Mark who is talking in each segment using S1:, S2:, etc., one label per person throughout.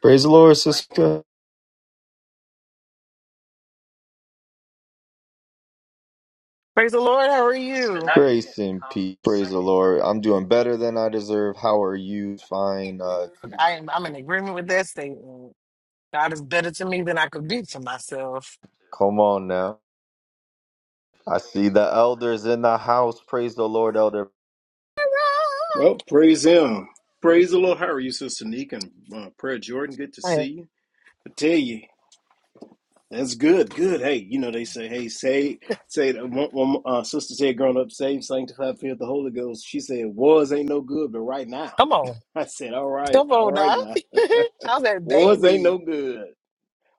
S1: Praise the Lord, sister.
S2: Praise the Lord. How are you?
S1: Lord, I'm doing better than I deserve. How are you? Fine. Uh,
S2: I am, I'm in agreement with that statement. God is better to me than I could be to myself.
S1: come on now. I see the elders in the house. Praise the Lord, elder.
S3: Well, praise him. Praise the Lord. How are you, Sister Neek? And uh, Prayer Jordan, good to
S2: Hey,
S3: see you. I tell you, that's good. Good. Hey, you know, they say, hey, say, say, one, one, uh, Sister said, growing up, saved, sanctified, filled with the Holy Ghost. She said, wars ain't no good, but right now.
S2: Come on.
S3: I said, all right,
S2: Come
S3: all
S2: on now.
S3: right now.
S2: How's that
S3: wars ain't
S2: baby?
S3: no good.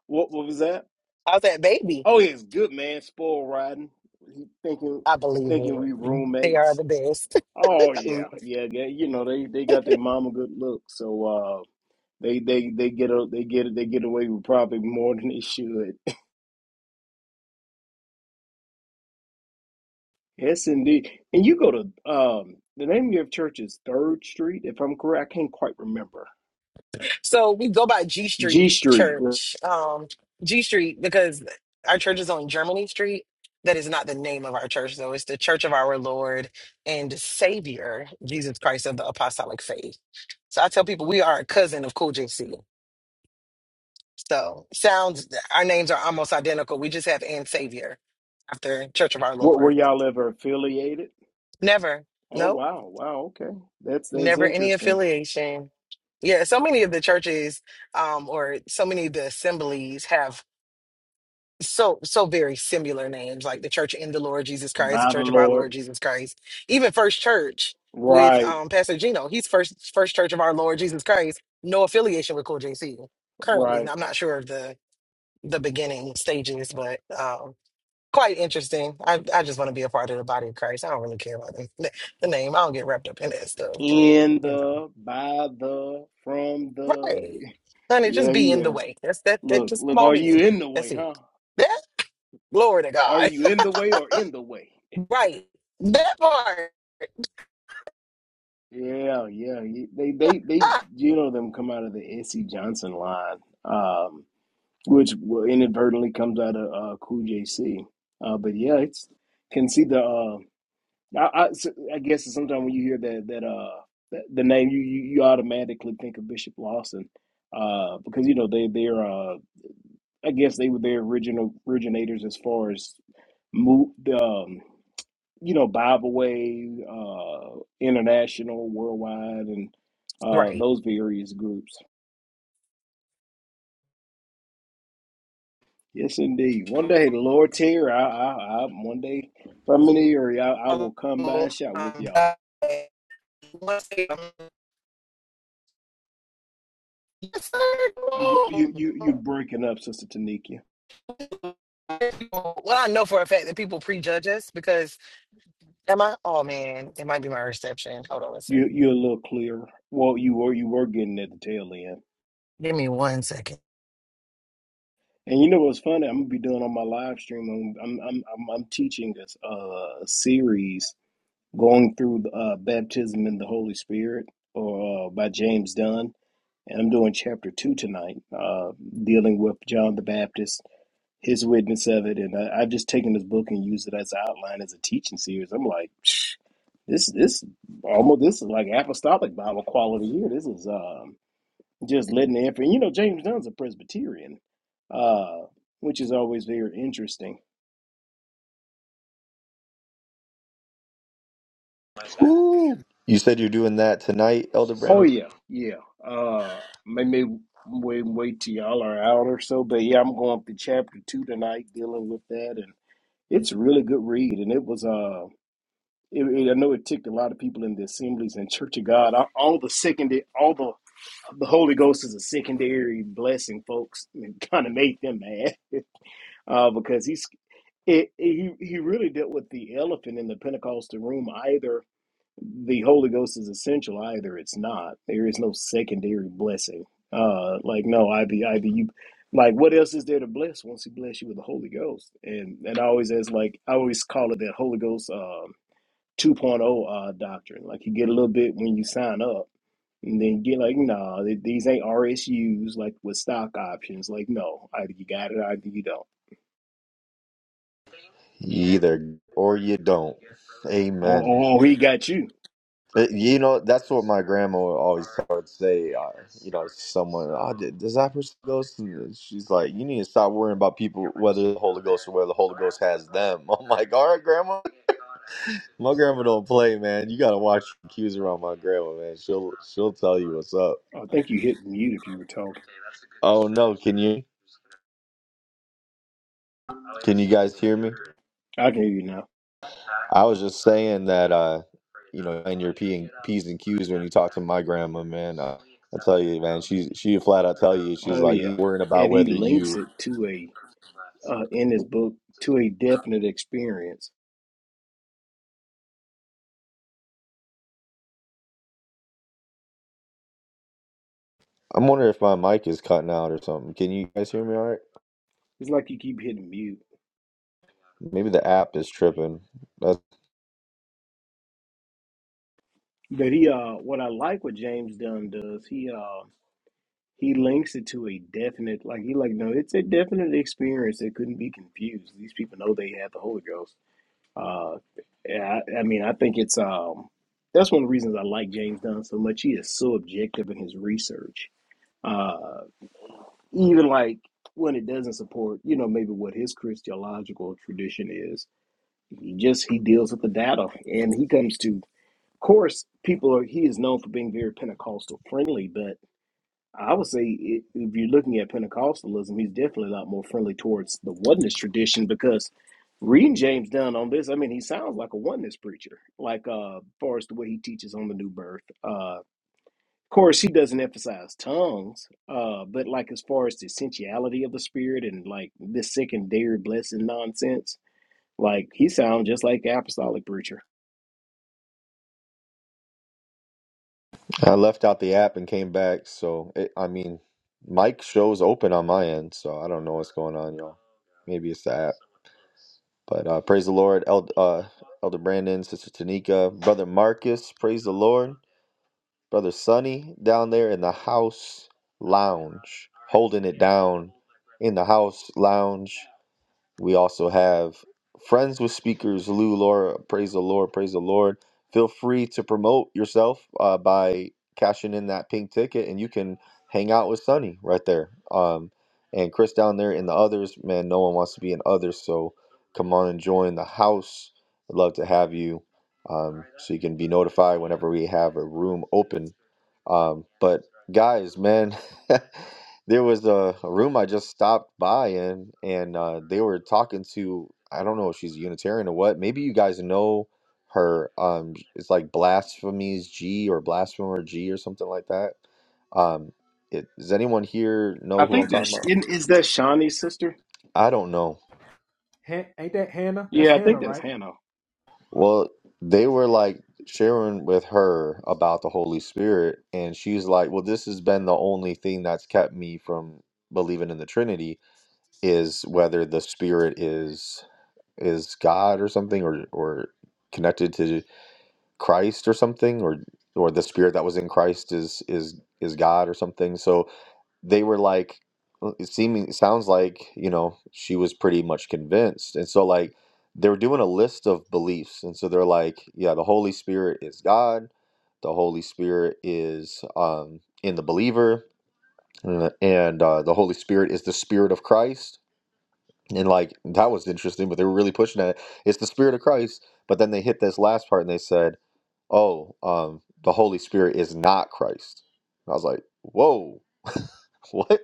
S3: What, what was that?
S2: How's that baby?
S3: Oh, yeah, it's good, man. Spoil riding. He thinking,
S2: I believe
S3: thinking we
S2: it. They are
S3: roommates.
S2: the best.
S3: Oh yeah, yeah, yeah. You know they they got their mama good look. So uh, They they they get a, they get they get away with probably more than they should. Yes, indeed. And you go to um the name of your church is Third Street, if I'm correct. I can't quite remember.
S2: So we go by G
S3: G
S2: Street
S3: Street. Where,
S2: Church, um, G Street, because our church is on Germany Street. That is not the name of our church, though. It's the Church of Our Lord and Savior, Jesus Christ of the Apostolic Faith. So I tell people we are a cousin of Cool JC. So sounds, our names are almost identical. We just have and Savior after Church of Our
S3: were
S2: Lord.
S3: y'all ever affiliated?
S2: Never,
S3: Oh
S2: nope,
S3: wow, wow, okay. That's that's
S2: never any
S3: interesting.
S2: affiliation. Yeah, so many of the churches um, or so many of the assemblies have so so very similar names like the church in the lord jesus christ the
S3: By the
S2: church of our
S3: Lord.
S2: lord jesus christ even first church with
S3: Right,
S2: um pastor gino he's first first church of our lord jesus christ no affiliation with cool jc currently and
S3: right.
S2: i'm not sure of the the beginning stages but um quite interesting i i just want to be a part of the body of christ i don't really care about the, the name i don't get wrapped up in that stuff but
S3: In
S2: you know
S3: the, by the, from the.
S2: right honey
S3: Yeah,
S2: just be in the
S3: yeah.
S2: way that's that, that
S3: Look,
S2: just
S3: look,
S2: come
S3: are
S2: on in
S3: you in the
S2: that's
S3: way,
S2: it
S3: huh?
S2: that glory to
S3: Are
S2: god
S3: you in the way or in the way?
S2: Right. That part.
S3: Yeah, yeah. you- They they they
S2: Ah,
S3: you know them come out of the S.C. Johnson line, um, which will inadvertently comes out of uh, Cool J.C. Uh, but yeah, it's can see the. Uh, I, I s- I guess sometimes when you hear that that uh that, the name you, you you automatically think of Bishop Lawson, uh, because you know they they're uh I guess they were their original originators as far as move you know, Bible Way, uh, International, Worldwide, and uh,
S2: right.
S3: those various groups. Yes, indeed. One day, the Lord tear, I, I, I, one day from an area, I, I
S2: Um,
S3: will come by
S2: God,
S3: and shout with y'all.
S2: one second. Yes, sir.
S3: You,
S2: Come
S3: you, you, you
S2: on.
S3: breaking up, Sister Tanika.
S2: Well, I know for a fact that people prejudge us because am I? Oh man, it might be my reception. Hold on a
S3: You, you're a
S2: second.
S3: little clearer. Well, you were, you were getting at the tail end.
S2: Give me one second.
S3: And you know what's funny? I'm gonna be doing on my live stream. I'm, I'm, I'm, I'm, I'm teaching this uh, series going through uh, baptism in the Holy Spirit, or uh, by James Dunn, and I'm doing chapter two tonight, uh, dealing with John the Baptist, his witness of it, and I, I've just taken this book and used it as an outline as a teaching series. I'm like, "Psh, this this almost this is like apostolic Bible quality here. This is um, just letting the info. You know, James Dunn's a Presbyterian, uh, which is always very interesting.
S1: You said you're doing that tonight. El-
S3: Oh yeah, yeah. Uh, maybe wait, wait till y'all are out or so. But yeah, I'm going through chapter two tonight, dealing with that, and it's a really good read. And it was uh, it, it- I know it ticked a lot of people in the assemblies and Church of God. All, all the secondary, all the the Holy Ghost is a secondary blessing, folks, and kind of made them mad uh, because he's it, he he really dealt with the elephant in the Pentecostal room, either the Holy Ghost is essential. Either it's not. There is no secondary blessing. Uh, like no, either either you, like what else is there to bless once He bless you with the Holy Ghost? And and I always as like I always call it that Holy Ghost um 2.0 uh, doctrine. Like you get a little bit when you sign up, and then get like nah, th- these ain't RSUs like with stock options. Like no, either you got it, either you don't.
S1: You either or you don't.
S3: Oh,
S1: Amen.
S3: oh, oh, he got you.
S1: Uh, You know that's what my grandma would always would say. Uh, you know, someone, oh, d- does that person ghost? And She's like, you need to stop worrying about people whether the Holy Ghost or whether the Holy Ghost has them. I'm like, all right, grandma. My grandma don't play, man. You gotta watch your cues around my grandma, man. She'll she'll tell you what's up.
S3: Oh, I think you hit mute if you were talking.
S1: Oh no, can you can you guys hear me?
S3: I can hear you
S1: I was just saying that uh you know and your P's and Q's when you talk to my grandma, man. And she she flat out tell you, she's
S3: Oh
S1: like,
S3: yeah,
S1: You worrying about
S3: and he
S1: whether you
S3: links it to a uh, in his book to a definite experience.
S1: I'm wondering if my mic is cutting out or something. Can you guys hear me all right?
S3: It's like you keep hitting mute.
S1: Maybe the app is tripping. That's,
S3: But he uh, what I like what James Dunn does, he uh, he links it to a definite. Like he like no, it's a definite experience that couldn't be confused. These people know they have the Holy Ghost. Uh, yeah, I, I mean, I think it's um, that's one of the reasons I like James Dunn so much. He is so objective in his research. Uh. even like when it doesn't support, you know, maybe what his Christological tradition is. He just he deals with the data, and he comes to. Of course, people are. He is known for being very Pentecostal friendly, but I would say i if you're looking at Pentecostalism, he's definitely a lot more friendly towards the oneness tradition because reading James Dunn on this, I mean, he sounds like a oneness preacher, like uh, far as the way he teaches on the new birth. uh, of course, she doesn't emphasize tongues, uh, but like as far as the essentiality of the spirit and like this secondary blessing nonsense, like he sounds just like the apostolic preacher.
S1: I left out the app and came back, so it, I mean, mic shows open on my end, so I don't know what's going on, y'all. Maybe it's the app. But uh, praise the Lord, Eld uh, Elder Brandon, Sister Tanika, Brother Marcus, praise the Lord, Brother Sonny down there in the house lounge, holding it down in the house lounge. We also have Friends with Speakers, Lou, Laura, praise the Lord, praise the Lord. Feel free to promote yourself uh, by cashing in that pink ticket, and you can hang out with Sunny right there. Um, and Chris down there and the others, man, no one wants to be in others, so come on and join the house. I'd love to have you um, so you can be notified whenever we have room. Um, Guys, man, there was a, a room I just stopped by in, and uh, they were talking to, I don't know if she's Unitarian or what. Maybe you guys know her. Um, it's like Blasphemies G or Blasphemer G or something like that. Um, it, does anyone here know
S3: I
S1: who I'm
S3: think that
S1: talking
S3: Sh-
S1: about?
S3: isn't- is that Shawnee's sister.
S1: I don't know.
S4: Han- ain't that Hannah? That's
S3: Yeah, I
S4: Hannah,
S3: think that's
S4: right?
S3: Hannah.
S1: Well, they were like sharing with her about the Holy Spirit, and she's like, "Well, this has been the only thing that's kept me from believing in the Trinity." is whether the spirit is is God or something or or connected to Christ or something or or the spirit that was in Christ is is is God or something. So they were like uh, it seeming sounds like, you know, she was pretty much convinced. And so like they were doing a list of beliefs and so they're like, yeah, the Holy Spirit is God. The Holy Spirit is um in the believer uh, and uh, the Holy Spirit is the spirit of Christ and like that was interesting, but they were really pushing it. It's the Spirit of Christ. But then they hit this last part and they said, Oh, um, the Holy Spirit is not Christ. And I was like, Whoa, what?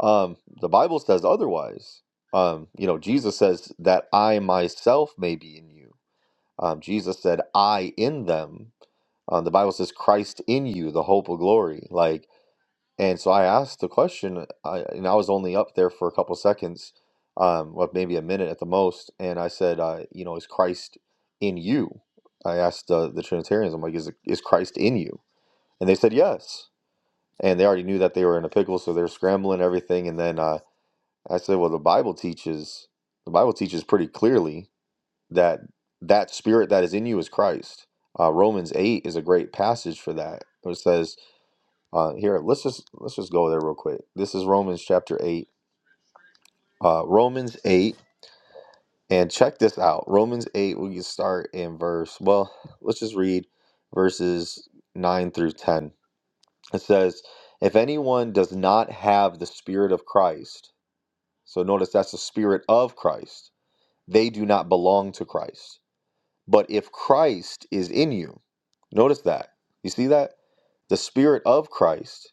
S1: Um, the Bible says otherwise. Um, you know, Jesus says that I myself may be in you. Um, Jesus said, I in them. Um, the Bible says Christ in you, the hope of glory. Like and so I asked the question, I, and I was only up there for a couple seconds, um, well, maybe a minute at the most. And I said, uh, you know, is Christ in you? I asked uh, the Trinitarians, I'm like, is, is Christ in you? And they said, yes. And they already knew that they were in a pickle, so they're scrambling everything. And then uh, I said, well, the Bible teaches, the Bible teaches pretty clearly that that spirit that is in you is Christ. Uh, Romans 8 is a great passage for that. It says, uh, here, let's just let's just go there real quick. This is Romans chapter eight. Uh, Romans eight, and check this out. Romans eight. We can start in verse. Well, let's just read verses nine through ten. It says, "If anyone does not have the Spirit of Christ, so notice that's the Spirit of Christ. They do not belong to Christ. But if Christ is in you." Notice that. You see that? The Spirit of Christ.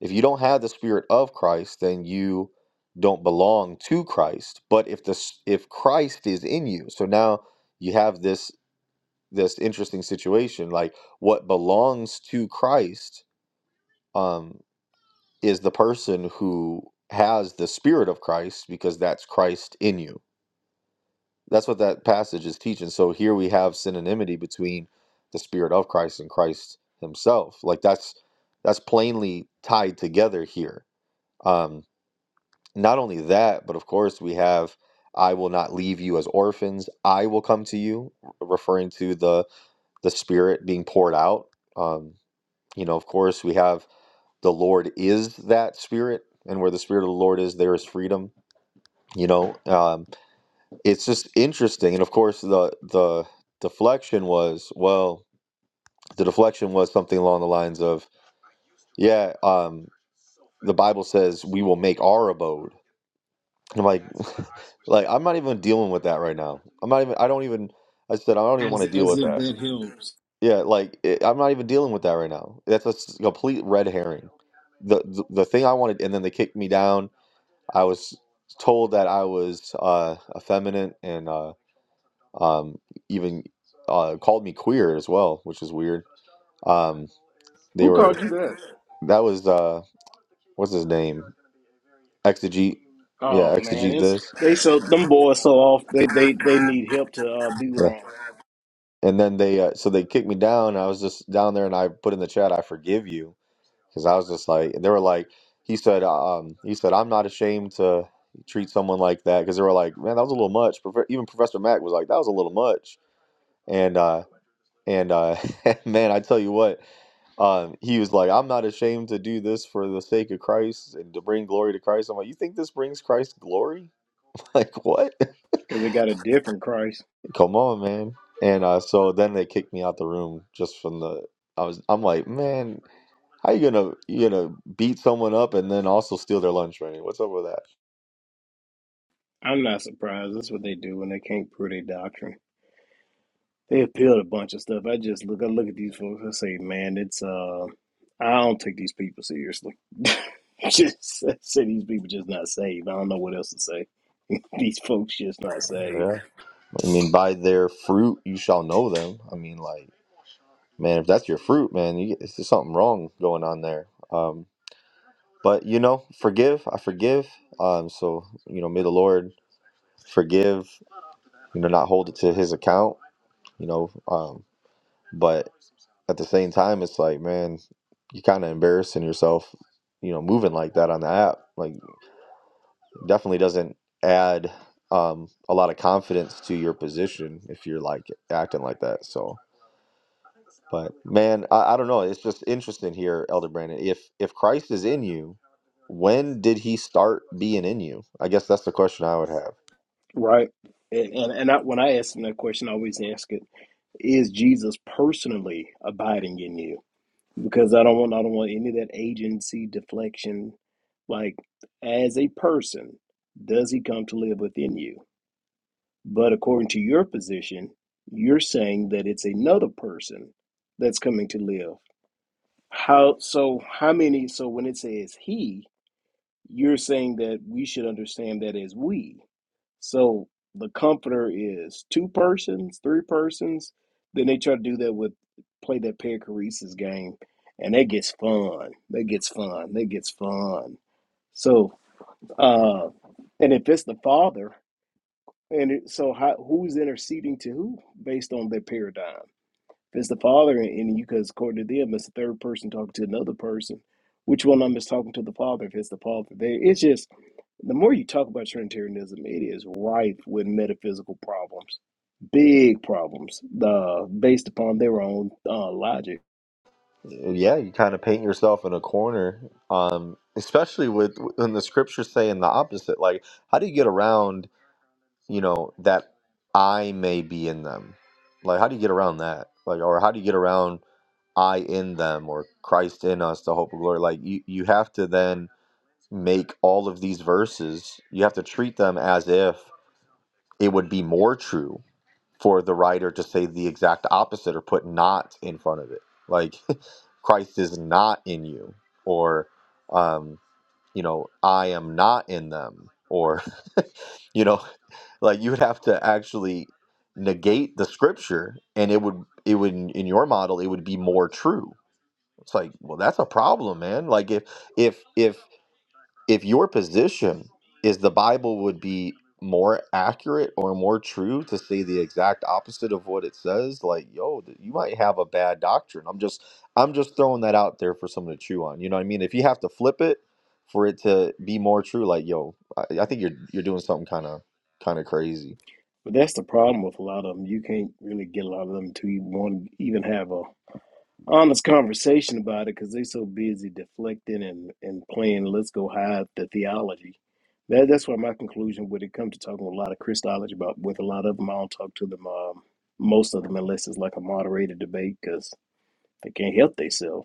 S1: If you don't have the Spirit of Christ, then you don't belong to Christ. But if the if Christ is in you, so now you have this this interesting situation. Like what belongs to Christ um, is the person who has the Spirit of Christ because that's Christ in you. That's what that passage is teaching. So here we have synonymity between the spirit of Christ and Christ himself. Like that's that's plainly tied together here. Um not only that, but of course we have I will not leave you as orphans. I will come to you, referring to the the spirit being poured out. Um you know, of course we have the Lord is that spirit and where the spirit of the Lord is there is freedom, you know. Um it's just interesting and of course the the deflection was well the deflection was something along the lines of yeah um the bible says we will make our abode and i'm like like i'm not even dealing with that right now i'm not even i don't even i said i don't even want
S3: As
S1: to deal
S3: as
S1: with
S3: if that helps.
S1: yeah like it, i'm not even dealing with that right now that's a s- complete red herring the, the the thing i wanted and then they kicked me down i was told that i was uh effeminate and uh um even uh, called me queer as well, which is weird. Um, they
S3: Who
S1: were
S3: called you that?
S1: that was uh, what's his name? Exegete, yeah,
S3: Oh man,
S1: exegete
S3: it's
S1: this.
S3: they so them boys so off. They they they need help to uh, be
S1: Yeah.
S3: wrong
S1: And then they uh, so they kicked me down. I was just down there, and I put in the chat, "I forgive you," because I was just like, and they were like, he said, um, he said, I'm not ashamed to treat someone like that because they were like, man, that was a little much. Profe- Even Professor Mac was like, that was a little much, and uh, and uh, man, I tell you what. Um, he was like, I'm not ashamed to do this for the sake of Christ and to bring glory to Christ. I'm like, you think this brings Christ glory? Like, what?
S3: because they got a different Christ.
S1: Come on, man. And uh, so then they kicked me out the room just from the. I was. I'm like, man, how you gonna you gonna beat someone up and then also steal their lunch money? What's up with that?
S3: I'm not surprised. That's what they do when they can't prove their doctrine. They appealed a bunch of stuff. I just look. I look at these folks. I say, man, it's uh, I don't take these people seriously. just I say these people just not saved. I don't know what else to say. These folks just not saved,
S1: Yeah. I mean, by their fruit you shall know them. I mean, like, man, if that's your fruit, man, you, it's just something wrong going on there. Um, but you know, forgive. I forgive. Um, so you know, may the Lord forgive, you know, not hold it to his account, you know. Um, but at the same time, it's like, man, you're kind of embarrassing yourself, you know, moving like that on the app. Like, definitely doesn't add um, a lot of confidence to your position if you're like acting like that. So, but man, I, I don't know. It's just interesting here, Elder Brandon. If if Christ is in you, when did he start being in you? I guess that's the question I would have.
S3: right? And and, and I, when I ask them that question, I always ask it: Is Jesus personally abiding in you? Because I don't want I don't want any of that agency deflection. Like as a person, does he come to live within you? But according to your position, you're saying that it's another person that's coming to live. How so how many so when it says he, you're saying that we should understand that as we. So the comforter is two persons, three persons, then they try to do that with play that perichoresis game and that gets fun. That gets fun. That gets fun. So uh and if it's the father, and it, so, how, who's interceding to who based on their paradigm? If it's the Father and, you, because according to them, it's the third person talking to another person. Which one of them is talking to the Father? If it's the Father, they, it's just the more you talk about Trinitarianism, it is rife with metaphysical problems, big problems, uh, based upon their own uh, logic.
S1: Yeah, you kind of paint yourself in a corner, um, especially with when the scriptures say in the opposite. Like, how do you get around, you know, that I may be in them? Like, how do you get around that? Like, or how do you get around I in them or Christ in us, the hope of glory? Like, you, you have to then make all of these verses, you have to treat them as if it would be more true for the writer to say the exact opposite or put not in front of it like christ is not in you or um you know i am not in them or you know like you would have to actually negate the scripture and it would it would in your model it would be more true it's like well that's a problem man like if if if if your position is the Bible would be more accurate or more true to say the exact opposite of what it says, like yo, th- you might have a bad doctrine. I'm just I'm just throwing that out there for someone to chew on. You know what I mean? If you have to flip it for it to be more true, like yo, I, I think you're you're doing something kind of kind of crazy.
S3: But that's the problem with a lot of them. You can't really get a lot of them to even want to even have a honest conversation about it because they so busy deflecting and, and playing let's go hide the theology. That that's why my conclusion when it comes to talking with a lot of Christology about with a lot of them, I don't talk to them um, most of them unless it's like a moderated debate because they can't help themselves.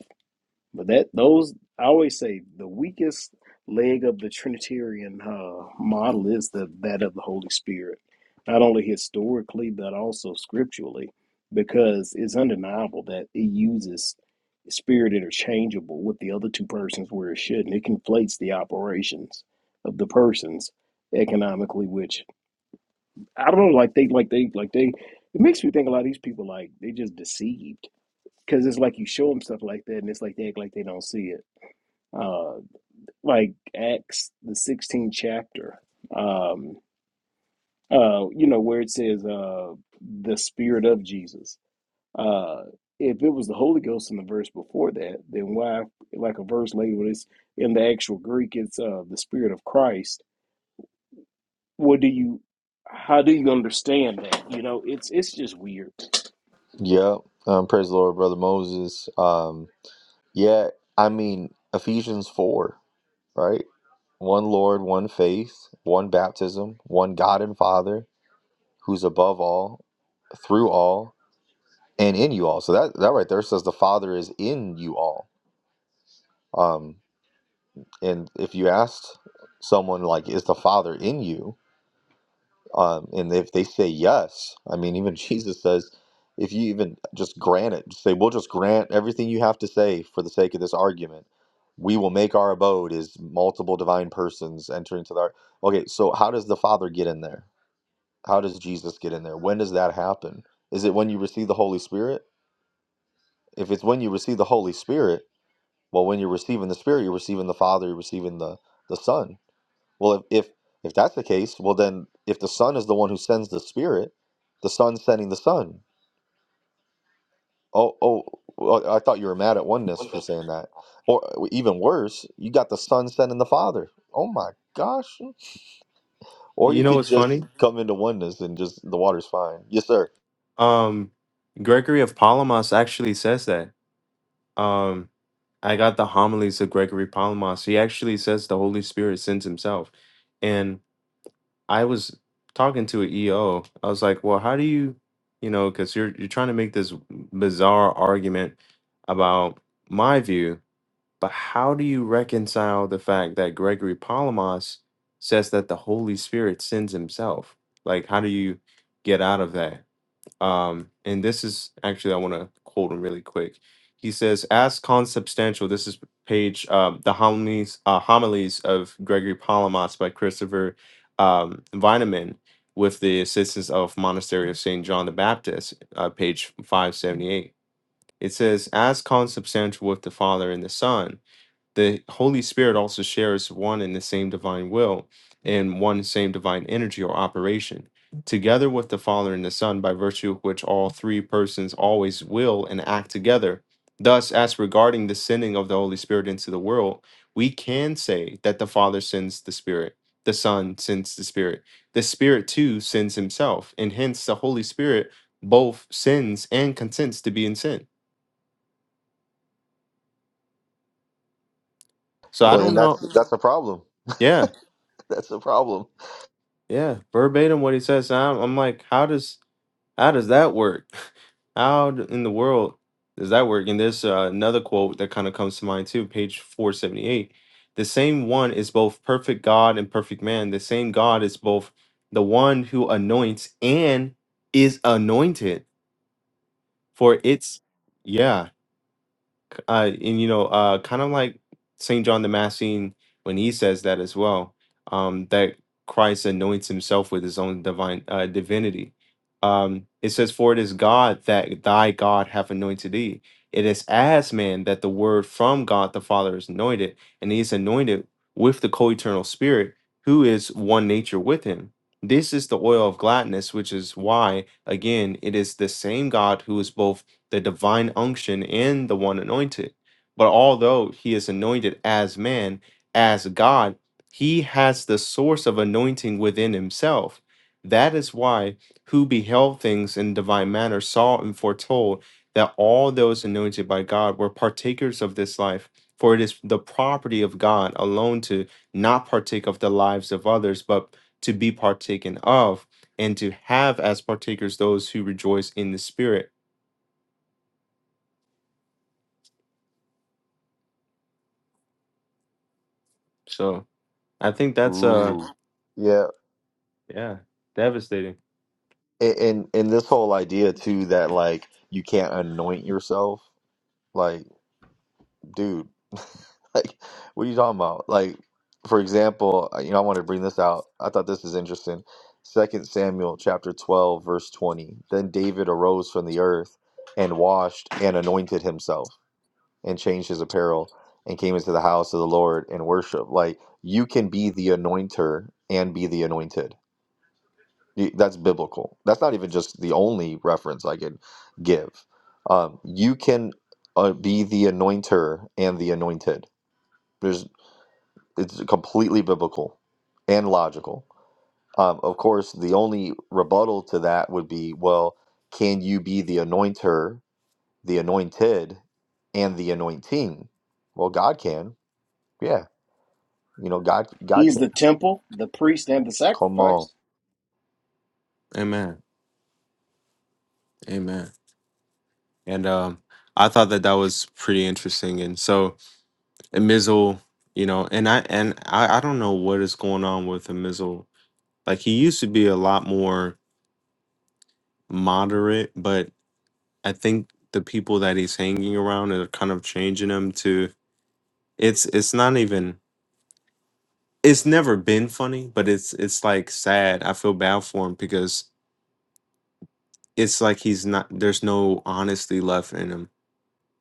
S3: But that those I always say the weakest leg of the Trinitarian uh, model is the that of the Holy Spirit, not only historically but also scripturally, because it's undeniable that it uses spirit interchangeable with the other two persons where it shouldn't. It conflates the operations of the persons economically, which I don't know, like they like they like they it makes me think a lot of these people like they just deceived. Because it's like you show them stuff like that, and it's like they act like they don't see it uh, like Acts the 16th chapter, um, uh, you know, where it says uh, the Spirit of Jesus. Uh, if it was the Holy Ghost in the verse before that, then why, like a verse later, when it's in the actual Greek, it's uh, the Spirit of Christ. What do you, how do you understand that? You know, it's it's just weird.
S1: Yeah. Um, praise the Lord, brother Moses. Um, yeah. I mean Ephesians four. right? One Lord, one faith, one baptism, one God and Father who's above all, through all, and in you all. So that that right there says the Father is in you all. Um, and if you asked someone like, "Is the Father in you?" Um, and if they say yes, I mean, even Jesus says, if you even just grant it, just say, we'll just grant everything you have to say for the sake of this argument. We will make our abode is multiple divine persons entering to the. ar-" Okay, so how does the Father get in there? How does Jesus get in there? When does that happen? Is it when you receive the Holy Spirit? If it's when you receive the Holy Spirit, well, when you're receiving the Spirit, you're receiving the Father, you're receiving the the Son. Well, if, if if that's the case, well then if the Son is the one who sends the Spirit, the Son sending the Son. Oh, oh, well, I thought you were mad at oneness for saying that. Or even worse, you got the Son sending the Father. Oh my gosh. Or
S5: You
S1: you
S5: know
S1: could
S5: what's
S1: just
S5: funny?
S1: come into oneness and just the water's fine. Yes, sir.
S5: Um, Gregory of Palamas actually says that. Um, I got the homilies of Gregory Palamas. He actually says the Holy Spirit sends himself. And I was talking to an EO. I was like, well, how do you, you know, because you're you're trying to make this bizarre argument about my view, but how do you reconcile the fact that Gregory Palamas says that the Holy Spirit sends himself? Like, how do you get out of that? Um, and this is actually, I want to quote him really quick. He says, as consubstantial, this is page, um, the homilies, uh, homilies of Gregory Palamas by Christopher um, Vineman with the assistance of Monastery of St. John the Baptist, uh, page 578. It says, as consubstantial with the Father and the Son, the Holy Spirit also shares one and the same divine will and one same divine energy or operation, together with the Father and the Son, by virtue of which all three persons always will and act together. Thus, as regarding the sending of the Holy Spirit into the world, we can say that the Father sends the Spirit, the Son sends the Spirit, the Spirit too sends Himself, and hence the Holy Spirit both sins and consents to be in sin. So I
S1: Well,
S5: don't
S1: and that's
S5: know.
S1: that's a problem.
S5: Yeah.
S1: That's a problem.
S5: Yeah, verbatim what he says. And I'm, I'm like, how does how does that work? How d- in the world does that work? And there's uh, another quote that kind of comes to mind too, page 478. The same one is both perfect God and perfect man. The same God is both the one who anoints and is anointed. For it's yeah, uh, and you know, uh, kind of like Saint John the Massine when he says that as well, um, that Christ anoints himself with his own divine uh, divinity. Um, it says, "For it is God that thy God hath anointed thee." It is as man that the word from God the Father is anointed, and he is anointed with the co-eternal Spirit, who is one nature with him. This is the oil of gladness, which is why, again, it is the same God who is both the divine unction in the one anointed. But although he is anointed as man, as God, he has the source of anointing within himself. That is why who beheld things in divine manner saw and foretold that all those anointed by God were partakers of this life. For it is the property of God alone to not partake of the lives of others, but to be partaken of, and to have as partakers those who rejoice in the Spirit. So, I think that's uh
S1: Ooh. Yeah.
S5: yeah, devastating.
S1: And and, and this whole idea too that like you can't anoint yourself. like. dude, like, what are you talking about? Like, for example, uh, you know, I want to bring this out. I thought this is interesting. Second Samuel chapter 12, verse 20. Then David arose from the earth and washed and anointed himself and changed his apparel and came into the house of the Lord and worship. Like, you can be the anointer and be the anointed. Y- That's biblical. That's not even just the only reference I can give. Um, you can uh, be the anointer and the anointed there's it's completely biblical and logical. Um, of course, the only rebuttal to that would be, well, can you be the anointer, the anointed, and the anointing? Well, God can. Yeah, you know, God, God
S3: He's
S1: can.
S3: the temple, the priest, and the
S1: Come
S3: sacrifice.
S1: on.
S5: Amen. Amen. And um I thought that that was pretty interesting and so Amizel, you know, and I and I, I don't know what is going on with Amizel. Like he used to be a lot more moderate, but I think the people that he's hanging around are kind of changing him to it's it's not even it's never been funny, but it's it's like sad. I feel bad for him because it's like he's not there's no honesty left in him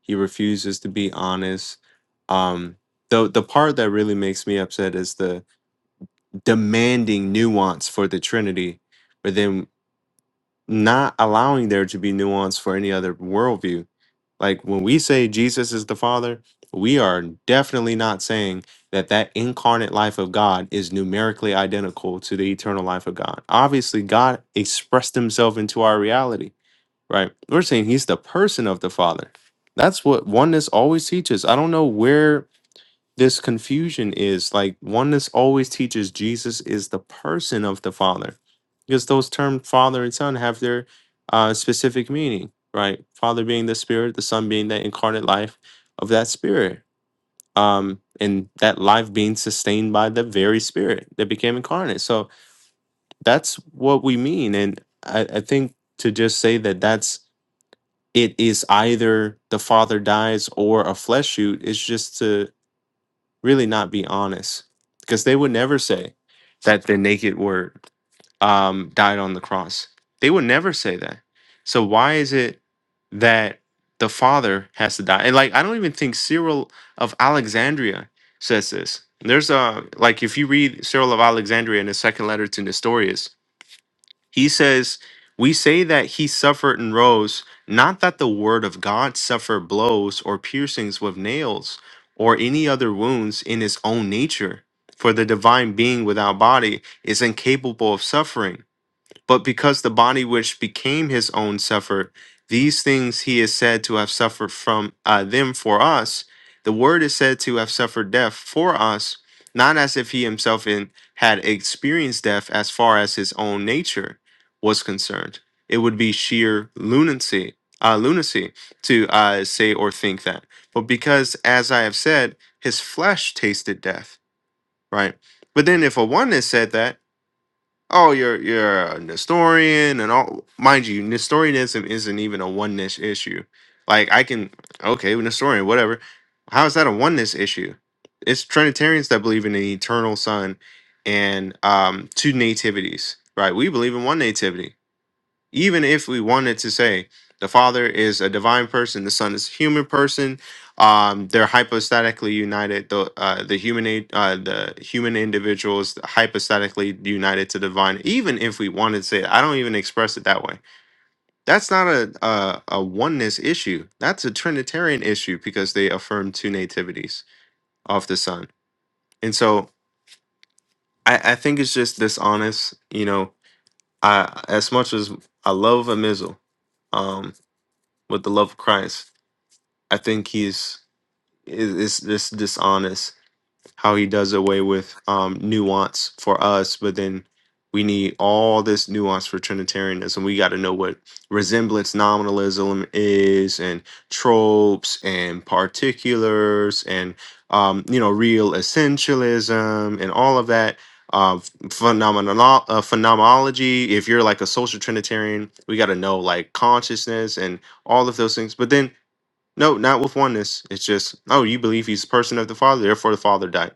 S5: He refuses to be honest. Um, the the part that really makes me upset is the demanding nuance for the Trinity, but then not allowing there to be nuance for any other worldview. Like when we say Jesus is the Father, we are definitely not saying that that incarnate life of God is numerically identical to the eternal life of God. Obviously, God expressed himself into our reality right? We're saying he's the person of the Father. That's what oneness always teaches. I don't know where this confusion is. Like, oneness always teaches Jesus is the person of the Father because those terms, Father and Son, have their uh, specific meaning, right? Father being the Spirit, the Son being the incarnate life of that Spirit. Um, and that life being sustained by the very spirit that became incarnate. So that's what we mean. And I, I think to just say that that's it is either the father dies or a flesh shoot is just to really not be honest because they would never say that the naked word um, died on the cross they would never say that so why is it that the father has to die and like i don't even think cyril of alexandria says this there's a like if you read cyril of alexandria in his second letter to nestorius he says, We say that he suffered and rose, not that the word of God suffered blows or piercings with nails or any other wounds in his own nature. For the divine being without body is incapable of suffering but because the body which became his own suffered, these things he is said to have suffered from uh, them for us. The word is said to have suffered death for us, not as if he himself in, had experienced death as far as his own nature was concerned. It would be sheer lunacy, uh, lunacy to uh, say or think that. But because, as I have said, his flesh tasted death, right? But then if a oneness said that, Oh, you're you're a Nestorian and all. Mind you, Nestorianism isn't even a oneness issue. Like I can okay, Nestorian, whatever. How is that a oneness issue? It's Trinitarians that believe in an eternal Son and um, two nativities, right? We believe in one nativity even if we wanted to say the father is a divine person the son is a human person um, they're hypostatically united the uh, the human a- uh, the human individual is hypostatically united to divine even if we wanted to say it, i don't even express it that way that's not a, a a oneness issue that's a trinitarian issue because they affirm two nativities of the son and so i, I think it's just dishonest you know I, as much as i love a missile um, with the love of Christ. I think he's is is this dishonest how he does away with um, nuance for us, but then we need all this nuance for Trinitarianism. We got to know what resemblance nominalism is, and tropes, and particulars, and um, you know, real essentialism, and all of that. Uh, phenomenolo- uh, phenomenology. If you're like a social Trinitarian, we got to know like consciousness and all of those things. But then no, not with oneness. It's just, oh, you believe he's a person of the Father, therefore the Father died.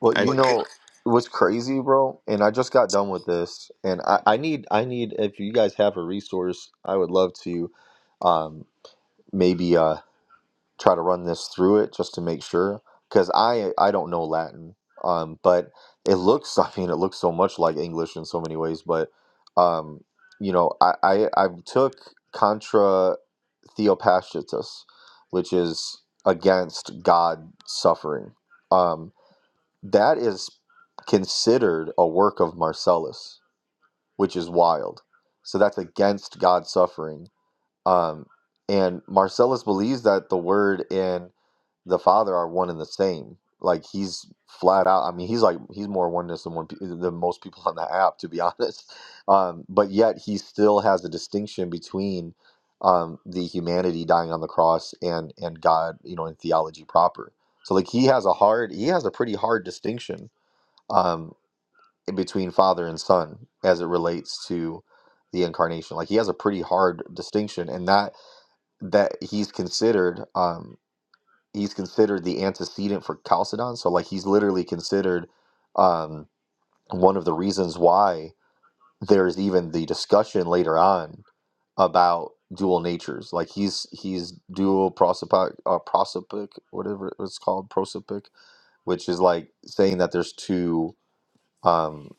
S1: Well,
S5: I,
S1: you
S5: Well, you-
S1: know what's crazy, bro? And I just got done with this, and I, I need, I need. If you guys have a resource, I would love to um, maybe. Uh, try to run this through it just to make sure because I I don't know Latin um but it looks I mean it looks so much like English in so many ways but um you know I I, I took contra Theopaschitus, which is against God suffering um that is considered a work of Marcellus which is wild so that's against God suffering um and Marcellus believes that the word in the Father are one and the same. Like he's flat out. I mean, he's like he's more oneness than one pe- than most people on the app, to be honest. Um, but yet he still has a distinction between um, the humanity dying on the cross and and God, you know, in theology proper. So like he has a hard, he has a pretty hard distinction um, in between Father and Son as it relates to the incarnation. Like he has a pretty hard distinction, and that that he's considered. Um he's considered the antecedent for Chalcedon. So like he's literally considered um, one of the reasons why there's even the discussion later on about dual natures. Like he's he's dual prosopic uh, prosopic whatever it's called prosopic, which is like saying that there's two um,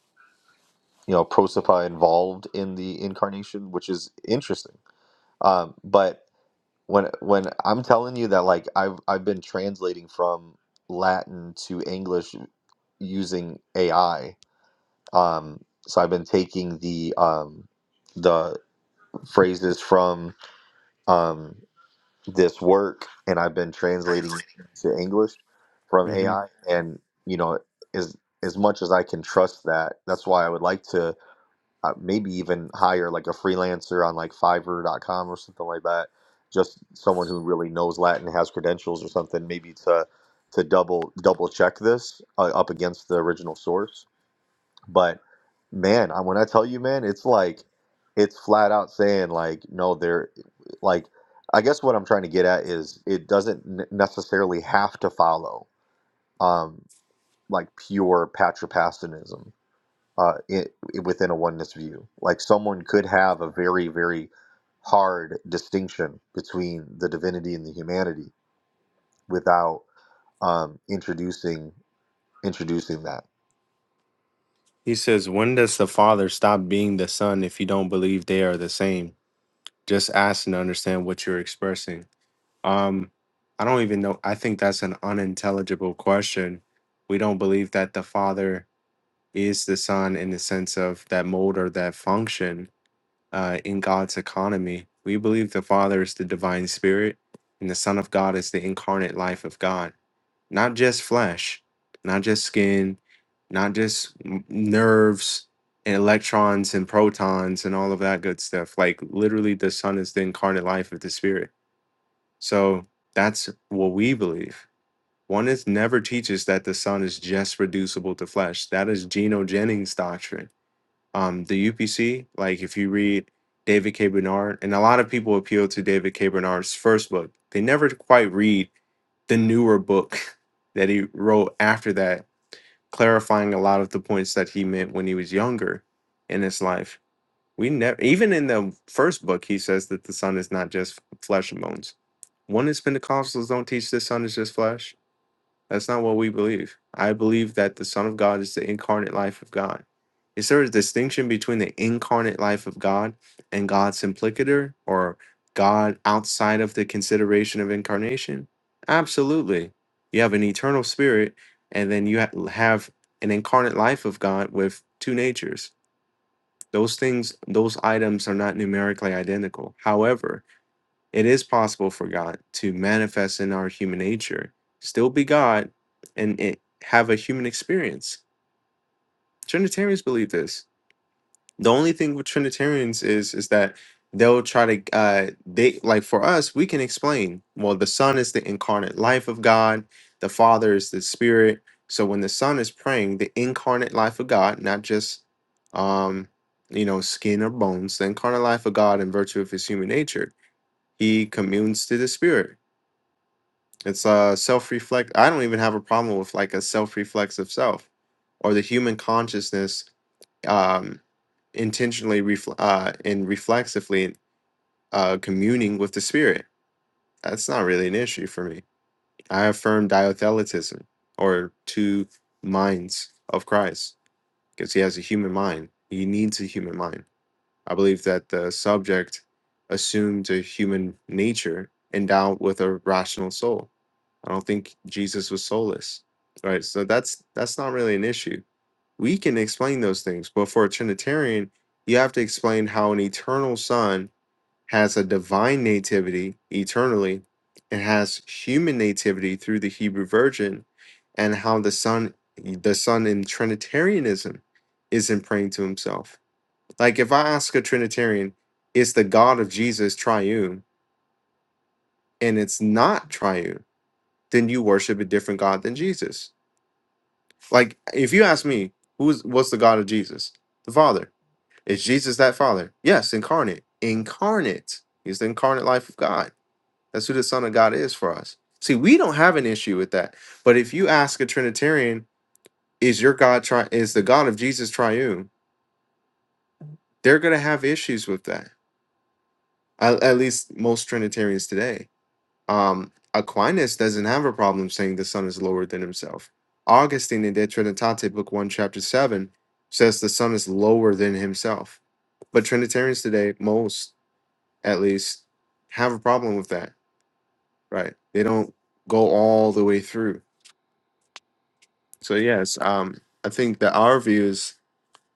S1: you know prosopa involved in the incarnation, which is interesting. Um, but when when I'm telling you that like I've I've been translating from Latin to English using AI. Um, so I've been taking the um, the phrases from um, this work and I've been translating to English from
S5: Mhm.
S1: AI. And you know, as as much as I can trust that, that's why I would like to uh, maybe even hire like a freelancer on like Fiverr.com or something like that. Just someone who really knows Latin, has credentials or something, maybe to to double double check this uh, up against the original source. But man, I, when I tell you, man, it's like it's flat out saying like no, there, like I guess what I'm trying to get at is it doesn't n- necessarily have to follow um like pure patripassanism uh, it, within a oneness view. Like someone could have a very, very hard distinction between the divinity and the humanity without um, introducing introducing that.
S5: He says, when does the Father stop being the Son if you don't believe they are the same? Just asking to understand what you're expressing. Um, I don't even know. I think that's an unintelligible question. We don't believe that the Father is the Son in the sense of that mode or that function uh, in God's economy. We believe the Father is the divine spirit and the Son of God is the incarnate life of God not just flesh, not just skin, not just n- nerves and electrons and protons and all of that good stuff. Like literally, the sun is the incarnate life of the spirit. So that's what we believe. One is never teaches that the sun is just reducible to flesh. That is Geno Jennings' doctrine um, the UPC. Like if you read David K. Bernard, and a lot of people appeal to David K. Bernard's first book, they never quite read the newer book that he wrote after that, clarifying a lot of the points that he meant when he was younger in his life. We never, even in the first book, he says that the sun is not just flesh and bones. One is Pentecostals don't teach the sun is just flesh that's not what we believe. I believe that the Son of God is the incarnate life of God. Is there a distinction between the incarnate life of God and God's implicator or God outside of the consideration of incarnation? Absolutely. You have an eternal spirit, and then you ha- have an incarnate life of God with two natures. Those things, those items are not numerically identical. However, it is possible for God to manifest in our human nature, still be God, and it, have a human experience. Trinitarians believe this. The only thing with Trinitarians is is that they'll try to uh, they like for us we can explain. Well, the Son is the incarnate life of God. The Father is the Spirit. So when the Son is praying, the incarnate life of God, not just um, you know, skin or bones, the incarnate life of God in virtue of his human nature. He communes to the spirit. It's uh self reflect. I don't even have a problem with like a self reflexive self, or the human consciousness um, intentionally refl- uh, and reflexively uh, communing with the spirit. That's not really an issue for me. I affirm diotheletism, or two minds of Christ, because he has a human mind. He needs a human mind. I believe that the subject assumed a human nature endowed with a rational soul I don't think Jesus was soulless. Right? So that's that's not really an issue. We can explain those things, but for a Trinitarian, you have to explain how an eternal son has a divine nativity eternally and has human nativity through the Hebrew virgin and how the son the son in trinitarianism isn't praying to himself. Like if I ask a trinitarian, is the God of Jesus triune and it's not triune, then you worship a different God than Jesus Like, if you ask me, who's what's the God of Jesus? The Father. Is Jesus that Father? Yes, incarnate. Incarnate. He's the incarnate life of God. That's who the Son of God is for us. See, we don't have an issue with that. But if you ask a Trinitarian, is your God tri- is the God of Jesus triune? They're gonna have issues with that. At, at least most Trinitarians today Um, Aquinas doesn't have a problem saying the Son is lower than himself. Augustine in De Trinitate, Book 1, Chapter 7, says the Son is lower than himself. But Trinitarians today, most at least, have a problem with that, right? They don't go all the way through. So, yes, um, I think that our view is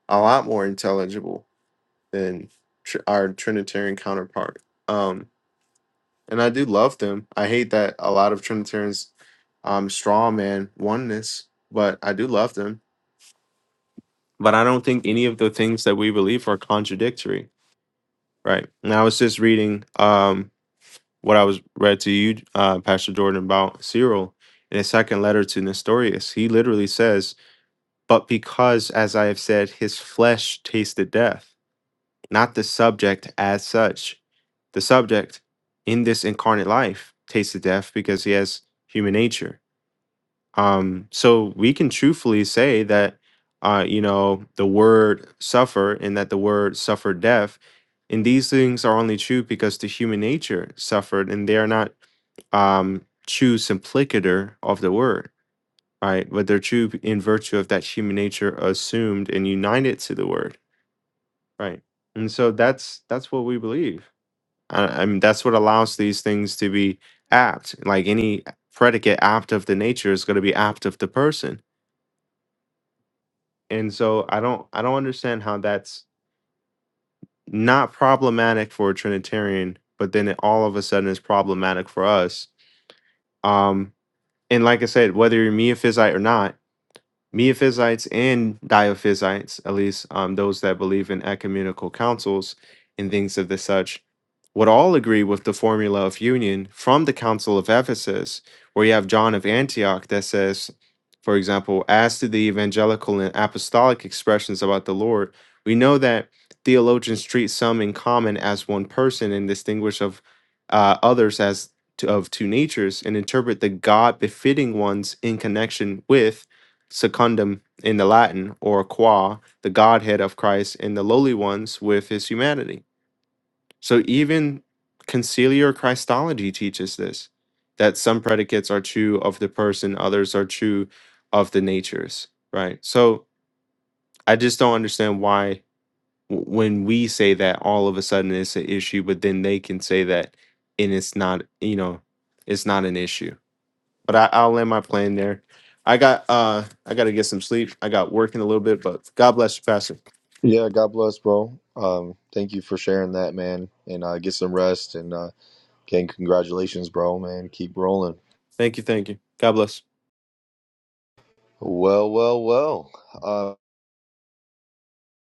S5: a lot more intelligible than tr- our Trinitarian counterpart. Um, and I do love them. I hate that a lot of Trinitarians um straw man oneness, but I do love them. But I don't think any of the things that we believe are contradictory. Right. And I was just reading um what I was read to you, uh, Pastor Jordan, about Cyril in his second letter to Nestorius. He literally says, But because, as I have said, his flesh tasted death. not the subject as such. The subject in this incarnate life tasted death because he has human nature. Um, so we can truthfully say that, uh, you know, the word suffer and that the word suffered death, and these things are only true because the human nature suffered, and they are not um, true simplicator of the word, right? But they're true in virtue of that human nature assumed and united to the word Right. And so that's that's what we believe. I, I mean, that's what allows these things to be apt. Like any predicate apt of the nature is going to be apt of the person. And so I don't I don't understand how that's not problematic for a Trinitarian, but then it all of a sudden is problematic for us. Um, and like I said, whether you're Miaphysite or not, Miaphysites and Diophysites, at least um, those that believe in ecumenical councils and things of the such, would all agree with the formula of union from the Council of Ephesus, where you have John of Antioch that says, for example, as to the evangelical and apostolic expressions about the Lord, we know that theologians treat some in common as one person and distinguish of uh, others as to, of two natures and interpret the God befitting ones in connection with secundum in the Latin, or qua, the Godhead of Christ in the lowly ones with his humanity. So even conciliar Christology teaches this that some predicates are true of the person, others are true of the natures, right? So I just don't understand why w- when we say that all of a sudden it's an issue but then they can say that and it's not you know it's not an issue but I, I'll land my plane there. I got uh I gotta get some sleep. I got working a little bit, but God bless you, Pastor.
S1: Yeah, God bless, bro. Um, thank you for sharing that, man. And uh, get some rest. And uh, again, congratulations, bro, man. Keep rolling.
S5: Thank you, thank you. God bless.
S1: Well, well, well. Uh,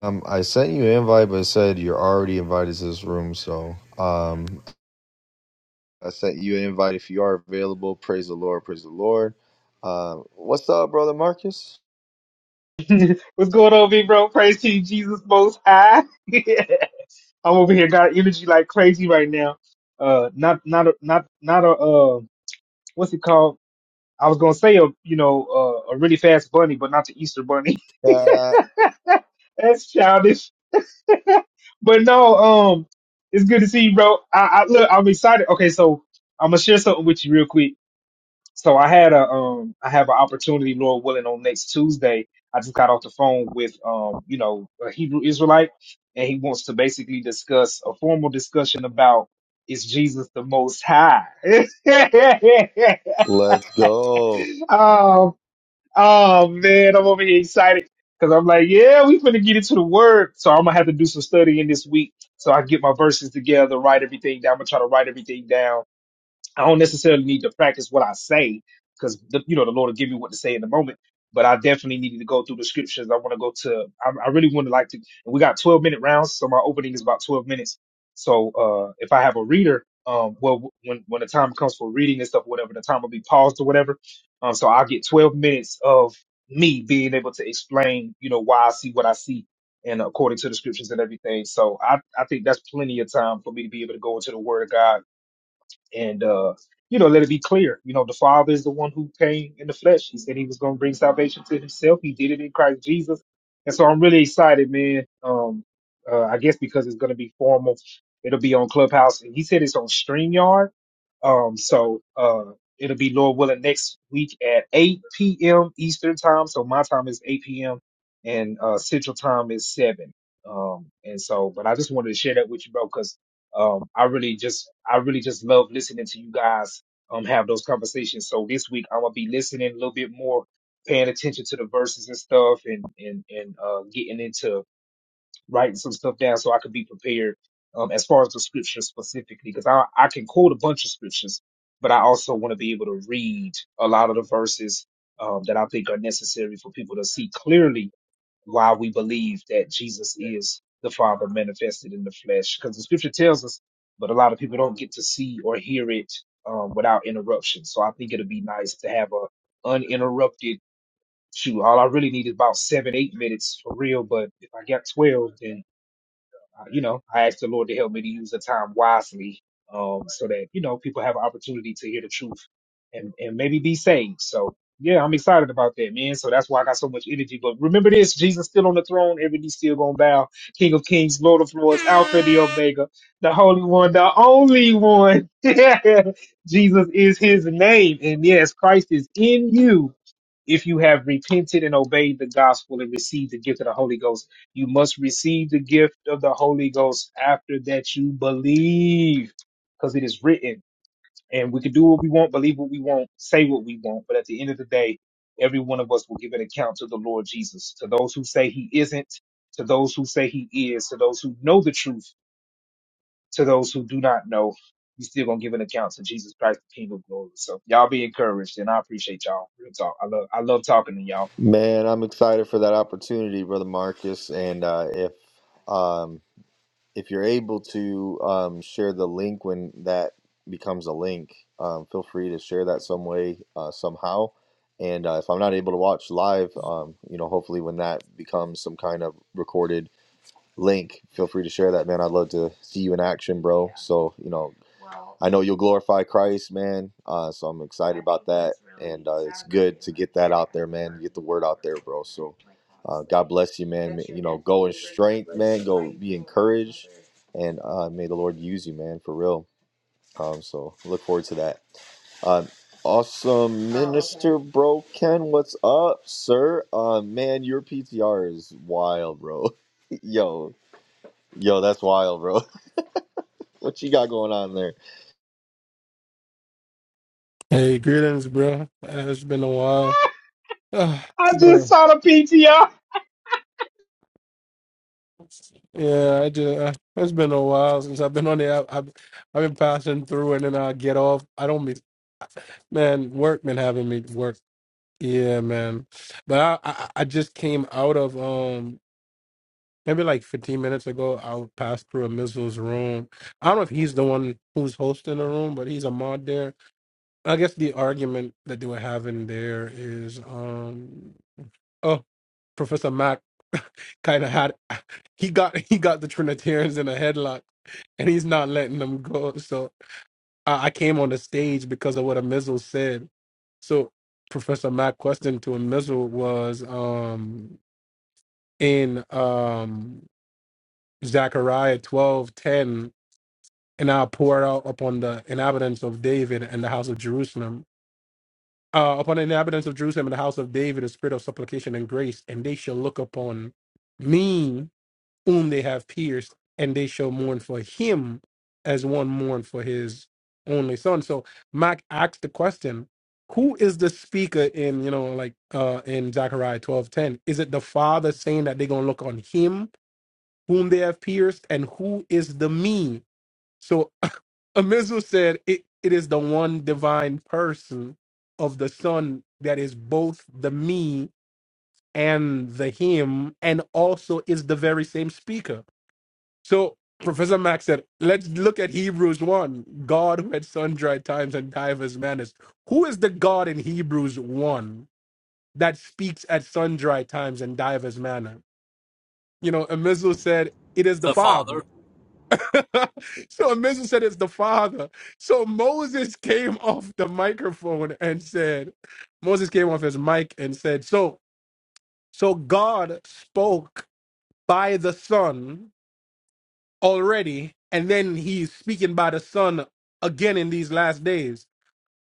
S1: um, I sent you an invite, but it said you're already invited to this room. So, um, I sent you an invite if you are available. Praise the Lord. Praise the Lord. Uh, what's up, brother Marcus?
S4: What's going on, big bro? Praise to you, Jesus Most High. I'm over here got energy like crazy right now. Uh, not not a, not not a uh, what's it called? I was gonna say a you know uh, a really fast bunny, but not the Easter bunny.
S1: Yeah.
S4: That's childish. But no, um, it's good to see you, bro. I, I look, I'm excited. Okay, so I'm gonna share something with you real quick. So I had a um I have an opportunity, Lord willing, on next Tuesday. I just got off the phone with um, you know, a Hebrew Israelite, and he wants to basically discuss a formal discussion about is Jesus the most high?
S1: Let's go.
S4: Um, oh man, I'm over here excited. Cause I'm like, yeah, we finna get into the word. So I'm gonna have to do some studying this week. So I can get my verses together, write everything down. I'm gonna try to write everything down I don't necessarily need to practice what I say because you know the Lord will give me what to say in the moment. But I definitely needed to go through the scriptures. I want to go to. I, I really want to like to. And we got twelve minute rounds, so my opening is about twelve minutes. So uh if I have a reader, um, well, when when the time comes for reading and stuff, whatever, the time will be paused or whatever. Um, so I'll get twelve minutes of me being able to explain, you know, why I see what I see and according to the scriptures and everything. So I I think that's plenty of time for me to be able to go into the Word of God and uh, you know let it be clear you know the father is the one who came in the flesh he said he was going to bring salvation to himself he did it in christ jesus and so i'm really excited man um uh, i guess because it's going to be formal it'll be on clubhouse and he said it's on streamyard um so uh it'll be lord willing next week at 8 p.m eastern time so my time is 8 p.m and uh central time is 7 um and so but i just wanted to share that with you bro 'cause um, I really just, I really just love listening to you guys um have those conversations. So this week I'm gonna be listening a little bit more, paying attention to the verses and stuff, and and and uh, getting into writing some stuff down so I could be prepared. Um, as far as the scriptures specifically, because I I can quote a bunch of scriptures, but I also want to be able to read a lot of the verses um, that I think are necessary for people to see clearly why we believe that Jesus is the Father manifested in the flesh, because the Scripture tells us, but a lot of people don't get to see or hear it um, without interruption. So I think it'd be nice to have a uninterrupted shoot. All I really need is about seven, eight minutes for real. But if I got twelve, then uh, you know, I ask the Lord to help me to use the time wisely, um, so that you know people have an opportunity to hear the truth and and maybe be saved. So yeah, I'm excited about that, man. So that's why I got so much energy. But remember this: Jesus still on the throne. Every knee still gonna bow. King of Kings, Lord of Lords, Alpha, the Omega, the Holy One, the only One. Jesus is His name, and yes, Christ is in you if you have repented and obeyed the gospel and received the gift of the Holy Ghost you must receive the gift of the Holy Ghost after that you believe, because it is written. And we can do what we want, believe what we want, say what we want, but at the end of the day, every one of us will give an account to the Lord Jesus. To those who say he isn't, to those who say he is, to those who know the truth, to those who do not know, you still gonna give an account to Jesus Christ, the King of Glory. So y'all be encouraged, and I appreciate y'all. Real talk, I love, I love talking to y'all.
S1: Man, I'm excited for that opportunity, brother Marcus. And uh, if um, if you're able to um, share the link when that becomes a link, um, feel free to share that some way, uh, somehow. And uh, if I'm not able to watch live, um, you know, hopefully when that becomes some kind of recorded link, feel free to share that, man. I'd love to see you in action, bro. So, you know, I know you'll glorify Christ, man. Uh, so I'm excited and get the word out there, bro. So God bless you, man. And uh, may the Lord use you, man, for real. Um, so look forward to that. Uh, awesome, Mr. Bro Ken. What's up, sir? Uh, man, your PTR is wild, bro. yo, yo, that's wild, bro. what you got going on there?
S6: Hey, greetings, bro. Uh, It's been a while, Ah,
S4: I just
S6: bro.
S4: saw the PTR.
S6: Yeah, I just uh, it's been a while since I've been on the app. I've, I've been passing through, and then I get off. I don't be, man. Work been having me work. Yeah, man. But I, I I just came out of um maybe like 15 minutes ago. I passed through a missile's room. I don't know if he's the one who's hosting the room, but he's a mod there. I guess the argument that they were having there is um. Oh, Professor Mac kind of had he got he got the Trinitarians in a headlock, and he's not letting them go. So I, I came on the stage because of what a missile said. So Professor Mac question to a missile was um in um Zechariah twelve ten, and I'll pour it out upon the inhabitants of David and the house of Jerusalem. Uh, upon the inhabitants of Jerusalem and the house of David, a spirit of supplication and grace, and they shall look upon me whom they have pierced, and they shall mourn for him as one mourned for his only son. So Mark asks the question, who is the speaker in, you know, like uh in Zechariah twelve ten? Is it the father saying that they're gonna look on him whom they have pierced? And who is the me? So Amizu said it, it is the one divine person of the son that is both the me and the him and also is the very same speaker so Professor Max said, let's look at Hebrews 1, God who at sundry times and divers manners. Who is the God in Hebrews 1 that speaks at sundry times and divers manner? You know, Amizu said, it is the
S7: the
S6: Father.
S7: Father.
S6: so Amizu said, it's the Father. So Moses came off the microphone and said, Moses came off his mic and said, so, so God spoke by the Son already, and then he's speaking by the Son again in these last days.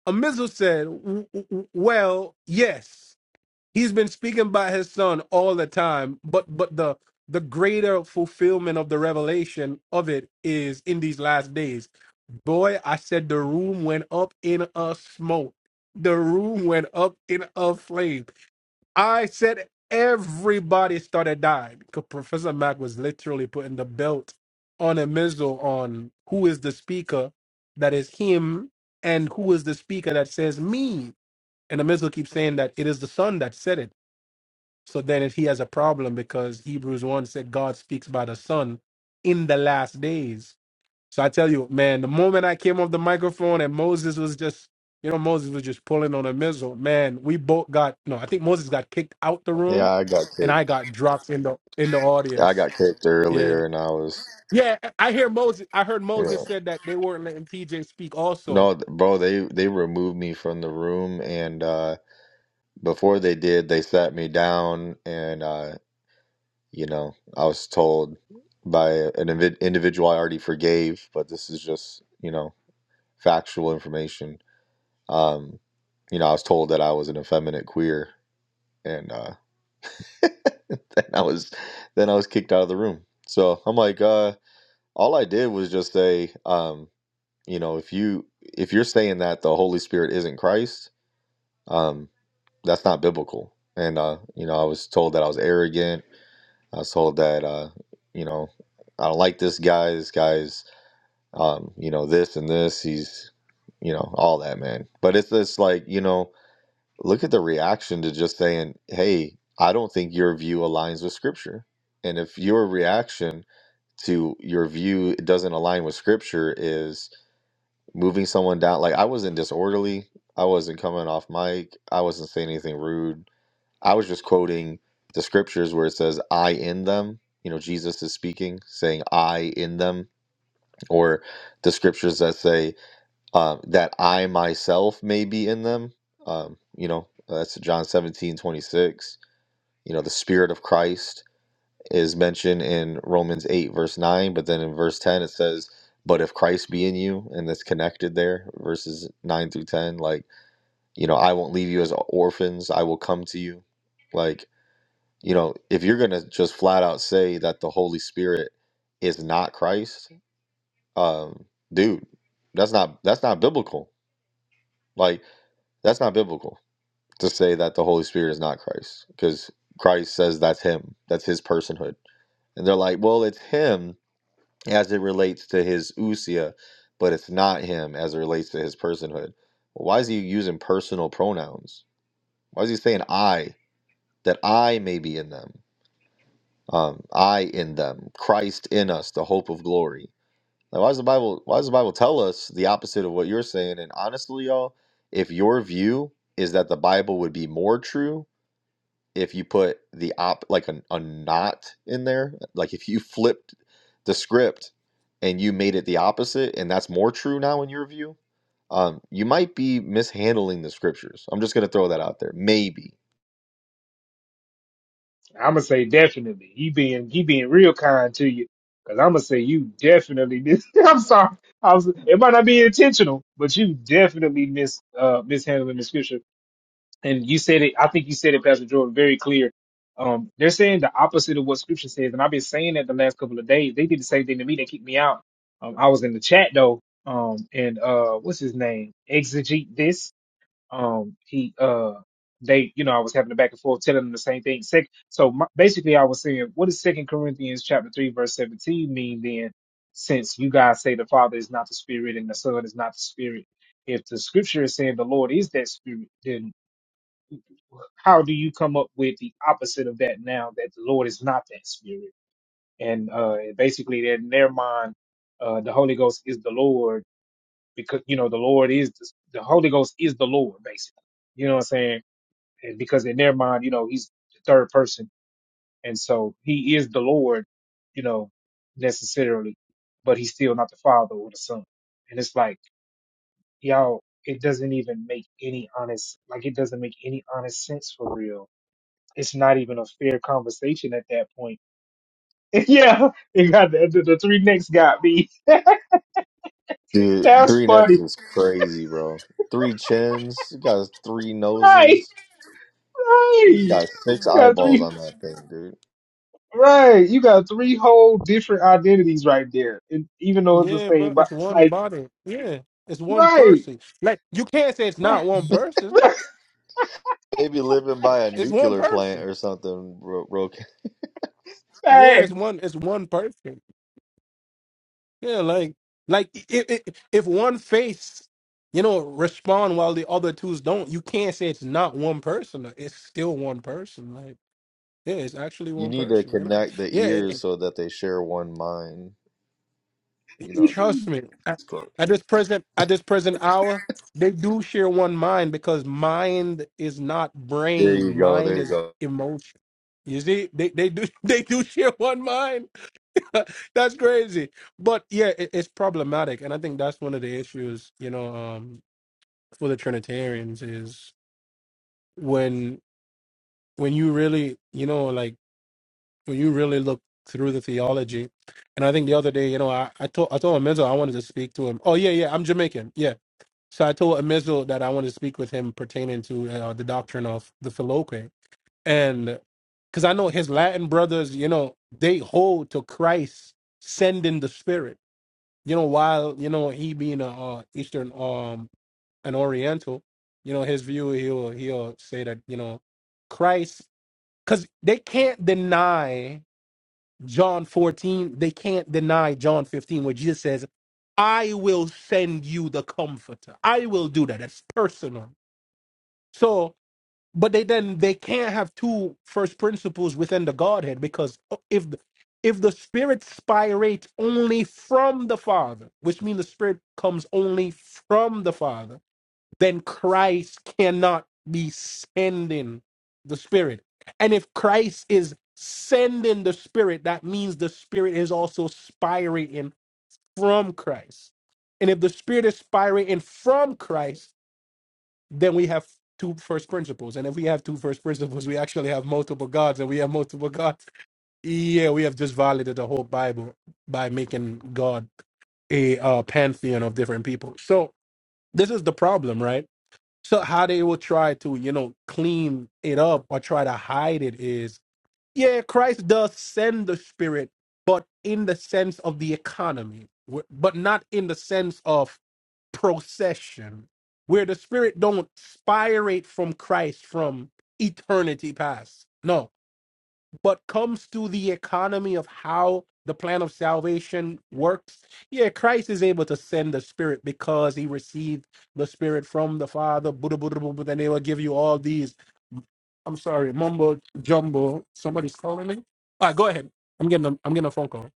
S6: Amizu said, "W- w- "Well, yes, he's been speaking by his Son all the time, but but the the greater fulfillment of the revelation of it is in these last days." Boy, I said the room went up in a smoke. The room went up in a flame I said everybody started dying because Professor Mac was literally putting the belt on a missile on who is the speaker that is him and who is the speaker that says me. And the missile keeps saying that it is the son that said it. So then if he has a problem because Hebrews 1 said God speaks by the son in the last days. So I tell you, man, the moment I came off the microphone and Moses was just, you know, Moses was just pulling on a missile, man, we both got no, I think Moses got kicked out the room
S1: Yeah, I got
S6: and I
S1: kicked.
S6: got dropped in the in the
S1: I
S6: audience.
S1: got kicked
S6: Yeah.
S1: earlier, and I was.
S6: Yeah, I hear Moses I heard
S1: yeah.
S6: Moses said that they weren't letting PJ speak also.
S1: No, th- bro, they they removed me from the room and uh before they did, they sat me down and uh you know, I was told by an invi individual I already forgave, but this is just, you know, factual information. Um, you know, I was told that I was an effeminate queer and uh then I was then I was kicked out of the room. So I'm like, uh, all I did was just say, um, you know, if you if you're saying that the Holy Spirit isn't Christ, um that's not biblical. And uh, you know, I was told that I was arrogant. I was told that uh, you know, I don't like this guy. This guy's um, you know, this and this. He's you know, all that man. But it's this like you know, look at the reaction to just saying, "Hey, I don't think your view aligns with Scripture." And if your reaction to your view doesn't align with Scripture is moving someone down, like I wasn't disorderly. I wasn't coming off mic. I wasn't saying anything rude I was just quoting the scriptures where it says, I in them. You know, Jesus is speaking, saying, I in them, or the scriptures that say, um, that I myself may be in them. Um, you know, that's John 17 26. You know, the Spirit of Christ is mentioned in Romans 8, verse 9, but then in verse 10, it says, But if Christ be in you, and that's connected there, verses 9 through 10, like, you know, I won't leave you as orphans, I will come to you. Like, you know, if you're gonna just flat out say that the Holy Spirit is not Christ, um, dude, that's not that's not biblical. Like that's not biblical to say that the Holy Spirit is not Christ, because Christ says that's him, that's his personhood. And they're like, well, it's him as it relates to his usia, but it's not him as it relates to his personhood. Why is he using personal pronouns? Why is he saying I that I may be in them? um, I in them, Christ in us, the hope of glory. Now, why does the Bible? Why does the Bible tell us the opposite of what you're saying? And honestly, y'all, if your view is that the Bible would be more true if you put the op like a, a not in there, like if you flipped the script and you made it the opposite, and that's more true now in your view, um, you might be mishandling the scriptures. I'm just gonna throw that out there, maybe
S4: I'm gonna say definitely. He being he being real kind to you, cause I'm gonna say you definitely miss. I'm sorry, I was. It might not be intentional, but you definitely miss uh mishandling the scripture. And you said it. I think you said it, Pastor Jordan, very clear. Um, they're saying the opposite of what Scripture says, and I've been saying that the last couple of days. They did the same thing to me. They kicked me out. Um, I was in the chat though. Um, and uh, what's his name? Exegete this um he uh they you know i was having a back and forth telling them the same thing Sec- so my, basically i was saying what does second corinthians chapter 3 verse 17 mean then since you guys say the father is not the spirit and the son is not the spirit if the scripture is saying the lord is that spirit then how do you come up with the opposite of that now that the lord is not that spirit and uh basically in their mind uh the holy ghost is the lord because you know the lord is the, the holy ghost is the lord basically you know what i'm saying and because in their mind, you know, he's the third person, and so he is the Lord, you know, necessarily, but he's still not the Father or the Son. And it's like, y'all, it doesn't even make any honest, like, it doesn't make any honest sense for real. It's not even a fair conversation at that point. yeah, it got the, the, the three necks got me.
S1: Dude,
S4: That's
S1: three necks
S4: funny,
S1: is crazy, bro. Three chins. He got three
S4: right?
S1: noses.
S4: Right?
S1: He's got six
S4: You got
S1: eyeballs
S4: three.
S1: on that thing, dude.
S4: Right, you got three whole different identities right there, and even though it's the
S6: Yeah,
S4: same,
S6: bro,
S4: but
S6: it's one
S4: like
S6: body. Yeah. It's one
S4: Right.
S6: person. Like you can't say it's
S4: Right.
S6: not one person.
S1: Maybe living
S6: It-
S1: by a
S6: It's one
S1: nuclear plant
S6: person.
S1: or something, bro. bro.
S6: Yeah, it's
S4: Facts.
S6: one it's one person. Yeah, like like if if if one face, you know, respond while the other twos don't, you can't say it's not one person. uh, It's still one person. Like yeah, it's actually
S1: You
S6: one
S1: need to
S6: person. You know,
S1: connect the
S6: yeah. it-
S1: ears
S6: it-
S1: so that they share one mind. You know.
S6: trust
S4: Hey,
S6: me. At, at this present at this present hour, they do share one mind because mind is not
S1: There you
S6: brain.
S1: go.
S6: Mind
S1: There you
S6: is
S1: go.
S6: emotion. You see, they they do they do share one mind. that's crazy. But yeah, it, it's problematic, and I think that's one of the issues. You know, um, for the Trinitarians is when when you really, you know, like when you really look through the theology. And I think the other day, you know, I, I told I told Amizel I wanted to speak to him. Oh yeah, yeah, I'm Jamaican. Yeah. So I told Amizel that I wanted to speak with him pertaining to uh, the doctrine of the Filoque, and because I know his Latin brothers, you know, they hold to Christ sending the Spirit you know, while you know he being a uh, Eastern um an Oriental, you know his view he'll he'll say that you know Christ because they can't deny John fourteen, they can't deny John fifteen where Jesus says, "I will send you the Comforter. I will do that. That's personal." So but they then they can't have two first principles within the Godhead because uh, if if the Spirit spirates only from the Father, which means the Spirit comes only from the Father, then Christ cannot be sending the Spirit. And if Christ is sending the Spirit, that means the Spirit is also spirating from Christ. And if the Spirit is spirating from Christ then we have two first principles. And if we have two first principles, we actually have multiple gods, and we have multiple gods. Yeah, we have just violated the whole Bible by making God a uh, pantheon of different people. So this is the problem, right? So how they will try to, you know, clean it up or try to hide it is, yeah, Christ does send the Spirit, but in the sense of the economy, w- but not in the sense of procession where the spirit don't spirate from christ from eternity past no but comes to the economy of how the plan of salvation works yeah christ is able to send the spirit because he received the spirit from the father buddha buddha buddha then they will give you all these i'm sorry mumbo jumbo somebody's calling me all right go ahead i'm getting a, i'm getting a phone call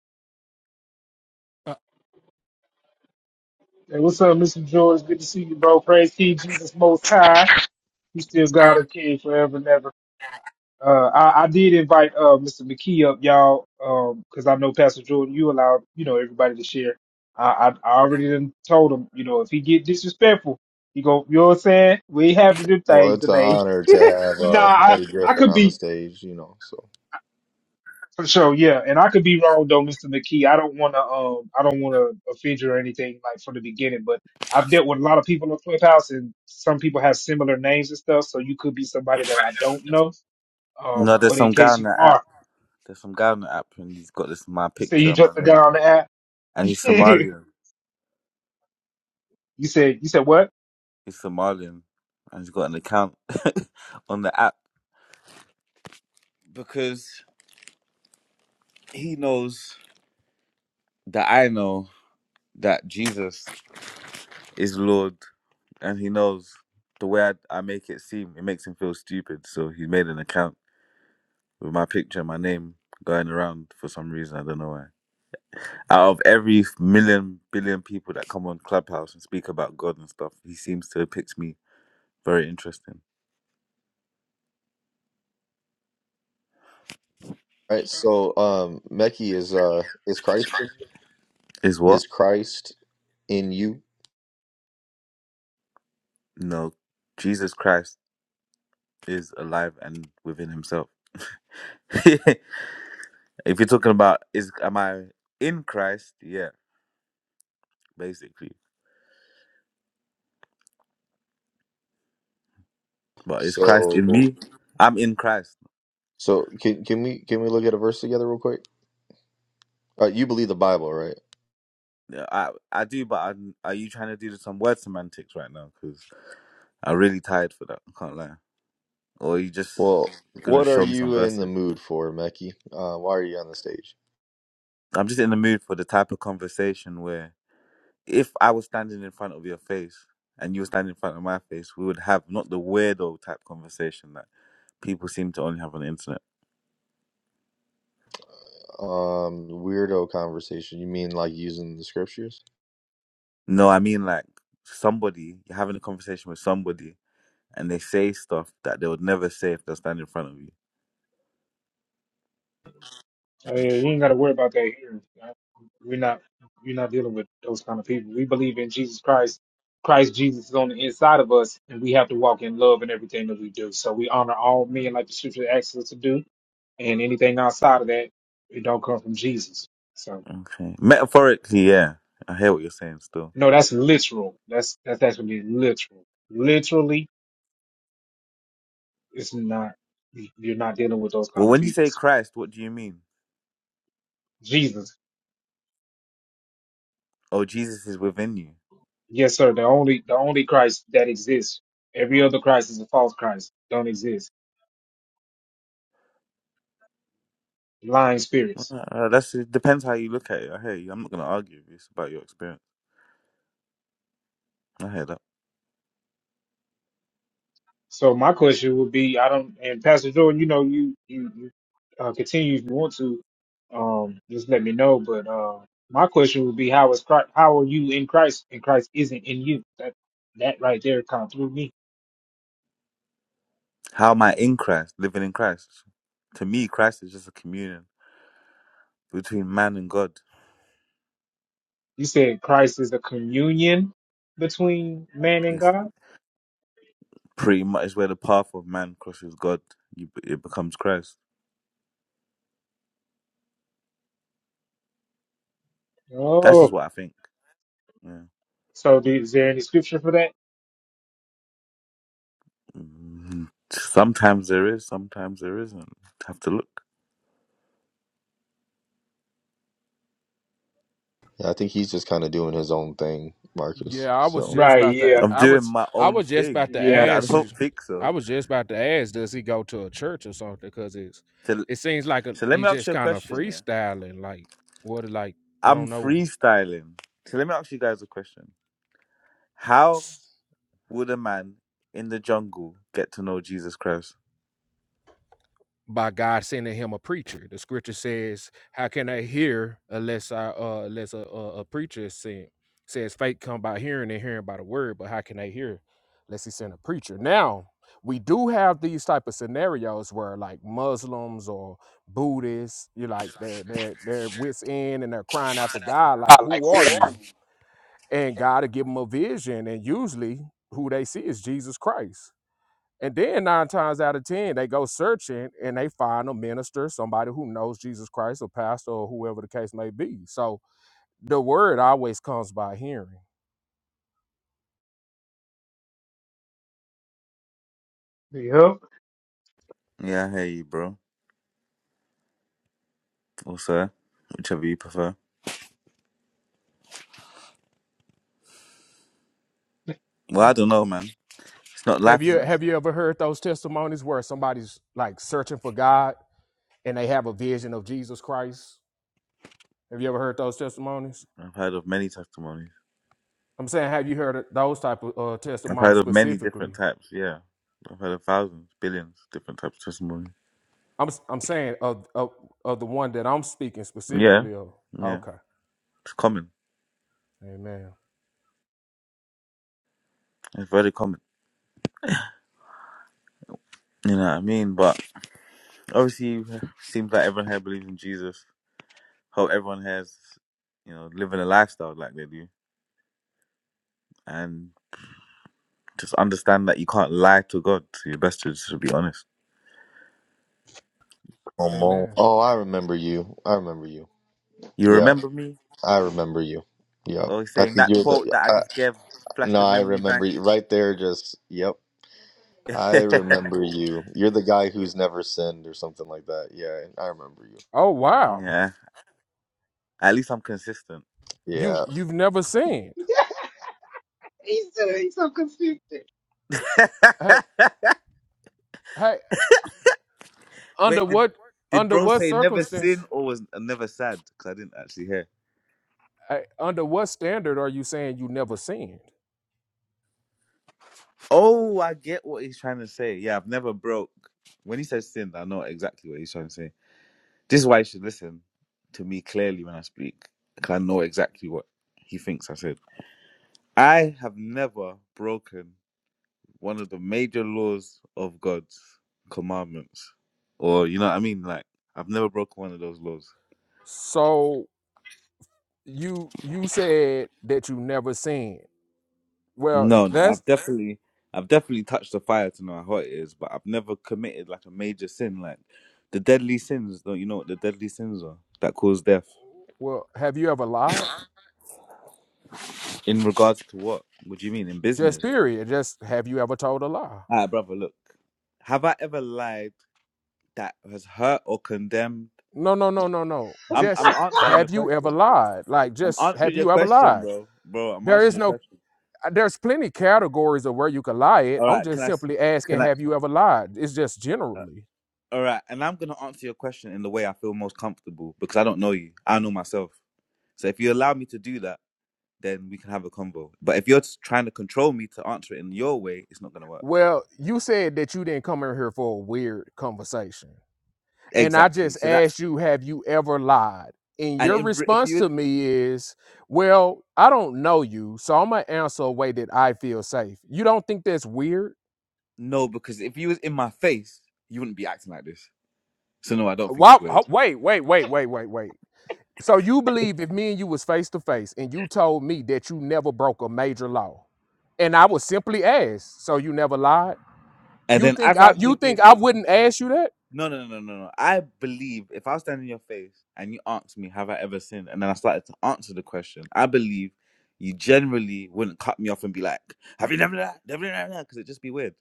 S4: what's up, Mr. George? Good to see you, bro. Praise King Jesus Most High. He still God and King forever and ever. Uh, I, I did invite uh, Mr. McKee up, y'all, because I know Pastor Jordan, you allowed you know everybody to share. I, I, I already done told him, you know, if he get disrespectful, he go, you know what I'm saying? We ain't having them
S1: Well,
S4: things
S1: it's an
S4: today.
S1: honor to have
S4: but nah,
S1: uh,
S4: I,
S1: Eddie
S4: I
S1: Griffin
S4: could
S1: on the
S4: be
S1: stage. You know. So, All
S4: For sure, yeah, and I could be wrong though, Mr. McKee. I don't want to, um, I don't want to offend you or anything like from the beginning. But I've dealt with a lot of people in Clubhouse, and some people have similar names and stuff. So you could be somebody that I don't know. Um, but in case
S8: Ghana.
S4: you are,
S8: There's some Ghana app, and he's got this my
S4: you say
S8: picture
S4: you
S8: and
S4: just
S8: my name,
S4: got on the app.
S8: and
S4: you said you said what?
S8: he's Somalian, and he's got an account on the app because he knows that I know that Jesus is Lord, and he knows the way I, I make it seem. It makes him feel stupid, so he made an account with my picture, and my name going around for some reason. I don't know why. Out of every million billion people that come on Clubhouse and speak about God and stuff, he seems to have picked me. Very interesting.
S1: right. So, um, Meki is uh, is Christ
S8: Is what?
S1: is Christ in you?
S8: No. Jesus Christ is alive and within himself. if you're talking about is am I in Christ? Yeah, basically. But is Christ
S1: So.
S8: in me? I'm in Christ.
S1: So can can we can we look at a verse together real quick? Uh, you believe the Bible, right?
S8: Yeah, I I do, but I'm, are you trying to do some word semantics right now? Because I'm really tired for that. I can't lie. Or are you just
S1: Well,
S8: gonna
S1: what are
S8: show me some
S1: you in the
S8: verses?
S1: mood for, Mecky? Uh, why are you on the stage?
S8: I'm just in the mood for the type of conversation where if I was standing in front of your face and you were standing in front of my face, we would have not the weirdo type conversation that people seem to only have on the internet.
S1: Um, weirdo conversation. You mean like using the scriptures?
S8: No, I mean like somebody you're having a conversation with somebody and they say stuff that they would never say if they're standing in front of you.
S4: I mean, you ain't got to worry about that here. We're not we're not dealing with those kind of people. We believe in Jesus Christ. Christ Jesus is on the inside of us, and we have to walk in love in everything that we do. So we honor all men like the Scripture asks us to do, and anything outside of that, it don't come from Jesus. So
S8: Okay. Metaphorically, yeah. I hear what you're saying still.
S4: no, that's literal. That's that's actually literal. Literally, it's not. You're not dealing with those
S8: Well,
S4: kind of
S8: when you
S4: people.
S8: say Christ, what do you mean?
S4: Jesus.
S8: Oh, Jesus is within you.
S4: Yes, sir. The only the only Christ that exists. Every other Christ is a false Christ. Don't exist. Lying spirits.
S8: Well, uh, that's it depends how you look at it. I hear you. I'm not gonna argue with you. It's about your experience. I hear that.
S4: So my question would be, I don't. And Pastor Jordan, you know, you you, you uh, continue if you want to. Um, just let me know. But uh, my question would be, how is Christ? How are you in Christ? And Christ isn't in you. That that right there kind of threw me.
S8: How am I in Christ, living in Christ? To me, Christ is just a communion between man and God.
S4: You said Christ is a communion between man and
S8: It's
S4: God.
S8: pretty much where the path of man crosses God. You, it becomes Christ. That's just
S4: Oh,
S8: what I think. Yeah.
S4: so is there any scripture for that?
S8: Mm, Sometimes there is, sometimes there isn't. Have to look.
S1: Yeah, I think he's just kind of doing his own thing, Marcus.
S9: Yeah, I was
S1: So
S9: just
S4: Right.
S9: about to.
S4: Yeah.
S8: I'm
S9: I
S8: doing
S9: was.
S8: my
S9: I
S8: own
S9: was just
S8: thing.
S9: about to
S4: Yeah.
S8: I
S9: ask you.
S8: don't think
S9: I
S8: so.
S9: was just about to ask, does he go to a church or something? Because it's.
S8: So,
S9: It seems like a,
S8: so let
S9: he's
S8: me ask
S9: just
S8: you a
S9: kind of
S8: question. Yeah,
S9: freestyling. Like what? Like I
S8: I'm
S9: don't know.
S8: freestyling. So let me ask you guys a question. How would a man in the jungle get to know Jesus Christ?
S9: by God sending him a preacher. The scripture says, "How can I hear unless I uh, unless a, a, a preacher is sent?" It Says faith come by hearing and hearing by the word, but how can they hear unless he sent a preacher? Now we do have these type of scenarios where like Muslims or Buddhists, you like they're they're they're wits in and they're crying out to
S8: crying out to
S9: God like,
S8: God, like,
S9: "Who
S8: who
S9: are
S8: are you?
S9: you?" And God will give them a vision, and usually who they see is Jesus Christ and then nine times out of ten, they go searching and they find a minister, somebody who knows Jesus Christ, a pastor, or whoever the case may be. So the word always comes by hearing.
S4: Yep.
S8: Yeah, I hear you, bro. Or sir, whichever you prefer. Well, I don't know, man. It's not
S9: Have
S8: life
S9: you
S8: isn't. it?
S9: have you ever heard those testimonies where somebody's like searching for God and they have a vision of Jesus Christ? Have you ever heard those testimonies?
S8: I've heard of many testimonies.
S9: I'm saying, have you heard those type of uh,
S8: I've heard
S9: testimonies
S8: of many different
S9: specifically?
S8: types. Yeah, I've heard of thousands, billions different types of testimony.
S9: I'm s- I'm saying of, of of the one that I'm speaking
S8: Yeah,
S9: specifically of.
S8: yeah,
S9: Okay,
S8: it's common.
S9: Amen,
S8: It's very common. You know what I mean? But obviously, it seems like everyone here believes in Jesus. Hope everyone here's, you know, living a lifestyle like they do, and just understand that you can't lie to God. So your best is to be honest.
S1: come on.
S9: Amen.
S1: Oh, I remember you. I remember you.
S8: You
S1: Yeah,
S8: remember me?
S1: I remember you. Yeah,
S8: Oh,
S1: I
S8: saying
S1: think
S8: that
S1: you're
S8: quote
S1: the.
S8: that I just
S1: I,
S8: gave flashed
S1: no,
S8: the
S1: I
S8: memory
S1: remember
S8: bank.
S1: you right there. Just yep. I remember
S9: Oh
S1: you. You're the guy who's never sinned or something like that. Yeah, I remember you.
S9: oh, wow,
S8: yeah, at least I'm consistent.
S9: you
S1: Yeah.
S9: you've never sinned. Hey, hey,
S8: Wait,
S9: under
S8: did,
S9: what
S8: did
S9: under
S8: bro
S9: what
S8: say never sin
S9: circumstance?
S8: or was uh, never sad? Because I didn't actually hear.
S9: Hey, under what standard are you saying you never sinned?
S8: Oh, I get what he's trying to say. Yeah, I've never broke. When he says sin, I know exactly what he's trying to say. This is why you should listen to me clearly when I speak, because I know exactly what he thinks I said. I have never broken one of the major laws of God's commandments. Or you know what I mean? Like I've never broken one of those laws.
S9: So you you said that you never sinned. Well,
S8: No, no,
S9: that's
S8: I've definitely I've definitely touched the fire to know how hot it is, but I've never committed like a major sin. Like the deadly sins, don't you know what the deadly sins are that cause death?
S9: well. Have you ever lied?
S8: In regards to what? What do you mean? In
S9: Just
S8: business?
S9: period. Just have you ever told a lie?
S8: Ah, brother, look. Have I ever lied that has hurt or condemned?
S9: No, no, no, no, no.
S8: I'm
S9: Just
S8: I'm answering your
S9: have you ever
S8: question.
S9: lied? Like
S8: I'm
S9: just have
S8: answering your
S9: you ever
S8: question,
S9: lied?
S8: bro. Bro, I'm
S9: There
S8: answering
S9: is
S8: your
S9: no.
S8: question.
S9: There's plenty categories of where you can lie. It.
S8: All
S9: I'm
S8: right, can
S9: just
S8: I? s-
S9: simply asking,
S8: Can I?
S9: have you ever lied? It's just
S8: Uh,
S9: generally.
S8: all right, and I'm gonna answer your question in the way I feel most comfortable because I don't know you. I know myself. So if you allow me to do that, then we can have a convo. But if you're s- trying to control me to answer it in your way, it's not gonna work.
S9: Well, you said that you didn't come in here for a weird conversation. And I
S8: Exactly.
S9: just
S8: So that's
S9: asked you, have you ever lied? And
S8: and
S9: your
S8: if re- if
S9: response
S8: you
S9: to me is, well, I don't know you, so I'm going to answer a way that I feel safe. You don't think that's weird?
S8: no, because if you was in my face, you wouldn't be acting like this. So no, I don't think
S9: Why,
S8: it's weird.
S9: ho- wait, wait, wait, wait, wait, wait. So you believe if me and you was face to face and you told me that you never broke a major law, and I was simply asked, so you never lied?
S8: And
S9: You
S8: then
S9: think
S8: as
S9: I
S8: I
S9: you
S8: begin,
S9: think I wouldn't ask you that?
S8: No, no, no, no, no. I believe if I was standing in your face and you asked me, have I ever sinned? And then I started to answer the question, I believe you generally wouldn't cut me off and be like, have you never done that? Never done that? Because it'd just be weird.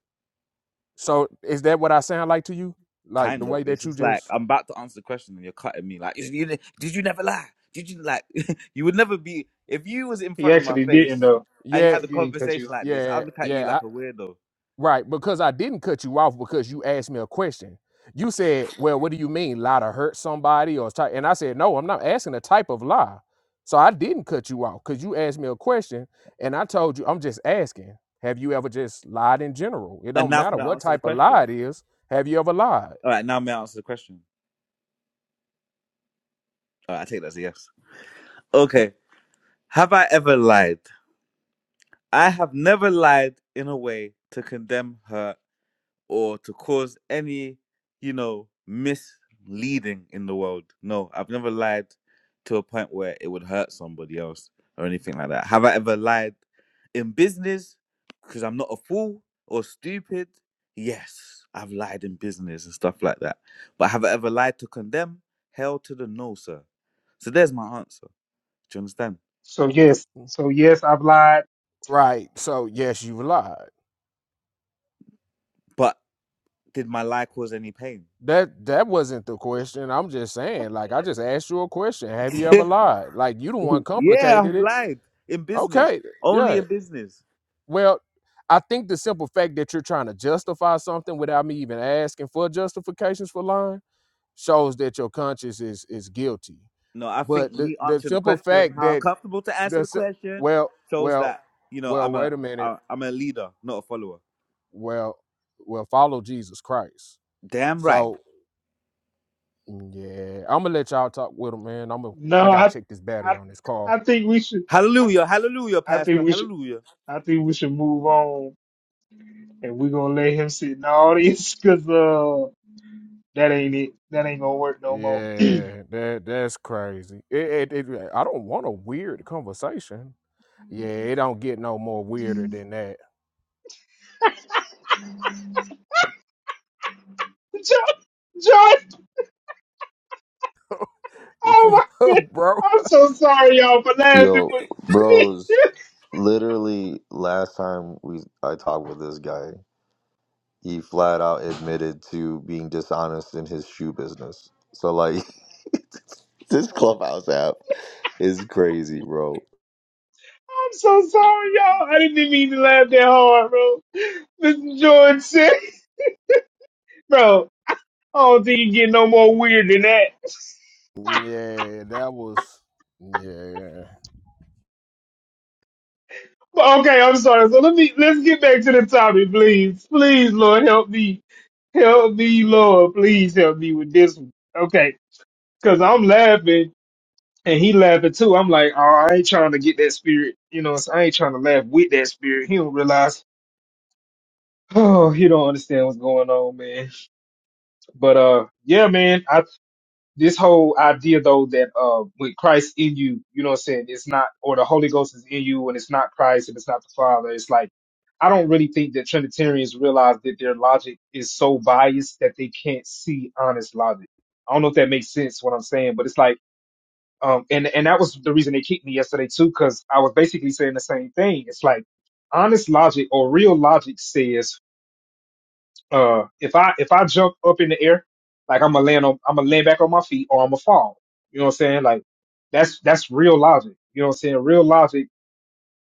S9: So is that what I sound like to you? Like the
S8: Kind of.
S9: way
S8: It's
S9: that you
S8: just like,
S9: just
S8: I'm about to answer the question and you're cutting me. Like, "Is- you, ne- did you never lie? Did you, like, you would never be, if you was in
S4: He
S8: front of my
S4: actually didn't
S8: face
S4: though.
S8: and you
S9: Yeah,
S8: had
S4: He
S8: a
S4: didn't cut you
S8: conversation
S4: off.
S8: like this,
S9: yeah,
S8: I'd look at you
S9: yeah.
S8: like a weirdo.
S9: Right, because I didn't cut you off because you asked me a question. You said, "Well, what do you mean lie to hurt somebody or type?" And I said, "No, I'm not asking a type of lie." So I didn't cut you off because you asked me a question, and I told you I'm just asking. Have you ever just lied in general? It
S8: And
S9: don't
S8: now
S9: matter
S8: can I
S9: what
S8: answer the
S9: type of
S8: question?
S9: lie it is. Have you ever lied?
S8: All right, now may I answer the question? All right, I take that as a yes. Okay. Have I ever lied? I have never lied in a way to condemn her or to cause any, you know, misleading in the world. No, I've never lied to a point where it would hurt somebody else or anything like that. Have I ever lied in business because I'm not a fool or stupid? Yes, I've lied in business and stuff like that. But have I ever lied to condemn? Hell to the no, sir. So there's my answer. Do you understand?
S4: So yes.
S9: Mm,
S4: So yes, I've lied.
S9: Right. So yes, you lied.
S8: But did my lie cause any pain?
S9: That that wasn't the question. I'm just saying, like I just asked you a question. Have you ever lied? Like you the one
S8: yeah,
S9: complicated
S8: I've
S9: it.
S8: lied in business,
S9: Okay.
S8: only
S9: Yeah.
S8: in business.
S9: Well, I think the simple fact that you're trying to justify something without me even asking for justifications for lying shows that your conscience is is guilty.
S8: No, I think
S9: But the
S8: me
S9: the
S8: answering the
S9: simple
S8: question,
S9: fact
S8: how
S9: that
S8: comfortable to answer
S9: the
S8: the
S9: si-
S8: question,
S9: well
S8: shows
S9: well
S8: that you know
S9: well
S8: I'm a
S9: wait a minute
S8: I- I'm a leader, not a follower.
S9: well well follow Jesus Christ.
S8: Damn right.
S9: So yeah, I'm gonna let y'all talk with him, man. I'm gonna I
S4: No,
S9: gotta
S4: I,
S9: check this battery
S4: I,
S9: on this car.
S4: I think we should. I,
S8: Hallelujah, hallelujah,
S4: I think we should.
S8: pastor,
S4: I think we should move on, and we're gonna let him sit in the audience because uh, that ain't it. That ain't gonna work no more.
S9: Yeah, that that's crazy. It, it, it, I don't want a weird conversation. Yeah, it don't get no more weirder than that.
S4: John, John, oh my god,
S9: bro.
S4: I'm so sorry y'all for laughing,
S1: Yo,
S4: but
S1: bros,
S4: I'm
S1: literally last time we I talked with this guy, he flat out admitted to being dishonest in his shoe business. So like this clubhouse app is crazy, bro.
S4: so sorry y'all. I didn't mean to laugh that hard, bro. Mr. Jordan said. Bro, I don't think you get no more weird than that.
S9: Yeah, that was yeah.
S4: But okay, I'm sorry. So let me let's get back to the topic, please. Please, Lord, help me. Help me, Lord. Please help me with this one. Okay. Cause I'm laughing and he laughing too. I'm like, oh, I ain't trying to get that spirit. You know, so I ain't trying to laugh with that spirit. He don't realize. Oh, he don't understand what's going on, man. But uh yeah, man. I. this whole idea though that uh with Christ in you, you know what I'm saying, it's not or the Holy Ghost is in you and it's not Christ and it's not the Father, it's like I don't really think that Trinitarians realize that their logic is so biased that they can't see honest logic. I don't know if that makes sense what I'm saying, but it's like um and and that was the reason they kicked me yesterday too, because I was basically saying the same thing. It's like honest logic or real logic says uh, if I if I jump up in the air, like I'm gonna land on, I'm gonna land back on my feet, or I'm gonna fall. You know what I'm saying? Like that's that's real logic. You know what I'm saying? Real logic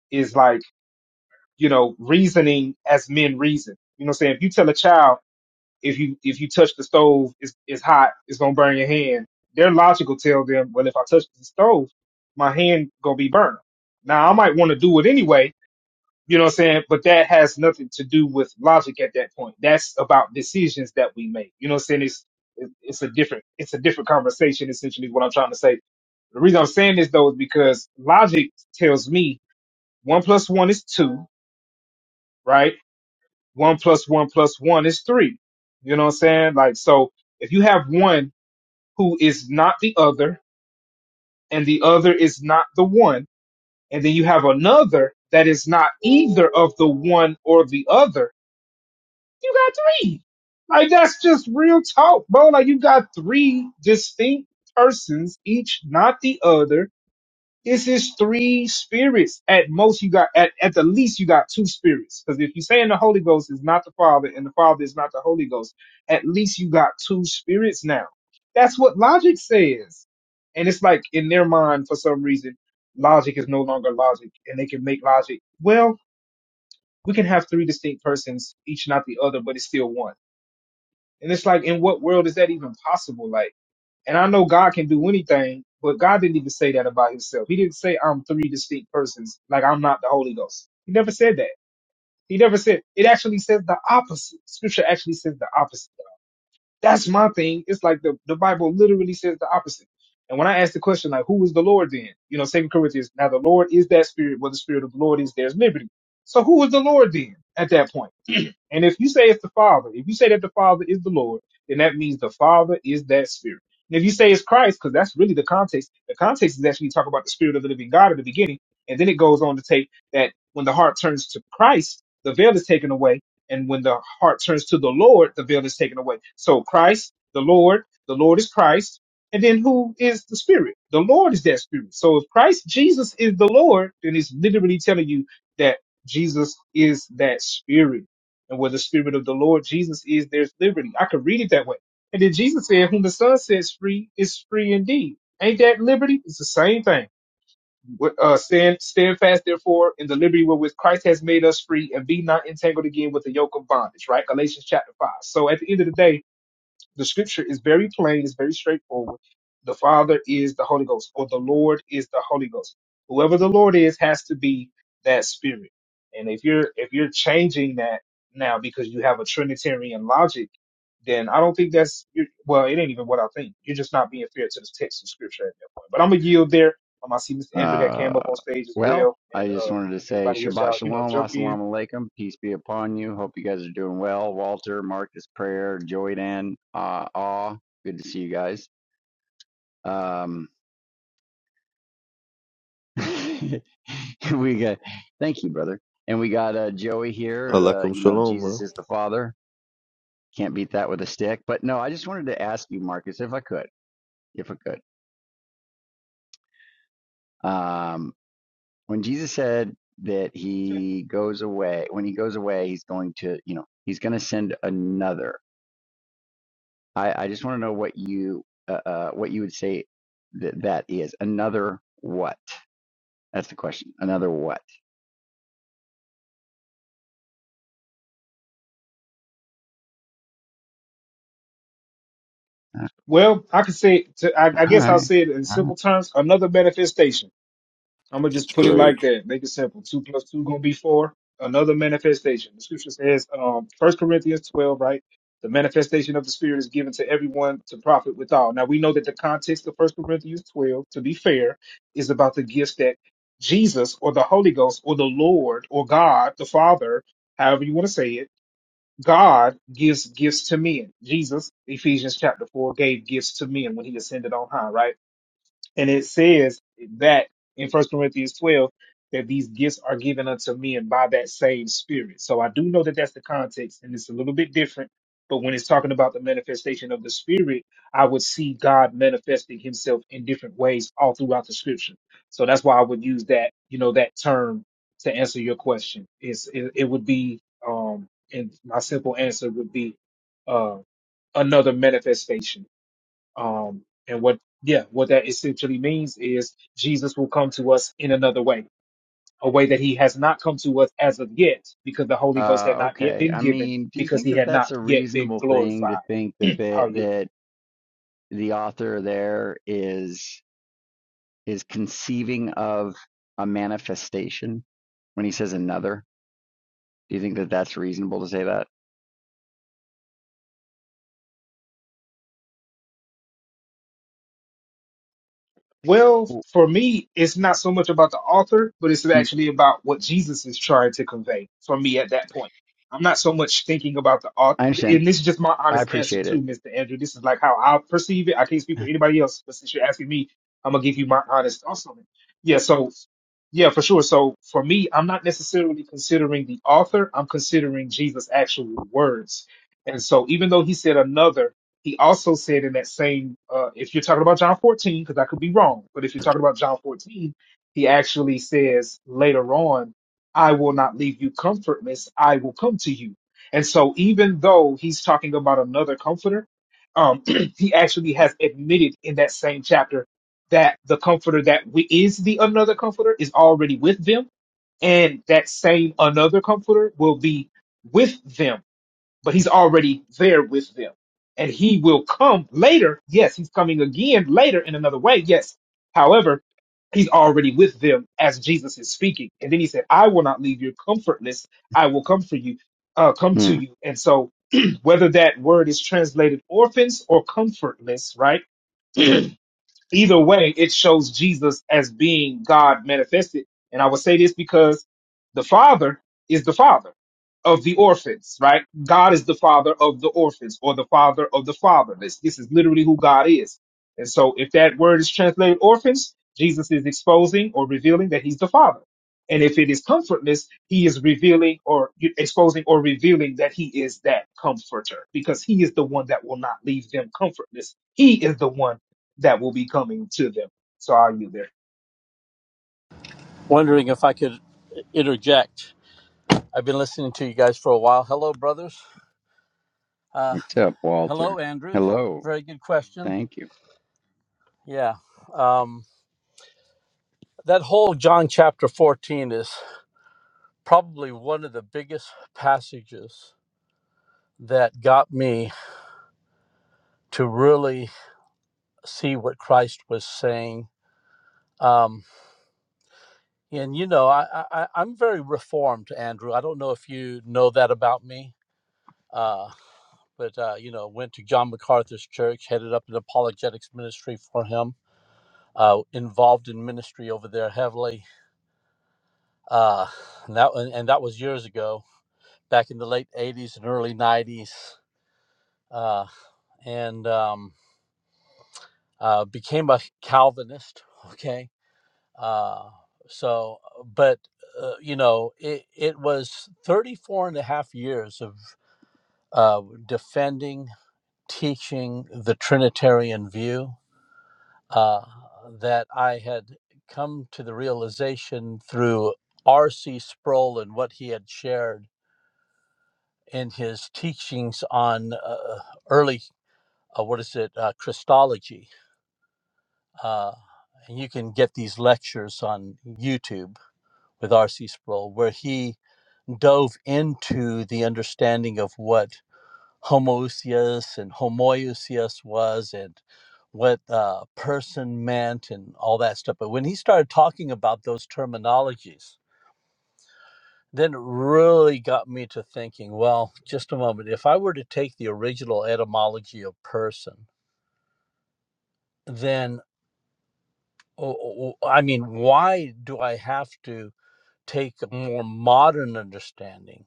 S4: is like you know reasoning as men reason. You know what I'm saying? If you tell a child if you if you touch the stove, it's it's hot, it's gonna burn your hand. Their logic will tell them, well, if I touch the stove, my hand gonna be burned. Now I might want to do it anyway, you know what I'm saying? But that has nothing to do with logic at that point. That's about decisions that we make. You know what I'm saying? It's it's a different it's a different conversation essentially is what I'm trying to say. The reason I'm saying this though is because logic tells me one plus one is two, right? One plus one plus one is three. You know what I'm saying? Like so if you have one who is not the other and the other is not the one, and then you have another that is not either of the one or the other You got three. Like that's just real talk, bro. Like you got three distinct persons, each not the other. This is three spirits. At most, you got at, at the least you got two spirits. Because if you're saying the Holy Ghost is not the Father and the Father is not the Holy Ghost, at least you got two spirits now. That's what logic says. And it's like in their mind, for some reason, logic is no longer logic, and they can make logic. Well, we can have three distinct persons, each not the other, but it's still one. And it's like, in what world is that even possible? Like, and I know God can do anything, but God didn't even say that about himself. He didn't say I'm three distinct persons, like I'm not the Holy Ghost. He never said that. He never said, it actually says the opposite. Scripture actually says the opposite. That's my thing. It's like the, the Bible literally says the opposite. And when I ask the question, like, who is the Lord then? You know, Second Corinthians, now the Lord is that spirit, where the spirit of the Lord is, there's liberty. So who is the Lord then at that point? And if you say it's the Father, if you say that the Father is the Lord, then that means the Father is that Spirit. And if you say it's Christ, because that's really the context, the context is actually talking about the Spirit of the living God at the beginning. And then it goes on to take that when the heart turns to Christ, the veil is taken away. And when the heart turns to the Lord, the veil is taken away. So Christ, the Lord, the Lord is Christ. And then who is the Spirit? The Lord is that Spirit. So if Christ Jesus is the Lord, then it's literally telling you that Jesus is that Spirit and where the Spirit of the Lord Jesus is, there's liberty. I could read it that way. And then Jesus said, Whom the Son sets free is free indeed. Ain't that liberty? It's the same thing. Uh, stand, stand fast, therefore, in the liberty wherewith Christ has made us free, and be not entangled again with the yoke of bondage, right? Galatians chapter 5. So at the end of the day, the scripture is very plain, it's very straightforward. The Father is the Holy Ghost, or the Lord is the Holy Ghost. Whoever the Lord is has to be that spirit. And if you're if you're changing that now because you have a Trinitarian logic, then I don't think that's you're, well, it ain't even what I think. You're just not being fair to the text of scripture at that point. But I'm gonna yield there. Um, I see Mr. Andrew had
S10: Uh,
S4: came up on stage as
S10: well,
S4: well,
S10: I
S4: and
S10: just
S4: uh,
S10: wanted to say
S4: everybody else,
S10: Shabbat
S4: y'all, you know,
S10: Shalom,
S4: jump in.
S10: Assalamu Alaikum, peace be upon you. Hope you guys are doing well. Walter, Marcus, Prayer, Joy Dan, Ah, Ah, good to see you guys. Um, we got, thank you, brother. And we got uh, Joey here. Uh,
S1: Alekum
S10: you know,
S1: shalom,
S10: Jesus
S1: bro.
S10: is the Father. Can't beat that with a stick. But no, I just wanted to ask you, Marcus, if I could, if I could. Um when Jesus said that he goes away, when he goes away, he's going to, you know, he's going to send another. I, I just want to know what you, uh, uh, what you would say that that is another what? That's the question. Another what? Uh,
S4: Well, I can say, to, I, I
S10: All
S4: guess I'll
S10: right.
S4: say it in
S10: All right.
S4: simple terms: another manifestation. I'm gonna just
S1: It's
S4: put it
S1: great.
S4: like that. Make it simple. Two plus two gonna be four. Another manifestation. The scripture says, um, First Corinthians twelve, right? The manifestation of the Spirit is given to everyone to profit withal. Now we know that the context of First Corinthians twelve, to be fair, is about the gifts that Jesus or the Holy Ghost or the Lord or God the Father, however you want to say it, God gives gifts to men. Jesus, Ephesians chapter four, gave gifts to men when he ascended on high, right? And it says that in First Corinthians 12 that these gifts are given unto men by that same Spirit. So I do know that that's the context, and it's a little bit different. But when it's talking about the manifestation of the Spirit, I would see God manifesting Himself in different ways all throughout the Scripture. So that's why I would use that, you know, that term to answer your question. It's it, it would be, um, and my simple answer would be uh, another manifestation um, and what, yeah, what that essentially means is Jesus will come to us in another way, a way that he has not come to us as of yet, because the Holy Ghost
S10: Uh,
S4: had not yet
S10: okay.
S4: been
S10: I
S4: given,
S10: mean, do you
S4: because
S10: think
S4: he
S10: that
S4: had
S10: that's
S4: not
S10: a
S4: yet been
S10: reasonable thing to
S4: glorified.
S10: think that the,
S4: Hallelujah.
S10: that the author there is is conceiving of a manifestation when he says another? Do you think that that's reasonable to say that?
S4: Well,
S10: W-
S4: for me, it's not so much about the author, but it's
S10: Mm,
S4: actually about what Jesus is trying to convey for me at that point. I'm not so much thinking about the author,
S10: I understand.
S4: and this is just my
S10: I
S4: honest answer
S10: appreciate
S4: too,
S10: it.
S4: Mr. Andrew. This is like how I perceive it. I can't speak for anybody else, but since you're asking me, I'm gonna give you my honest thoughts on it. Yeah, so yeah, for sure. So for me, I'm not necessarily considering the author. I'm considering Jesus' actual words. And so even though he said another, he also said in that same, uh, if you're talking about John 14, because I could be wrong, but if you're talking about John 14, he actually says later on, I will not leave you comfortless, I will come to you. And so even though he's talking about another comforter, um, he actually has admitted in that same chapter that the comforter that we, is the another comforter is already with them, and that same another comforter will be with them but he's already there with them. And he will come later. Yes, he's coming again later in another way. Yes. However, he's already with them as Jesus is speaking. And then he said, I will not leave you comfortless. I will come for you, uh, come to
S10: Mm.
S4: you. And so whether that word is translated orphans or comfortless, right? Either way, it shows Jesus as being God manifested. And I would say this because the Father is the Father of the orphans, right? God is the Father of the orphans or the Father of the fatherless. This is literally who God is. And so if that word is translated orphans, Jesus is exposing or revealing that he's the Father. And if it is comfortless, he is revealing or exposing or revealing that he is that comforter because he is the one that will not leave them comfortless. He is the one that will be coming to them. So are you there?
S7: Wondering if I could interject. I've been listening to you guys for a while. Hello, brothers. Uh,
S10: What's up, Walter?
S7: hello, Andrew.
S10: Hello.
S7: Very good question.
S10: Thank you.
S7: Yeah. Um, that whole John chapter 14 is probably one of the biggest passages that got me to really see what Christ was saying. Um, and you know, I, I, I- I'm very reformed, Andrew. I don't know if you know that about me. Uh, but uh, you know, went to John MacArthur's church, headed up an apologetics ministry for him, uh, involved in ministry over there heavily. Uh, and that and, and that was years ago, back in the late '80s and early '90s, uh, and um, uh, became a Calvinist. Okay, uh, so but. Uh, you know, it, it was 34 and a half years of uh, defending, teaching the Trinitarian view uh, that I had come to the realization through R.C. Sproul and what he had shared in his teachings on uh, early, uh, what is it, uh, Christology. Uh, and you can get these lectures on YouTube with R.C. Sproul, where he dove into the understanding of what homoousios and homoiousios was and what uh, person meant and all that stuff. But when he started talking about those terminologies, then it really got me to thinking, well, just a moment, if I were to take the original etymology of person, then o- o- I mean, why do I have to take a more modern understanding?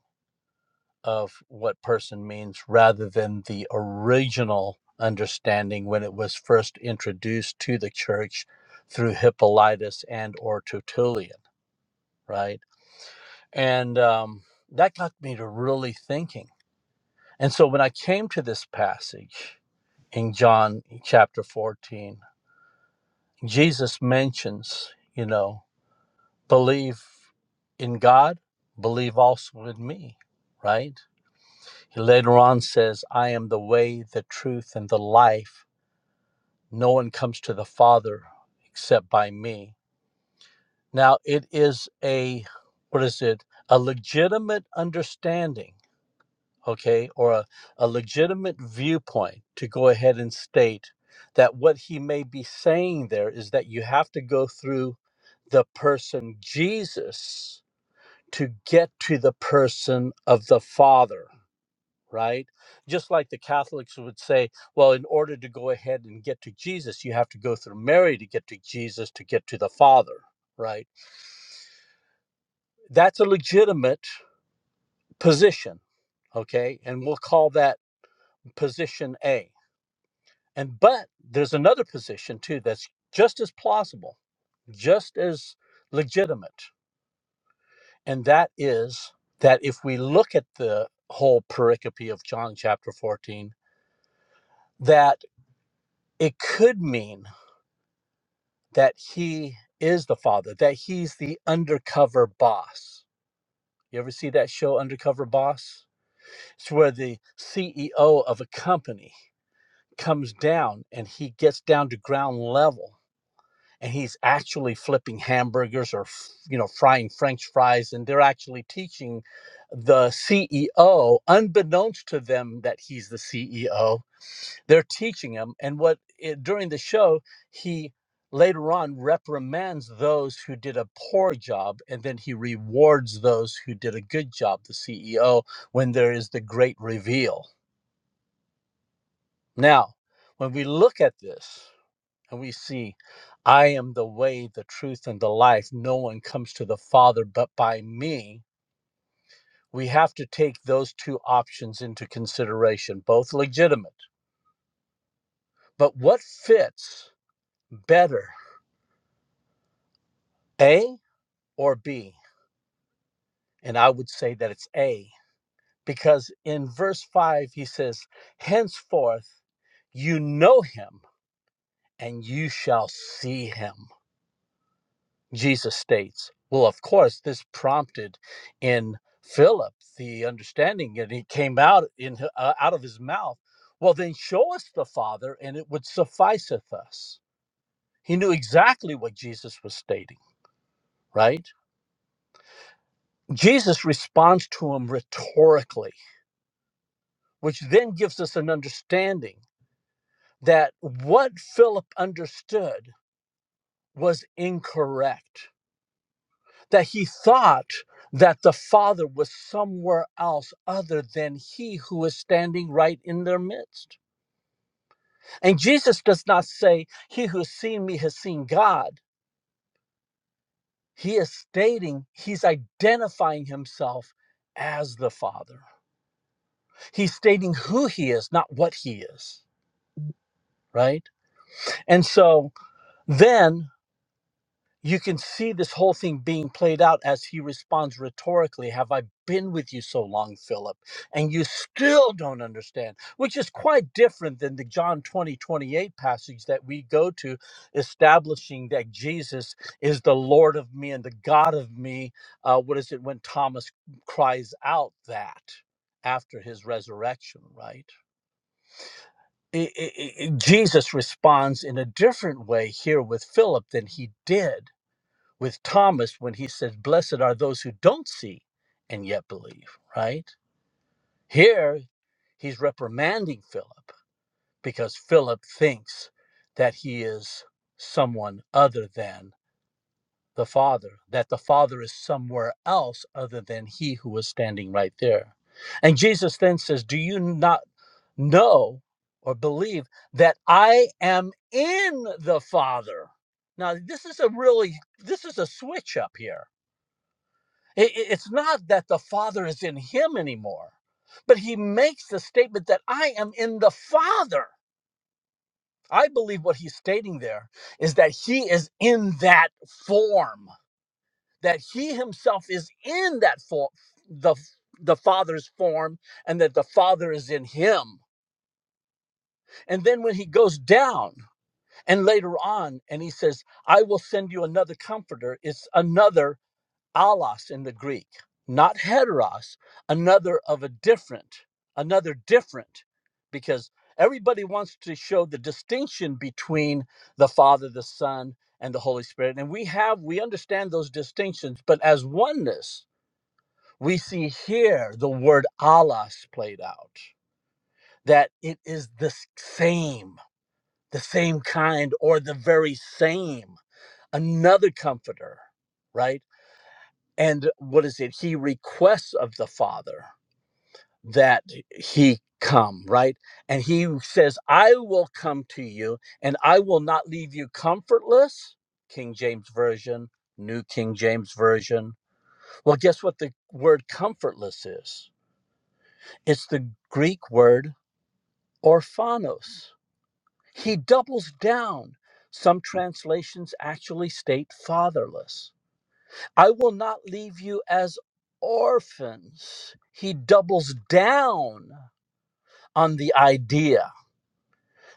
S7: of what person means rather than the original understanding when it was first introduced to the church through hippolytus and or tertullian right and um, that got me to really thinking and so when i came to this passage in john chapter 14 jesus mentions you know believe in god believe also in me right He later on says, I am the way, the truth, and the life. No one comes to the Father except by me. Now, it is a, what is it? A legitimate understanding, okay, or a, a legitimate viewpoint to go ahead and state that what he may be saying there is that you have to go through the person Jesus to get to the person of the Father right? Just like the Catholics would say, well, in order to go ahead and get to Jesus, you have to go through Mary to get to Jesus to get to the Father, right? That's a legitimate position, okay? And we'll call that position A. And but there's another position too that's just as plausible, just as legitimate, and that is that if we look at the whole pericope of John chapter 14, that it could mean that he is the father, that he's the undercover boss. You ever see that show, Undercover Boss? It's where the CEO of a company comes down and he gets down to ground level and he's actually flipping hamburgers or you know frying french fries and they're actually teaching the CEO unbeknownst to them that he's the CEO they're teaching him, and what it, during the show he later on reprimands those who did a poor job, and then he rewards those who did a good job. The CEO when there is the great reveal. Now, when we look at this and we see, I am the way, the truth, and the life. No one comes to the Father but by me we have to take those two options into consideration, both legitimate. But what fits better? A, or B? And I would say that it's A, because in verse 5, he says, Henceforth you know him and you shall see him, Jesus states. Well, of course, this prompted in Philip the understanding, and it came out in uh, out of his mouth. Well, then show us the Father, and it would sufficeth us. He knew exactly what Jesus was stating, right? Jesus responds to him rhetorically which then gives us an understanding that what Philip understood was incorrect, that he thought that the Father was somewhere else other than he who is standing right in their midst. And Jesus does not say, He who has seen me has seen God. He is stating, He's identifying Himself as the Father. He's stating who He is, not what He is, right? And so then you can see this whole thing being played out as he responds rhetorically have i been with you so long philip and you still don't understand which is quite different than the john 20 28 passage that we go to establishing that jesus is the lord of me and the god of me uh, what is it when thomas cries out that after his resurrection right I- I- I- jesus responds in a different way here with philip than he did with Thomas when he says, Blessed are those who don't see and yet believe, right? Here, he's reprimanding Philip because Philip thinks that he is someone other than the Father, that the Father is somewhere else other than he who was standing right there. And Jesus then says, Do you not know or believe that I am in the Father? Now, this is a really, this is a switch up here I- i- It's not that the Father is in him anymore, but he makes the statement that I am in the Father. I believe what he's stating there is that he is in that form, that he himself is in that form, the the Father's form, and that the Father is in him. And then when he goes down and later on, and he says, I will send you another comforter, it's another allos in the Greek, not heteros, another of a different, another different, because everybody wants to show the distinction between the Father, the Son, and the Holy Spirit. And we have, we understand those distinctions, but as oneness, we see here the word allos played out, that it is the same, the same kind, or the very same, another comforter, right? and what is it he requests of the father that he come right and he says i will come to you and i will not leave you comfortless king james version new king james version well guess what the word comfortless is it's the greek word orphanos he doubles down some translations actually state fatherless I will not leave you as orphans. He doubles down on the idea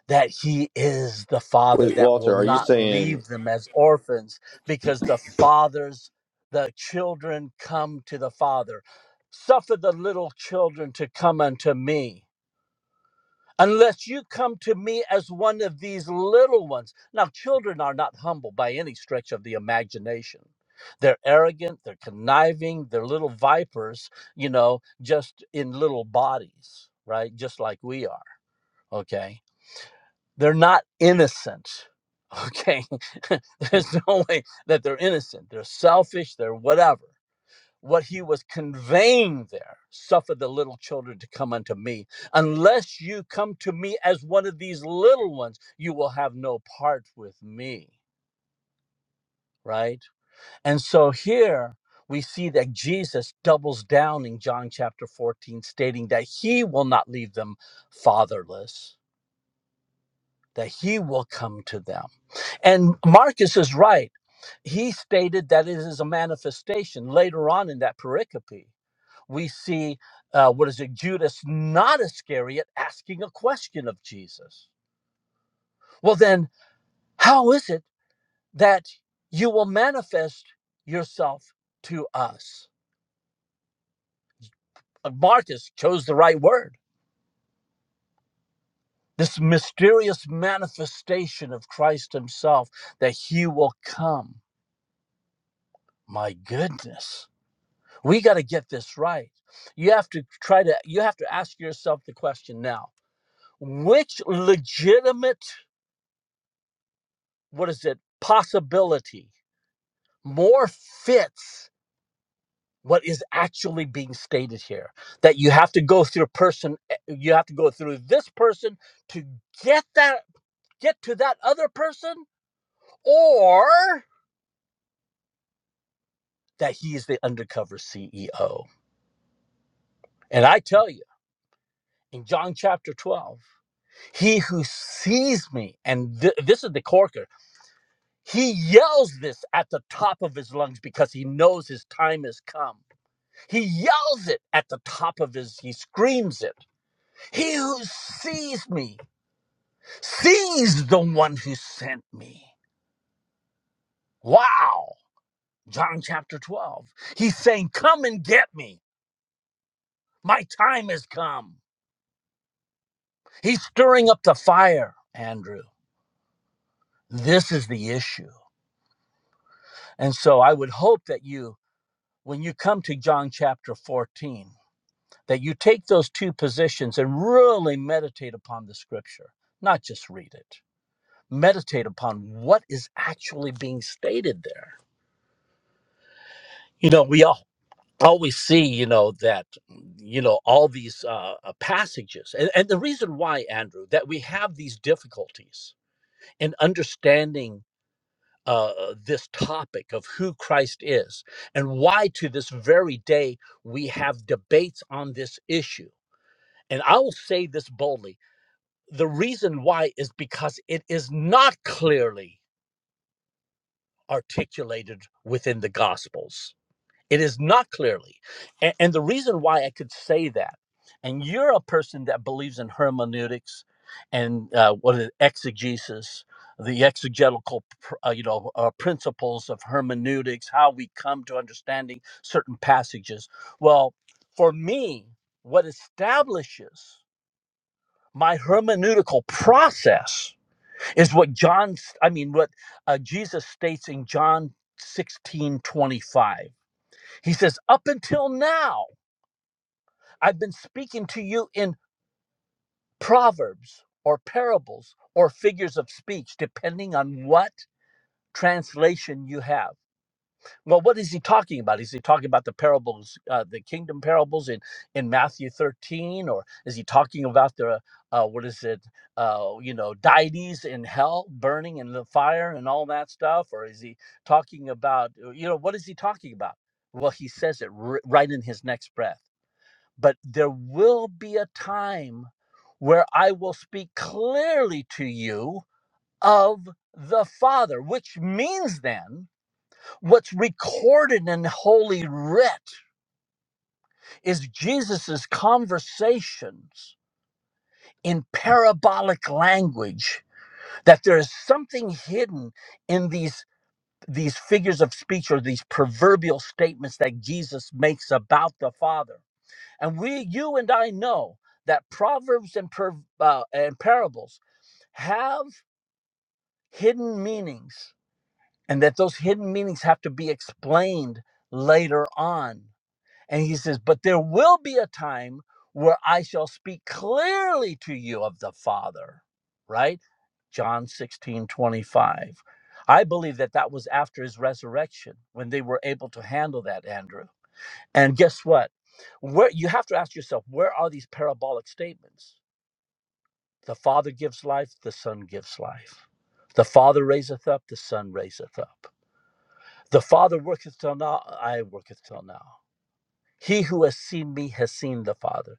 S7: that he is the father
S1: Wait,
S7: that will
S1: Walter, are you
S7: not
S1: saying
S7: leave them as orphans because the fathers, the children come to the father. Suffer the little children to come unto me unless you come to me as one of these little ones. Now, children are not humble by any stretch of the imagination. They're arrogant, they're conniving, they're little vipers, you know, just in little bodies, right? Just like we are, okay? They're not innocent, okay? There's no way that they're innocent. They're selfish, they're whatever what he was conveying there suffer the little children to come unto me unless you come to me as one of these little ones you will have no part with me right and so here we see that Jesus doubles down in John chapter 14 stating that he will not leave them fatherless that he will come to them and Marcus is right he stated that it is a manifestation later on in that pericope we see uh, what is it judas not iscariot asking a question of jesus well then how is it that you will manifest yourself to us Uh, marcus chose the right word this mysterious manifestation of christ himself that he will come my goodness we got to get this right you have to try to you have to ask yourself the question now which legitimate what is it possibility more fits what is actually being stated here that you have to go through a person eh, you have to go through this person to get that get to that other person or that he is the undercover CEO and I tell you in John chapter 12 he who sees me and th- this is the corker he yells this at the top of his lungs because he knows his time has come He yells it at the top of his, he screams it. He who sees me sees the one who sent me. Wow. John chapter 12. He's saying, Come and get me. My time has come. He's stirring up the fire, Andrew. This is the issue. And so I would hope that you, when you come to John chapter 14, that you take those two positions and really meditate upon the scripture, not just read it. meditate upon what is actually being stated there. You know, we all always see, you know, that, you know, all these uh, uh, passages. And, and the reason why, Andrew, that we have these difficulties in understanding uh, uh, this topic of who Christ is and why to this very day we have debates on this issue. And I will say this boldly the reason why is because it is not clearly articulated within the Gospels It is not clearly. And, and the reason why I could say that, and you're a person that believes in hermeneutics and uh, what is exegesis, the exegetical, pr- uh, you know, uh, principles of hermeneutics, how we come to understanding certain passages. Well, for me, what establishes my hermeneutical process is what John, I mean, what uh, Jesus states in John 16:25 he says, Up until now, I've been speaking to you in proverbs or parables or figures of speech, depending on what translation you have. Well, what is he talking about? Is he talking about the parables, uh, the kingdom parables in, in Matthew 13? Or is he talking about the, uh, what is it, uh, you know, deities in hell burning in the fire and all that stuff? Or is he talking about, you know, what is he talking about? Well, he says it r- right in his next breath. But there will be a time where I will speak clearly to you of the Father, which means then what's recorded in Holy Writ is Jesus's conversations in parabolic language, that there is something hidden in these. These figures of speech or these proverbial statements that Jesus makes about the Father And we, you and I know that proverbs and, per, uh, and parables have hidden meanings and that those hidden meanings have to be explained later on. And he says, But there will be a time where I shall speak clearly to you of the Father, right? John 16 25. I believe that that was after his resurrection when they were able to handle that, Andrew and guess what? Where you have to ask yourself, where are these parabolic statements? The Father gives life, the Son gives life. The Father raiseth up, the Son raiseth up. The Father worketh till now, I worketh till now. He who has seen me has seen the Father.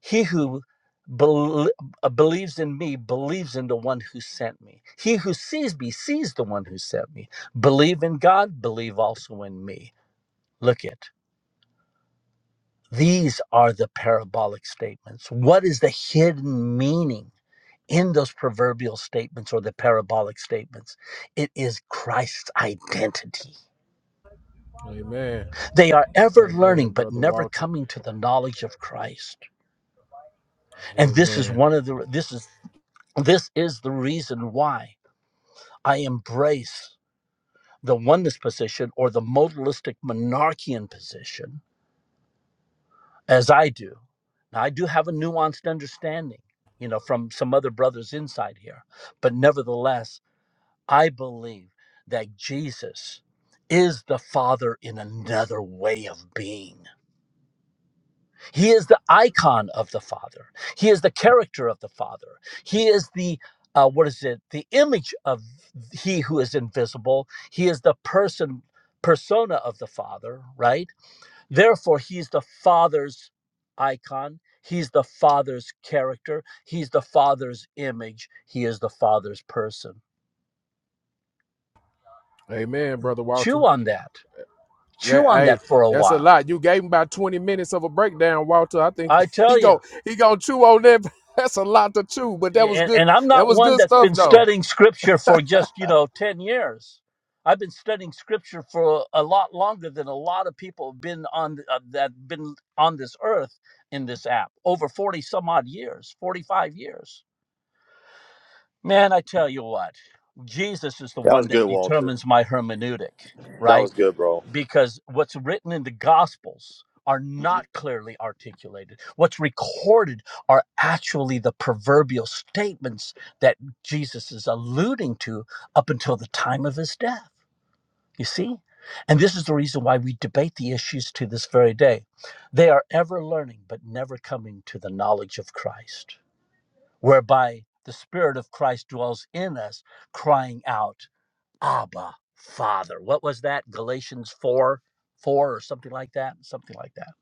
S7: He who bel- uh, believes in me believes in the one who sent me. He who sees me sees the one who sent me. Believe in God, believe also in me. Look it. These are the parabolic statements. What is the hidden meaning in those proverbial statements or the parabolic statements? It is Christ's identity.
S9: Amen.
S7: They are ever learning
S9: Amen,
S7: but
S9: brother
S7: never
S9: Walter.
S7: coming to the knowledge of Christ. And this is
S9: Amen.
S7: one of the this is this is the reason why I embrace the oneness position or the modalistic monarchian position as I do. Now, I do have a nuanced understanding, you know, from some other brothers inside here, but nevertheless, I believe that Jesus is the Father in another way of being. He is the icon of the Father. He is the character of the Father. He is the uh, what is it? The image of He who is invisible. He is the person persona of the Father, right? Therefore, he's the Father's icon. He's the Father's character. He's the Father's image. He is the Father's person.
S9: Amen, brother Walter.
S7: Chew on that. Chew
S9: Yeah,
S7: on
S9: hey,
S7: that for a
S9: that's a
S7: while.
S9: lot. You gave him about 20 minutes of a breakdown, Walter. I think
S7: I
S9: he
S7: tell you,
S9: go he gonna chew on that. That's a lot to chew, but that was
S7: and,
S9: good.
S7: and I'm
S9: That
S7: not
S9: was
S7: one
S9: good
S7: that's
S9: stuff
S7: been
S9: though.
S7: studying scripture for just, you know, 10 years. I've been studying scripture for a lot longer than a lot of people have been on uh, that been on this earth in this app over 40 some odd years, 45 years. Man, I tell you what, Jesus is the
S1: that
S7: one
S1: was
S7: that
S1: good, Walter?
S7: determines my hermeneutic,
S1: That
S7: right?
S1: was good, bro.
S7: Because what's written in the Gospels are not clearly articulated. What's recorded are actually the proverbial statements that Jesus is alluding to up until the time of his death. You see? And this is the reason why we debate the issues to this very day. They are ever learning, but never coming to the knowledge of Christ whereby the Spirit of Christ dwells in us, crying out, Abba, Father. What was that? Galatians 4 4 or something like that? Something like that.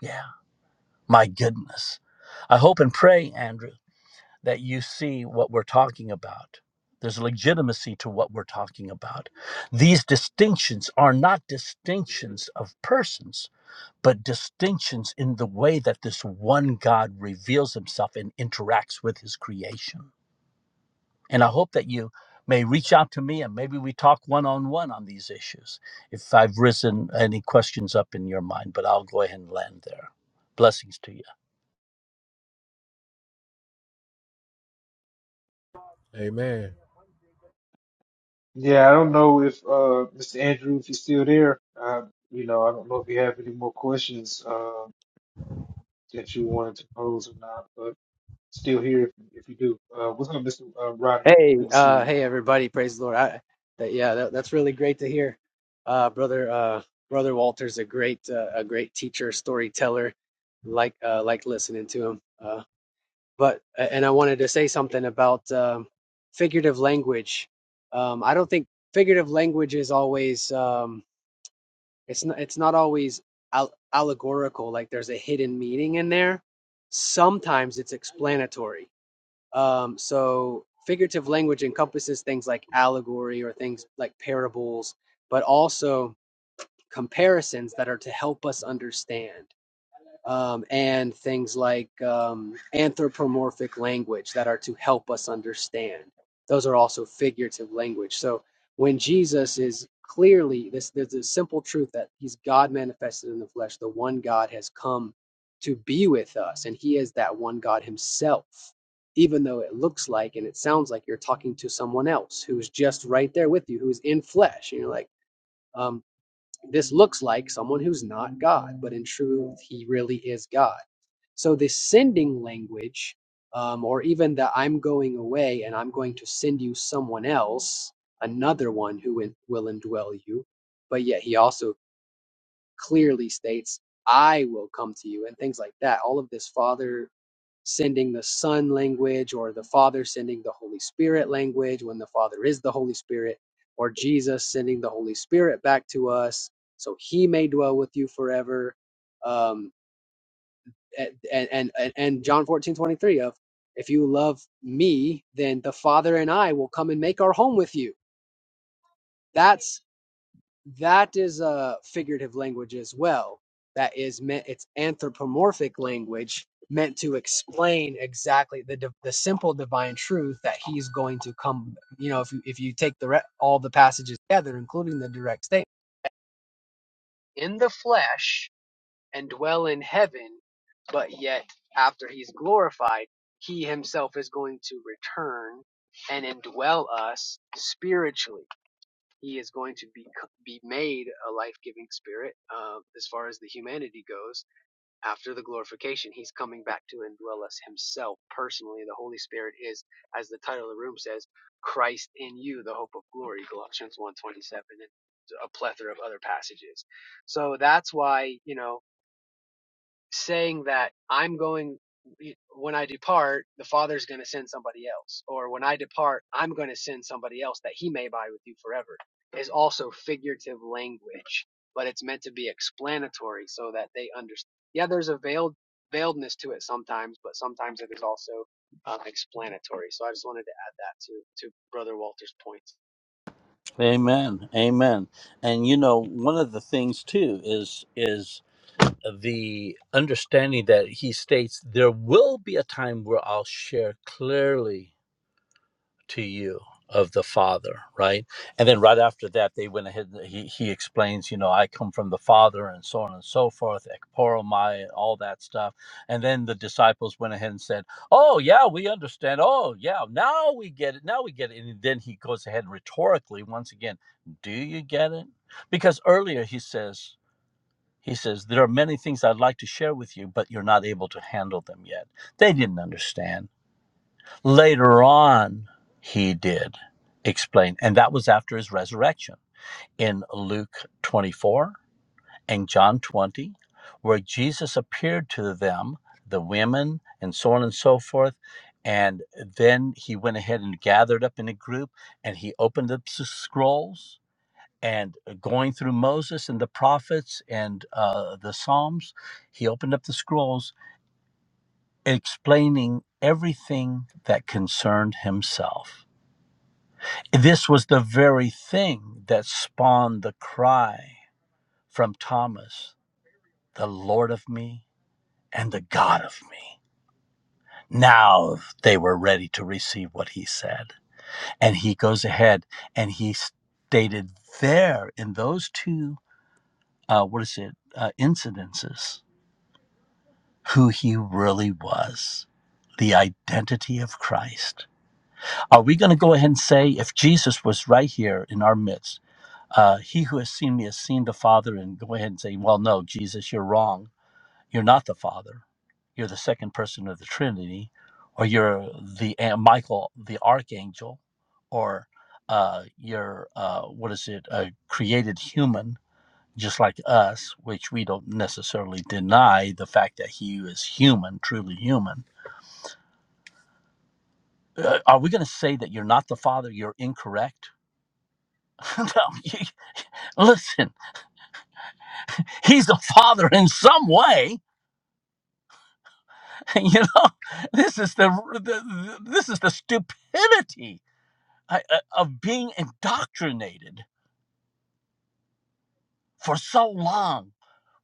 S7: Yeah. My goodness. I hope and pray, Andrew, that you see what we're talking about. There's legitimacy to what we're talking about. These distinctions are not distinctions of persons, but distinctions in the way that this one God reveals himself and interacts with his creation. And I hope that you may reach out to me and maybe we talk one on one on these issues if I've risen any questions up in your mind, but I'll go ahead and land there. Blessings to you.
S9: Amen.
S4: Yeah, I don't know if uh Mr. Andrew, if you're still there. Uh, you know, I don't know if you have any more questions uh, that you wanted to pose or not, but still here if, if you do. Uh, what's up, Mr. Uh, Roderick?
S11: Hey,
S4: Good to see
S11: uh,
S4: you.
S11: hey everybody, praise the Lord. I, that, yeah, that, that's really great to hear. Uh, brother, uh, brother Walter's a great, uh, a great teacher, storyteller. Like, uh, like listening to him. Uh, but and I wanted to say something about um, figurative language. Um, I don't think figurative language is always. Um, it's not. It's not always al allegorical. Like there's a hidden meaning in there. Sometimes it's explanatory um, so figurative language encompasses things like allegory or things like parables, but also comparisons that are to help us understand um, and things like um, anthropomorphic language that are to help us understand. Those are also figurative language. So when Jesus is clearly this, there's a simple truth that He's God manifested in the flesh. The one God has come to be with us, and He is that one God Himself. Even though it looks like and it sounds like you're talking to someone else who's just right there with you, who's in flesh, and you're like. um. This looks like someone who's not God, but in truth, he really is God. So this sending language, um, or even the I'm going away and I'm going to send you someone else, another one who will indwell you, but yet he also clearly states, I will come to you, and things like that. All of this Father sending the Son language, or the Father sending the Holy Spirit language when the Father is the Holy Spirit, or Jesus sending the Holy Spirit back to us so he may dwell with you forever. Um, and, and, and, and John fourteen twenty three of, if you love me, then the Father and I will come and make our home with you. That's that is a figurative language as well that is meant it's anthropomorphic language meant to explain exactly the div- the simple divine truth that he's going to come you know if you, if you take the re- all the passages together including the direct statement in the flesh and dwell in heaven but yet after he's glorified he himself is going to return and indwell us spiritually he is going to be be made a life-giving spirit uh, as far as the humanity goes after the glorification he's coming back to indwell us himself personally the holy spirit is as the title of the room says christ in you the hope of glory Galatians one twenty seven and a plethora of other passages so that's why you know saying that I'm going when I depart, the Father's going to send somebody else, or when I depart, I'm going to send somebody else that He may abide with you forever, is also figurative language, but it's meant to be explanatory so that they understand. Yeah, there's a veiled veiledness to it sometimes, but sometimes it is also um, explanatory. So I just wanted to add that to to Brother Walter's points.
S7: Amen. Amen. And you know, one of the things too is is the understanding that he states there will be a time where I'll share clearly to you of the father right and then right after that they went ahead and he, he explains you know i come from the father and so on and so forth ekporomai and all that stuff and then the disciples went ahead and said oh yeah we understand oh yeah now we get it now we get it and then he goes ahead rhetorically once again do you get it because earlier he says he says there are many things i'd like to share with you but you're not able to handle them yet they didn't understand Later on, he did explain, and that was after his resurrection in Luke 24 and John 20, where Jesus appeared to them, the women, and so on and so forth. And then he went ahead and gathered up in a group and he opened up the scrolls. And going through Moses and the prophets and uh, the Psalms, he opened up the scrolls explaining everything that concerned himself This was the very thing that spawned the cry from Thomas, the Lord of me and the God of me. Now they were ready to receive what he said. And he goes ahead and he stated there in those two, uh, what is it, uh, incidences, who he really was. The identity of Christ. Are we going to go ahead and say, if Jesus was right here in our midst, Uh, he who has seen me has seen the Father, and go ahead and say, Well, no, Jesus, you're wrong. You're not the Father. You're the second person of the Trinity, or you're the uh, Michael, the Archangel, or uh, you're, uh, what is it, a created human, just like us, which we don't necessarily deny the fact that he is human, truly human. Uh, are we going to say that you're not the Father? You're incorrect? no. you- Listen, he's the Father in some way you know, this is the, the this is the stupidity uh, uh, of being indoctrinated for so long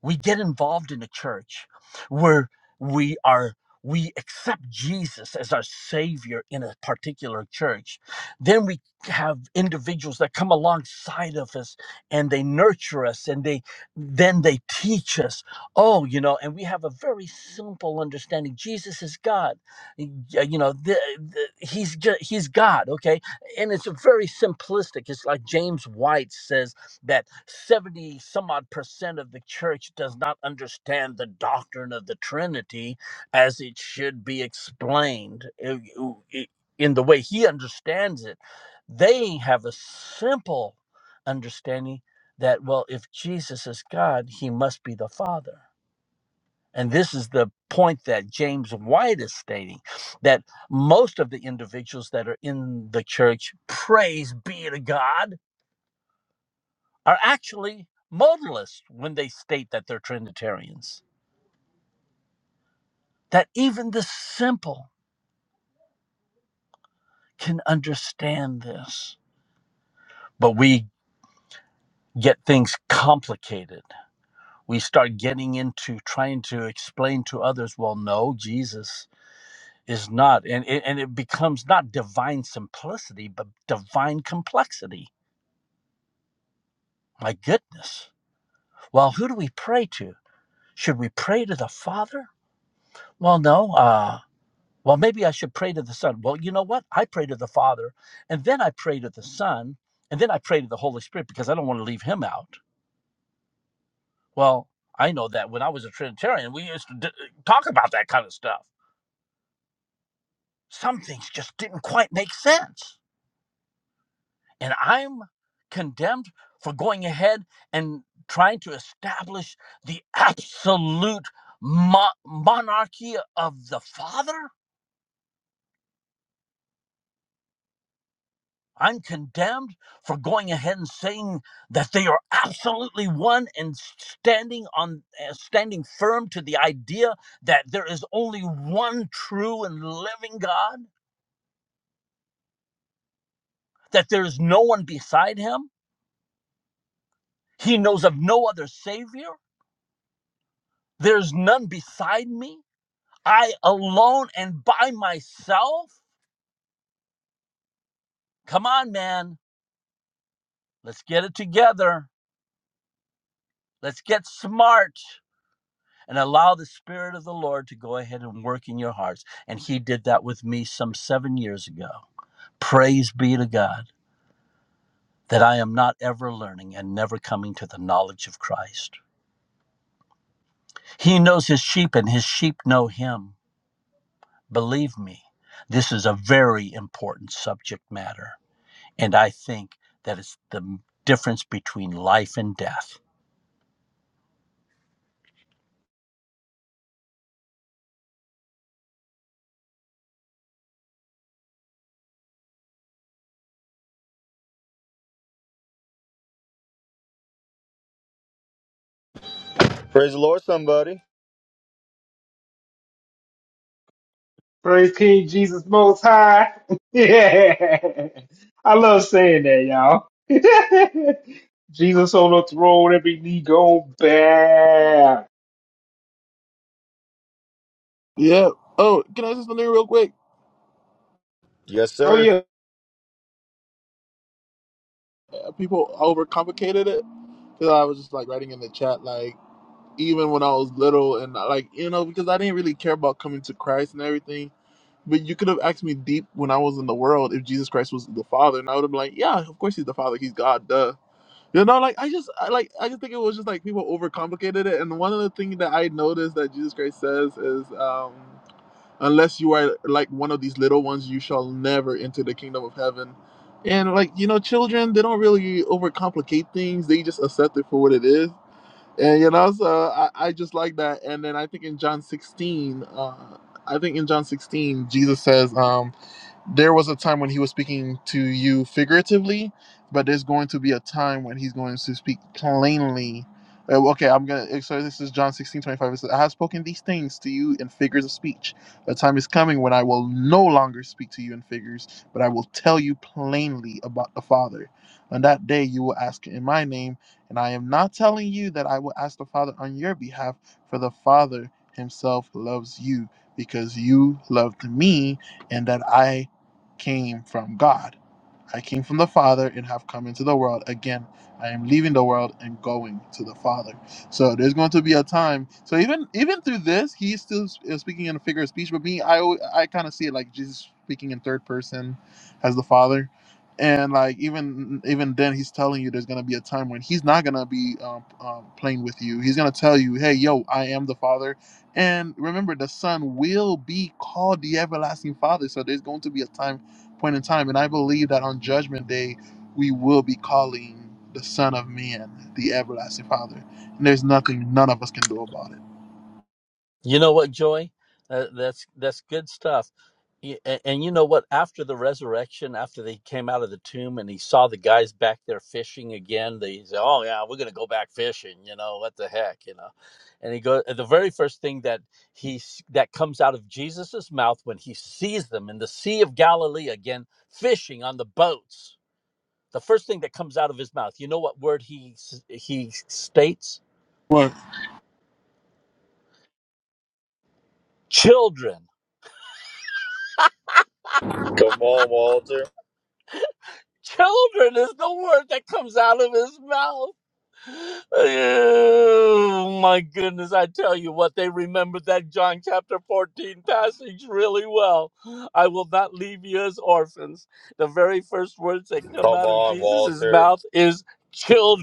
S7: we get involved in a church where we are we accept Jesus as our savior in a particular church then we have individuals that come alongside of us and they nurture us and they then they teach us oh you know and we have a very simple understanding Jesus is God Y- you know the, the, he's ju- he's God okay and it's a very simplistic it's like James White says that 70 some odd percent of the church does not understand the doctrine of the Trinity as it should be explained uh, uh, uh, in the way he understands it. They have a simple understanding that, well, if Jesus is God, he must be the Father. And this is the point that James White is stating that most of the individuals that are in the church, praise be to God are actually modalists when they state that they're Trinitarians. That even the simple can understand this. But we get things complicated. We start getting into trying to explain to others, well, no, Jesus is not. And, and it becomes not divine simplicity, but divine complexity. My goodness. Well, who do we pray to? Should we pray to the Father? Well, no. uh, Well, maybe I should pray to the Son. Well, you know what? I pray to the Father, and then I pray to the Son, and then I pray to the Holy Spirit because I don't want to leave him out. Well, I know that when I was a Trinitarian, we used to d- uh, talk about that kind of stuff. Some things just didn't quite make sense. And I'm condemned for going ahead and trying to establish the absolute mo- monarchy of the Father? I'm condemned for going ahead and saying that they are absolutely one and standing on uh, standing firm to the idea that there is only one true and living God, that there is no one beside him. He knows of no other savior. There's none beside me. I alone and by myself. Come on, man. Let's get it together. Let's get smart. and allow the Spirit of the Lord to go ahead and work in your hearts. And He did that with me some seven years ago. Praise be to God that I am not ever learning and never coming to the knowledge of Christ. He knows His sheep, and His sheep know Him. Believe me, this is a very important subject matter. And I think that it's the difference between life and death.
S1: Praise the Lord, somebody.
S4: Praise King Jesus Most High. yeah, I love saying that, y'all. Jesus on the throne, every knee go bow.
S12: Yeah. Oh, can I say something real quick?
S1: Yes,
S4: Oh
S1: sir.
S4: yeah.
S12: Uh, People overcomplicated it because I was just like writing in the chat, like even when I was little, and uh, like you know, because I didn't really care about coming to Christ and everything. But you could have asked me deep when I was in the world if Jesus Christ was the Father, and I would have been like, yeah, of course he's the Father, he's God, duh. You know, like I just, I like, I just think it was just like people overcomplicated it. And one of the things that I noticed that Jesus Christ says is, um, unless you are like one of these little ones you shall never enter the kingdom of heaven and like you know children they don't really overcomplicate things they just accept it for what it is and you know, so I, I just like that. And then I think in John 16, uh, I think in John 16, Jesus says, um, there was a time when he was speaking to you figuratively, but there's going to be a time when he's going to speak plainly. Uh, okay, I'm gonna. eh, So this is John 16 25. It says, "I have spoken these things to you in figures of speech. A time is coming when I will no longer speak to you in figures, but I will tell you plainly about the Father. On that day, you will ask in my name." And I am not telling you that I will ask the Father on your behalf, for the Father himself loves you because you loved me and that I came from God. I came from the Father and have come into the world. Again, I am leaving the world and going to the Father. So there's going to be a time. So even even through this, he's still uh, speaking in a figure of speech. But me, I I kind of see it like Jesus speaking in third person as the Father, and like even even then, he's telling you there's going to be a time when he's not going to be um, um, playing with you. He's going to tell you, hey, yo, I am the Father. And remember, the Son will be called the everlasting Father. So there's going to be a time point in time. And I believe that on Judgment Day, we will be calling the Son of Man the Everlasting Father. And there's nothing none of us can do about it.
S7: You know what, Joy? Uh, that's that's good stuff. Y- a- And you know what? After the resurrection, after they came out of the tomb and he saw the guys back there fishing again, they said, "Oh yeah, we're gonna go back fishing." You know what the heck, you know? And he goes. The very first thing that he s- that comes out of Jesus's mouth when he sees them in the Sea of Galilee again fishing on the boats, the first thing that comes out of his mouth, you know what word he s- he states?
S12: What?
S7: Children
S1: Come on, Walter.
S7: Children is the word that comes out of his mouth. Oh my goodness, I tell you what, they remembered that John chapter 14 passage really well. I will not leave you as orphans. The very first words that come
S1: Come
S7: out of
S1: on,
S7: Jesus'
S1: Walter.
S7: mouth is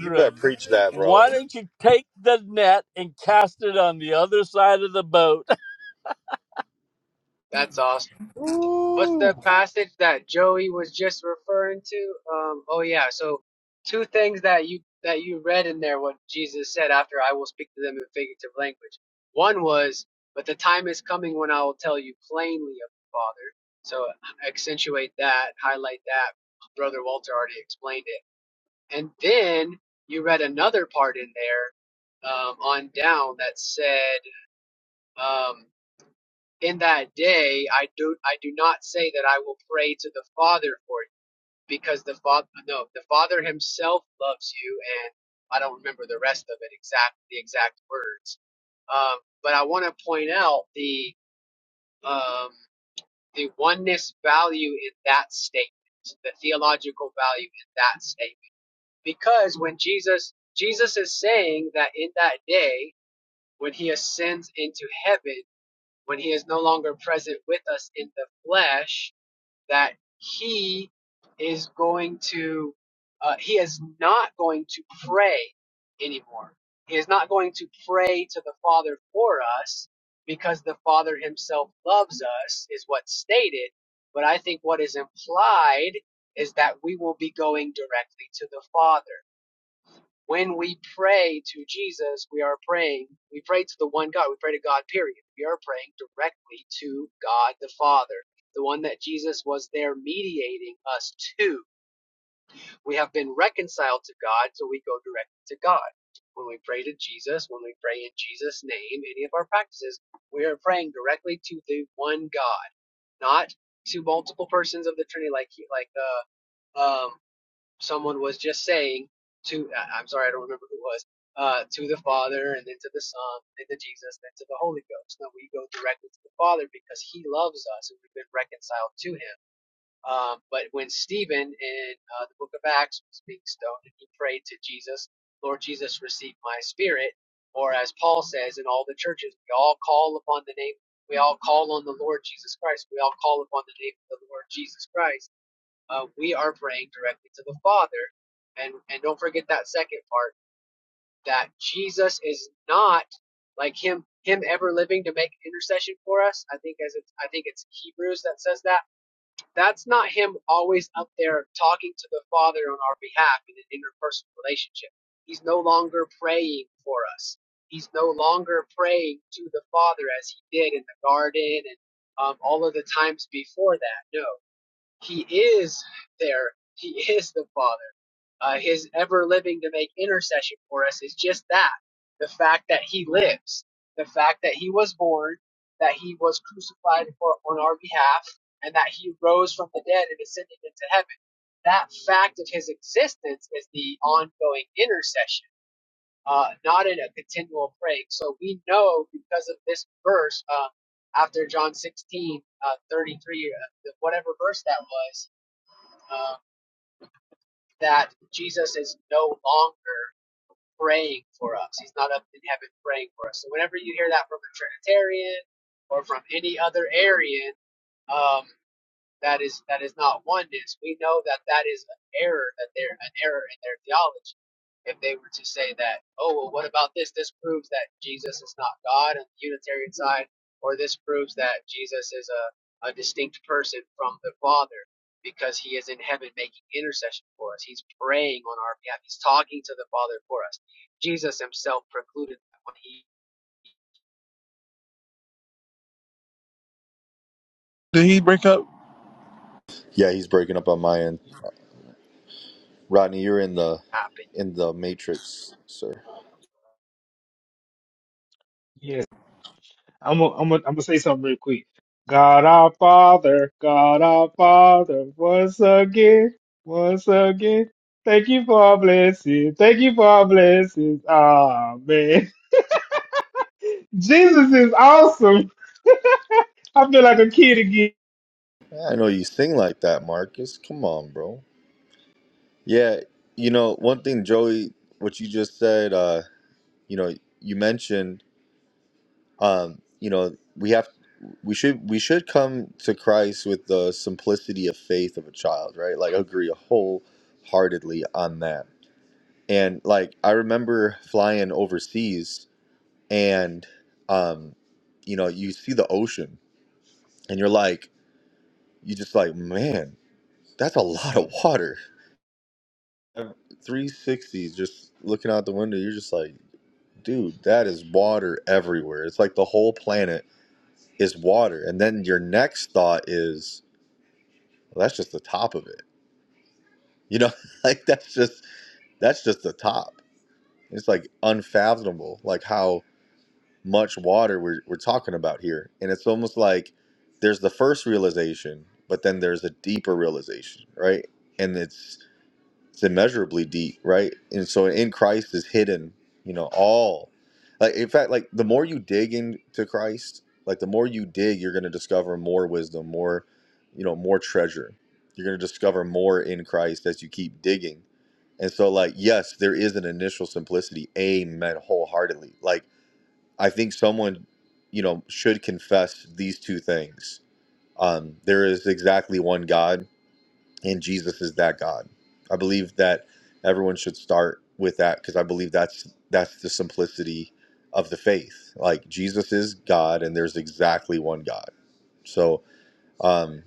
S1: You better preach that, bro.
S7: Why don't you take the net and cast it on the other side of the boat?
S11: That's awesome. What's the passage that Joey was just referring to? Um, oh yeah, so two things that you that you read in there what Jesus said after I will speak to them in figurative language. One was, but the time is coming when I will tell you plainly of the Father. So accentuate that, highlight that. Brother Walter already explained it. And then you read another part in there um, on down that said, um, in that day i do i do not say that i will pray to the father for you because the father no the father himself loves you and i don't remember the rest of it exact the exact words um, but i want to point out the um, the oneness value in that statement the theological value in that statement because when jesus jesus is saying that in that day when he ascends into heaven when he is no longer present with us in the flesh, that he is going to, uh, he is not going to pray anymore. He is not going to pray to the Father for us because the Father himself loves us, is what's stated. But I think what is implied is that we will be going directly to the Father. When we pray to Jesus, we are praying. We pray to the one God. We pray to God, period. We are praying directly to God the Father, the one that Jesus was there mediating us to. We have been reconciled to God, so we go directly to God. When we pray to Jesus, when we pray in Jesus' name, any of our practices, we are praying directly to the one God, not to multiple persons of the Trinity, like he, like uh, um, someone was just saying to I- am sorry, I don't remember who it was, uh, to the Father and then to the Son, then to Jesus, then to the Holy Ghost. No, we go directly to the Father because He loves us and we've been reconciled to Him. Um, but when Stephen in uh, the book of Acts was being stoned and he prayed to Jesus, Lord Jesus, receive my spirit, or as Paul says in all the churches, we all call upon the name, we all call on the Lord Jesus Christ, we all call upon the name of the Lord Jesus Christ uh, we are praying directly to the Father. And and don't forget that second part that Jesus is not like him him ever living to make intercession for us. I think as it's I think it's Hebrews that says that. That's not him always up there talking to the Father on our behalf in an interpersonal relationship. He's no longer praying for us. He's no longer praying to the Father as he did in the garden and um, all of the times before that. No, he is there. He is the Father. Uh, his ever living to make intercession for us is just that the fact that He lives, the fact that He was born, that He was crucified for, on our behalf, and that He rose from the dead and ascended into heaven. That fact of His existence is the ongoing intercession, uh, not in a continual praying. So we know because of this verse, uh, after John 16, uh, 33, uh, whatever verse that was um, that Jesus is no longer praying for us. He's not up in heaven praying for us. So whenever you hear that from a Trinitarian or from any other Arian, um, that is that is not oneness. We know that that is an error that they're an error in their theology. If they were to say that, oh well, what about this? This proves that Jesus is not God on the Unitarian side, or this proves that Jesus is a, a distinct person from the Father because he is in heaven making intercession for us. He's praying on our behalf. He's talking to the Father for us. Jesus himself precluded that when he
S12: Did he break up?
S1: Yeah, he's breaking up on my end. Rodney, you're in the
S11: happened.
S1: in the matrix, sir.
S4: Yes. I'm gonna I'm gonna I'm gonna say something real quick. God our Father, God our Father, once again, once again. Thank you for our blessings. Thank you for our blessings. Ah man, Jesus is awesome. I feel like a kid again.
S1: Yeah, I know you sing like that, Marcus. Come on, bro. Yeah, you know, one thing, Joey, what you just said, uh, you know, you mentioned um, you know, we have we should we should come to Christ with the simplicity of faith of a child, right? Like I agree wholeheartedly on that And like I remember flying overseas and um you know, you see the ocean and you're like you just like, man, that's a lot of water. 360s just looking out the window, you're just like, dude, that is water everywhere. It's like the whole planet is water. And then your next thought is, well, that's just the top of it. You know, like that's just that's just the top. It's like unfathomable, like how much water we're, we're talking about here. And it's almost like there's the first realization, but then there's a deeper realization, right? And it's it's immeasurably deep, right? And so in Christ is hidden, you know, all like in fact, like the more you dig into Christ, like the more you dig, you're gonna discover more wisdom, more, you know, more treasure. You're gonna discover more in Christ as you keep digging. And so, like, yes, there is an initial simplicity. Amen. Wholeheartedly. Like, I think someone, you know, should confess these two things. Um, there is exactly one God, and Jesus is that God. I believe that everyone should start with that because I believe that's that's the simplicity of the faith. Like Jesus is God, and there's exactly one God. So um,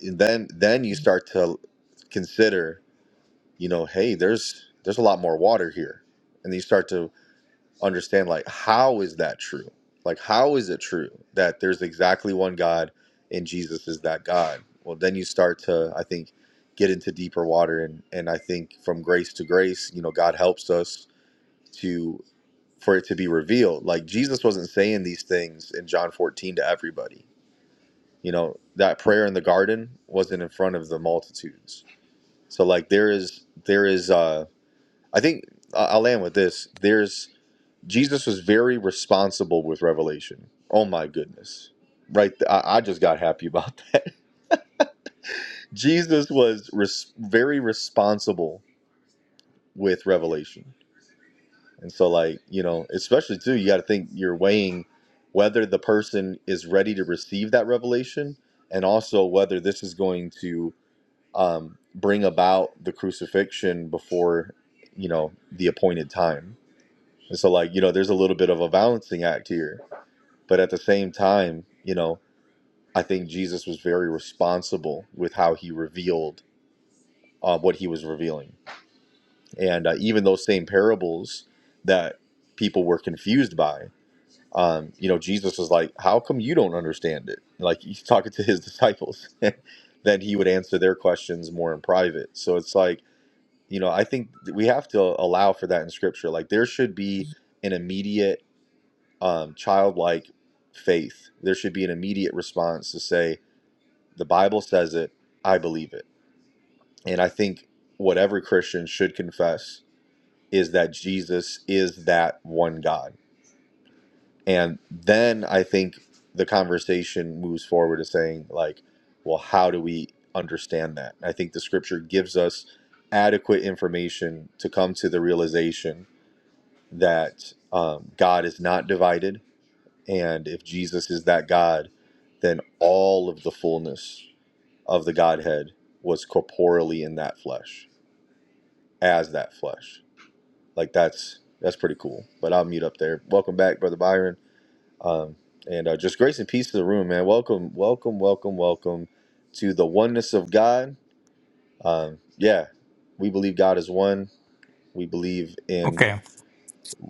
S1: then then you start to consider, you know, hey, there's there's a lot more water here, and you start to understand like how is that true? Like how is it true that there's exactly one God and Jesus is that God? Well, then you start to I think get into deeper water and and I think from grace to grace, you know, God helps us to for it to be revealed. Like Jesus wasn't saying these things in John 14 to everybody. You know, that prayer in the garden wasn't in front of the multitudes. So like there is there is uh I think I- I'll land with this. There's. Jesus was very responsible with revelation. Oh my goodness. Right. th- I, I just got happy about that. Jesus was res- very responsible with revelation. And so, like, you know, especially too, you got to think you're weighing whether the person is ready to receive that revelation and also whether this is going to um, bring about the crucifixion before, you know, the appointed time. And so, like, you know, there's a little bit of a balancing act here But at the same time, you know, I think Jesus was very responsible with how he revealed uh, what he was revealing. And uh, even those same parables that people were confused by, um, you know, Jesus was like, How come you don't understand it? Like he's talking to his disciples. then he would answer their questions more in private. So it's like, you know, I think that we have to allow for that in scripture. Like there should be an immediate um, childlike faith. There should be an immediate response to say, The Bible says it. I believe it. And I think what every Christian should confess is that Jesus is that one God. And then I think the conversation moves forward to saying, like, well, how do we understand that? I think the scripture gives us adequate information to come to the realization that um, God is not divided. And if Jesus is that God, then all of the fullness of the Godhead was corporeally in that flesh, as that flesh. Like that's that's pretty cool. But I'll mute up there. Welcome back, brother Byron, um, and uh, just grace and peace to the room, man. Welcome, welcome, welcome, welcome to the oneness of God. Um, yeah, we believe God is one. We believe in
S13: Okay,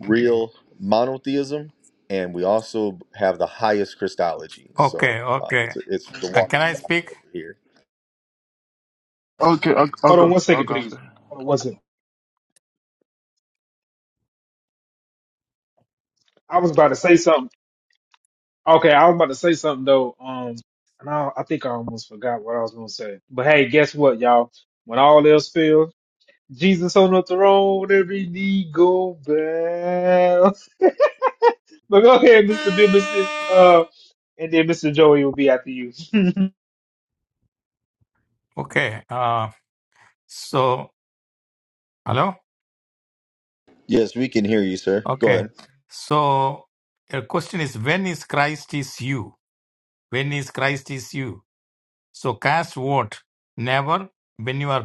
S1: real monotheism, and we also have the highest Christology. So
S13: okay,
S1: um,
S13: okay.
S1: it's it's the
S13: Uh, can
S1: water's
S13: I
S1: fire
S13: speak?
S1: over here.
S12: Okay, I'll, I'll
S4: Hold on
S12: go.
S4: one
S12: I'll
S4: second,
S12: go
S4: please.
S12: after.
S4: Hold on one second. I was about to say something. Okay, I was about to say something though. Um, and I, I think I almost forgot what I was gonna say. But hey, guess what, y'all? When all else fails. Jesus on the throne, every knee go bow. but go ahead, Mr. Biblicist, uh, and then Mr. Joey will be after you.
S13: Okay. Uh, so, hello?
S1: Yes, we can hear you, sir. Go ahead.
S13: Okay. So, your question is when is Christ is you? When is Christ is you? So, cast what? Never? When you are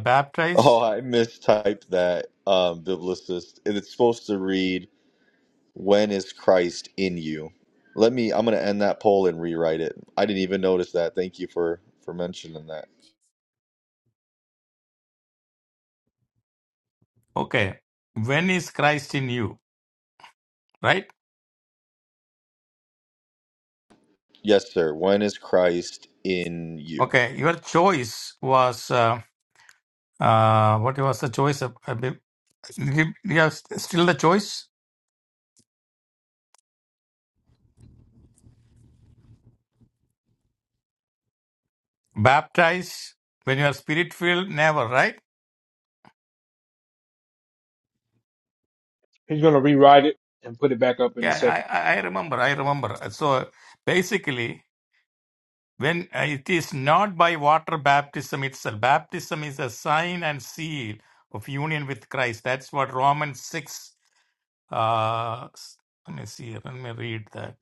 S1: Oh,
S13: baptized?
S1: I mistyped that, um, biblicist. And It's supposed to read, "When is Christ in you?" Let me. I'm going to end that poll and rewrite it. I didn't even notice that. Thank you for for mentioning that.
S13: Okay. When is Christ in you? Right?
S1: Yes, sir. When is Christ in you?
S13: Okay. Your choice was, uh, uh, what was the choice? Of, uh, be- you you have still the choice? Baptize? When you are spirit filled? Never, right?
S4: He's gonna rewrite it and put it back up in a
S13: Yeah,
S4: second.
S13: I, I I remember. I remember. So basically, when uh, it is not by water baptism itself, baptism is a sign and seal of union with Christ. That's what Romans 6, uh, s- let me see, let me read that.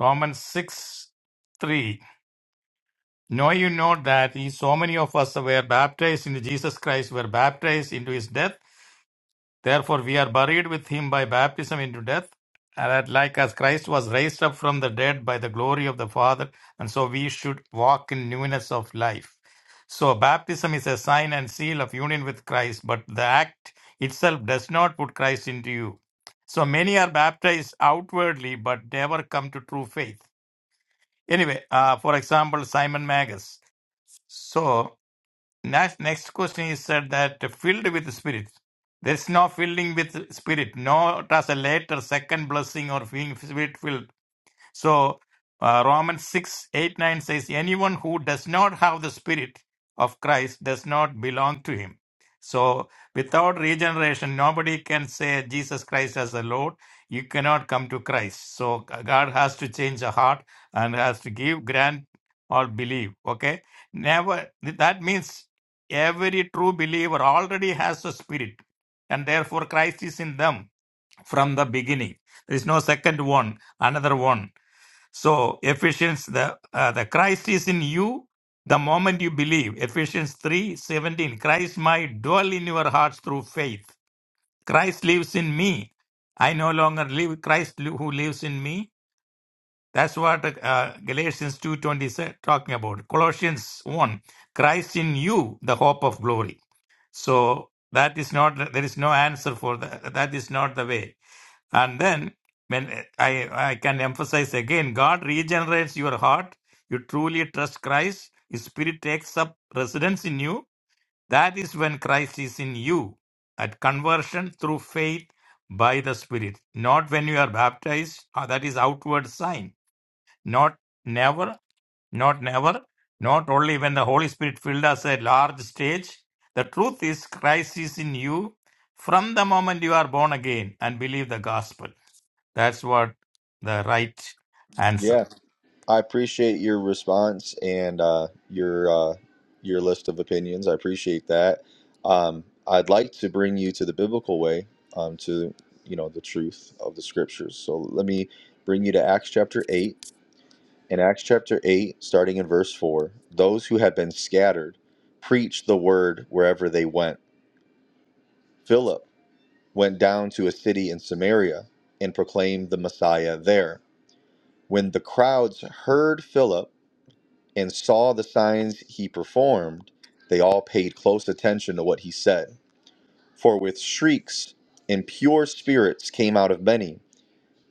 S13: Romans 6, 3. Know you know that ye- so many of us were baptized into Jesus Christ, were baptized into his death Therefore, we are buried with him by baptism into death, and that like as Christ was raised up from the dead by the glory of the Father, and so we should walk in newness of life. So, baptism is a sign and seal of union with Christ, but the act itself does not put Christ into you. So, many are baptized outwardly but never come to true faith. Anyway, uh, for example, Simon Magus. So, Next, next question is said that filled with spirit. There is no filling with spirit, not as a later second blessing or being spirit filled. So uh, Romans 6 8 9 says, Anyone who does not have the Spirit of Christ does not belong to him. So without regeneration, nobody can say Jesus Christ as the Lord. You cannot come to Christ. So God has to change the heart and has to give, grant, or believe. Okay? Never. That means every true believer already has the Spirit, and therefore Christ is in them from the beginning. There is no second one, another one. So Ephesians, the uh, the Christ is in you the moment you believe. Ephesians three seventeen. Christ might dwell in your hearts through faith. Christ lives in me. I no longer live. Christ li- who lives in me. That's what uh, Galatians two twenty said talking about. Colossians one. Christ in you, the hope of glory. So that is not. There is no answer for that. That is not the way. And then, when I, I can emphasize again, God regenerates your heart. You truly trust Christ. His spirit takes up residence in you. That is when Christ is in you at conversion through faith by the spirit. Not when you are baptized. uh, That is outward sign. Not never, not never, not only when the Holy Spirit filled us a large stage. The truth is Christ is in you from the moment you are born again and believe the gospel. That's what the right answer.
S1: Yeah, I appreciate your response and uh, your uh, your list of opinions. I appreciate that. Um, I'd like to bring you to the biblical way, um, to you know the truth of the scriptures. So let me bring you to Acts chapter 8. in Acts chapter 8, starting in verse 4, those who had been scattered preached the word wherever they went. Philip went down to a city in Samaria and proclaimed the Messiah there. When the crowds heard Philip and saw the signs he performed, they all paid close attention to what he said. For with shrieks, impure spirits came out of many,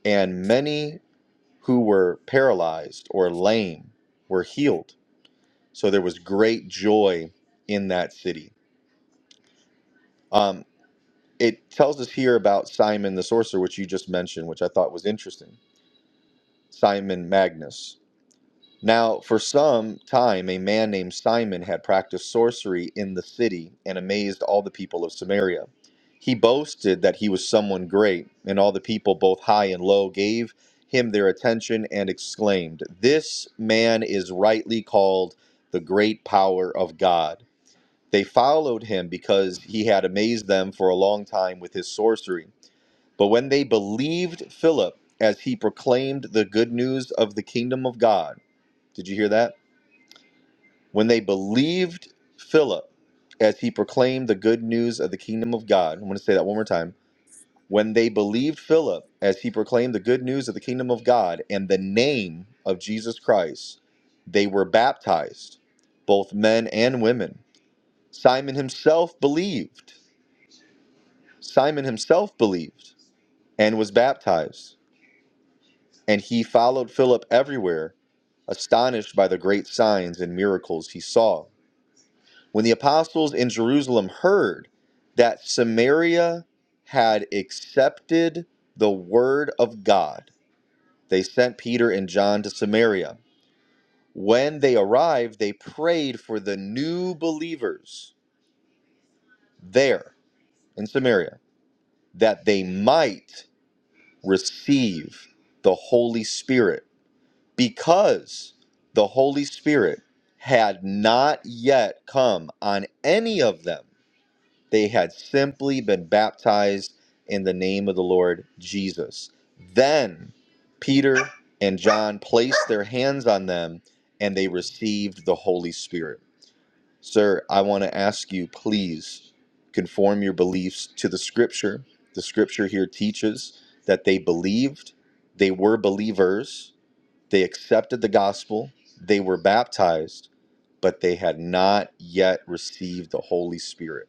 S1: and many who were paralyzed or lame were healed So there was great joy in that city. Um, it tells us here about Simon the sorcerer, which you just mentioned, which I thought was interesting. Simon Magnus. Now, for some time, a man named Simon had practiced sorcery in the city and amazed all the people of Samaria. He boasted that he was someone great, and all the people, both high and low, gave him their attention and exclaimed, This man is rightly called the great power of God. They followed him because he had amazed them for a long time with his sorcery. But when they believed Philip as he proclaimed the good news of the kingdom of God, did you hear that? When they believed Philip as he proclaimed the good news of the kingdom of God, I'm going to say that one more time. When they believed Philip as he proclaimed the good news of the kingdom of God and the name of Jesus Christ, they were baptized, both men and women. Simon himself believed Simon himself believed and was baptized, and he followed Philip everywhere, astonished by the great signs and miracles he saw. When the apostles in Jerusalem heard that Samaria had accepted the word of God, they sent Peter and John to Samaria. When they arrived, they prayed for the new believers there in Samaria that they might receive the Holy Spirit because the Holy Spirit had not yet come on any of them. They had simply been baptized in the name of the Lord Jesus. Then Peter and John placed their hands on them and they received the Holy Spirit. Sir, I want to ask you, please conform your beliefs to the scripture. The scripture here teaches that they believed, they were believers, they accepted the gospel, they were baptized, but they had not yet received the Holy Spirit.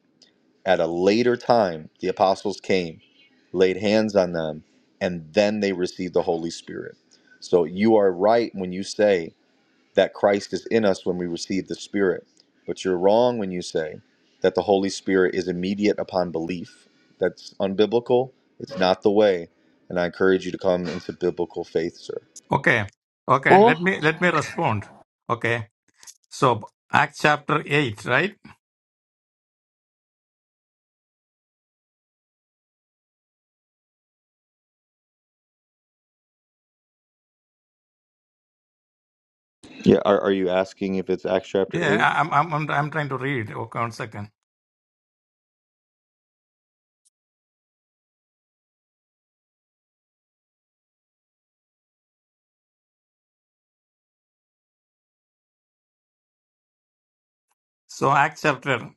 S1: At a later time, the apostles came, laid hands on them, and then they received the Holy Spirit. So you are right when you say that Christ is in us when we receive the Spirit, but you're wrong when you say that the Holy Spirit is immediate upon belief. That's unbiblical. It's not the way. And I encourage you to come into biblical faith, sir.
S13: Okay. Okay.
S12: Or
S13: Let me let me respond. Okay. So Acts chapter eight, right?
S1: Yeah, are, are you asking if it's Acts chapter
S13: Yeah,
S1: 8?
S13: I- I'm I'm I'm I'm trying to read. Okay, one second. So Acts chapter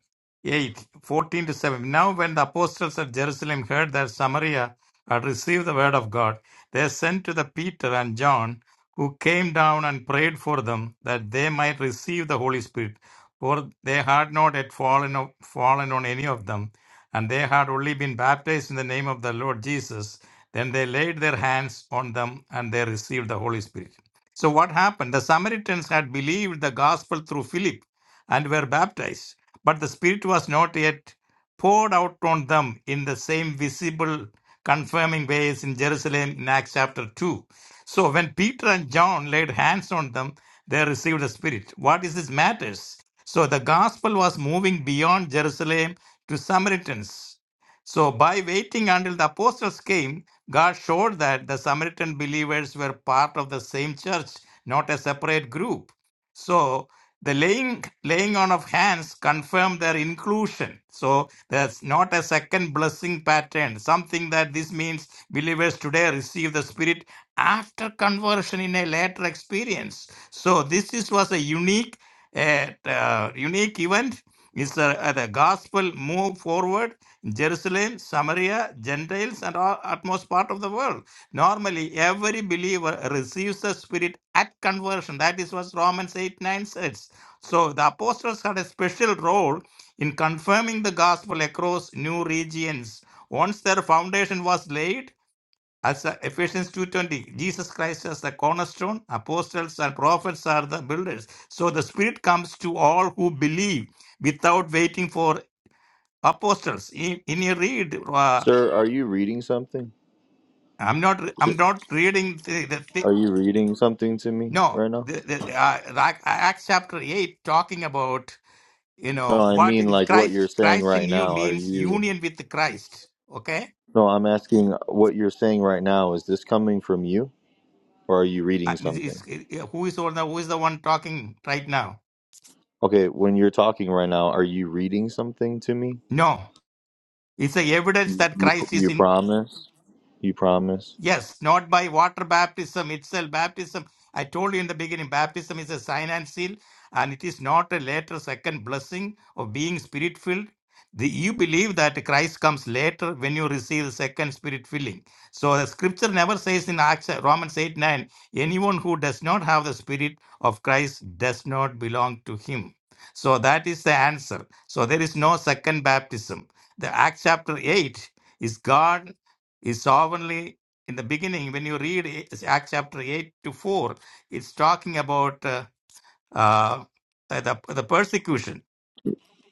S13: 8 14 to 7. Now when the apostles at Jerusalem heard that Samaria had received the word of God, they sent to the Peter and John, who came down and prayed for them that they might receive the Holy Spirit, for they had not yet fallen, o- fallen on any of them, and they had only been baptized in the name of the Lord Jesus. Then they laid their hands on them and they received the Holy Spirit. So what happened? The Samaritans had believed the gospel through Philip and were baptized. But the Spirit was not yet poured out on them in the same visible, confirming ways in Jerusalem in Acts chapter 2. So when Peter and John laid hands on them, they received the Spirit. What is this matters? So the gospel was moving beyond Jerusalem to Samaritans. So by waiting until the apostles came, God showed that the Samaritan believers were part of the same church, not a separate group. So the laying laying on of hands confirmed their inclusion. So there's not a second blessing pattern. Something that this means believers today receive the Spirit after conversion in a later experience. So this is, was a unique, uh, uh, unique event is the, uh, the gospel move forward? Jerusalem, Samaria, Gentiles, and all utmost part of the world. Normally, every believer receives the Spirit at conversion. That is what Romans 8 9 says. So the apostles had a special role in confirming the gospel across new regions. Once their foundation was laid, as uh, Ephesians 2.20, Jesus Christ as the cornerstone, apostles and prophets are the builders. So the Spirit comes to all who believe without waiting for apostles. In, in you read, uh,
S1: Sir, are you reading something?
S13: I'm not I'm
S1: to-
S13: not reading the, the, the
S1: Are you reading something to me
S13: no,
S1: right now?
S13: the, the, uh, Ac- Acts chapter 8 talking about, you
S1: No,
S13: know,
S1: I
S13: what
S1: mean
S13: is
S1: like what you're
S13: Christ,
S1: saying
S13: Christ
S1: right
S13: in you
S1: now. Are
S13: means
S1: you
S13: union with Christ, okay?
S1: No, I'm asking what you're saying right now is this coming from you or are you reading
S13: I mean, is,
S1: something?
S13: is- who is the one- who is the one talking right now?
S1: Okay, when you're talking right now, are you reading something to me?
S13: No. It's the evidence
S1: You
S13: that
S1: you,
S13: Christ is
S1: you
S13: in
S1: promise? You promise?
S13: Yes, not by water baptism itself. Baptism, I told you in the beginning, baptism is a sign and seal, and it is not a later second blessing of being spirit filled. The, you believe that Christ comes later when you receive the second spirit filling. So the scripture never says in Acts, Romans 8 9, anyone who does not have the spirit of Christ does not belong to him. So that is the answer. So there is no second baptism. The Acts chapter 8 is God is sovereignly in the beginning, when you read Acts chapter 8 to 4, it's talking about uh, uh, the, the persecution.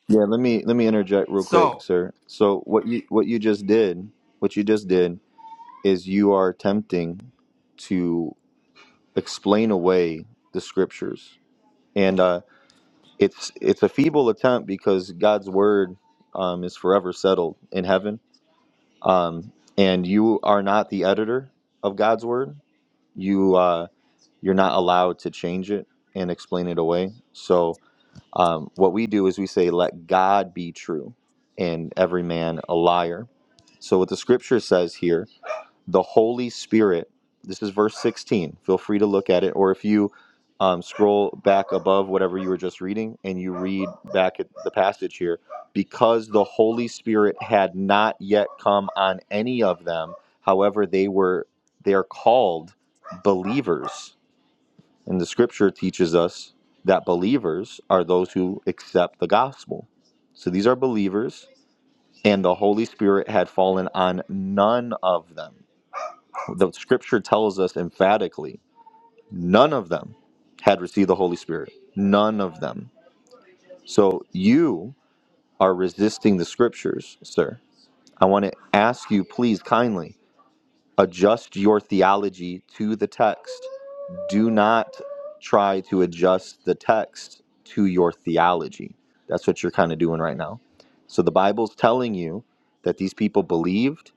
S1: Yeah, let me let me interject real quick,
S13: So,
S1: sir. So what you what you just did, what you just did is you are attempting to explain away the scriptures, and uh, it's it's a feeble attempt because God's word um, is forever settled in heaven, um, and you are not the editor of God's word. You uh, you're not allowed to change it and explain it away. So um, what we do is we say, "Let God be true, and every man a liar." So what the scripture says here the Holy Spirit. This is verse 16. Feel free to look at it, or if you um, scroll back above whatever you were just reading and you read back at the passage here, because the Holy Spirit had not yet come on any of them. However, they were they are called believers, and the Scripture teaches us that believers are those who accept the gospel. So these are believers, and the Holy Spirit had fallen on none of them the scripture tells us emphatically none of them had received the holy spirit none of them so you are resisting the scriptures sir i want to ask you please kindly adjust your theology to the text do not try to adjust the text to your theology that's what you're kind of doing right now so the bible's telling you that these people believed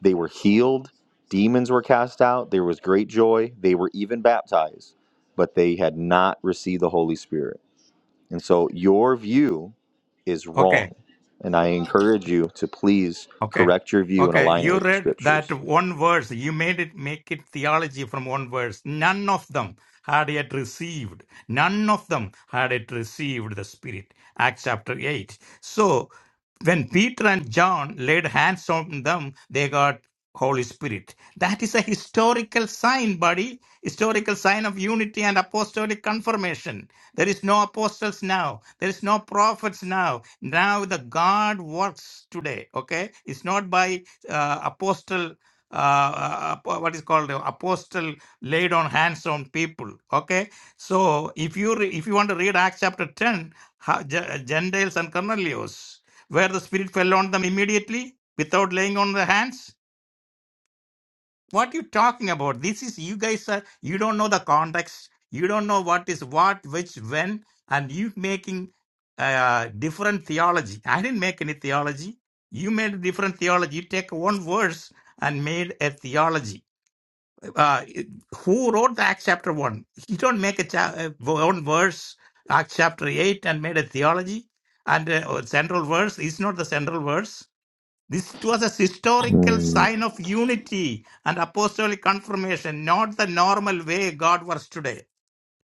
S1: They were healed, demons were cast out, there was great joy, they were even baptized, but they had not received the Holy Spirit. And so your view is
S13: okay.
S1: wrong. And I encourage you to please
S13: Okay.
S1: correct your view and
S13: Okay.
S1: align it
S13: You
S1: with the
S13: read
S1: scriptures.
S13: that one verse. You made it make it theology from one verse. None of them had yet received. None of them had yet received the Spirit. Acts chapter 8. So when Peter and John laid hands on them, they got Holy Spirit. That is a historical sign, buddy. Historical sign of unity and apostolic confirmation. There is no apostles now. There is no prophets now. Now the God works today. Okay, it's not by uh, apostle. Uh, uh, what is called the apostle laid on hands on people. Okay, so if you re- if you want to read Acts chapter ten, how, Ge- Gentiles and Cornelius, where the Spirit fell on them immediately without laying on the hands what you talking about? This is you guys are you don't know the context. You don't know what is what, which, when, and you making uh, different theology. I didn't make any theology. You made a different theology. You take one verse and made a theology. Uh, it- who wrote the Acts chapter one? You don't make a cha- uh, one verse Acts chapter eight and made a theology. And uh, central verse is not the central verse this was a historical
S1: Mm,
S13: sign of unity and apostolic confirmation, not the normal way God works today.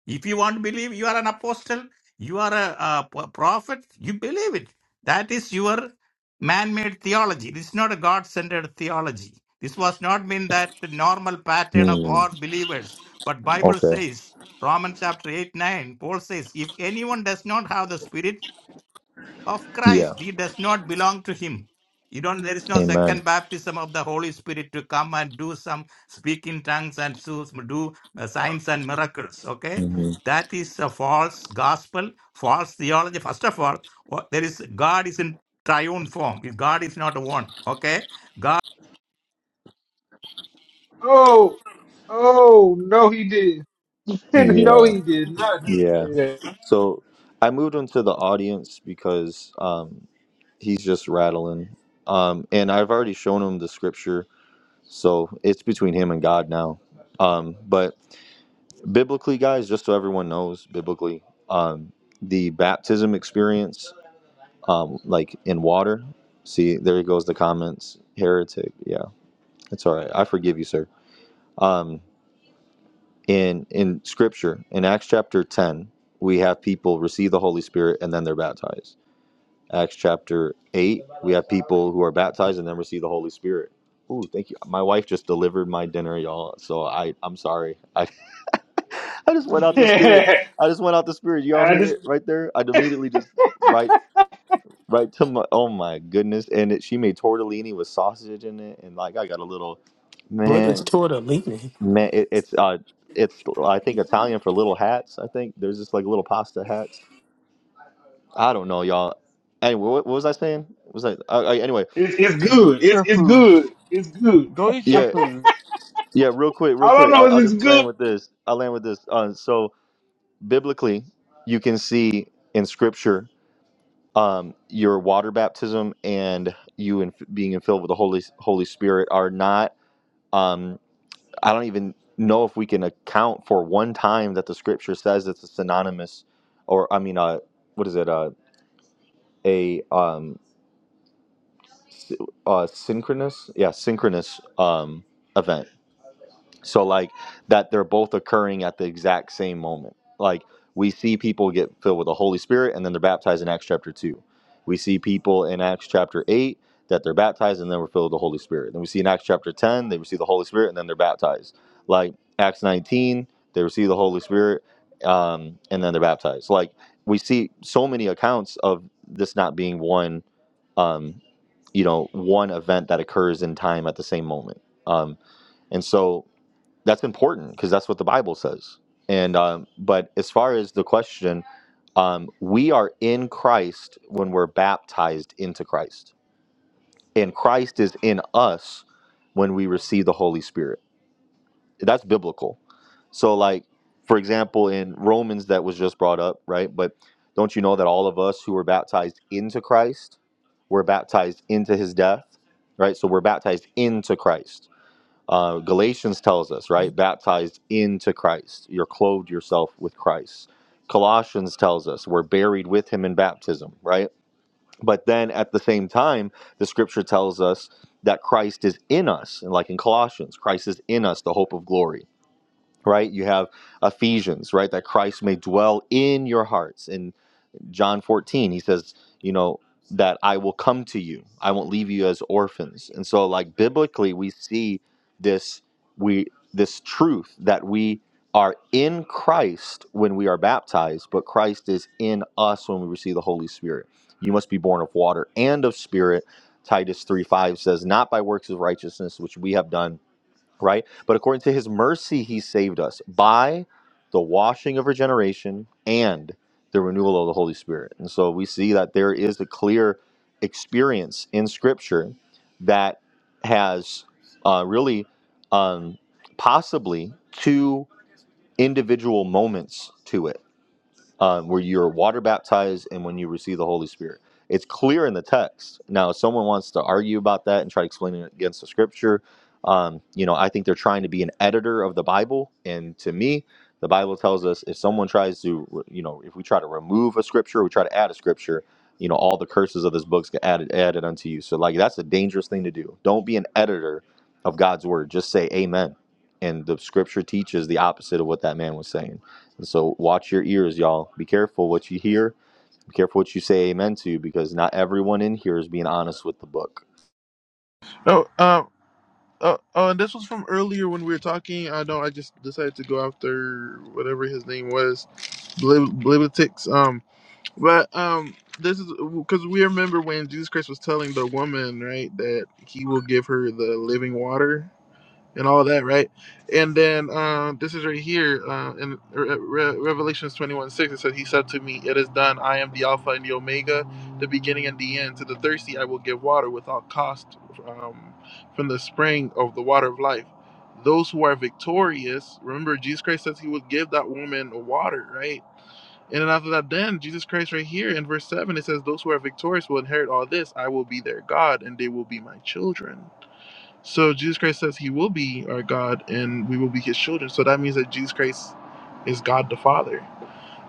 S13: If you want to believe you are an apostle, you are a, a p- prophet, you believe it. That is your man made theology. This is not a God centered theology. This was not mean that the normal pattern of all
S1: mm,
S13: believers, but Bible
S1: okay.
S13: says, Romans chapter 8, 9, Paul says, if anyone does not have the Spirit, of
S1: Yeah.
S13: Christ. He does not belong to him. You don't, there is no
S1: Amen.
S13: second baptism of the Holy Spirit to come and do some speak in tongues and so- do uh, signs and miracles. Okay.
S1: hmm
S13: That is a false gospel, false theology. First of all, what- there is God is in triune form. If God is not one. Okay.
S4: Oh, oh no, he did. no,
S1: Yeah.
S4: he did not just
S1: Yeah.
S4: say
S1: So I moved him to the audience because um, he's just rattling. Um, and I've already shown him the scripture So it's between him and God now. Um, but biblically, guys, just so everyone knows, biblically, um, the baptism experience, um, like in water. See, there goes the comments. Heretic. Yeah, it's all right. I forgive you, sir. Um, in in Scripture, in Acts chapter ten, we have people receive the Holy Spirit and then they're baptized. Acts chapter eight, we have people who are baptized and then receive the Holy Spirit. Ooh, thank you. My wife just delivered my dinner, y'all. So I, I'm sorry. I just went out the spirit.
S4: that.
S1: I just went out the spirit. Y'all
S4: I
S1: hear
S4: just,
S1: it right there? I immediately just right right to my oh my goodness. And it, she made tortellini with sausage in it, and like I got a little
S14: What is
S1: man
S14: Twitter leaning?
S1: man. It, it's uh it's I think Italian for little hats. I think there's just like little pasta hats. I don't know, y'all. Anyway, what, what was I saying? Was I, I, I anyway?
S4: it's, it's good. It's
S12: your
S4: it's
S12: food.
S4: good. It's good.
S12: Go eat your
S1: Yeah,
S12: food.
S1: yeah. Real quick, real
S4: All I
S1: quick. I'll,
S4: know
S1: I'll
S4: is
S1: just
S4: it's
S1: land
S4: good.
S1: with this. I'll land with this. Uh, so biblically, you can see in Scripture um, your water baptism and you in, being filled with the Holy Holy Spirit are not. Um, I don't even know if we can account for one time that the Scripture says it's a synonymous, or I mean, uh, what is it? Uh, a um, s- uh, synchronous, yeah, synchronous um, event. So like that they're both occurring at the exact same moment. Like we see people get filled with the Holy Spirit and then they're baptized in Acts chapter 2. We see people in Acts chapter 8 that they're baptized and then we're filled with the Holy Spirit. Then we see in Acts chapter 10 they receive the Holy Spirit and then they're baptized. Like Acts 19 they receive the Holy Spirit um, and then they're baptized. Like we see so many accounts of this not being one um, you know one event that occurs in time at the same moment. Um, and so that's important because that's what the Bible says. And um, but as far as the question, um, we are in Christ when we're baptized into Christ, and Christ is in us when we receive the Holy Spirit. That's biblical. So, like for example, in Romans that was just brought up, right? But don't you know that all of us who were baptized into Christ were baptized into His death, right? So we're baptized into Christ uh, Galatians tells us, right? Baptized into Christ. You're clothed yourself with Christ. Colossians tells us we're buried with him in baptism, right? But then at the same time, the scripture tells us that Christ is in us. And like in Colossians, Christ is in us, the hope of glory, right? You have Ephesians, right? That Christ may dwell in your hearts. and. John 14, he says, you know, that I will come to you. I won't leave you as orphans. And so like biblically we see this we this truth that we are in Christ when we are baptized, but Christ is in us when we receive the Holy Spirit. You must be born of water and of spirit. Titus 3 5 says, Not by works of righteousness which we have done right? But according to his mercy, he saved us by the washing of regeneration and the renewal of the Holy Spirit. And so we see that there is a clear experience in Scripture that has uh, really um, possibly two individual moments to it um, where you're water baptized and when you receive the Holy Spirit. It's clear in the text. Now, if someone wants to argue about that and try to explain it against the scripture, um, you know, I think they're trying to be an editor of the Bible. And to me, the Bible tells us if someone tries to, you know, if we try to remove a scripture, we try to add a scripture, you know, all the curses of this book's get added added unto you. So, like, that's a dangerous thing to do. Don't be an editor of God's word. Just say Amen. And the scripture teaches the opposite of what that man was saying. And So watch your ears, y'all. Be careful what you hear. Be careful what you say amen to, because not everyone in here is being honest with the book.
S12: No, um. Uh, oh, and this was from earlier when we were talking. I know I just decided to go after whatever his name was, Blibitix. um, But um, this is because we remember when Jesus Christ was telling the woman, right, that he will give her the living water and all that, right? And then um, this is right here uh, in Re- Re- Revelations 21 6. It says, He said to me, 'It is done. I am the Alpha and the Omega, the beginning and the end. To the thirsty, I will give water without cost um, from the spring of the water of life. Those who are victorious, remember, Jesus Christ says he would give that woman water, right? And then after that, then Jesus Christ, right here in verse 7, it says, Those who are victorious will inherit all this. I will be their God, and they will be my children. So Jesus Christ says he will be our God, and we will be his children. So that means that Jesus Christ is God the Father.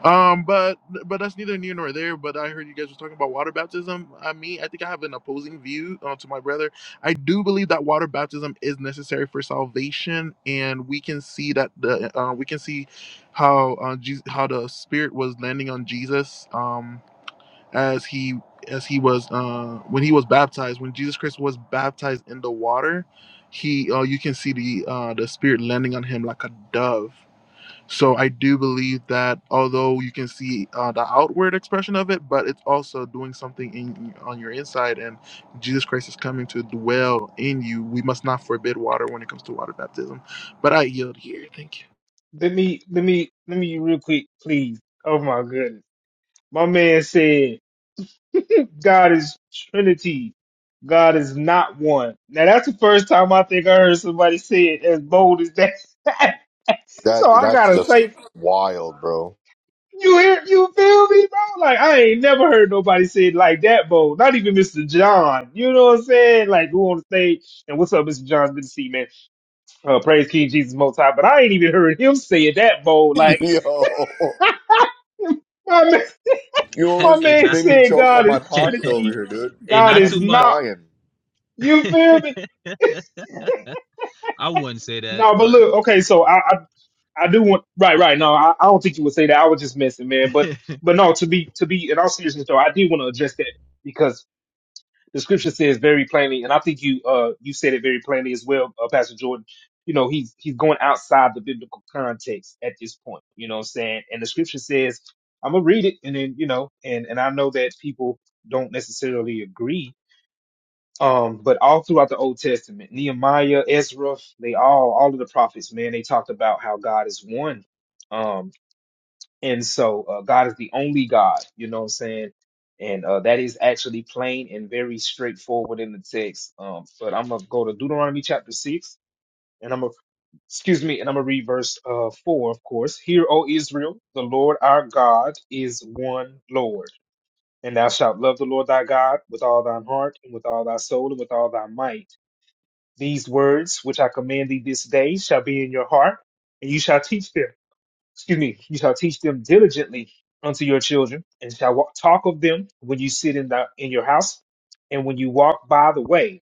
S12: Um, but but that's neither near nor there. But I heard you guys were talking about water baptism. I mean, I think I have an opposing view uh, to my brother. I do believe that water baptism is necessary for salvation, and we can see that the uh, we can see how uh, Jesus, how the Spirit was landing on Jesus um, as he as he was uh, when he was baptized. When Jesus Christ was baptized in the water, he uh, you can see the uh, the Spirit landing on him like a dove so I do believe that although you can see uh, the outward expression of it, but it's also doing something in on your inside, and Jesus Christ is coming to dwell in you. We must not forbid water when it comes to water baptism. But I yield here. Thank you.
S4: Let me let me let me real quick, please. Oh my goodness, my man said. God is Trinity. God is not one. Now that's the first time I think I heard somebody say it as bold as that.
S1: That
S4: so I
S1: that's
S4: gotta
S1: just
S4: say,
S1: wild, bro.
S4: you hear, you feel me, bro? Like I ain't never heard nobody say it like that bold. Not even Mr. John. You know what I'm saying? Like who on the stage? And what's up, Mr. John? It's Good to see you, man. Uh, praise King Jesus Most High. But I ain't even heard him say it that bold. Like
S1: Yo,
S4: my man,
S1: you
S4: my
S1: almost
S15: Ain't
S4: man
S15: not,
S1: made me
S4: said,
S1: choke on
S4: God is
S1: my pasta over
S4: Trinity.
S1: here, dude.
S15: ain't
S4: God
S15: not
S1: I'm
S4: is
S15: too much.
S4: not.
S1: dying.
S4: You feel me?
S15: I wouldn't say that,
S4: No, but
S15: but
S4: look, okay, so I, I, I do want right, right. No, I, I don't think you would say that. I was just messing, man. But but no, to be to be in all seriousness though, I did want to address that because the scripture says very plainly, and I think you uh you said it very plainly as well, uh, Pastor Jordan. You know, he's he's going outside the biblical context at this point. You know what I'm saying? And the scripture says, I'm gonna read it and then, you know, and and I know that people don't necessarily agree um, but all throughout the Old Testament, Nehemiah, Ezra, they all, all of the prophets, man, they talked about how God is one. Um, and so uh, God is the only God, you know what I'm saying? And uh, that is actually plain and very straightforward in the text. Um, but I'm gonna go to Deuteronomy chapter six, and I'm gonna, excuse me, and I'm gonna read verse uh four, of course. Hear, O Israel, the Lord our God is one Lord, and thou shalt love the Lord thy God with all thine heart and with all thy soul and with all thy might these words which I command thee this day shall be in your heart, and you shall teach them. Excuse me, you shall teach them diligently unto your children, and shall wa- talk of them when you sit in the in your house, and when you walk by the way,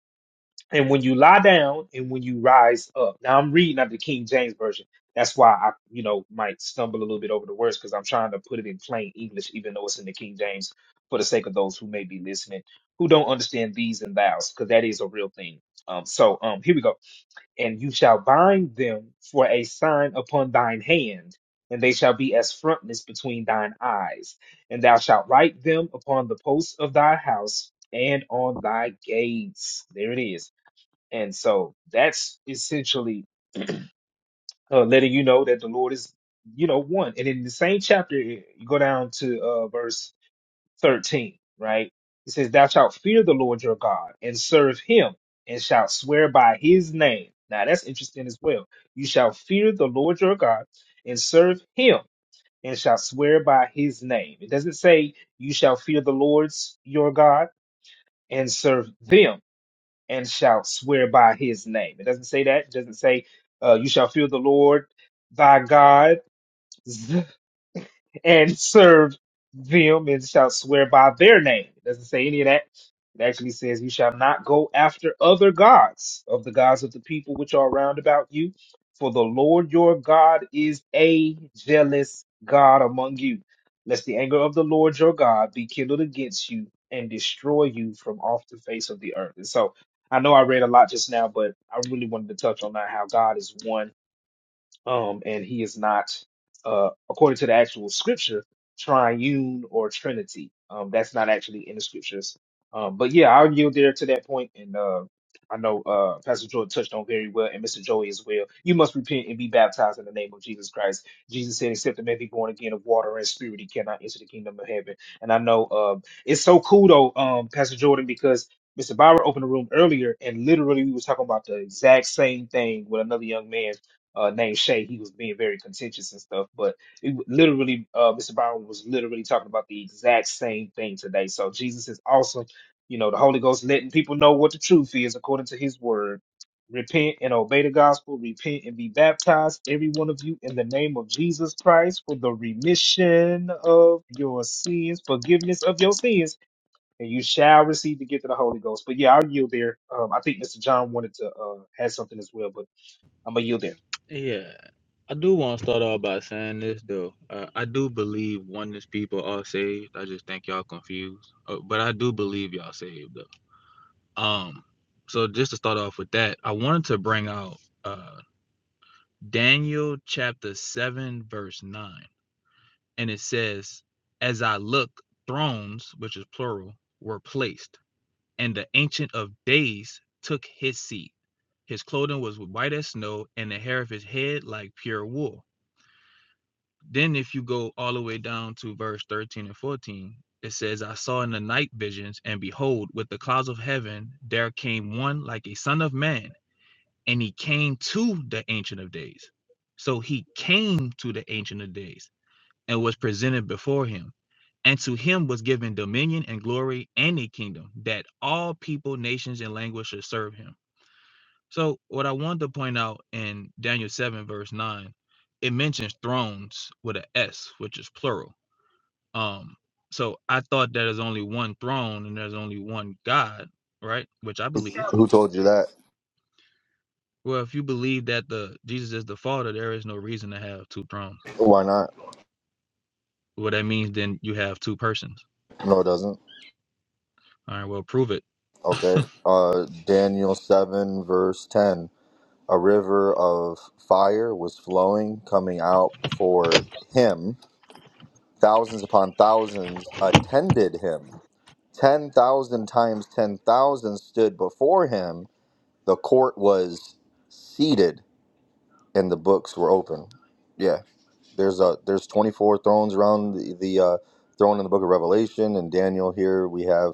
S4: and when you lie down, and when you rise up. Now I'm reading out the King James version. That's why I, you know, might stumble a little bit over the words because I'm trying to put it in plain English, even though it's in the King James, for the sake of those who may be listening who don't understand these and thous, because that is a real thing. Um, so um, here we go and you shall bind them for a sign upon thine hand, and they shall be as frontness between thine eyes. And thou shalt write them upon the posts of thy house and on thy gates. There it is. And so that's essentially uh, letting you know that the Lord is, you know, one. And in the same chapter, you go down to uh, verse 13, right? It says, Thou shalt fear the Lord your God and serve him and shalt swear by his name. Now that's interesting as well. You shall fear the Lord your God and serve him and shall swear by his name. It doesn't say you shall fear the Lord's your God and serve them and shall swear by his name. It doesn't say that. It doesn't say uh, you shall fear the Lord thy God and served them and shall swear by their name. It doesn't say any of that. It actually says, You shall not go after other gods of the gods of the people which are round about you. For the Lord your God is a jealous God among you, lest the anger of the Lord your God be kindled against you and destroy you from off the face of the earth. And so I know I read a lot just now, but I really wanted to touch on that how God is one um, and he is not, uh, according to the actual scripture, triune or trinity. Um, that's not actually in the scriptures. Um, but yeah, I'll yield there to that point, point. and uh, I know uh, Pastor Jordan touched on very well, and Mr. Joey as well. You must repent and be baptized in the name of Jesus Christ. Jesus said, "Except a man be born again of water and spirit, he cannot enter the kingdom of heaven." And I know uh, it's so cool though, um, Pastor Jordan, because Mr. Byron opened the room earlier, and literally we was talking about the exact same thing with another young man uh, named Shay. He was being very contentious and stuff, but it w- literally, uh, Mr. Brown was literally talking about the exact same thing today. So Jesus is awesome. You know, the Holy Ghost letting people know what the truth is according to His Word. Repent and obey the gospel. Repent and be baptized, every one of you, in the name of Jesus Christ for the remission of your sins, forgiveness of your sins, and you shall receive the gift of the Holy Ghost. But yeah, I'll yield there. Um, I think Mr. John wanted to uh, have something as well, but I'm gonna yield there.
S15: yeah, I do want to start off by saying this though. Uh, I do believe oneness people are saved. I just think y'all confused, uh, but I do believe y'all saved though. Um, so just to start off with that, I wanted to bring out uh Daniel chapter seven verse nine, and it says, "As I look, thrones, which is plural, were placed." and the Ancient of Days took his seat. His clothing was white as snow, and the hair of his head like pure wool. Then, if you go all the way down to verse 13 and 14, it says, I saw in the night visions, and behold, with the clouds of heaven, there came one like a son of man, and he came to the Ancient of Days. So he came to the Ancient of Days and was presented before him and to him was given dominion and glory and a kingdom that all people, nations, and languages should serve him. So, what I wanted to point out in Daniel 7, verse 9, it mentions thrones with a S, which is plural. Um, so I thought that there's only one throne and there's only one God, right? Which I believe. Well, if you believe that the Jesus is the Father, there is no reason to have two thrones.
S1: Why not?
S15: Well, that means then you have two persons.
S1: No, it doesn't.
S15: All right, well, prove it.
S1: Okay. Uh, Daniel seven verse ten. A river of fire was flowing, coming out before him. Thousands upon thousands attended him. 10,000 times 10,000 stood before him. The court was seated and the books were open. Yeah, there's a there's 24 thrones around the, the uh, throne in the book of Revelation and Daniel here we have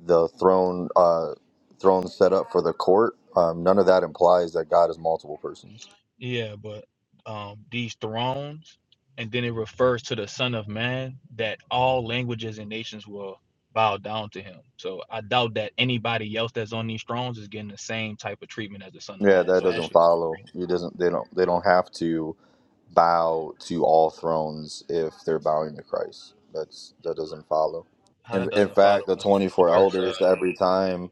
S1: the throne uh, throne set up for the court. Um, none of that implies that God is multiple persons.
S15: Yeah, but um, these thrones, and then it refers to the Son of Man that all languages and nations will bow down to him. So I doubt that anybody else that's on these thrones is getting the same type of treatment as the Son of
S1: Yeah,
S15: Man.
S1: that
S15: So
S1: doesn't
S15: actually,
S1: follow. It doesn't they don't they don't have to bow to all thrones if they're bowing to Christ. That's that doesn't follow.
S15: how
S1: And
S15: that
S1: in
S15: doesn't follow
S1: fact, the
S15: one
S1: 24
S15: verse.
S1: elders
S15: Uh,
S1: every time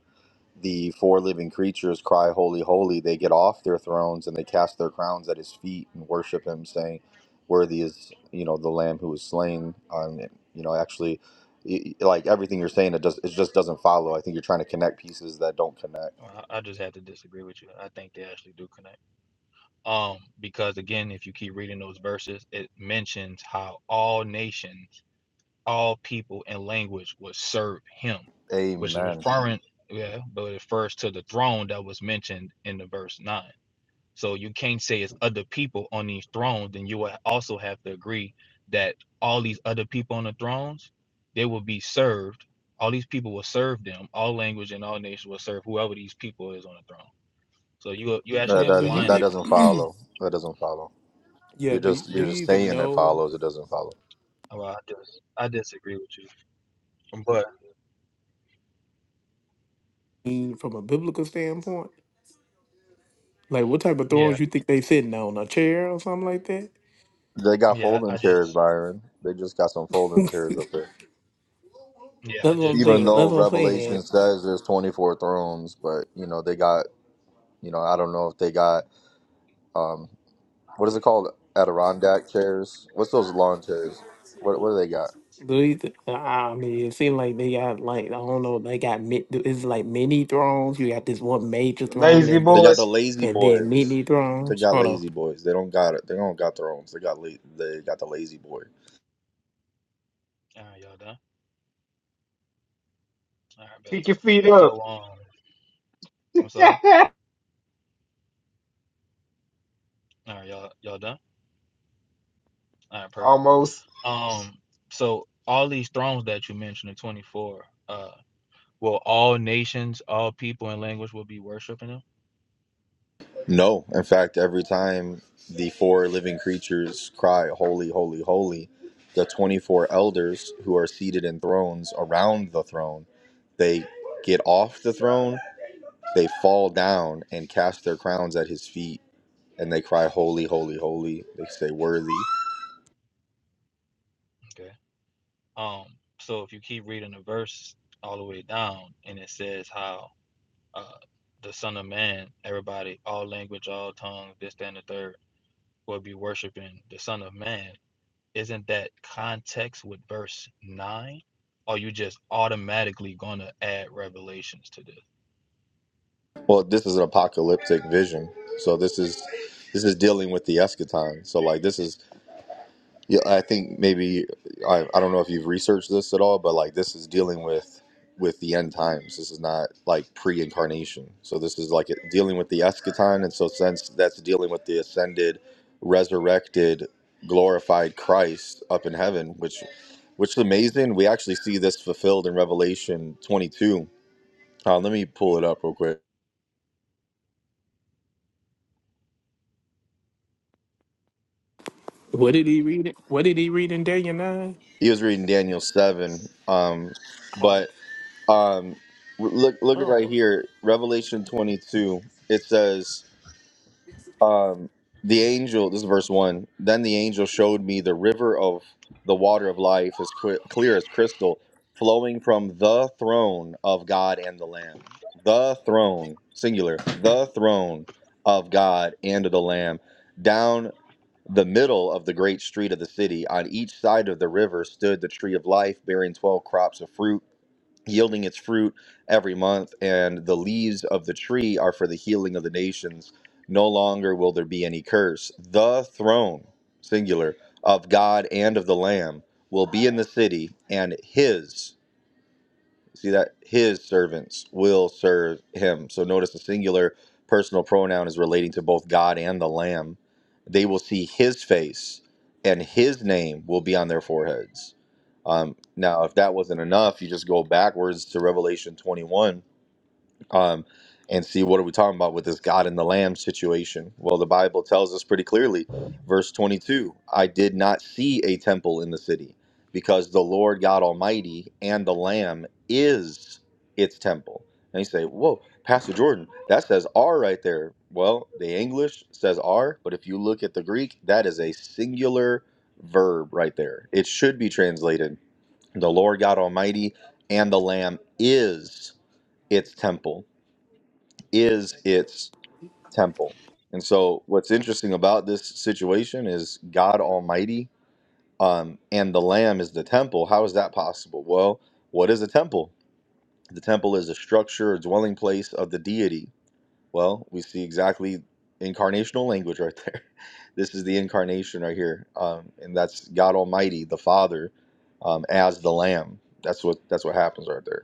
S1: the four living creatures cry holy holy, they get off their thrones and they cast their crowns at his feet and worship him saying, "Worthy is, you know, the lamb who was slain." Um, you know, actually y- y- like everything you're saying it does it just doesn't follow. I think you're trying to connect pieces that don't connect.
S15: I I just have to disagree with you. I think they actually do connect. Um, because again, if you keep reading those verses, it mentions how all nations all people and language would serve him, which is
S1: Amen.
S15: referring, yeah, but it refers to the throne that was mentioned in the verse nine. So you can't say it's other people on these thrones, then you will also have to agree that all these other people on the thrones, they will be served. All these people will serve them. All language and all nations will serve whoever these people is on the throne. So you you
S1: That,
S15: actually
S14: Now,
S1: that
S14: do
S1: doesn't
S15: applying
S1: that
S15: that
S14: you,
S15: to
S1: doesn't
S15: the people.
S14: e-
S1: follow. That doesn't follow.
S14: yeah,
S1: You're
S14: do you,
S1: just
S14: do
S1: you're
S14: you
S1: just
S14: even
S1: saying it
S14: know
S1: follows. It doesn't follow.
S15: Well, I just I disagree with you, but
S14: mm, from a biblical standpoint? Like, what type of
S15: yeah,
S14: thrones you think they sitting on? A chair or something like that?
S1: They got
S15: yeah,
S1: folding
S15: I
S1: chairs,
S15: just
S1: Byron. They just got some folding chairs up
S14: That's
S1: there.
S15: yeah I
S14: what I'm
S15: just
S1: Even
S15: told
S14: saying.
S15: you.
S14: That's
S1: though
S14: what I'm
S1: Revelation
S14: saying.
S1: says there's 24 thrones, but you know they got you know I don't know if they got um what is it called Adirondack chairs? What's those lawn chairs? What what do they got?
S14: Do you th- I mean, it seems like they got like I don't know. They got mi- it's like mini thrones. You got this one major throne,
S4: Lazy
S14: and
S1: They
S14: then
S1: got the
S4: boys,
S1: lazy
S14: and then
S1: boys.
S14: mini
S1: They
S14: thrones.
S1: got
S14: Hold on.
S1: lazy boys. They don't got it. They don't got thrones. They got la- they got the lazy boys.
S15: All right, y'all done. All right, bet.
S4: kick your feet up.
S15: So, um, I'm sorry. All right, y'all, y'all done. All right, perfect.
S4: Almost.
S15: Um, so all these thrones that you mentioned in 24, uh, will all nations, all people, and language will be worshiping them.
S1: No, in fact, every time the four living creatures cry, Holy, holy, holy, the 24 elders who are seated in thrones around the throne, they get off the throne, they fall down and cast their crowns at his feet, and they cry, Holy, holy, holy. They say, Worthy.
S15: Okay. Um, so if you keep reading the verse all the way down, and it says how uh the Son of Man, everybody, all language, all tongues, this, that, and the third, will be worshiping the Son of Man. isn't that context with verse nine? Or you just automatically gonna add revelations to this?
S1: Well, this is an apocalyptic vision. So this is. This is dealing with the eschaton. So, like, this is Yeah, I think maybe I, I don't know if you've researched this at all, but like this is dealing with with the end times. This is not like pre-incarnation. So this is like dealing with the eschaton, and so since that's dealing with the ascended, resurrected, glorified Christ up in heaven, which which is amazing. We actually see this fulfilled in Revelation 22. Uh, let me pull it up real quick.
S14: What did he read? It? What did he read in Daniel nine?
S1: He was reading Daniel 7, um,
S14: Oh,
S1: but Um, look, look at right
S14: oh.
S1: here, Revelation 22. It says, um, the angel. This is verse one. Then the angel showed me the river of the water of life, as cl- clear as crystal, flowing from the throne of God and the Lamb. The throne, singular. The throne of God and of the Lamb. Down the middle of the great street of the city, on each side of the river, stood the tree of life, bearing twelve crops of fruit yielding its fruit every month, and the leaves of the tree are for the healing of the nations. No longer will there be any curse. The throne, singular, of God and of the Lamb will be in the city, and his, see that, his servants will serve him. So notice the singular personal pronoun is relating to both God and the Lamb. They will see his face, and his name will be on their foreheads. Um, now, if that wasn't enough, you just go backwards to Revelation 21 um, and see what are we talking about with this God and the Lamb situation. Well, the Bible tells us pretty clearly, verse 22 I did not see a temple in the city because the Lord God Almighty and the Lamb is its temple. And you say, Whoa, Pastor Jordan, that says R right there. Well, the English says R, but if you look at the Greek, that is a singular verb right there. It should be translated the Lord God Almighty and the Lamb is its temple, is its temple. And so, what's interesting about this situation is God Almighty um, and the Lamb is the temple. How is that possible? Well, what is a temple? The temple is a structure, a dwelling place of the deity. Well, we see exactly incarnational language right there. This is the incarnation right here, um, and that's God Almighty, the Father, um, as the Lamb. That's what that's what happens right there.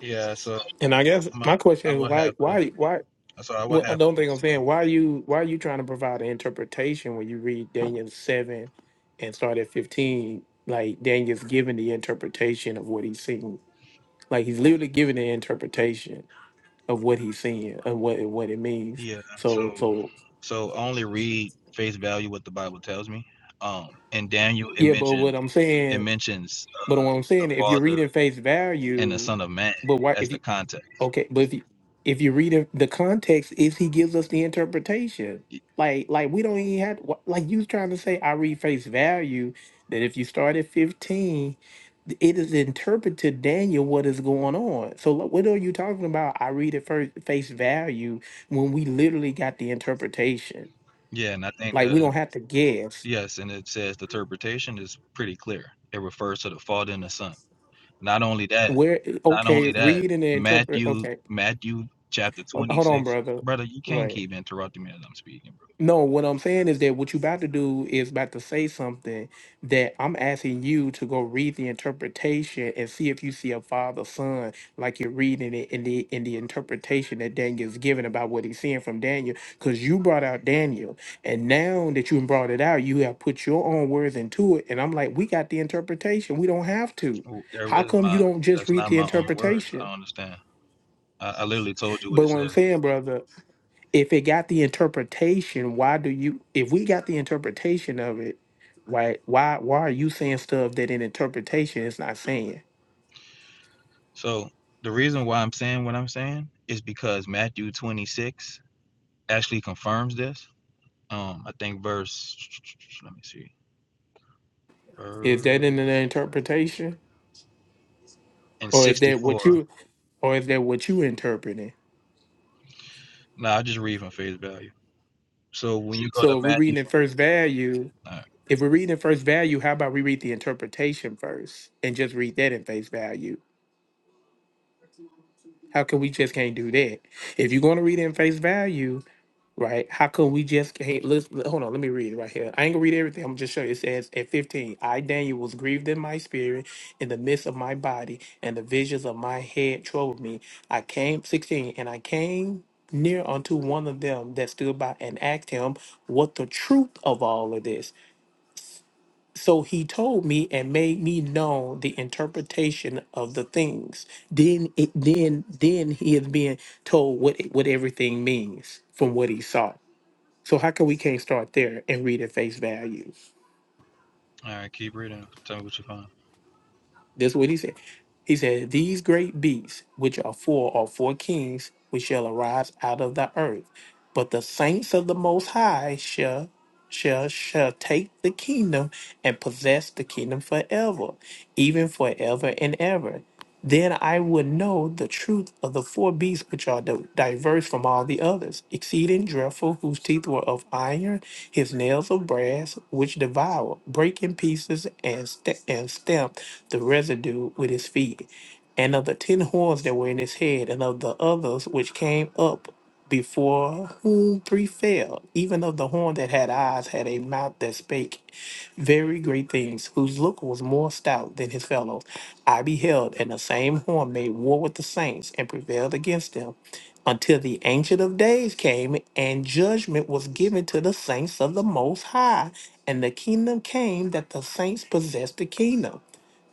S15: Yeah, so
S14: And I guess
S15: I'm
S14: my
S15: a,
S14: question
S15: I
S14: is
S15: would
S14: why?
S15: have to.
S14: Why? Why?
S15: So I would
S14: Well, I
S15: have to
S14: don't think I'm saying
S15: disagree.
S14: why are you why are you trying to provide an interpretation when you read Daniel seven and start at fifteen? Like Daniel's giving the interpretation of what he's seeing. Like he's literally giving the interpretation of what he's seeing and what and what it means.
S15: Yeah. So,
S14: So so
S15: so only read face value what the Bible tells me. Um, in Daniel, it
S14: yeah, but
S15: mentioned
S14: what I'm
S15: it
S14: saying,
S15: mentions
S14: but
S15: uh,
S14: what I'm
S15: the
S14: saying, if you're
S15: Father
S14: reading face
S15: and the
S14: value,
S15: Son of Man
S14: but why?
S15: as
S14: if you
S15: the context.
S14: Okay, but if you, if you read it, the context is he gives us the interpretation. Like like we don't even have wh- like you trying to say I read face value that if you start at fifteen, it is interpreted to Daniel what is going on. So like, what are you talking about? I read it first face value when we literally got the interpretation.
S15: Yeah, and I think
S14: Like we don't
S15: the
S14: have to guess.
S15: yes, and it says the interpretation is pretty clear. It refers to the Father and the Son. Not only that,
S14: Where
S15: not
S14: okay,
S15: only that,
S14: read and interpret.
S15: Matthew,
S14: Okay,
S15: Matthew chapter
S14: Ho- hold on,
S15: 26.
S14: brother.
S15: Brother, you can't
S14: Right.
S15: keep interrupting me as I'm speaking,
S14: No, what I'm saying is that what you about to do is about to say something that I'm asking you to go read the interpretation and see if you see a father son like you're reading it in the in the interpretation that Daniel's given about what he's seeing from Daniel because you brought out Daniel and now that you brought it out you have put your own words into it and I'm like we got the interpretation we don't have to
S15: bro. Oh, There
S14: how
S15: is
S14: come you
S15: my,
S14: don't just
S15: that's
S14: read
S15: not
S14: the
S15: my own words. I
S14: interpretation
S15: don't understand. I, I literally told you what
S14: but
S15: it
S14: what I'm
S15: says.
S14: saying brother if it got the interpretation, why do you? If we got the interpretation of it, why why why are you saying stuff that in interpretation is not saying?
S15: So the reason why I'm saying what I'm saying is because Matthew 26 actually confirms this. Um, I think verse, let me see,
S14: Is
S15: verse
S14: that in an interpretation,
S15: in
S14: or is that what
S15: 64.
S14: you, or is that what you interpreting?
S15: No, nah, I just read from face value. So when you go to
S14: So if we're
S15: Matthew,
S14: reading at
S15: all
S14: first value,
S15: right,
S14: if we're reading at first value, how about we read the interpretation first and just read that in face value? How can we just can't do that? If you're going to read it in face value, right? How come we just hey, let's hold on, let me read it right here. I ain't gonna read everything, I'm gonna just show you. It says at 15, I Daniel was grieved in my spirit, in the midst of my body, and the visions of my head troubled me. I came 16, and I came near unto one of them that stood by and asked him what the truth of all of this. So he told me and made me know the interpretation of the things. Then it then then he is being told what what everything means from what he saw so how come we can't start there and read at face value?
S15: all right keep reading. Tell me what you find.
S14: That's what he said. He said, These great beasts, which are four, are four kings, which shall arise out of the earth. But the saints of the Most High shall. shall shall take the kingdom and possess the kingdom forever, even forever and ever. Then I would know the truth of the four beasts which are di- diverse from all the others, exceeding dreadful, whose teeth were of iron, his nails of brass, which devour, break in pieces, and, st- and stamp the residue with his feet, and of the ten horns that were in his head, and of the others which came up before whom three fell, even of the horn that had eyes had a mouth that spake very great things, whose look was more stout than his fellows. I beheld, and the same horn made war with the saints and prevailed against them, until the ancient of days came, and judgment was given to the saints of the Most High, and the kingdom came that the saints possessed the kingdom.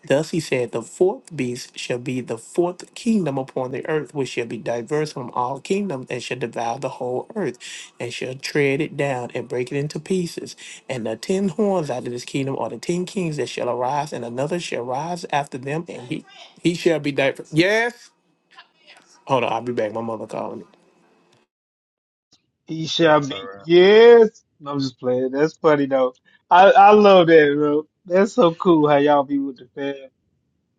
S14: Thus he said, The fourth beast shall be the fourth kingdom upon the earth, which shall be diverse from all kingdoms, and shall devour the whole earth, and shall tread it down, and break it into pieces. And the ten horns out of this kingdom are the ten kings that shall arise, and another shall rise after them, and he, he shall be diverse. Yes? Hold on, I'll be back. My mother calling me.
S4: He shall
S15: That's all
S4: be.
S15: right.
S4: Yes. No, I'm just playing. That's funny though. I, I love that, bro. That's so cool how y'all be with the fam.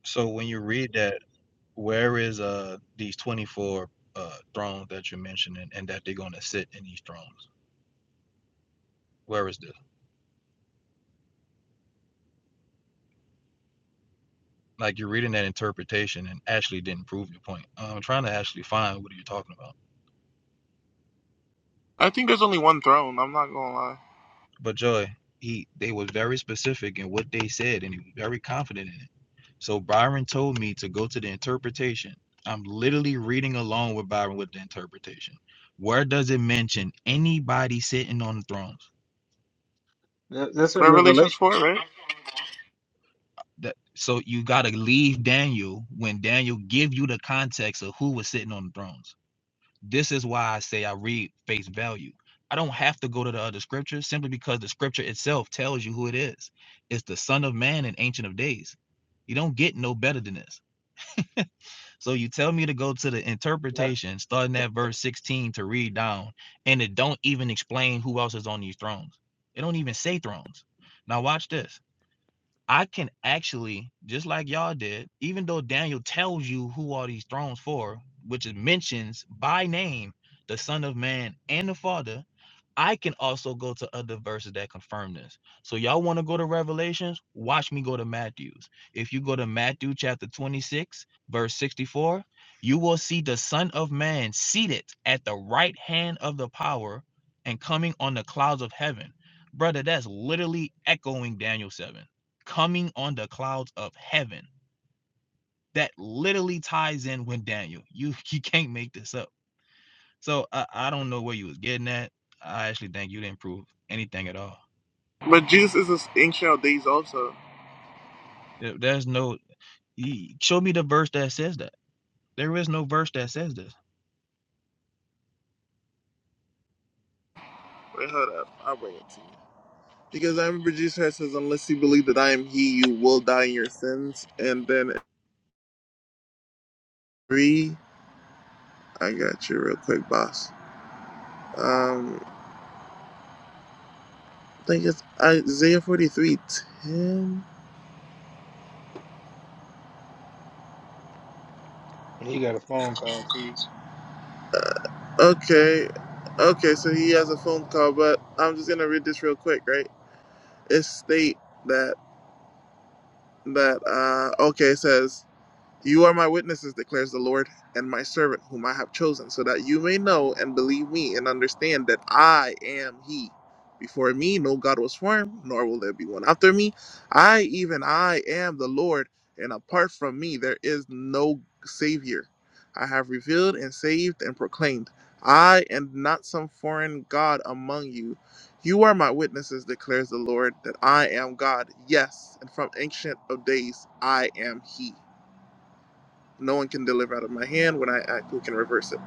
S15: So when you read that, where is uh these twenty four uh thrones that you're mentioning and that they're gonna sit in these thrones? Where is this? Like you're reading that interpretation and actually didn't prove your point. I'm trying to actually find what are you talking about.
S12: I think there's only one throne. I'm not gonna lie.
S15: But Joy, he they was very specific in what they said and he was very confident in it. So Byron told me to go to the interpretation. I'm literally reading along with Byron with the interpretation. Where does it mention anybody sitting on the thrones?
S4: That, that's a
S12: Revelations
S4: revelation.
S12: four, right?
S15: that so you got to leave Daniel when Daniel give you the context of who was sitting on the thrones. This is why I say I read face value. I don't have to go to the other scriptures simply because the scripture itself tells you who it is. It's the Son of Man and Ancient of Days. You don't get no better than this. So you tell me to go to the
S4: Not,
S15: interpretation, starting at verse 16 to read down, and it don't even explain who else is on these thrones. It don't even say thrones. Now watch this I can actually, just like y'all did, even though Daniel tells you who are these thrones for, which is mentions by name the Son of Man and the Father, I can also go to other verses that confirm this. So y'all want to go to Revelations? Watch me go to Matthew's. If you go to Matthew chapter 26, verse 64, you will see the Son of Man seated at the right hand of the power and coming on the clouds of heaven. Brother, that's literally echoing Daniel 7 coming on the clouds of heaven. That literally ties in with Daniel. You you can't make this up. So I, I don't know where you was getting at. I actually think you didn't prove anything at all.
S12: But Jesus is this ancient of days also.
S15: There's no e, show me the verse that says that. There is no verse that says this.
S12: Wait, hold up. I'll bring it to you. Because I remember Jesus Christ says, "Unless you believe that I am He, you will die in your sins." And then three, I got you real quick, boss. Um, I think it's Isaiah forty three ten.
S4: he got a phone call too.
S12: 10. Okay. Okay, so he has a phone call, but I'm just gonna read this real quick, right? It state that that uh okay, it says You are my witnesses, declares the Lord, and my servant whom I have chosen, so that you may know and believe me and understand that I am He. Before me no God was formed, nor will there be one after me. I, even I, am the Lord, and apart from me there is no Savior. I have revealed and saved and proclaimed. I am not some foreign God among you. You are my witnesses, declares the Lord, that I am God. Yes, and from ancient of days I am He. No one can deliver out of my hand. When I act, who can reverse it?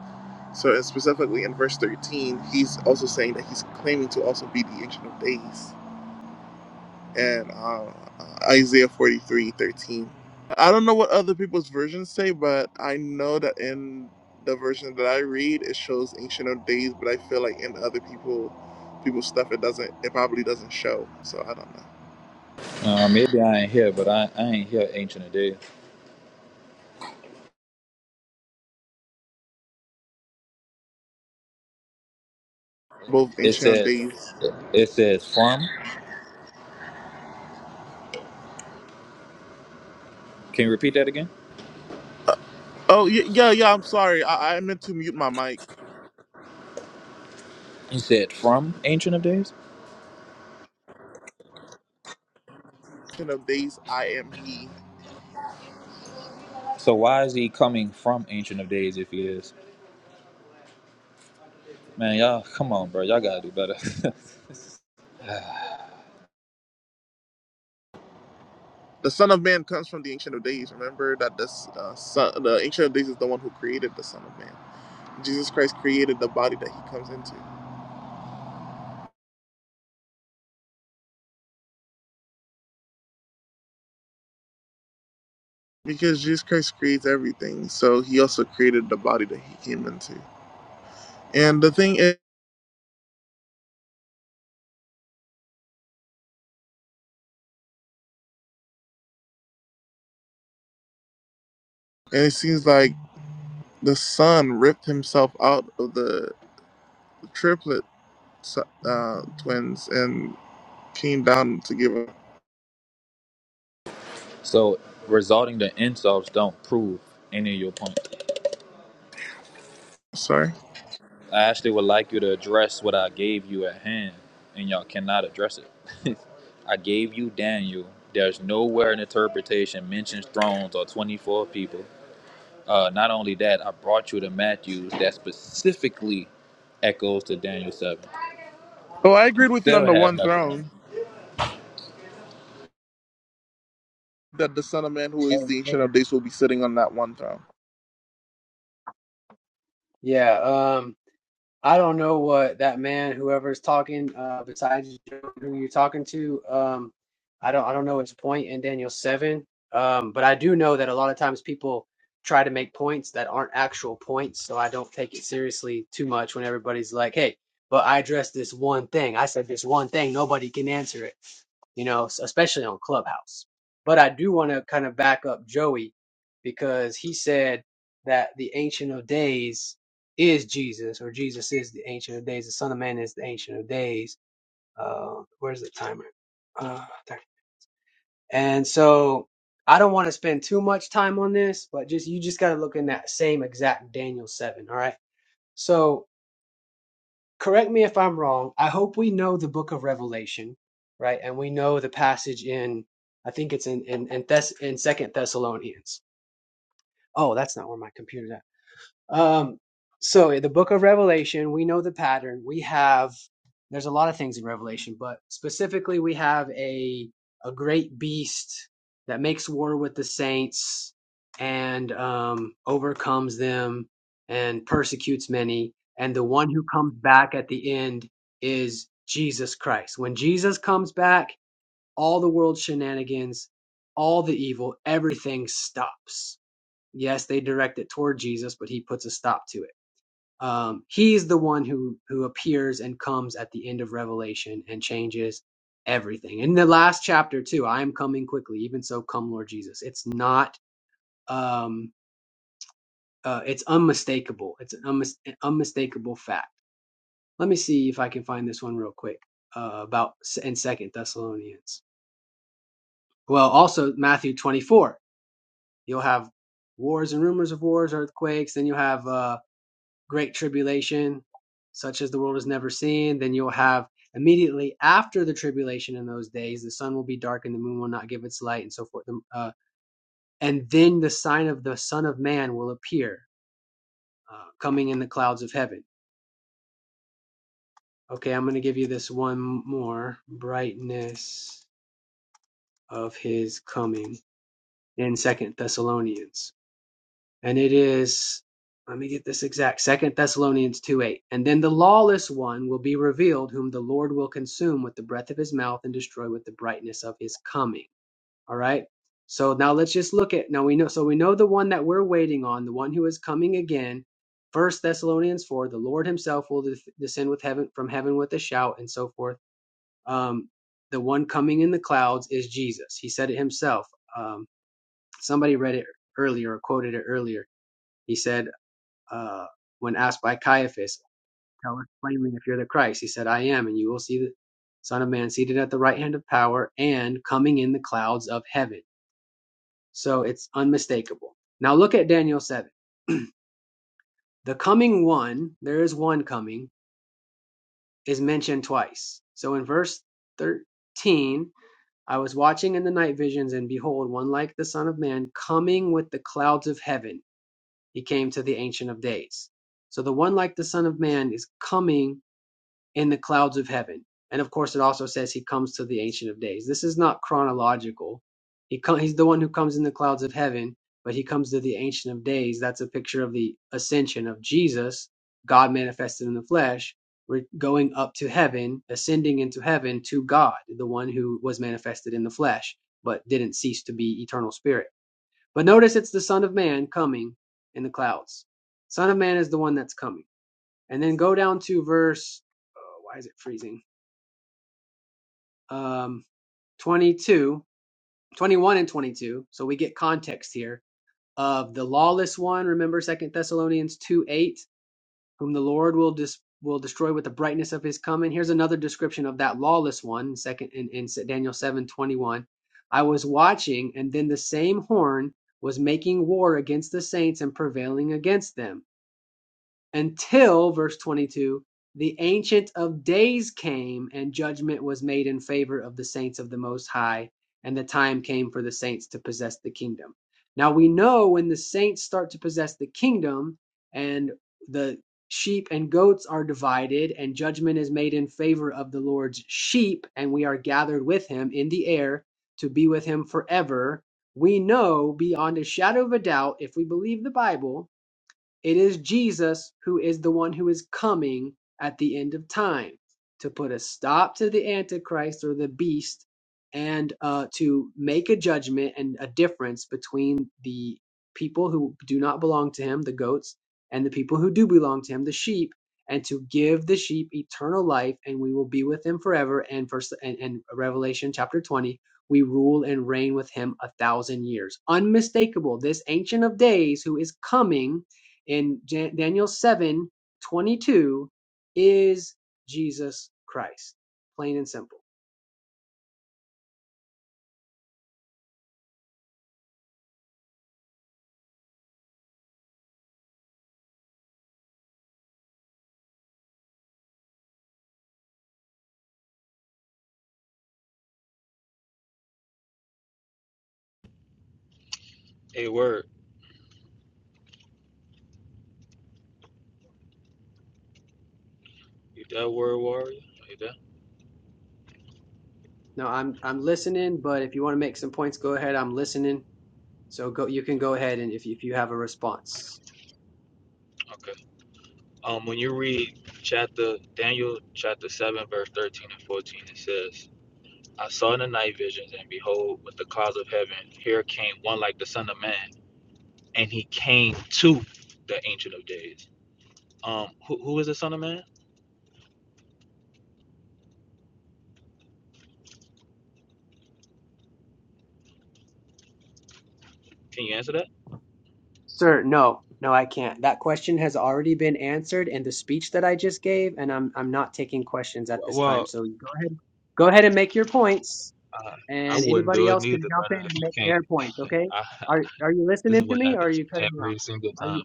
S12: So, specifically in verse 13, he's also saying that he's claiming to also be the Ancient of Days. And uh, Isaiah 43:13. I don't know what other people's versions say, but I know that in the version that I read, it shows Ancient of Days, but I feel like in other people, people's stuff, it doesn't, it probably doesn't show. So, I don't know.
S15: Uh, maybe I ain't here, but I, I ain't here ancient of days.
S12: Both
S15: It
S12: Ancient of
S15: says,
S12: Days.
S15: it says from. Can you repeat that again?
S12: Oh, y- yeah, yeah, I'm sorry. I, I meant to mute my mic.
S15: He said from ancient of days.
S12: Ancient of Days, I am He.
S15: So why is he coming from ancient of days if he is? Man, y'all, come on, bro. Y'all gotta do better.
S12: The Son of Man comes from the Ancient of Days. Remember that the uh, son, the Ancient of Days is the one who created the Son of Man. Jesus Christ created the body that he comes into. Because Jesus Christ creates everything, so he also created the body that he came into. And the thing is, and it seems like the Son ripped himself out of the triplet uh, twins and came down to give up.
S15: So, resulting to insults don't prove any of your point.
S12: Sorry.
S15: I actually would like you to address what I gave you at hand, and y'all cannot address it. I gave you Daniel. There's nowhere in interpretation mentions thrones or 24 people. Uh, not only that, I brought you to Matthews that specifically echoes to Daniel 7.
S12: Oh, I
S15: And
S12: agreed
S15: you
S12: with you on
S15: still
S12: the
S15: have
S12: one
S15: nothing on it.
S12: throne that the Son of Man, who is
S11: Hey,
S12: the
S11: hey
S12: Ancient of
S11: guys.
S12: Days, will be sitting on that one throne.
S11: Yeah. Um. I don't know what that man, whoever's talking, uh, besides who you're talking to, um, I don't, I don't know his point in Daniel seven. Um, but I do know that a lot of times people try to make points that aren't actual points, so I don't take it seriously too much when everybody's like, "Hey, but I addressed this one thing. I said this one thing. Nobody can answer it." You know, s- especially on Clubhouse. But I do want to kind of back up Joey because he said that the Ancient of Days is Jesus, or Jesus is the Ancient of Days. The Son of Man is the Ancient of Days. Uh, where's the timer? Uh, there. And so I don't want to spend too much time on this, but just you just got to look in that same exact Daniel seven. All right. So correct me if I'm wrong. I hope we know the Book of Revelation, right? And we know the passage in I think it's in in in, Thess- in Second Thessalonians. Oh, that's not where my computer. Um, so in the book of Revelation, we know the pattern. We have there's a lot of things in Revelation, but specifically we have a a great beast that makes war with the saints and um, overcomes them and persecutes many. And the one who comes back at the end is Jesus Christ. When Jesus comes back, all the world's shenanigans, all the evil, everything stops Yes, they direct it toward Jesus, but he puts a stop to it. Um, he's the one who who appears and comes at the end of Revelation and changes everything. In the last chapter too, I am coming quickly. Even so, come, Lord Jesus. It's not. Um, uh, it's unmistakable. It's an, unmis- an unmistakable fact. Let me see if I can find this one real quick uh, about s- in Second Thessalonians. Well, also Matthew twenty four. You'll have wars and rumors of wars, earthquakes. Then you'll have uh, great tribulation, such as the world has never seen. Then you'll have immediately after the tribulation in those days, the sun will be dark and the moon will not give its light, and so forth. Um, Uh, and then the sign of the Son of Man will appear, uh, coming in the clouds of heaven. Okay, I'm going to give you this one more brightness of his coming in Second Thessalonians. and it is let me get this exact second thessalonians 2 8 and then the lawless one will be revealed whom the lord will consume with the breath of his mouth and destroy with the brightness of his coming all right so now let's just look at now we know so we know the one that we're waiting on the one who is coming again first thessalonians 4 the lord himself will descend with heaven from heaven with a shout and so forth um the one coming in the clouds is jesus he said it himself um somebody read it earlier or quoted it earlier he said uh, when asked by Caiaphas, Tell us plainly if you're the Christ. He said, I am, and you will see the Son of Man seated at the right hand of power and coming in the clouds of heaven. So it's unmistakable. Now look at Daniel 7. The coming one, there is one coming, is mentioned twice. So in verse 13, I was watching in the night visions, and behold, one like the Son of Man coming with the clouds of heaven. He came to the Ancient of Days. So the one like the Son of Man is coming in the clouds of heaven. And of course, it also says he comes to the Ancient of Days. This is not chronological. He co- he's the one who comes in the clouds of heaven, but he comes to the Ancient of Days. That's a picture of the ascension of Jesus, God manifested in the flesh, re- going up to heaven, ascending into heaven to God, the one who was manifested in the flesh, but didn't cease to be eternal spirit. But notice it's the Son of Man coming in the clouds. Son of Man is the one that's coming. And then go down to verse, oh, why is it freezing? Um, 22, twenty-one and 22. So we get context here of the lawless one. Remember Second Thessalonians 2 8, whom the Lord will dis- will destroy with the brightness of his coming. Here's another description of that lawless one, second in, in Daniel seven twenty one. I was watching, and then the same horn was making war against the saints and prevailing against them. until verse 22 the ancient of days came and judgment was made in favor of the saints of the most high and the time came for the saints to possess the kingdom now we know when the saints start to possess the kingdom and the sheep and goats are divided and judgment is made in favor of the lord's sheep and we are gathered with him in the air to be with him forever we know beyond a shadow of a doubt if we believe the bible it is Jesus who is the one who is coming at the end of time to put a stop to the Antichrist or the beast and uh, to make a judgment and a difference between the people who do not belong to him, the goats, and the people who do belong to him, the sheep, and to give the sheep eternal life and we will be with him forever. And, first, and, and Revelation chapter 20, we rule and reign with him a thousand years. Unmistakable, this Ancient of Days who is coming in Daniel 7 22, is Jesus Christ, plain and simple.
S15: Hey, word. You that word warrior? Like that?
S11: Now I'm I'm listening, but if you want to make some points, go ahead. I'm listening. So go you can go ahead and if if you have a response.
S15: Okay. Um, when you read chapter Daniel chapter seven verse thirteen and fourteen, it says, "I saw in the night visions, and behold, with the clouds of heaven, here came one like the Son of Man, and he came to the Ancient of Days." Um, who, who is the Son of Man? Can you answer that?
S11: Sir, no, no, I can't. That question has already been answered in the speech that I just gave, and I'm I'm not taking questions at this time.
S15: Well,
S11: So go ahead, go ahead and make your points,
S15: uh, I
S11: and
S15: wouldn't
S11: anybody
S15: do it
S11: else can
S15: neither,
S11: jump in
S15: brother. If
S11: and
S15: you
S11: make
S15: can't,
S11: their points. Okay?
S15: I,
S11: Are are you
S15: this is
S11: listening to
S15: what
S11: me, or are
S15: happens
S11: you cutting me off?
S15: every single
S11: Are you?
S15: time.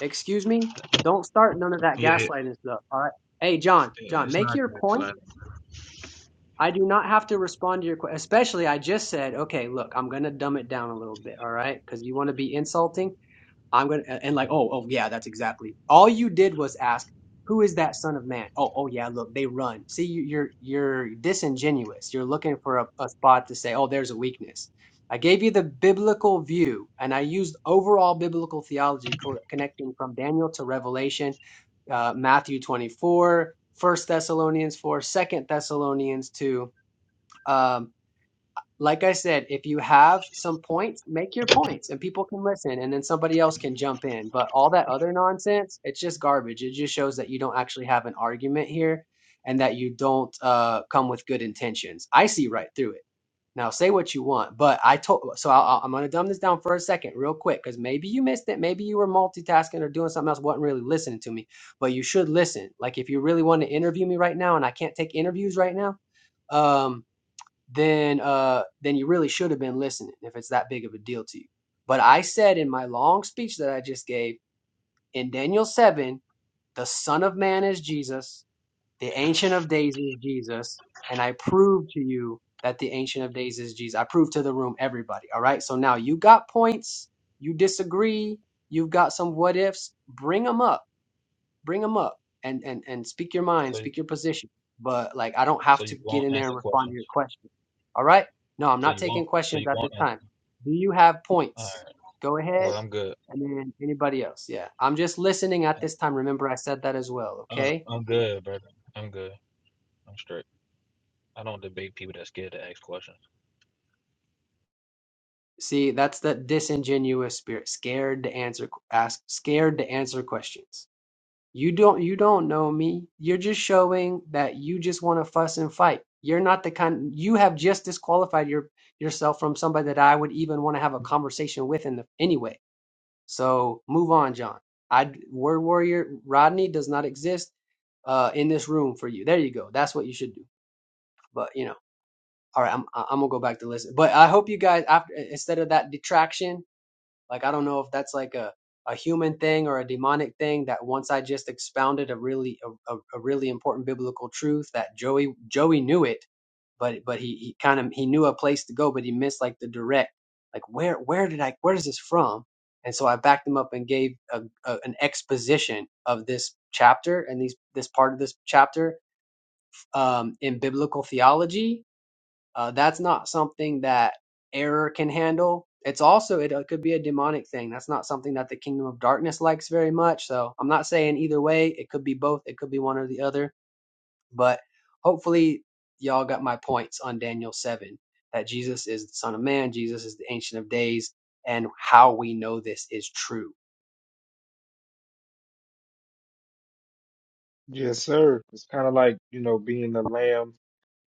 S11: Excuse me? Don't start none of that
S15: Yeah,
S11: gaslighting stuff, all right? Hey, John,
S15: yeah,
S11: John,
S15: it's
S11: make
S15: not
S11: your point.
S15: good.
S11: I do not have to respond to your question, especially I just said, okay, look, I'm going to dumb it down a little bit, all right? Because you want to be insulting. I'm gonna and like, oh, oh yeah, that's exactly. All you did was ask, who is that son of man? Oh, oh yeah, look, they run. See, you, you're you're disingenuous. You're looking for a, a spot to say, oh, there's a weakness. I gave you the biblical view, and I used overall biblical theology co- connecting from Daniel to Revelation, uh, Matthew 24 first Thessalonians 4, Second Thessalonians 2. um, like I said, if you have some points, make your points and people can listen and then somebody else can jump in. But all that other nonsense, it's just garbage. It just shows that you don't actually have an argument here and that you don't uh, come with good intentions. I see right through it. Now say what you want, but I told so I, I- I'm gonna dumb this down for a second, real quick, because maybe you missed it, maybe you were multitasking or doing something else, wasn't really listening to me. But you should listen. Like if you really want to interview me right now, and I can't take interviews right now, um, then uh then you really should have been listening if it's that big of a deal to you. But I said in my long speech that I just gave in Daniel 7, the son of man is Jesus, the ancient of days is Jesus, and I proved to you that the ancient of days is Jesus. I proved to the room everybody, all right? So now you got points, you disagree, you've got some what ifs, bring them up bring them up and and and speak your mind,
S15: So,
S11: speak your position. But like, I don't
S15: so
S11: have to
S15: you
S11: get
S15: won't
S11: in there
S15: answer
S11: and respond to
S15: questions.
S11: your question. All right? No, I'm
S15: So
S11: not
S15: you
S11: taking
S15: won't. So
S11: questions
S15: you
S11: at this
S15: won't answer.
S11: time.
S15: Them.
S11: Do you have
S15: All
S11: points?
S15: right.
S11: Go ahead,
S15: Well, I'm good.
S11: and then anybody else. Yeah, I'm just listening at this time. Remember, I said that as well.
S15: Uh,
S11: Okay.
S15: I'm good, brother. I'm good. I'm straight. I don't debate people that's scared to ask questions.
S11: See, that's that disingenuous spirit, scared to answer, ask, scared to answer questions. You don't you don't know me. You're just showing that you just want to fuss and fight. You're not the kind you have just disqualified your yourself from somebody that I would even want to have a conversation with in the anyway. So move on, John. I word warrior Rodney does not exist uh in this room for you. There you go. That's what you should do. But you know, all right, I'm I'm gonna go back to listen. But I hope you guys after instead of that detraction like I don't know if that's like a a human thing or a demonic thing that once I just expounded a really a, a, a really important biblical truth that Joey Joey knew it, but but he, he kind of he knew a place to go, but he missed like the direct like where where did I where is this from? And so I backed him up and gave a, a, an exposition of this chapter and these this part of this chapter um, in biblical theology uh, that's not something that error can handle. It's also it, uh, could be a demonic thing. That's not something that the kingdom of darkness likes very much. So I'm not saying either way. It could be both. It could be one or the other. But hopefully y'all got my points on Daniel seven that Jesus is the Son of Man. Jesus is the Ancient of Days, and how we know this is true
S4: Yes, sir. It's kind of like, you know, being the lamb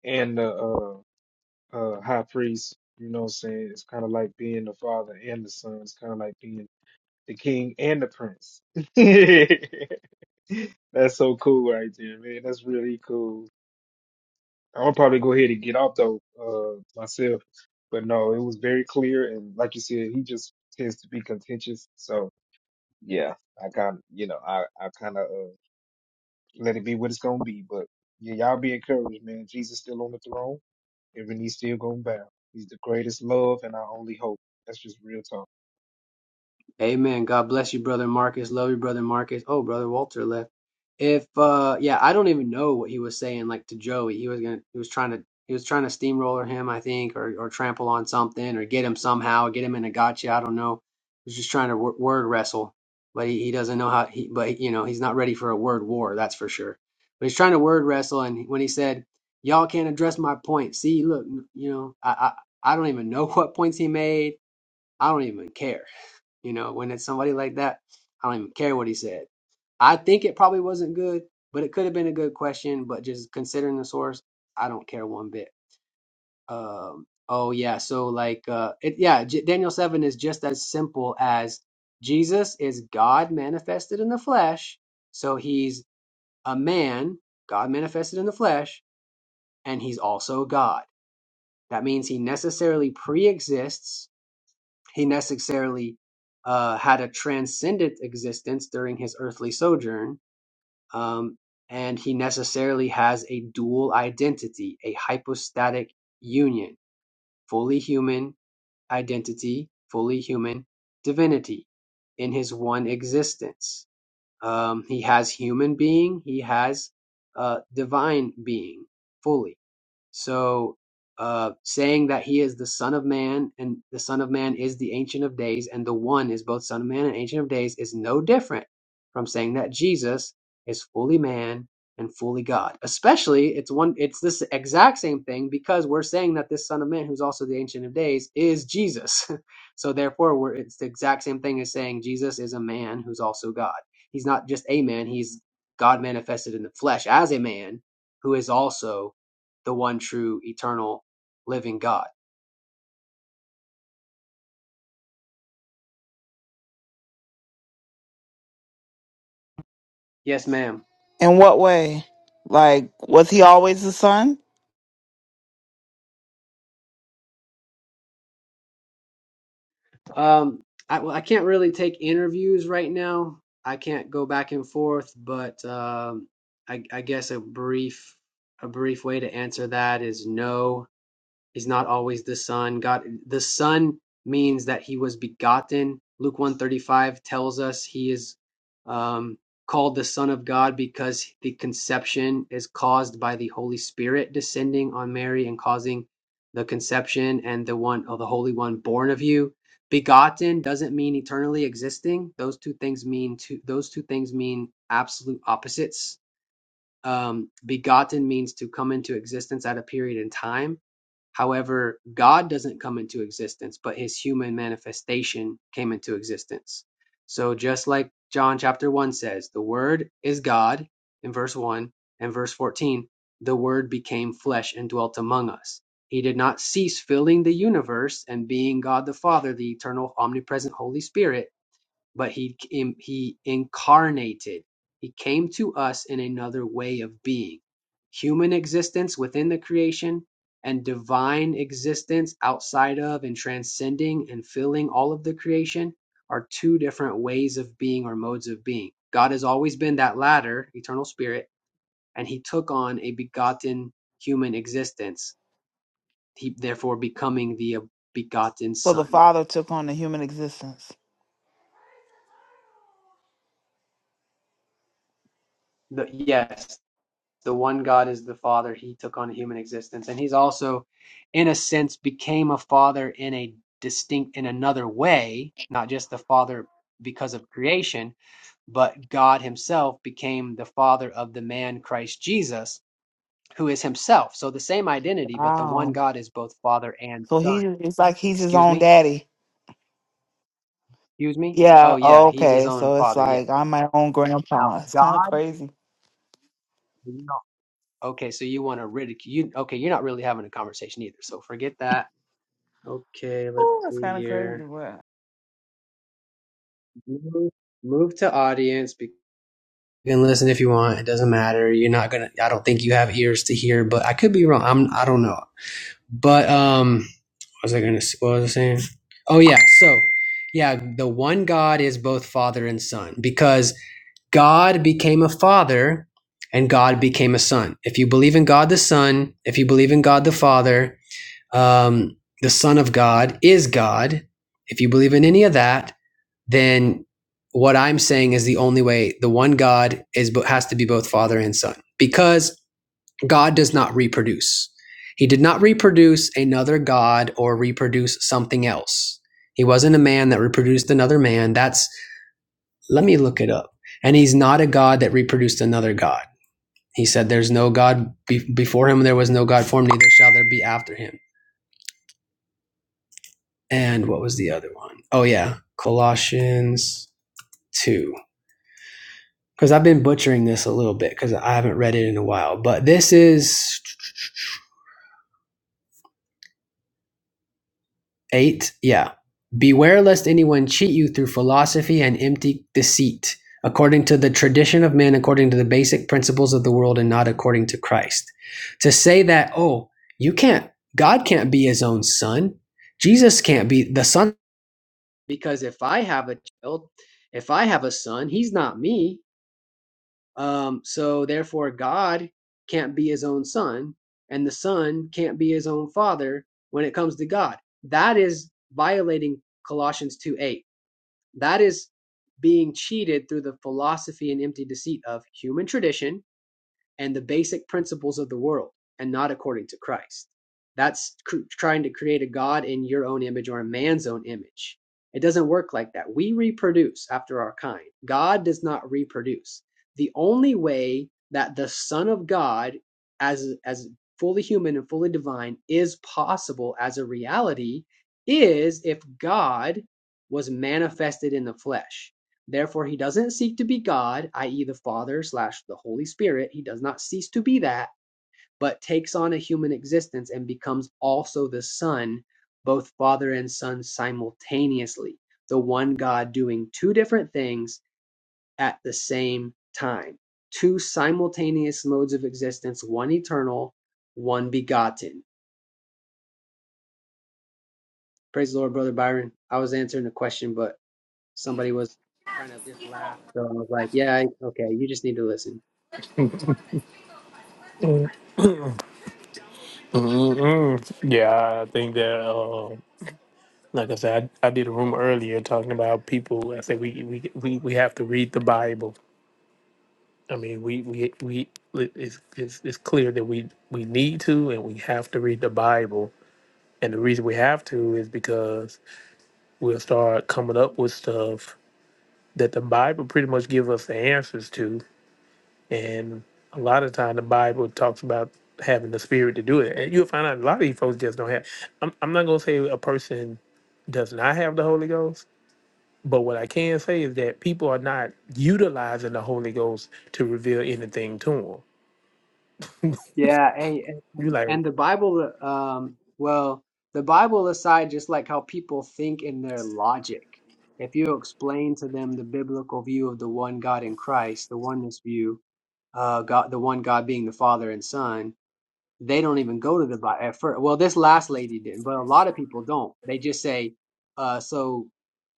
S4: and the uh, uh, high priest. You know what I'm saying? It's kind of like being the father and the son. It's kind of like being the king and the prince. That's so cool right there, man. That's really cool. i will probably go ahead and get off though, uh, myself. But no, it was very clear and like you said, he just tends to be contentious. So yeah, I kind of, you know, I, I kind of uh, let it be what it's gonna be. But yeah, y'all be encouraged, man. Jesus still on the throne. Every knee's still gonna bow. He's the greatest love and our only hope. That's just real talk.
S11: Amen. God bless you, brother Marcus. Love you, brother Marcus. Oh, brother Walter left. If uh yeah, I don't even know what he was saying like to Joey. He was gonna he was trying to he was trying to steamroller him, I think, or or trample on something or get him somehow, get him in a gotcha. I don't know. He was just trying to w- word wrestle, but he, he doesn't know how he but you know, he's not ready for a word war, that's for sure. But he's trying to word wrestle and when he said, Y'all can't address my point. See, look, you know, I I, I don't even know what points he made. I don't even care you know, when it's somebody like that, I don't even care what he said. I think it probably wasn't good, but it could have been a good question. But just considering the source, I don't care one bit. Um, oh yeah, so like, uh, it, yeah, J- Daniel seven is just as simple as Jesus is God manifested in the flesh, so he's a man, God manifested in the flesh, and he's also God. That means he necessarily pre-exists he necessarily uh, had a transcendent existence during his earthly sojourn, um, and he necessarily has a dual identity, a hypostatic union, fully human identity, fully human divinity in his one existence. Um, he has human being, he has uh, divine being fully so, uh, saying that he is the Son of Man, and the Son of Man is the Ancient of Days, and the One is both Son of Man and Ancient of Days, is no different from saying that Jesus is fully man and fully God. Especially, it's one, it's this exact same thing because we're saying that this Son of Man, who's also the Ancient of Days, is Jesus. so therefore, we're, it's the exact same thing as saying Jesus is a man who's also God. He's not just a man; he's God manifested in the flesh as a man who is also the one true eternal living God. Yes, ma'am.
S16: In what way? Like, was he always the son?
S11: Um, I, well, I can't really take interviews right now. I can't go back and forth, but um, I, I guess a brief a brief way to answer that is no. is not always the son god the son means that he was begotten luke 135 tells us he is um, called the son of god because the conception is caused by the holy spirit descending on mary and causing the conception and the one, oh, the holy one born of you begotten doesn't mean eternally existing those two things mean two those two things mean absolute opposites um, begotten means to come into existence at a period in time. However, God doesn't come into existence, but his human manifestation came into existence. So, just like John chapter 1 says, the Word is God in verse 1 and verse 14, the Word became flesh and dwelt among us. He did not cease filling the universe and being God the Father, the eternal, omnipresent Holy Spirit but he he incarnated. He came to us in another way of being. Human existence within the creation and divine existence outside of and transcending and filling all of the creation are two different ways of being or modes of being. God has always been that latter, eternal spirit, and he took on a begotten human existence, he therefore becoming the begotten
S16: So the
S11: son.
S16: father took on the human existence.
S11: The, yes, the one God is the Father. He took on a human existence, and he's also, in a sense, became a father in a distinct, in another way, not just the Father because of creation, but God Himself became the Father of the man Christ Jesus, who is Himself. So the same identity, but the one
S16: Wow.
S11: God is both Father and
S16: So he
S11: Son.
S16: it's like he's his
S11: Excuse
S16: own
S11: me?
S16: daddy.
S11: Excuse me? Oh
S16: Yeah.
S11: yeah, He's His
S16: Okay.
S11: own
S16: So it's
S11: Father. Yeah.
S16: like I'm my own
S11: Now
S16: grandpa. It's kind of
S11: God.
S16: crazy.
S11: No. Okay, so you want to ridicule? You okay? You're not really having a conversation either. So forget that Okay, let's
S16: Oh, it's
S11: see
S16: kind of crazy.
S11: here.
S16: What?
S11: Move, move to audience. be- You can listen if you want. It doesn't matter. You're not gonna. I don't think you have ears to hear, but I could be wrong. I'm. I don't know. But um, what was I gonna? s- What was I saying? Oh yeah. So yeah, the one God is both Father and Son because God became a Father and God became a Son. If you believe in God the Son, if you believe in God the Father, um, the Son of God is God. If you believe in any of that then what I'm saying is the only way. The one God is has to be both Father and Son because God does not reproduce. He did not reproduce another God or reproduce something else. He wasn't a man that reproduced another man. That's let me look it up. And he's not a God that reproduced another God. He said, "There's no God be- before him. There was no God formed. Neither shall there be after him." And what was the other one? Oh yeah, Colossians two. because I've been butchering this a little bit because I haven't read it in a while. But this is eight. Yeah. Beware lest anyone cheat you through philosophy and empty deceit, according to the tradition of men, according to the basic principles of the world, and not according to Christ. To say that, oh, you can't, God can't be his own son. Jesus can't be the son because if I have a child, if I have a son, he's not me. Um, so therefore, God can't be his own son, and the son can't be his own father when it comes to God. That is violating Colossians 2 8. That is being cheated through the philosophy and empty deceit of human tradition and the basic principles of the world and not according to Christ. That's cr- trying to create a God in your own image or a man's own image. It doesn't work like that. We reproduce after our kind. God does not reproduce. The only way that the Son of God, as, as fully human and fully divine, is possible as a reality is if God was manifested in the flesh. Therefore he doesn't seek to be God, i.e., the Father slash the Holy Spirit. He does not cease to be that, but takes on a human existence and becomes also the Son, both Father and Son simultaneously. The one God doing two different things at the same time. Two simultaneous modes of existence, one eternal, one begotten. Praise the Lord, Brother Byron. I was answering the question, but somebody was trying to just laugh. So I was like, yeah, okay, you just need to listen.
S14: Mm-mm. Yeah, I think that, uh, like I said, I, I did a room earlier talking about people. I said we, we, we, we have to read the Bible I mean, we we we it's, it's it's clear that we we need to and we have to read the Bible, and the reason we have to is because we'll start coming up with stuff that the Bible pretty much give us the answers to, and a lot of time the Bible talks about having the Spirit to do it, and you'll find out a lot of these folks just don't have. I'm I'm not gonna say a person does not have the Holy Ghost, but what I can say is that people are not utilizing the Holy Ghost to reveal anything to them.
S11: Yeah, hey, and
S14: You
S11: and
S14: like,
S11: the Bible, um, well, the Bible aside, just like how people think in their logic, if you explain to them the biblical view of the one God in Christ, the oneness view, uh, God, the one God being the Father and Son, they don't even go to the Bible at first. Well, this last lady didn't, but a lot of people don't. They just say, uh, so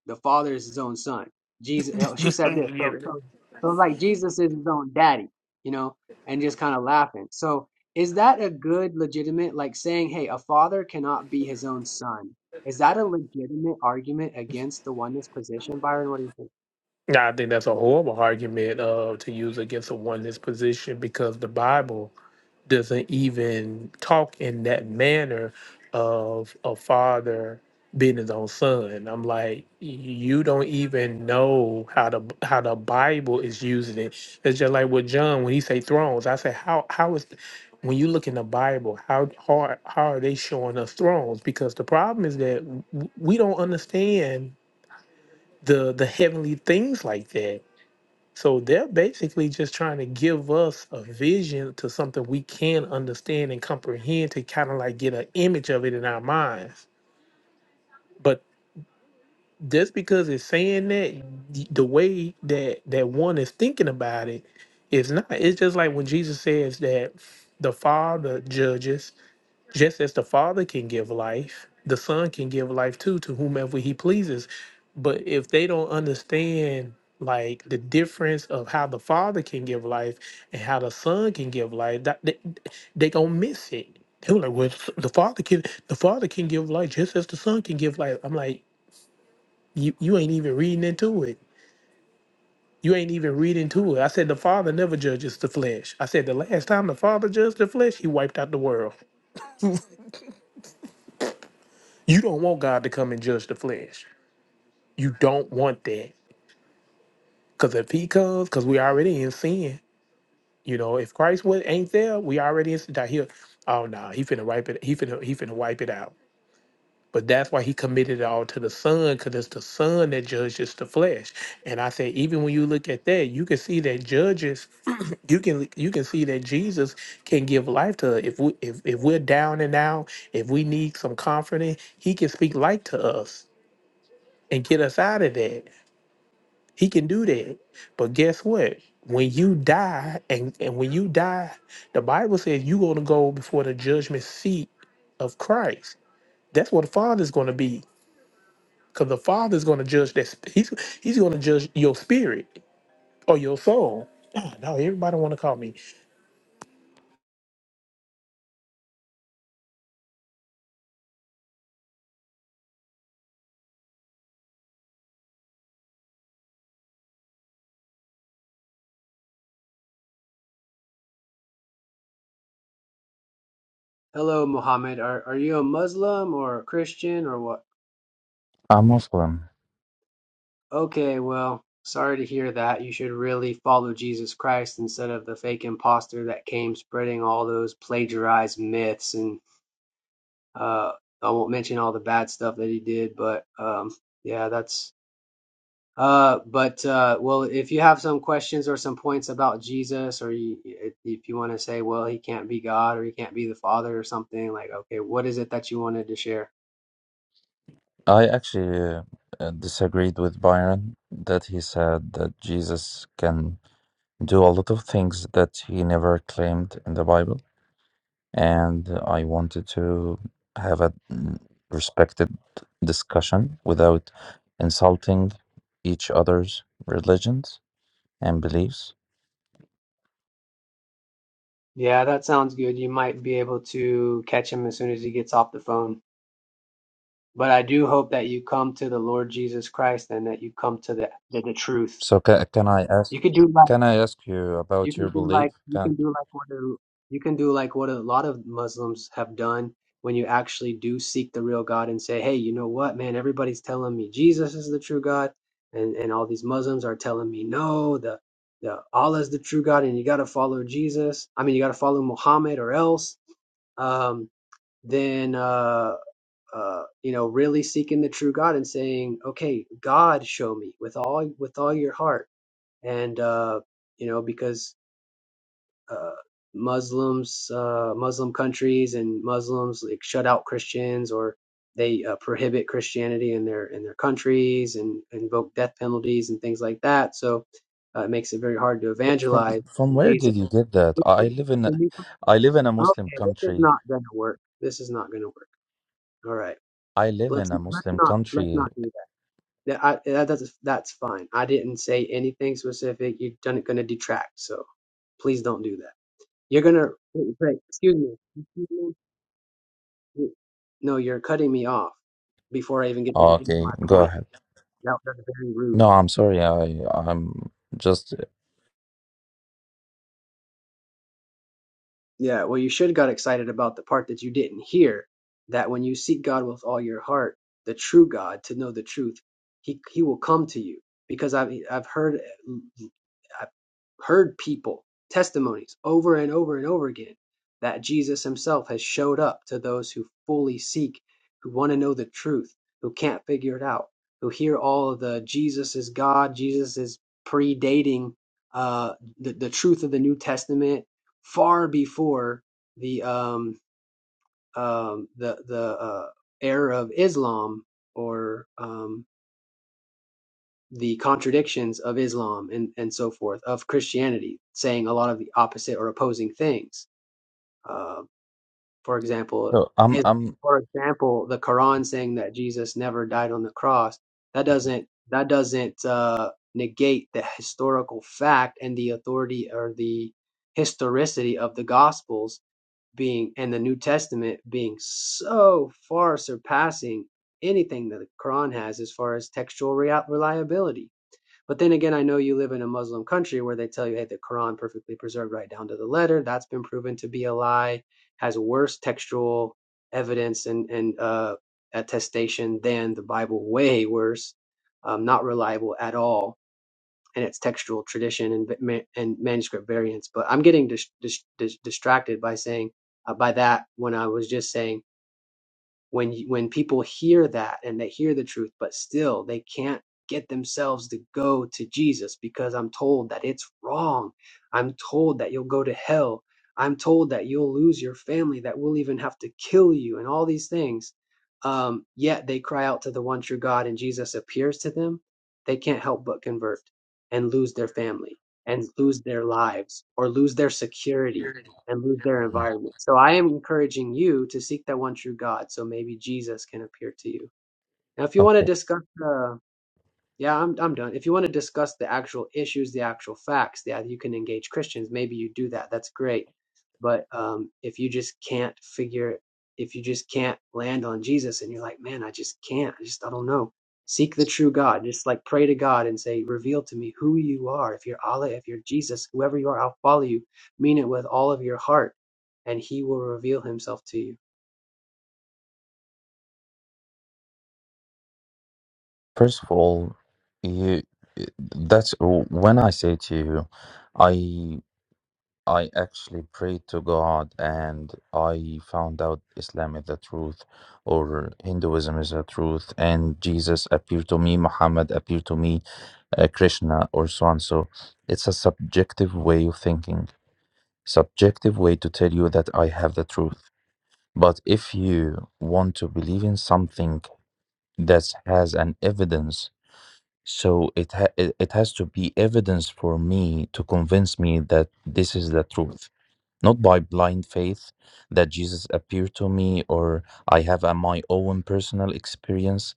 S11: the father is his own son. Jesus, hell, she said this.
S14: Yeah.
S11: So, so, so like Jesus is his own daddy, you know, and just kind of laughing. So is that a good legitimate, like saying, hey, a father cannot be his own son? Is that a legitimate argument against the oneness position, Byron? What do you think?
S14: Now, I think that's a horrible argument uh, to use against a oneness position because the Bible doesn't even talk in that manner of a father being his own son. I'm like, you don't even know how the how the Bible is using it. It's just like with John when he say thrones. I say, how how is when you look in the Bible, how hard how are they showing us thrones? Because the problem is that w- we don't understand the the heavenly things like that. So they're basically just trying to give us a vision to something we can understand and comprehend to kind of like get an image of it in our minds. But just because it's saying that, y- the way that that one is thinking about it is not. It's just like when Jesus says that the Father judges just as the Father can give life, the Son can give life too to whomever he pleases. But if they don't understand like the difference of how the Father can give life and how the Son can give life, that they, they gonna miss it. They were like, "Well, the Father can the Father can give life just as the Son can give life." I'm like, "You you ain't even reading into it." You ain't even reading to it. I said the Father never judges the flesh. I said the last time the Father judged the flesh, he wiped out the world. You don't want God to come and judge the flesh. You don't want that. Because if he comes, because we already in sin. You know, if Christ was, ain't there, we already in sin. Now He'll, oh, no, he finna wipe it. He finna, he finna wipe it out. But that's why he committed it all to the son, because it's the son that judges the flesh. And I say, even when you look at that, you can see that judges, you can you can see that Jesus can give life to us. if we if, if we're down and out, if we need some comforting, he can speak life to us and get us out of that. He can do that. But guess what? When you die, and, and when you die, the Bible says you're going to go before the judgment seat of Christ. That's what the Father's going to be. Because the Father's going to judge that. sp- He's, he's going to judge your spirit or your soul. Ah, No, everybody want to call me.
S11: Hello, Muhammad. Are, are you a Muslim or a Christian or what?
S17: I'm Muslim.
S11: Okay, well, sorry to hear that. You should really follow Jesus Christ instead of the fake imposter that came spreading all those plagiarized myths. And uh, I won't mention all the bad stuff that he did, but um, yeah, that's. Uh, but uh, well, if you have some questions or some points about Jesus, or you, if you want to say, well, he can't be God or he can't be the Father or something, like, okay, what is it that you wanted to share?
S17: I actually uh, disagreed with Byron that he said that Jesus can do a lot of things that he never claimed in the Bible, and I wanted to have a mm, respected discussion without insulting each other's religions and beliefs.
S11: Yeah, that sounds good. You might be able to catch him as soon as he gets off the phone. But I do hope that you come to the Lord Jesus Christ and that you come to the to the truth.
S17: So ca can I ask
S11: You could do like
S17: can I ask you
S11: you
S17: about
S11: can
S17: your
S11: do
S17: belief?
S11: like you
S17: Can,
S11: can do like what a, you can do like what a lot of Muslims have done when you actually do seek the real God and say, "Hey, you know what, man? Everybody's telling me Jesus is the true God, and and all these Muslims are telling me no, the the Allah is the true God, and you got to follow Jesus. I mean, you got to follow Muhammad or else." Um, then uh uh, you know, really seeking the true God and saying, okay, God, show me with all with all your heart, and uh, you know, because uh, Muslims, uh, Muslim countries, and Muslims like shut out Christians or they uh, prohibit Christianity in their in their countries and invoke death penalties and things like that. So uh, it makes it very hard to
S17: fr- from
S11: evangelize.
S17: from
S11: And
S17: where did
S11: Jesus,
S17: you get that?
S11: "You
S17: I
S11: preach-
S17: live in a,
S11: you preach-
S17: I live in a Muslim
S11: okay, this is
S17: country
S11: not going to work. This is not going to work. All right,
S17: I live
S11: let's
S17: in a
S11: let's
S17: Muslim
S11: not let's
S17: country.
S11: not do That I, that that's that's fine. I didn't say anything specific. You're done gonna detract, so please don't do that. You're gonna wait, wait, excuse me. Excuse me. No, you're cutting me off before I even get to
S17: Oh,
S11: the end of
S17: Okay,
S11: my
S17: go
S11: point.
S17: ahead.
S11: That was very rude.
S17: No, I'm sorry. I I'm just
S11: Yeah, well, you should got excited about the part that you didn't hear. That when you seek God with all your heart, the true God, to know the truth, he he will come to you. Because I've I've heard heard people testimonies over and over and over again that Jesus himself has showed up to those who fully seek, who want to know the truth, who can't figure it out, who hear all of the Jesus is God, Jesus is predating uh, the, the truth of the New Testament far before the um, um, the the uh, era of Islam or um, the contradictions of Islam and, and so forth, of Christianity, saying a lot of the opposite or opposing things. Uh, for example,
S17: no, I'm
S11: is
S17: I'm
S11: for example the Quran saying that Jesus never died on the cross. That doesn't that doesn't uh, negate the historical fact and the authority or the historicity of the Gospels being and the New Testament being so far surpassing anything that the Quran has as far as textual reliability but then again, I know you live in a Muslim country where they tell you, hey, the Quran perfectly preserved right down to the letter. That's been proven to be a lie, has worse textual evidence and, and uh, attestation than the Bible, way worse, um, not reliable at all. And its textual tradition and ma- and manuscript variants, but I'm getting dis- dis- dis- distracted by saying uh, by that when I was just saying when you, when people hear that and they hear the truth but still they can't get themselves to go to Jesus because I'm told that it's wrong. I'm told that you'll go to hell. I'm told that you'll lose your family, that we'll even have to kill you and all these things. Um, yet they cry out to the one true God and Jesus appears to them. They can't help but convert and lose their family and lose their lives or lose their security and lose their environment. So I am encouraging you to seek that one true God, so maybe Jesus can appear to you. Now, if you want to
S17: okay.
S11: discuss uh, yeah, I'm I'm done. If you want to discuss the actual issues, the actual facts, yeah, you can engage Christians. Maybe you do that. That's great. But um, if you just can't figure, if you just can't land on Jesus, and you're like, man, I just can't. I just I don't know. Seek the true God. Just like pray to God and say, reveal to me who you are. If you're Allah, if you're Jesus, whoever you are, I'll follow you. Mean it with all of your heart, and He will reveal Himself to you.
S17: First of all, you that's when I say to you, I I actually prayed to God and I found out Islam is the truth or Hinduism is the truth and Jesus appeared to me, Muhammad appeared to me, uh, Krishna or so on. So it's a subjective way of thinking subjective way to tell you that I have the truth. But if you want to believe in something that has an evidence, so it ha- it it has to be evidence for me to convince me that this is the truth, not by blind faith that Jesus appeared to me or I have a, my own personal experience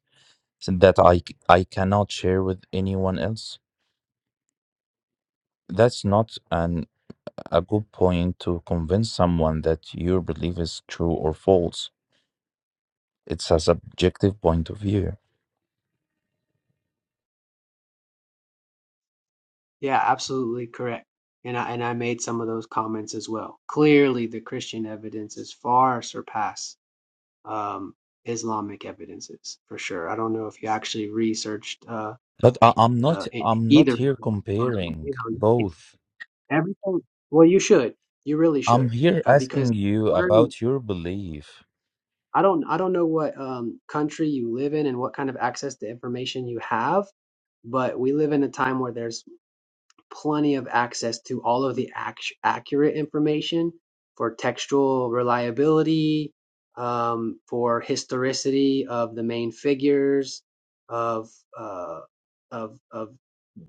S17: that I c- I cannot share with anyone else. That's not an a good point to convince someone that your belief is true or false It's a subjective point of view.
S11: Yeah, absolutely correct. And I and I made some of those comments as well. Clearly, the Christian evidences far surpass um, Islamic evidences for sure. I don't know if you actually researched uh,
S17: But I, I'm not
S11: uh, e-
S17: I'm not
S11: either. of
S17: here
S11: them, but,
S17: comparing
S11: You know,
S17: both.
S11: everything. Well, you should. You really
S17: I'm
S11: should,
S17: here
S11: uh, because
S17: asking you
S11: we're. In,
S17: about your belief.
S11: I don't. I don't know what um, country you live in and what kind of access to information you have, but we live in a time where there's plenty of access to all of the act- accurate information for textual reliability, um, for historicity of the main figures, of uh, of of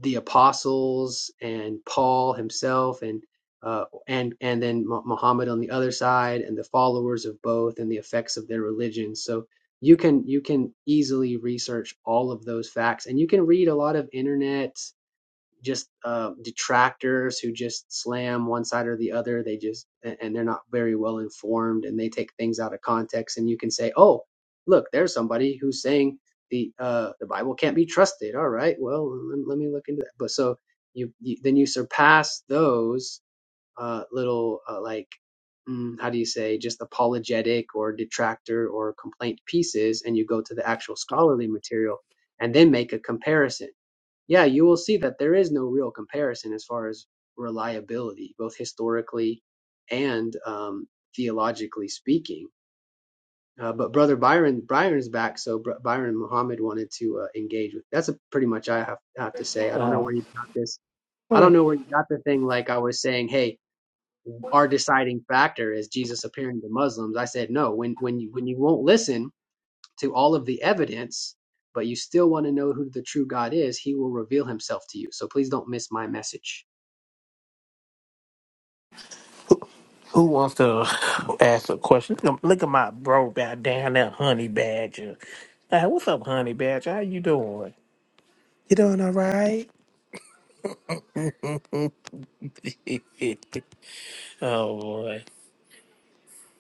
S11: the apostles and Paul himself, and uh, and and then Muhammad on the other side, and the followers of both, and the effects of their religion. So you can you can easily research all of those facts, and you can read a lot of internet just uh, detractors who just slam one side or the other. They just and, they're not very well informed, and they take things out of context. And you can say, "Oh, look, there's somebody who's saying the uh, the Bible can't be trusted." All right, well, let, let me look into that. But so you, you then you surpass those uh, little uh, like mm, how do you say just apologetic or detractor or complaint pieces, and you go to the actual scholarly material and then make a comparison yeah, you will see that there is no real comparison as far as reliability, both historically and um, theologically speaking. Uh, but brother Byron, Byron's back, so Br- Byron Muhammad wanted to uh, engage with. That's a pretty much I have, have to say. I don't know
S14: Uh,
S11: where you got this. I don't know
S14: who
S11: where you got the thing. Like I was saying, hey, our deciding factor is Jesus appearing to Muslims. I said no. When when you when you won't listen, to all of the evidence, but you still want to know who the true God is, he will reveal himself to you. So please don't miss my message.
S14: wants to ask a question? Look at look at my bro back down there, Honey Badger. Hey, what's up, Honey Badger? How you doing? You doing all right? Oh boy,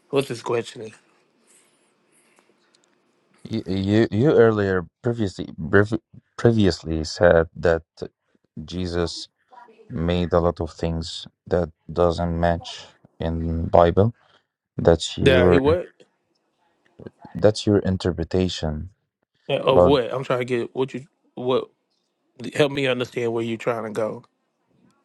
S14: what's his question?
S17: You you, you earlier previously prev- previously said that Jesus made a lot of things that doesn't match in Bible. That's
S14: Yeah, he
S17: your
S14: what
S17: that's your interpretation.
S14: of
S17: But
S14: what? I'm trying to get what you what. Help me understand where you're trying to go.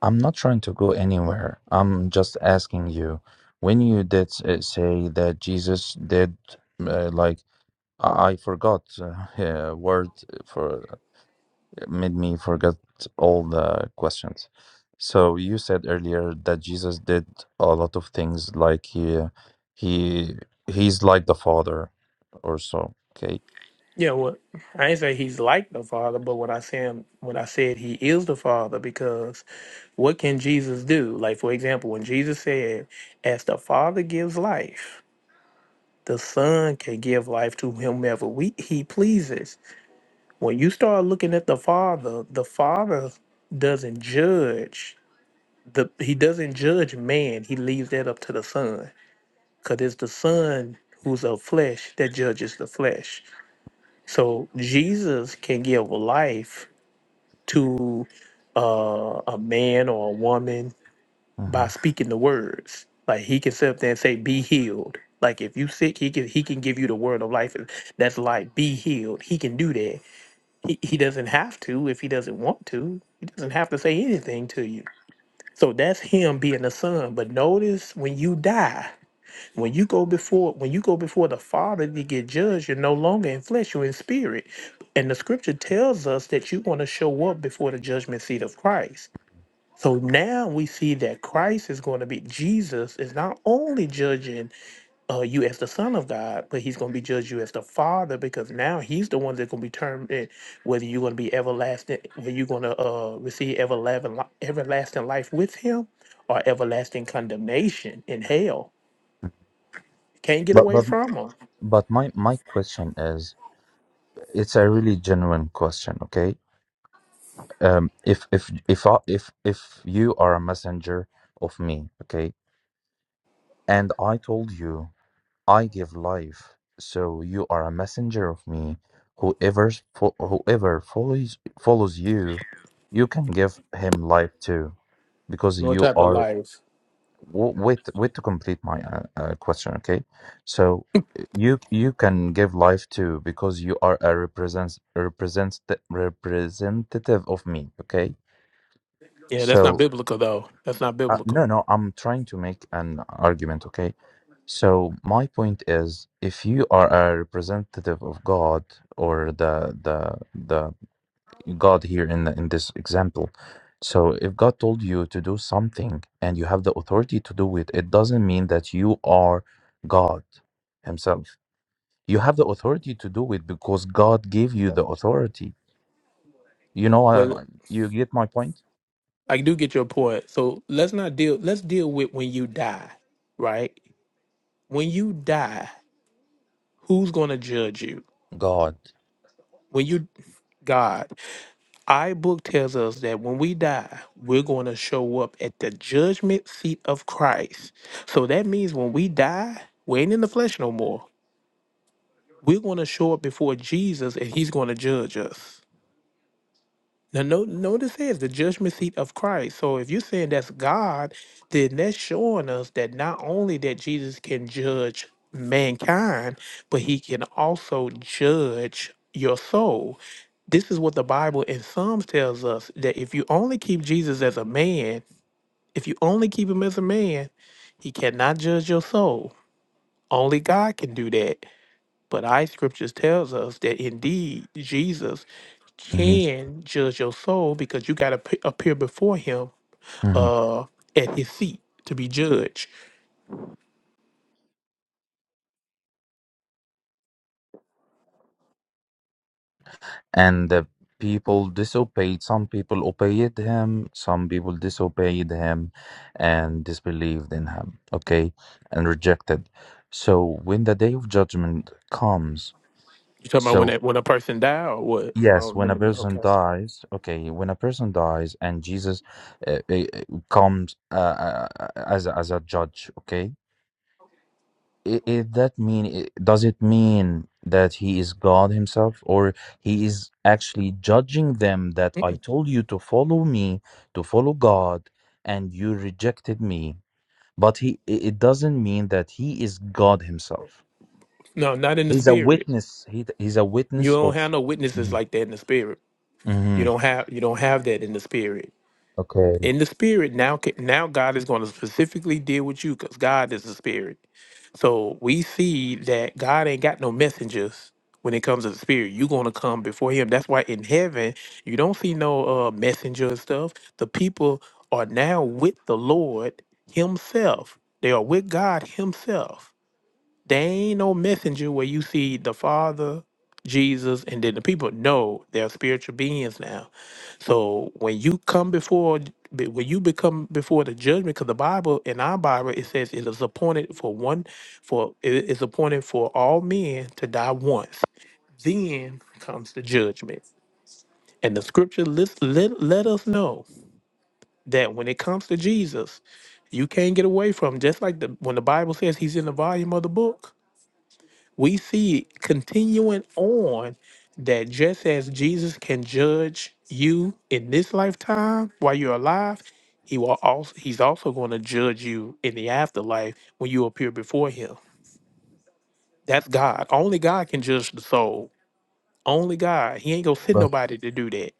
S17: I'm not trying to go anywhere. I'm just asking you, when you did uh, say that Jesus did, uh, like I I forgot uh, uh, word for made me forget all the questions. So you said earlier that Jesus did a lot of things, like he he he's like the Father, or so. Okay,
S14: Yeah, well, I ain't say he's like the father, but what I said when I said he is the father, because what can Jesus do? Like for example, when Jesus said, "As the Father gives life." The Son can give life to whomever we, He pleases. When you start looking at the Father, the Father doesn't judge the he doesn't judge man he leaves that up to the son because it's the son who's of flesh that judges the flesh so jesus can give life to uh, a man or a woman by
S17: Mhm.
S14: speaking the words like he can sit up there and say be healed like if you sick he can he can give you the word of life that's like be healed he can do that he, he doesn't have to if he doesn't want to he doesn't have to say anything to you So that's him being the son. But notice when you die, when you go before when you go before the Father to get judged, you're no longer in flesh, you're in spirit. And the scripture tells us that you want to show up before the judgment seat of Christ. So now we see that Christ is going to be Jesus is not only judging uh, you as the son of God, but he's going to be judge you as the father because now he's the one that's going to be determined whether you're going to be everlasting, whether you're going to uh, receive everlasting, li- everlasting life with him or everlasting condemnation in hell. Can't get
S17: but
S14: away
S17: but
S14: from him.
S17: but my my question is, it's a really genuine question. Okay um, if if if I, if if you are a messenger of me, okay, and I told you I give life, so you are a messenger of me. Whoever fo- whoever follows follows you, you can give him life too, because you
S14: Type of
S17: are.
S14: life.
S17: w- Wait, wait to complete my uh, uh, question, okay? So you you can give life too because you are a represents represents representative of me, okay?
S14: Yeah, that's not
S17: So
S14: biblical though. That's not
S17: Uh,
S14: biblical.
S17: no, no, I'm trying to make an argument, okay? So my point is, if you are a representative of God or the the the God here in the, in this example, so if God told you to do something and you have the authority to do it, it doesn't mean that you are God Himself. You have the authority to do it because God gave you the authority. You know,
S14: Well,
S17: uh, you get my point?
S14: I do get your point. So let's not deal. Let's deal with when you die, right? When you die, who's going to judge you?
S17: God.
S14: When you God. Our book tells us that when we die, we're going to show up at the judgment seat of Christ. So that means when we die, we ain't in the flesh no more. We're going to show up before Jesus and he's going to judge us. Now, no, notice here is the judgment seat of Christ. So, if you're saying that's God, then that's showing us that not only that Jesus can judge mankind, but he can also judge your soul. This is what the Bible in Psalms tells us that if you only keep Jesus as a man, if you only keep him as a man, he cannot judge your soul. Only God can do that. But our scriptures tells us that indeed Jesus can judge your soul because you got to p- appear before him uh, at his seat to be judged.
S17: and the people disobeyed some people obeyed him some people disobeyed him and disbelieved in him okay and rejected so when the day of judgment comes
S14: You talking about when
S17: so
S14: that, when a person die or what? Oh,
S17: yes when a
S14: remember that?
S17: person
S14: Okay.
S17: dies okay when a person dies and jesus uh, uh, uh, comes uh, uh, uh, as a, as a judge okay i- is that mean i- does it mean that he is god himself or he is actually judging them that i
S14: Mm-mm.
S17: told you to follow me to follow god and you rejected me but he i- it doesn't mean that he is god himself
S14: No, not in the
S17: he's a
S14: spirit.
S17: witness he, he's a
S14: You
S17: witness
S14: don't
S17: of
S14: have no witnesses
S17: Mhm.
S14: like that in the spirit. You
S17: Mhm.
S14: don't have you don't have that in the spirit.
S17: okay
S14: in the spirit now ca- now god is going to specifically deal with you because god is the spirit so we see that god ain't got no messengers when it comes to the spirit you're going to come before him that's why in heaven you don't see no uh messenger and stuff the people are now with the lord himself they are with god himself there ain't no messenger where you see the Father, Jesus, and then the people. No, they're spiritual beings now. So when you come before, be- when you become before the judgment, because the Bible in our Bible it says it is appointed for one, for it is appointed for all men to die once. Then comes the judgment, and the Scripture let let, let us know that when it comes to Jesus, you can't get away from. Just like the when the Bible says He's in the volume of the book we see continuing on that just as Jesus can judge you in this lifetime while you're alive, he will also he's also going to judge you in the afterlife when you appear before him. That's God. Only God can judge the soul. Only God. He ain't gonna send
S17: but
S14: nobody to do that.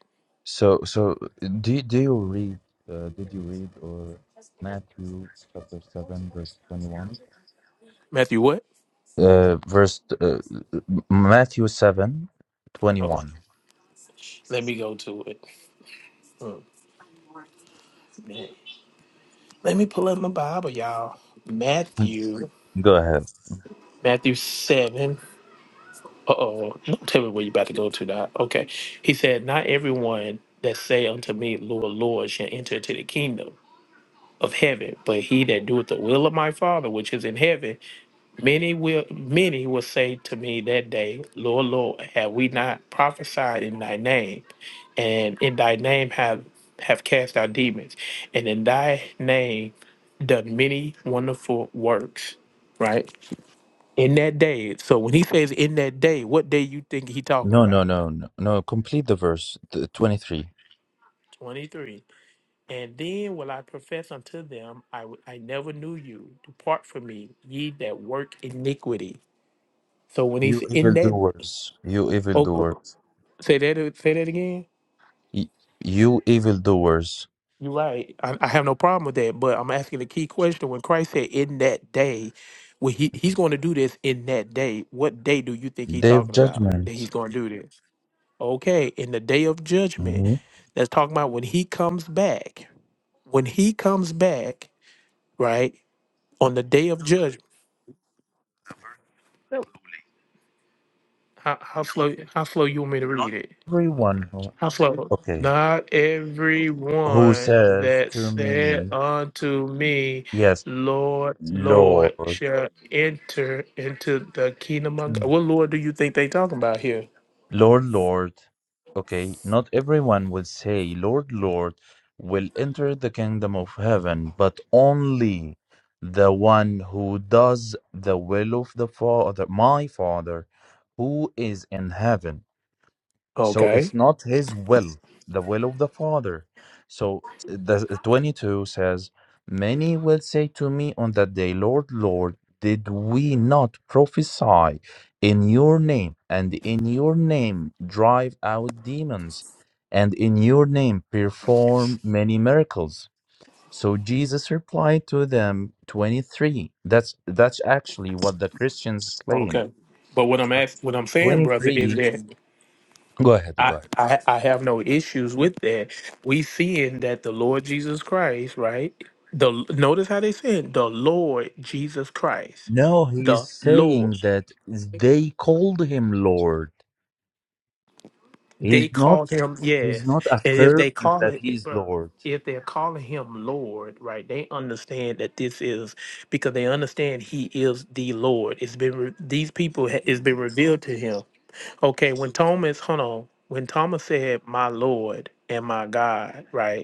S17: so so do, you- do you read uh, did you read or matthew chapter 7 verse 21
S14: Matthew, what?
S17: Uh, verse uh, Matthew seven twenty
S14: Hold on.
S17: one.
S14: Let me go to it. Oh, man. Let me pull up my Bible, y'all. Matthew.
S17: Go ahead.
S14: Matthew seven. Uh oh, don't tell me where you about to go to now. Okay. He said, Not everyone that say unto me, Lord, Lord, shall enter into the kingdom of heaven, but he that doeth the will of my father which is in heaven, many will many will say to me that day, Lord, Lord, have we not prophesied in thy name? And in thy name have have cast out demons, and in thy name done many wonderful works. Right? In that day. So when he says in that day, what day you think he talking
S17: No, no,
S14: about?
S17: no, no, no. Complete the verse th- 23.
S14: 23. And then will I profess unto them, I, w- I never knew you. Depart from me, ye that work iniquity. So when he's
S17: You
S14: in that,
S17: evildoers, you
S14: oh,
S17: evildoers,
S14: say that say that again.
S17: y- you evildoers,
S14: You're right. I, I have no problem with that, but I'm asking a key question. When Christ said in that day, well, he, he's going to do this in that day. What day do you think he's
S17: day of
S14: talking about that
S17: judgment.
S14: he's going to do this? Okay, in the day of judgment,
S17: Mhm.
S14: that's talking about when he comes back. When he comes back, right on the day of judgment. How, how slow? How slow you want me to read it?
S17: Everyone, who,
S14: How slow?
S17: okay,
S14: Not
S17: who
S14: everyone
S17: says
S14: that
S17: to
S14: said
S17: me,
S14: unto me,
S17: Yes,
S14: Lord, Lord,
S17: Lord,
S14: shall enter into the kingdom of God. What Lord do you think they talking about here?
S17: Lord, Lord. Okay, not everyone will say, Lord, Lord, will enter the kingdom of heaven, but only the one who does the will of the Father, my Father, who is in heaven so it's
S14: Okay.
S17: not his will the will of the father so the 22 says many will say to me on that day lord lord did we not prophesy in your name and in your name drive out demons and in your name perform many miracles so jesus replied to them 23 that's that's actually what the christians claim
S14: Okay. But what I'm asking, what I'm saying, brother, is
S17: 23
S14: that
S17: go ahead
S14: I,
S17: go ahead
S14: I I have no issues with that. We seeing that the Lord Jesus Christ, right? The notice how they said the Lord Jesus Christ,
S17: No, he's
S14: the Lord.
S17: saying that they called him Lord.
S14: They
S17: He's
S14: call
S17: not
S14: him
S17: he's
S14: yes,
S17: not
S14: and if they
S17: affirming
S14: call
S17: that
S14: it,
S17: he's
S14: bro,
S17: Lord.
S14: if they're calling him Lord, right? They understand that this is because they understand he is the Lord. It's been re- these people ha- it's been revealed to him. Okay, when Thomas, hold on, when Thomas said, "My Lord and my God," right?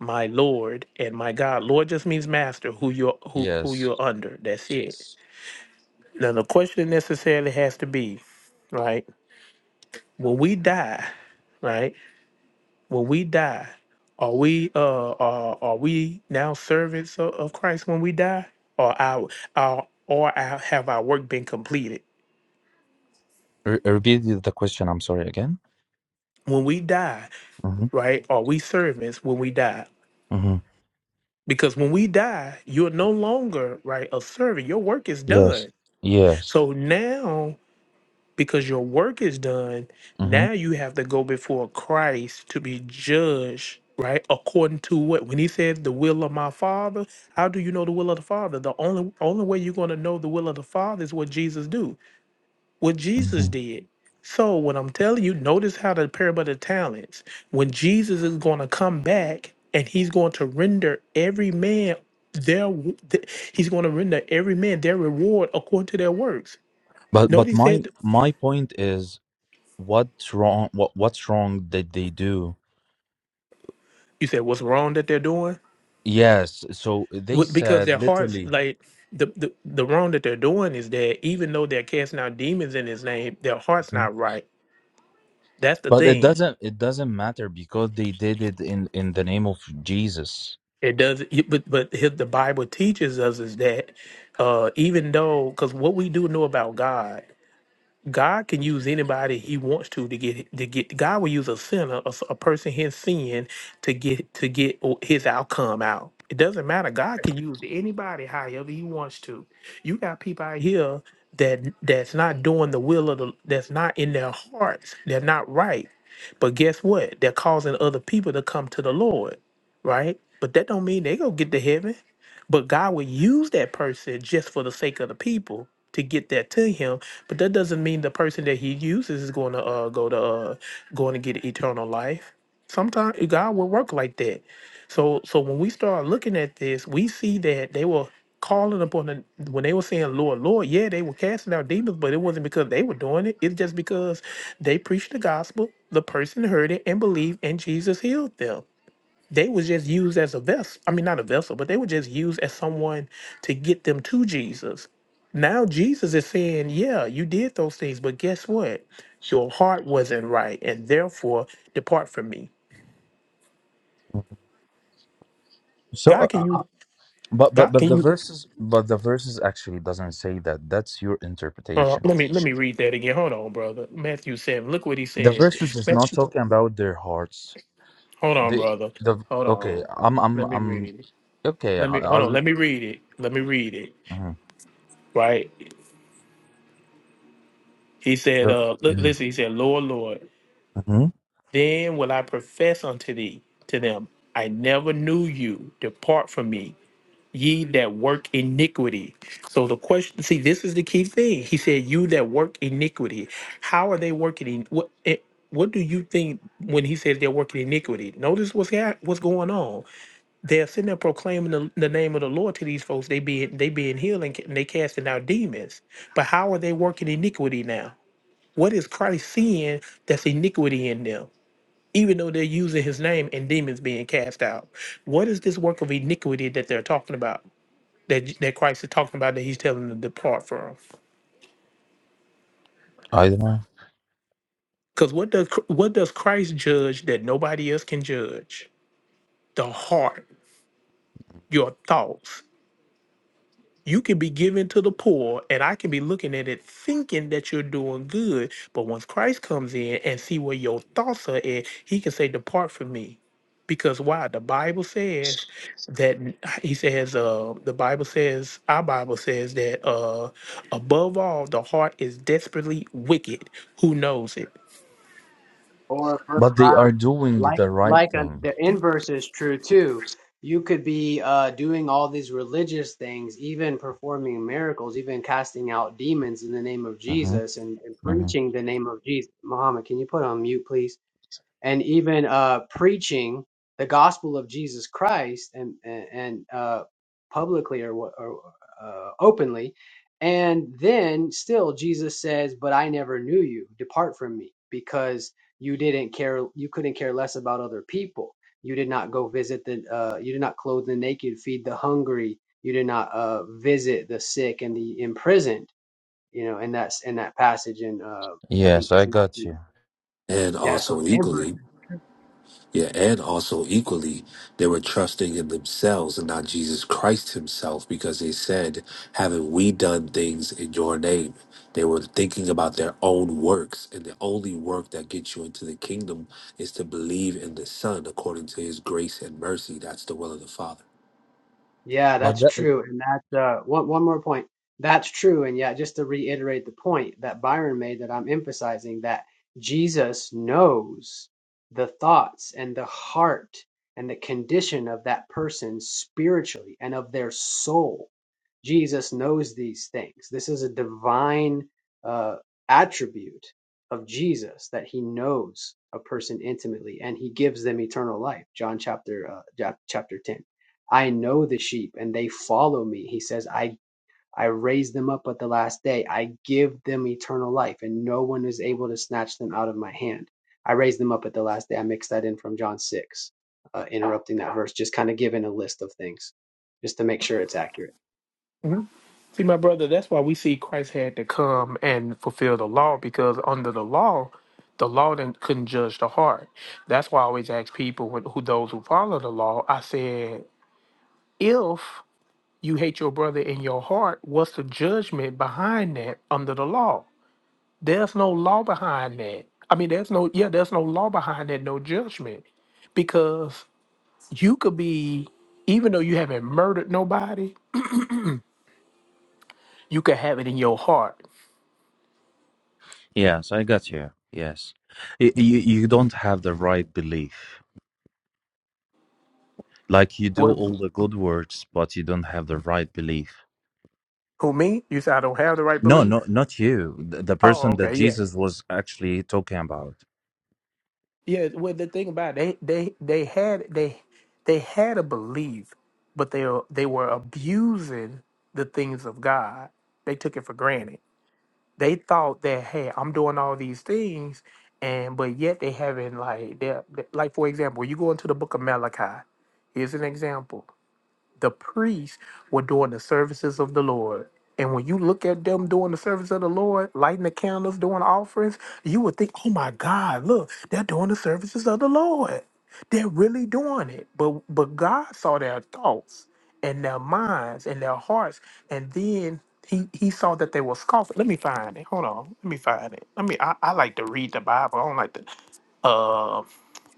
S14: my Lord and my God. Lord just means master, who you're who who
S17: Yes.
S14: you're under. That's it. Now the question necessarily has to be, right? When we die, right? When we die, are we uh are, are we now servants of, of Christ when we die? Or our our or our, have our work been completed?
S17: Re- repeat the the question. I'm sorry again.
S14: When we die,
S17: hmm
S14: right? Are we servants when we die?
S17: hmm
S14: Because when we die, you're no longer right a servant. Your work is
S17: Yes.
S14: done.
S17: Yes.
S14: So now because your work is done.
S17: hmm
S14: Now you have to go before Christ to be judged, right? According to what? When he says the will of my father, how do you know the will of the father? The only only way you're going to know the will of the father is what Jesus do, what Jesus
S17: hmm
S14: did. So what I'm telling you, notice how the parable of the talents, when Jesus is going to come back and he's going to render every man their, he's going to render every man their reward according to their works.
S17: But but
S14: Notice
S17: my
S14: that.
S17: my point is what's wrong what what's wrong did they do?
S14: You said what's wrong that they're doing?
S17: Yes, so they
S14: What- Because
S17: said
S14: their hearts,
S17: literally
S14: like the, the the wrong that they're doing is that even though they're casting out demons in His name, their heart's
S17: Mhm.
S14: not right. That's the
S17: but it
S14: thing.
S17: doesn't it doesn't matter because they did it in in the name of Jesus.
S14: It does, you- but but his, the Bible teaches us is that uh, even though, because what we do know about God. God can use anybody He wants to to get to get. God will use a sinner, a, a person his sin, to get to get His outcome out. It doesn't matter. God can use anybody however He wants to. You got people out here that that's not doing the will of the. That's not in their hearts. They're not right. But guess what? They're causing other people to come to the Lord, right? But that don't mean they gonna get to heaven. But God will use that person just for the sake of the people to get that to him. But that doesn't mean the person that he uses is going to uh, go to uh, going to get eternal life. Sometimes God will work like that. So so when we start looking at this, we see that they were calling upon the when they were saying Lord, Lord, yeah, they were casting out demons, but it wasn't because they were doing it. It's just because they preached the gospel, the person heard it and believed, and Jesus healed them they was just used as a vessel. I mean, not a vessel, but they were just used as someone to get them to Jesus. Now Jesus is saying, "Yeah, you did those things, but guess what? Your heart wasn't right, and therefore depart from me."
S17: So.
S14: God, can you?
S17: But
S14: God,
S17: but but
S14: can
S17: the
S14: you?
S17: verses but the verses actually doesn't say that. That's your
S14: Uh,
S17: interpretation.
S14: let me let me read that again. Hold on, brother. Matthew seven. Look what he
S17: The
S14: says.
S17: verses is not
S14: Matthew,
S17: talking about their hearts.
S14: hold on,
S17: The
S14: brother.
S17: the
S14: Hold
S17: okay.
S14: on.
S17: I'm I'm
S14: Let me
S17: I'm
S14: read it.
S17: okay. I,
S14: Let me hold on.
S17: I'll
S14: Let me read it. Let me read it.
S17: mhm.
S14: Right. He said.
S17: the,
S14: Uh. li- Listen. He said, "Lord, Lord."
S17: hmm
S14: Then will I profess unto thee to them, I never knew you. Depart from me, ye that work iniquity. So the question, see, this is the key thing. He said, "You that work iniquity." How are they working? In, what it, What do you think when he says they're working iniquity? Notice what's hap- what's going on. They're sitting there proclaiming the, the name of the Lord to these folks. They being they being healed and, ca- and they casting out demons. But how are they working iniquity now? What is Christ seeing that's iniquity in them? even though they're using his name and demons being cast out. What is this work of iniquity that they're talking about? That that Christ is talking about that he's telling them to depart from.
S17: I don't know.
S14: Because what does what does Christ judge that nobody else can judge? The heart, your thoughts. You can be giving to the poor, and I can be looking at it thinking that you're doing good. But once Christ comes in and see where your thoughts are at, he can say, Depart from me. Because why? The Bible says that he says, uh, the Bible says, our Bible says that uh above all the heart is desperately wicked. Who knows it?
S11: Or Brother
S17: But they are
S11: Byron,
S17: doing
S11: like
S17: the right
S11: like a,
S17: thing.
S11: the inverse is true too. You could be uh, doing all these religious things, even performing miracles, even casting out demons in the name of
S17: hmm
S11: Jesus and, and
S17: hmm
S11: preaching the name of Jesus. Muhammad, can you put on mute, please? and even uh, preaching the gospel of Jesus Christ and and, and uh, publicly or, what- or uh, openly, and then still Jesus says, "But I never knew you. Depart from me, because you didn't care. You couldn't care less about other people. You did not go visit the. Uh, you did not clothe the naked, feed the hungry. You did not uh, visit the sick and the imprisoned. You know, and that's in that passage in uh, I think
S17: Yes, I
S11: it's
S17: got
S11: Matthew.
S17: you.
S18: And
S11: Yeah, so
S18: also equally, yeah, and also equally, they were trusting in themselves and not Jesus Christ himself because they said, Haven't we done things in your name? They were thinking about their own works, and the only work that gets you into the kingdom is to believe in the Son according to his grace and mercy. That's the will of the Father.
S11: Yeah,
S17: But
S11: that's
S17: that,
S11: true. And that uh, one one more point. That's true. And yet, just to reiterate the point that Byron made, that I'm emphasizing, that Jesus knows the thoughts and the heart and the condition of that person spiritually and of their soul. Jesus knows these things. This is a divine uh, attribute of Jesus that he knows a person intimately and he gives them eternal life. John chapter uh, chap- chapter 10. I know the sheep and they follow me. He says, I, I raise them up at the last day. I give them eternal life and no one is able to snatch them out of my hand. I raise them up at the last day. I mixed that in from John 6, uh, interrupting that verse, just kind of giving a list of things just to make sure it's accurate.
S14: See, my brother, that's why we see Christ had to come and fulfill the law because under the law, the law didn't, couldn't judge the heart. That's why I always ask people when, who those who follow the law. I said, if you hate your brother in your heart, what's the judgment behind that under the law? There's no law behind that. I mean, there's no yeah, there's no law behind that, no judgment, because you could be even though you haven't murdered nobody, you could have it in your heart.
S17: yes, I got you. Yes, Y- you you don't have the right belief. Like you do all the good works, but you don't have the right belief.
S14: Who me? You said I don't have the right
S17: No,
S14: belief.
S17: no, not you. The, the
S14: Oh,
S17: person that
S14: okay, yeah,
S17: Jesus was actually talking about.
S14: yeah. Well, the thing about it, they they they had they they had a belief, but they were- they were abusing the things of God. They took it for granted. They thought that hey, I'm doing all these things, and but yet they haven't like they like for example, you go into the book of Malachi. Here's an example. the priests were doing the services of the Lord. And when you look at them doing the service of the Lord, lighting the candles, doing offerings, you would think, oh my God, look, they're doing the services of the Lord. They're really doing it. But but God saw their thoughts and their minds and their hearts. And then he he saw that they were scoffing. Let me find it. Hold on. Let me find it. Let me I, I like to read the Bible. I don't like to uh,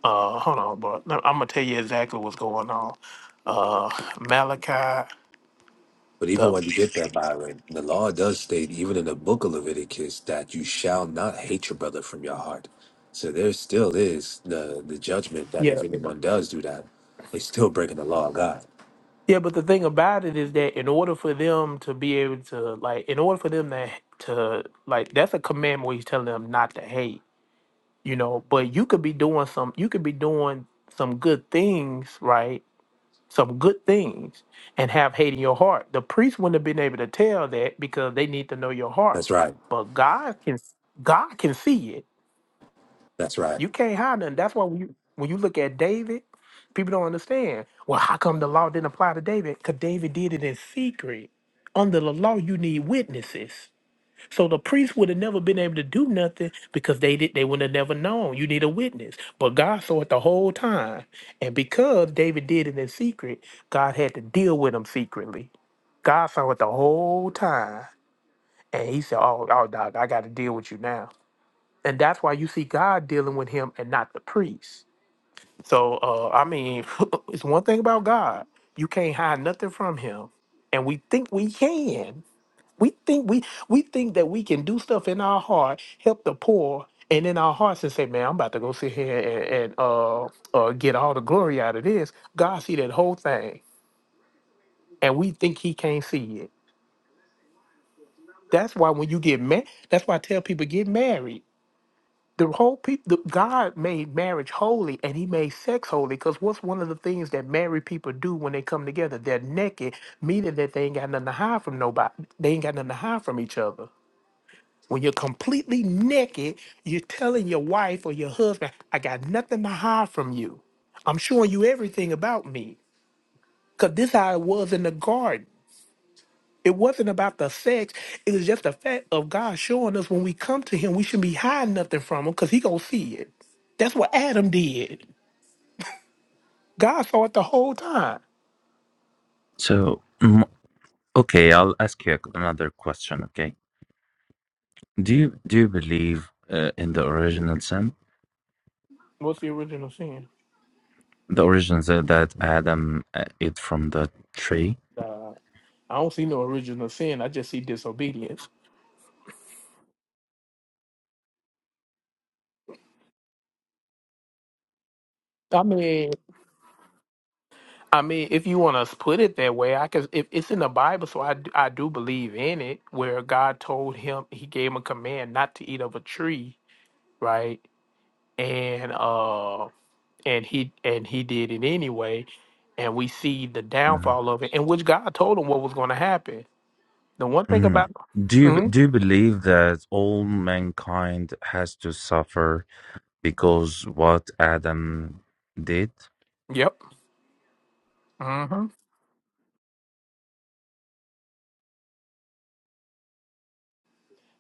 S14: uh, hold on, but I'm gonna tell you exactly what's going on. Uh, Malachi,
S18: But even
S14: the
S18: when you get there, Byron, the law does state, even in the book of Leviticus, that you shall not hate your brother from your heart. So there still is the, the judgment that
S14: yeah,
S18: if anyone does do that, they're still breaking the law of God.
S14: yeah. But the thing about it is that in order for them to be able to like, in order for them to to like, that's a commandment where he's telling them not to hate, you know. But you could be doing some, you could be doing some good things, right? Some good things, and have hate in your heart. The priest wouldn't have been able to tell that because they need to know your heart,
S18: That's right.
S14: but God can, God can see it
S18: That's right.
S14: You can't hide nothing. That's why when you when you look at David, people don't understand. Well, how come the law didn't apply to David? Because David did it in secret. Under the law, you need witnesses. So the priests would have never been able to do nothing because they did they would have never known. You need a witness. But God saw it the whole time. And because David did it in secret, God had to deal with him secretly. God saw it the whole time. And he said, Oh, oh dog, I gotta deal with you now. And that's why you see God dealing with him and not the priest. So uh, I mean, it's one thing about God. You can't hide nothing from him. And we think we can. We think we we think that we can do stuff in our heart, help the poor, and in our hearts and say, Man, I'm about to go sit here and, and uh, uh get all the glory out of this. God see that whole thing. And we think he can't see it. That's why when you get married, that's why I tell people get married the whole people god made marriage holy and he made sex holy because what's one of the things that married people do when they come together they're naked meaning that they ain't got nothing to hide from nobody they ain't got nothing to hide from each other when you're completely naked you're telling your wife or your husband i got nothing to hide from you i'm showing you everything about me because this how it was in the garden it wasn't about the sex. It was just the fact of God showing us when we come to Him, we shouldn't be hiding nothing from Him because He gonna see it. That's what Adam did. God saw it the whole time.
S17: So, mm, okay, I'll ask you another question. Okay, do you do you believe uh, in the original sin,
S14: What's the original sin?
S17: the origins that, that Adam uh, ate from the tree?
S14: Uh, I don't see no original sin. I just see disobedience. I mean, I mean, if you want to put it that way, I can. If it's in the Bible, so I, d- I do believe in it, where God told him, He gave him a command not to eat of a tree, right? And um, and he and he did it anyway and we see the
S17: Mhm.
S14: downfall of it in which god told him what was going to happen the one thing
S17: hmm
S14: about
S17: Do you
S14: hmm
S17: do you believe that all mankind has to suffer because what Adam did?
S14: yep hmm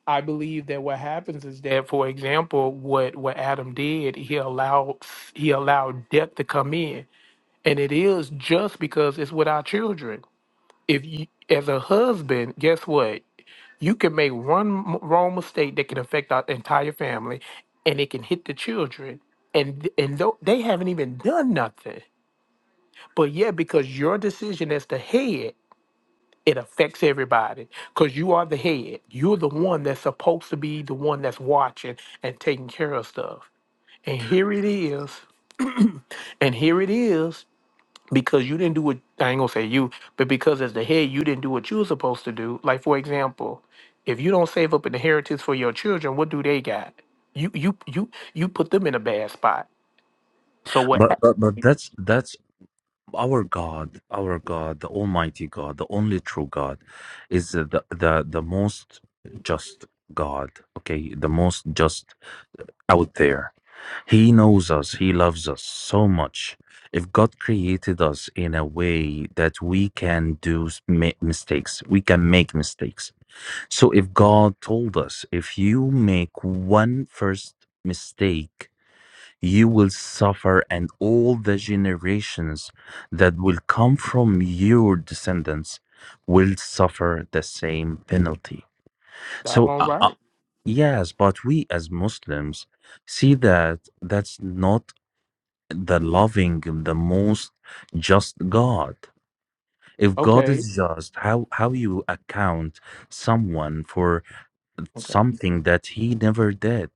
S14: i believe that what happens is that for example what what adam did he allowed he allowed death to come in and it is just because it's with our children if you as a husband guess what you can make one m- wrong mistake that can affect our entire family and it can hit the children and and though they haven't even done nothing but yeah because your decision as the head it affects everybody because you are the head you're the one that's supposed to be the one that's watching and taking care of stuff and here it is and here it is because you didn't do what I ain't gonna say you, but because as the head you didn't do what you were supposed to do. Like for example, if you don't save up an inheritance for your children, what do they got? You you you you put them in a bad spot. So what?
S17: But but but that's that's our God, our God, the Almighty God, the only true God, is uh, the the the most just God. Okay, the most just out there. He knows us. He loves us so much. If God created us in a way that we can do s- ma- mistakes, we can make mistakes. So if God told us, if you make one first mistake you will suffer, and all the generations that will come from your descendants will suffer the same penalty. So,
S14: Doggone
S17: uh, uh,
S14: right.
S17: yes, but we as Muslims see that that's not the loving, the most just God. If God
S14: Okay.
S17: is just, how how you account someone for
S14: Okay.
S17: something that he never did?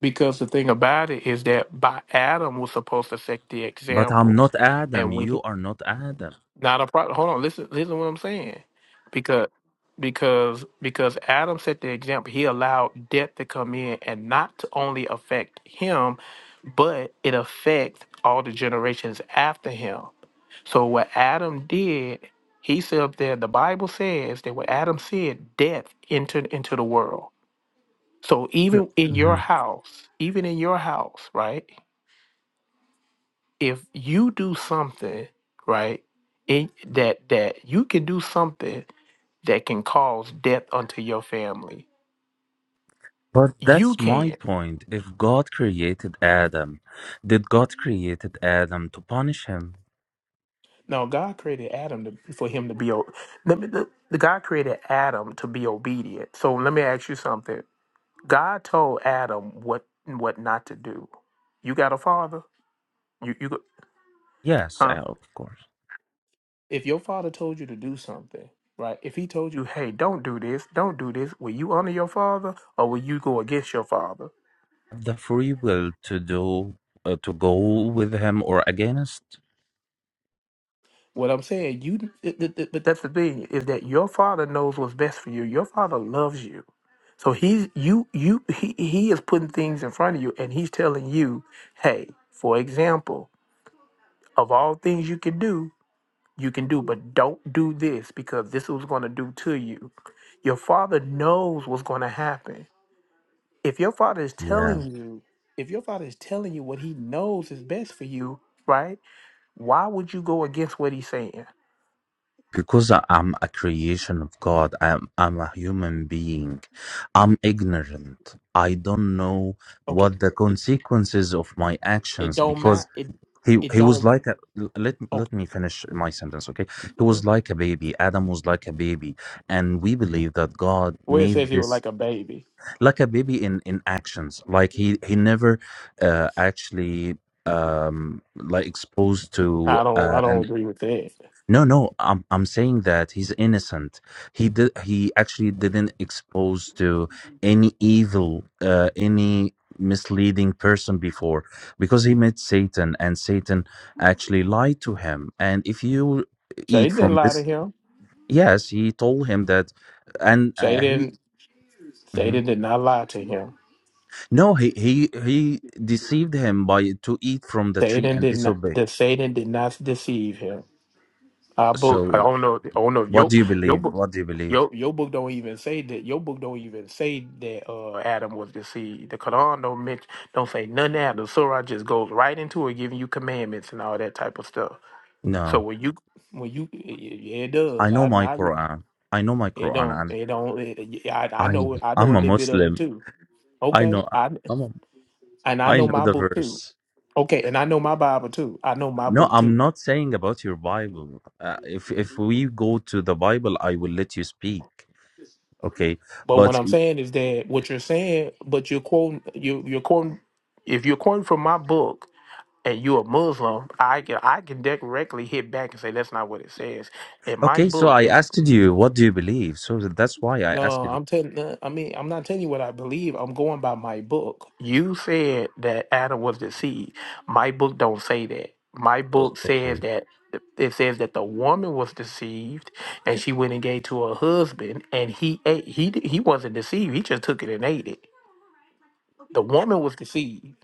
S14: Because the thing about it is that by Adam was supposed to set the
S17: But I'm
S14: example,
S17: not Adam.
S14: and when
S17: You are not Adam.
S14: Not a problem. Hold on. Listen. Listen to what I'm saying. Because because because Adam set the example. He allowed death to come in and not to only affect him, but it affects all the generations after him. So what Adam did, he said up there. The Bible says that what Adam said, death entered into the world. So
S17: Sure.
S14: even in your house, even in your house, right? if you do something right it, that that you can do something that can cause death unto your family
S17: But
S14: you
S17: that's my
S14: can
S17: point. If God created Adam, did God created Adam to punish him?
S14: now god created adam to, for him to be o- let me the, the god created adam to be obedient so let me ask you something god told adam what what not to do you got a father you you go-
S17: Yes,
S14: huh
S17: uh, of course.
S14: if your father told you to do something right if he told you hey don't do this don't do this will you honor your father or will you go against your father
S17: The free will to do uh, to go with him or against.
S14: What I'm saying, you, th- th- th- but that's the thing is that your father knows what's best for you. Your father loves you, so he's you you he he is putting things in front of you, and he's telling you, hey, for example, of all things you can do, you can do, but don't do this because this is what's going to do to you. Your father knows what's going to happen. If your father is telling
S17: Yeah,
S14: you, if your father is telling you what he knows is best for you, right? Why would you go against what he's saying?
S17: because I- I'm a creation of God. I'm I'm a human being. I'm ignorant. I don't know
S14: Okay
S17: what the consequences of my
S14: It
S17: actions
S14: don't
S17: because
S14: matter. It
S17: he
S14: it
S17: he was
S14: don't.
S17: like a l- let
S14: Oh,
S17: let me finish my sentence okay he
S14: mhm.
S17: was like a baby adam was like a baby and we believe that god
S14: where it
S17: made
S14: says he was
S17: this
S14: like a baby.
S17: like a baby in in actions like he he never uh actually um like exposed to
S14: I don't. I
S17: uh an
S14: don't agree with that.
S17: no, no, I'm I'm saying that he's innocent. He did he actually didn't expose to any evil, uh, any misleading person before because he met Satan and Satan actually lied to him. And if you eat
S14: Satan didn't
S17: from
S14: lie to
S17: this,
S14: him.
S17: yes, he told him that, and uh, he.
S14: Satan.
S17: Mhm.
S14: Satan did not lie to him.
S17: No, he, he he deceived him by to eat from the tree
S14: Satan
S17: and
S14: did not.
S17: disobey.
S14: The Satan did not deceive him. Our book. I
S17: So,
S14: don't know. I don't know if
S17: what
S14: your
S17: do you
S14: your
S17: believe?
S14: book.
S17: What do you believe?
S14: Your, your book don't even say that. Your book don't even say that uh, Adam was deceived. The Quran don't mention, don't say none of that. The Surah just goes right into it, giving you commandments and all that type of stuff. So
S17: No.
S14: when you when you yeah, it
S17: I
S14: does. I
S17: know my
S14: I re-
S17: Quran. I know my
S14: it
S17: Quran,
S14: don't
S17: and
S14: it don't it, yeah, I I
S17: I
S14: know I know a
S17: I'm a
S14: little bit of it
S17: Muslim.
S14: too.
S17: I
S14: Okay,
S17: know
S14: I
S17: I'm a,
S14: and I
S17: I
S14: know
S17: know
S14: my
S17: the
S14: book too.
S17: verse.
S14: Okay, and I know my Bible too. I know my
S17: No,
S14: book
S17: I'm
S14: too.
S17: not saying about your Bible. Uh, if if we go to the Bible, I will let you speak. Okay,
S14: But what
S17: but
S14: I'm saying is that what you're saying, but you're quoting you you're quoting if you're quoting from my book and you're a Muslim, I can I can directly hit back and say that's not what it says in my
S17: okay. So
S14: book.
S17: I asked you, what do you believe? So that's why I asked
S14: No,
S17: you.
S14: I'm telling. uh, I mean, I'm not telling you what I believe. I'm going by my book. You said that Adam was deceived. My book don't say that. My book
S17: okay?
S14: says that it says that the woman was deceived, and she went and gave to her husband, and he ate. He di- he wasn't deceived. He just took it and ate it. The woman was deceived,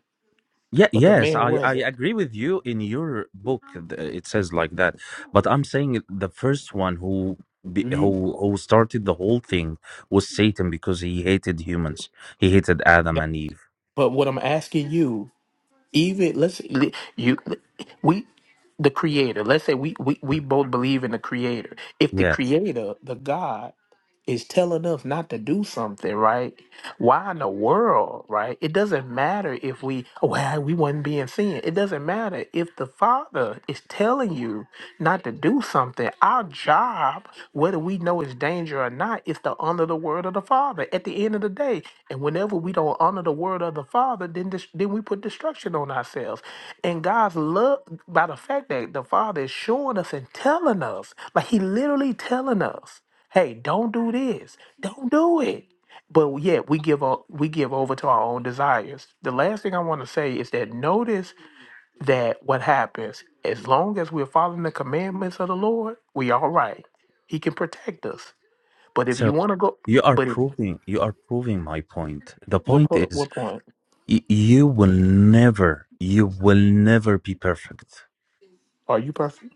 S17: Yeah,
S14: but the
S17: yes,
S14: man
S17: I, I
S14: wasn't.
S17: agree with you in your book. th- It says like that, but I'm saying the first one who be- who
S14: You.
S17: who started the whole thing was Satan because he hated humans. He hated Adam
S14: that-
S17: and Eve.
S14: But what I'm asking you. even let's say you we the creator let's say we, we we both believe in the creator if the
S17: Yes.
S14: creator the god is telling us not to do something right why in the world, right? It doesn't matter if we, well, we wasn't being seen. It doesn't matter if the Father is telling you not to do something. Our job, whether we know it's danger or not, is to honor the word of the Father at the end of the day. And whenever we don't honor the word of the Father, then dis- then we put destruction on ourselves. And God's love, by the fact that the Father is showing us and telling us, like He literally telling us, hey, don't do this, don't do it but yet we give o- we give over to our own desires. The last thing I want to say is that notice that what happens as long as we're following the commandments of the Lord, we all right. He can protect us. But if you
S17: So
S14: want to go,
S17: you are
S14: but if,
S17: proving you are proving my point. The
S14: what
S17: point
S14: po-
S17: is
S14: what point
S17: y- you will never you will never be perfect.
S14: are you perfect?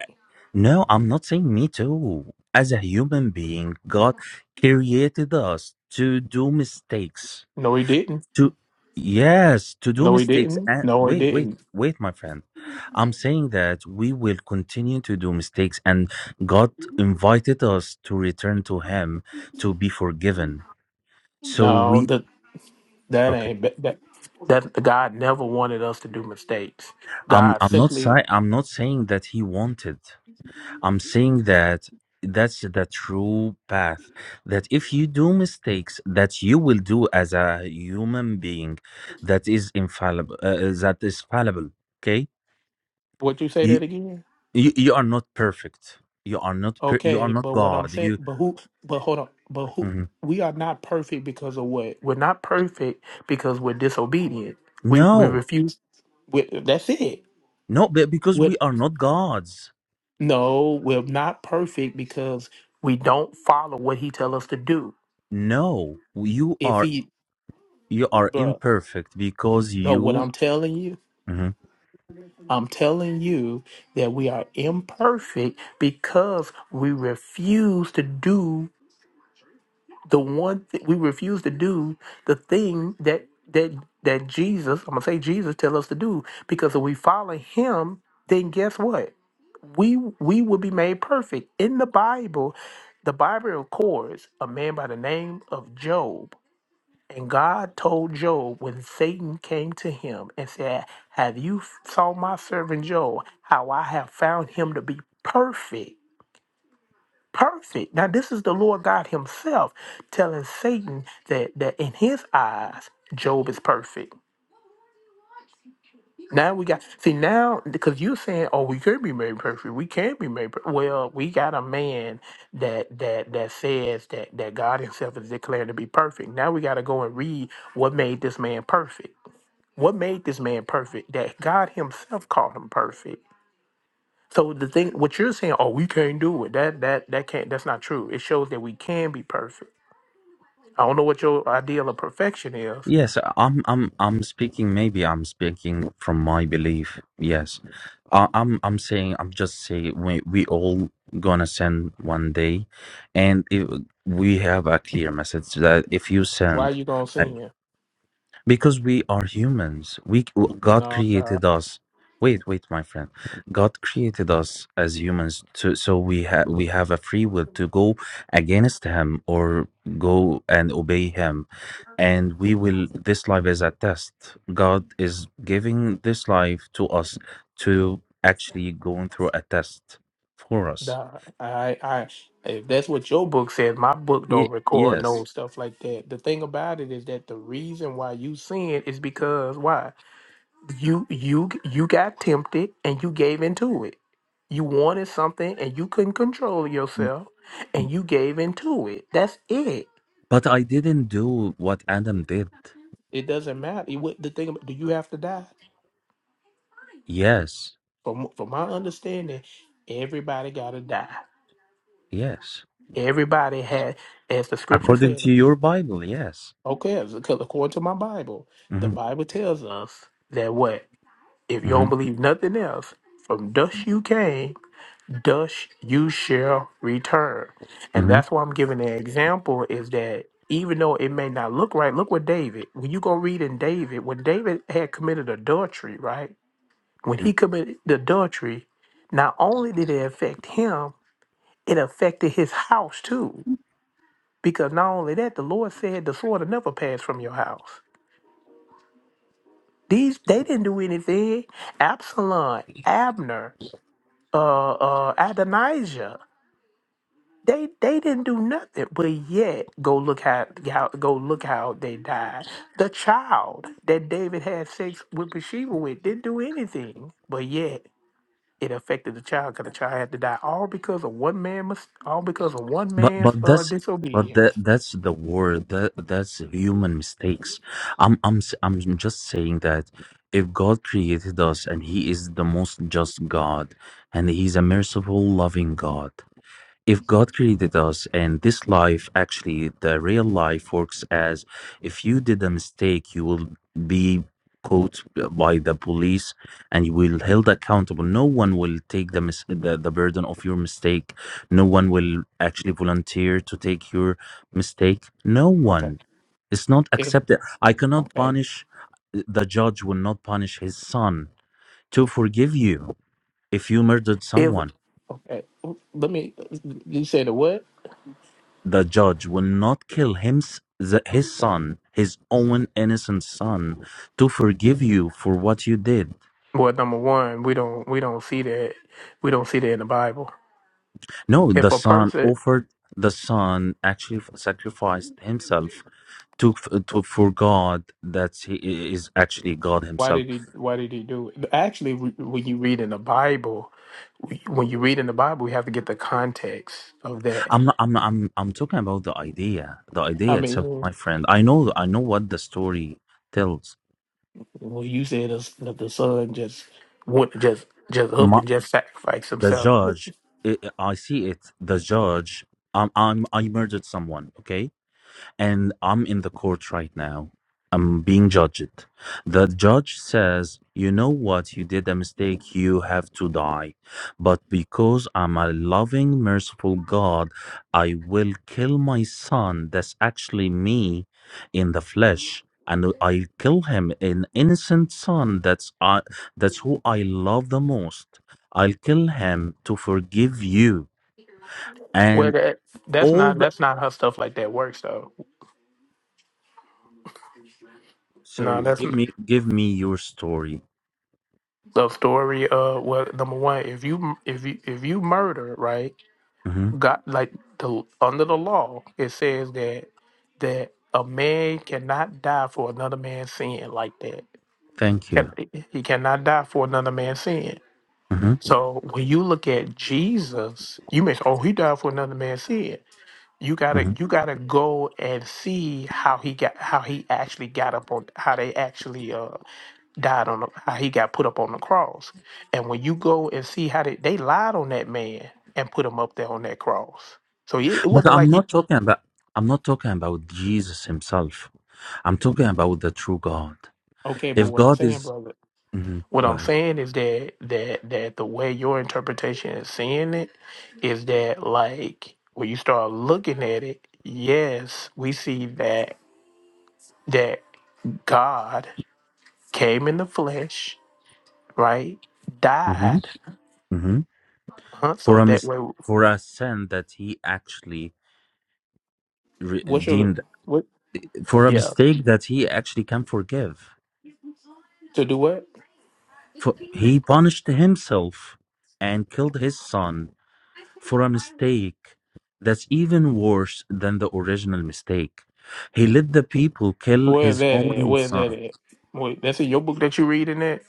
S17: No, I'm not saying me too. As a human being, God created us to do mistakes
S14: No, he didn't.
S17: to yes to do
S14: No, he
S17: mistakes
S14: didn't.
S17: and
S14: No, he
S17: wait wait
S14: didn't.
S17: wait my friend i'm saying that we will continue to do mistakes and god invited us to return to him to be forgiven so
S14: No,
S17: we
S14: that that
S17: okay
S14: ain't that that that- God never wanted us to do mistakes.
S17: i'm
S14: God
S17: i'm not
S14: simply,
S17: si- i'm not saying that he wanted i'm saying that that's the true path that if you do mistakes that you will do as a human being that is infallible uh, that is fallible okay
S14: would you say
S17: you
S14: that again?
S17: you, you are not perfect you are not per- you are
S14: Okay,
S17: not
S14: but what I'm
S17: god
S14: saying,
S17: you
S14: but who, but hold on, but who,
S17: Mhm.
S14: we are not perfect because of what? We're not perfect because we're disobedient. We we
S17: no
S14: refuse. We, that's it.
S17: no be- because
S14: With
S17: we are not gods
S14: no, we're not perfect because we don't follow what he tell us to do.
S17: no you
S14: If
S17: are
S14: he,
S17: you are
S14: bruh,
S17: imperfect because
S14: no, what
S17: you
S14: I'm telling you,
S17: Mhm.
S14: I'm telling you that we are imperfect because we refuse to do the one thing we refuse to do the thing that that that Jesus, I'm gonna say Jesus tell us to do, because if we follow him, then guess what? We we will be made perfect. In the Bible, the Bible records a man by the name of Job. And God told Job when Satan came to him and said, Have you saw my servant Job, how I have found him to be perfect? perfect. Now, this is the Lord God Himself telling Satan that that in His eyes, Job is perfect. Now we got see now because you're saying, oh, we could be made perfect. We can not be made. Per-. Well, we got a man that that that says that that God Himself is declared to be perfect. Now we got to go and read what made this man perfect. What made this man perfect? That God Himself called him perfect. So the thing, what you're saying, oh, we can't do it. That that that can't. That's not true. It shows that we can be perfect. I don't know what your ideal of perfection is.
S17: yes i'm i'm i'm speaking maybe i'm speaking from my belief yes I, i'm i'm saying i'm just saying we, we all gonna send one day and if we have a clear message that if you
S14: Why
S17: send
S14: you gonna sin?
S17: because we are humans we god
S14: No, nah,
S17: created us wait wait my friend god created us as humans to, so we have we have a free will to go against him or go and obey him and we will this life is a test god is giving this life to us to actually going through a test for us
S14: nah. I, I, if that's what your book says, my book don't
S17: Ye-
S14: record no
S17: yes
S14: stuff like that. The thing about it is that the reason why you sin is because why you you you got tempted and you gave into it. You wanted something and you couldn't control yourself, and you gave into it. That's it.
S17: but i didn't do what adam did
S14: It doesn't matter. It, what, the thing about, do you have to die?
S17: yes
S14: From from my understanding, everybody gotta die
S17: yes
S14: Everybody had, as the scripture
S17: according
S14: said,
S17: to your Bible, yes.
S14: okay, because according to my Bible, the
S17: hmm
S14: Bible tells us that what? If you don't
S17: hmm
S14: believe nothing else, from dust you came, dust you shall return. And
S17: hmm
S14: that's why I'm giving the example is that even though it may not look right, look what David, when you go read in David, when David had committed adultery, right? When he committed the adultery, not only did it affect him, it affected his house too Because not only that, the Lord said the sword will never pass from your house. These they didn't do anything. Absalom, Abner, uh, uh, Adonijah, they they didn't do nothing. But yet, go look how, how go look how they died. The child that David had sex with Bathsheba with didn't do anything. But yet, it affected the child because the child had to die all because of one man mis- all because of one
S17: But
S14: man's
S17: but
S14: uh,
S17: that's but that
S14: disobedience.
S17: that's the word that that's human mistakes. I'm I'm s- I'm just saying that if God created us and He is the most just God and He's a merciful, loving God, if God created us and this life, actually, the real life works as if you did a mistake, you will be caught by the police and you will held accountable. No one will take the, mis- the the burden of your mistake. No one will actually volunteer to take your mistake. No
S14: Okay,
S17: one. It's not
S14: if
S17: accepted. I cannot
S14: okay.
S17: punish. The judge will not punish his son to forgive you if you murdered
S14: If
S17: someone.
S14: Okay, let me. You said the what?
S17: The judge will not kill him, his son, his own innocent son, to forgive you for what you did.
S14: well, number one, we don't we don't see that we don't see that in the Bible.
S17: No,
S14: If
S17: the
S14: a
S17: son
S14: person
S17: offered. The son actually sacrificed himself to to for God that he is actually God
S14: Why
S17: himself.
S14: did he? Why did he do it? actually, w- when you read in the Bible, when you read in the Bible, we have to get the context of that.
S17: I'm not, I'm not, I'm I'm talking about the idea, the
S14: I
S17: idea itself,
S14: mean,
S17: my friend. I know I know what the story tells.
S14: when you said us- that the son just. Wouldn't just just up
S17: My,
S14: and just sacrifice
S17: the
S14: himself.
S17: judge, i I see it. The judge. I'm, I'm I murdered someone. Okay, and I'm in the court right now. I'm being judged. The judge says, "You know what? You did a mistake. You have to die." But because I'm a loving, merciful God, I will kill my son. That's actually me in the flesh. And I kill him, an innocent son. That's I, that's who I love the most. I'll kill him to forgive you.
S14: Well,
S17: And
S14: that that's
S17: all
S14: not
S17: the
S14: that's not how stuff like that works though.
S17: so
S14: No, that's
S17: give me give me your story
S14: the story of well number one if you if you if you murder right
S17: hmm
S14: god like the under the law it says that that a man cannot die for another man's sin like that
S17: Thank you.
S14: Can- he cannot die for another man's sin
S17: hmm
S14: so when you look at jesus you may say oh he died for another man's sin you gotta
S17: hmm
S14: you gotta go and see how he got how he actually got up on how they actually uh died on the, how he got put up on the cross. And when you go and see how they, they lied on that man and put him up there on that cross. So it, it
S17: But
S14: wasn't
S17: I'm
S14: like he
S17: not talking about I'm not talking about Jesus himself. I'm talking about the true God.
S14: okay, but
S17: If
S14: what I'm
S17: God
S14: saying,
S17: is
S14: brother,
S17: Mhm.
S14: what
S17: go
S14: I'm
S17: ahead.
S14: saying is that that that the way your interpretation is seeing it is that like when you start looking at it, yes, we see that that God came in the flesh, right?
S17: hmm
S14: Died,
S17: hmm
S14: huh?
S17: For
S14: So
S17: a
S14: that
S17: mis-
S14: way,
S17: for a sin that he actually
S14: what's your
S17: redeemed
S14: what?
S17: for a mistake that he actually can forgive.
S14: To do what?
S17: For he punished himself and killed his son for a mistake that's even worse than the original mistake. He let the people kill
S14: Where's
S17: his
S14: that at?
S17: own
S14: Where's that
S17: son.
S14: at? Wait, that's in your book that you reading that?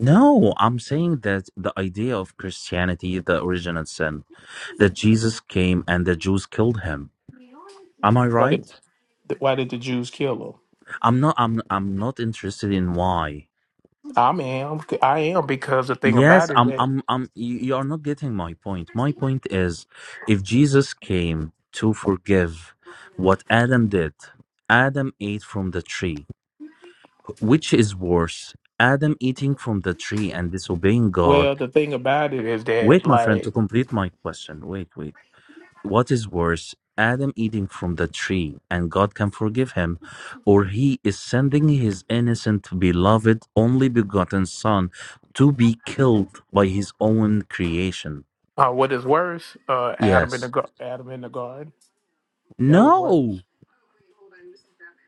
S17: No, I'm saying that the idea of Christianity, the original sin, that Jesus came and the Jews killed him. Am I
S14: Why did
S17: right?
S14: why did the Jews kill
S17: I'm not. I'm. I'm not interested in why.
S14: him? I am I am because the thing
S17: Yes,
S14: about it
S17: I'm.
S14: that
S17: I'm. I'm. You you are not getting my point. My point is, if Jesus came to forgive what Adam did, Adam ate from the tree Which is worse, Adam eating from the tree and disobeying God?
S14: well the thing about it is that
S17: Wait, my friend,
S14: like
S17: to complete my question. Wait, wait. What is worse, Adam eating from the tree and God can forgive him, or he is sending his innocent, beloved, only begotten son to be killed by his own creation?
S14: uh, what is worse uh, Adam in the
S17: Yes.
S14: gar- Adam in the garden that was
S17: No,
S14: worse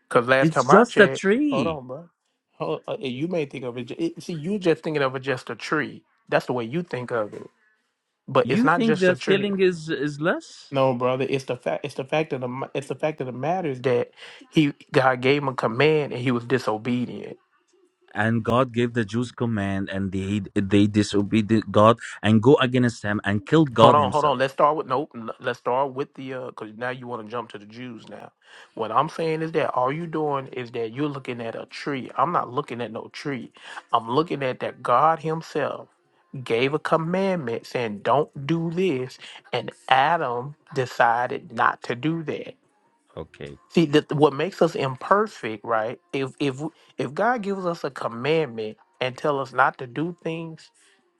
S14: because last
S17: it's
S14: time I
S17: just a
S14: checked hold
S17: tree.
S14: on bro hold, uh, you may think of it, ju- it see you just thinking of it just a tree that's the way you think of it but it's
S17: You
S14: not
S17: think
S14: just a
S17: that
S14: tree
S17: killing is, is less?
S14: No, brother. It's the fact. It's the fact of the. ma- It's the fact of the matter is that he God gave him a command and he was disobedient.
S17: and God gave the Jews command, and they they disobeyed God and go against Him and killed
S14: Hold
S17: God
S14: on, hold on.
S17: Himself.
S14: Let's start with nope. n- Let's start with the uh, because now you want to jump to the Jews. Now, what I'm saying is that all you doing is that you're looking at a tree. I'm not looking at no tree. I'm looking at that God Himself gave a commandment saying, "Don't do this," and Adam decided not to do that.
S17: Okay,
S14: See that what makes us imperfect, right? If if if God gives us a commandment and tell us not to do things,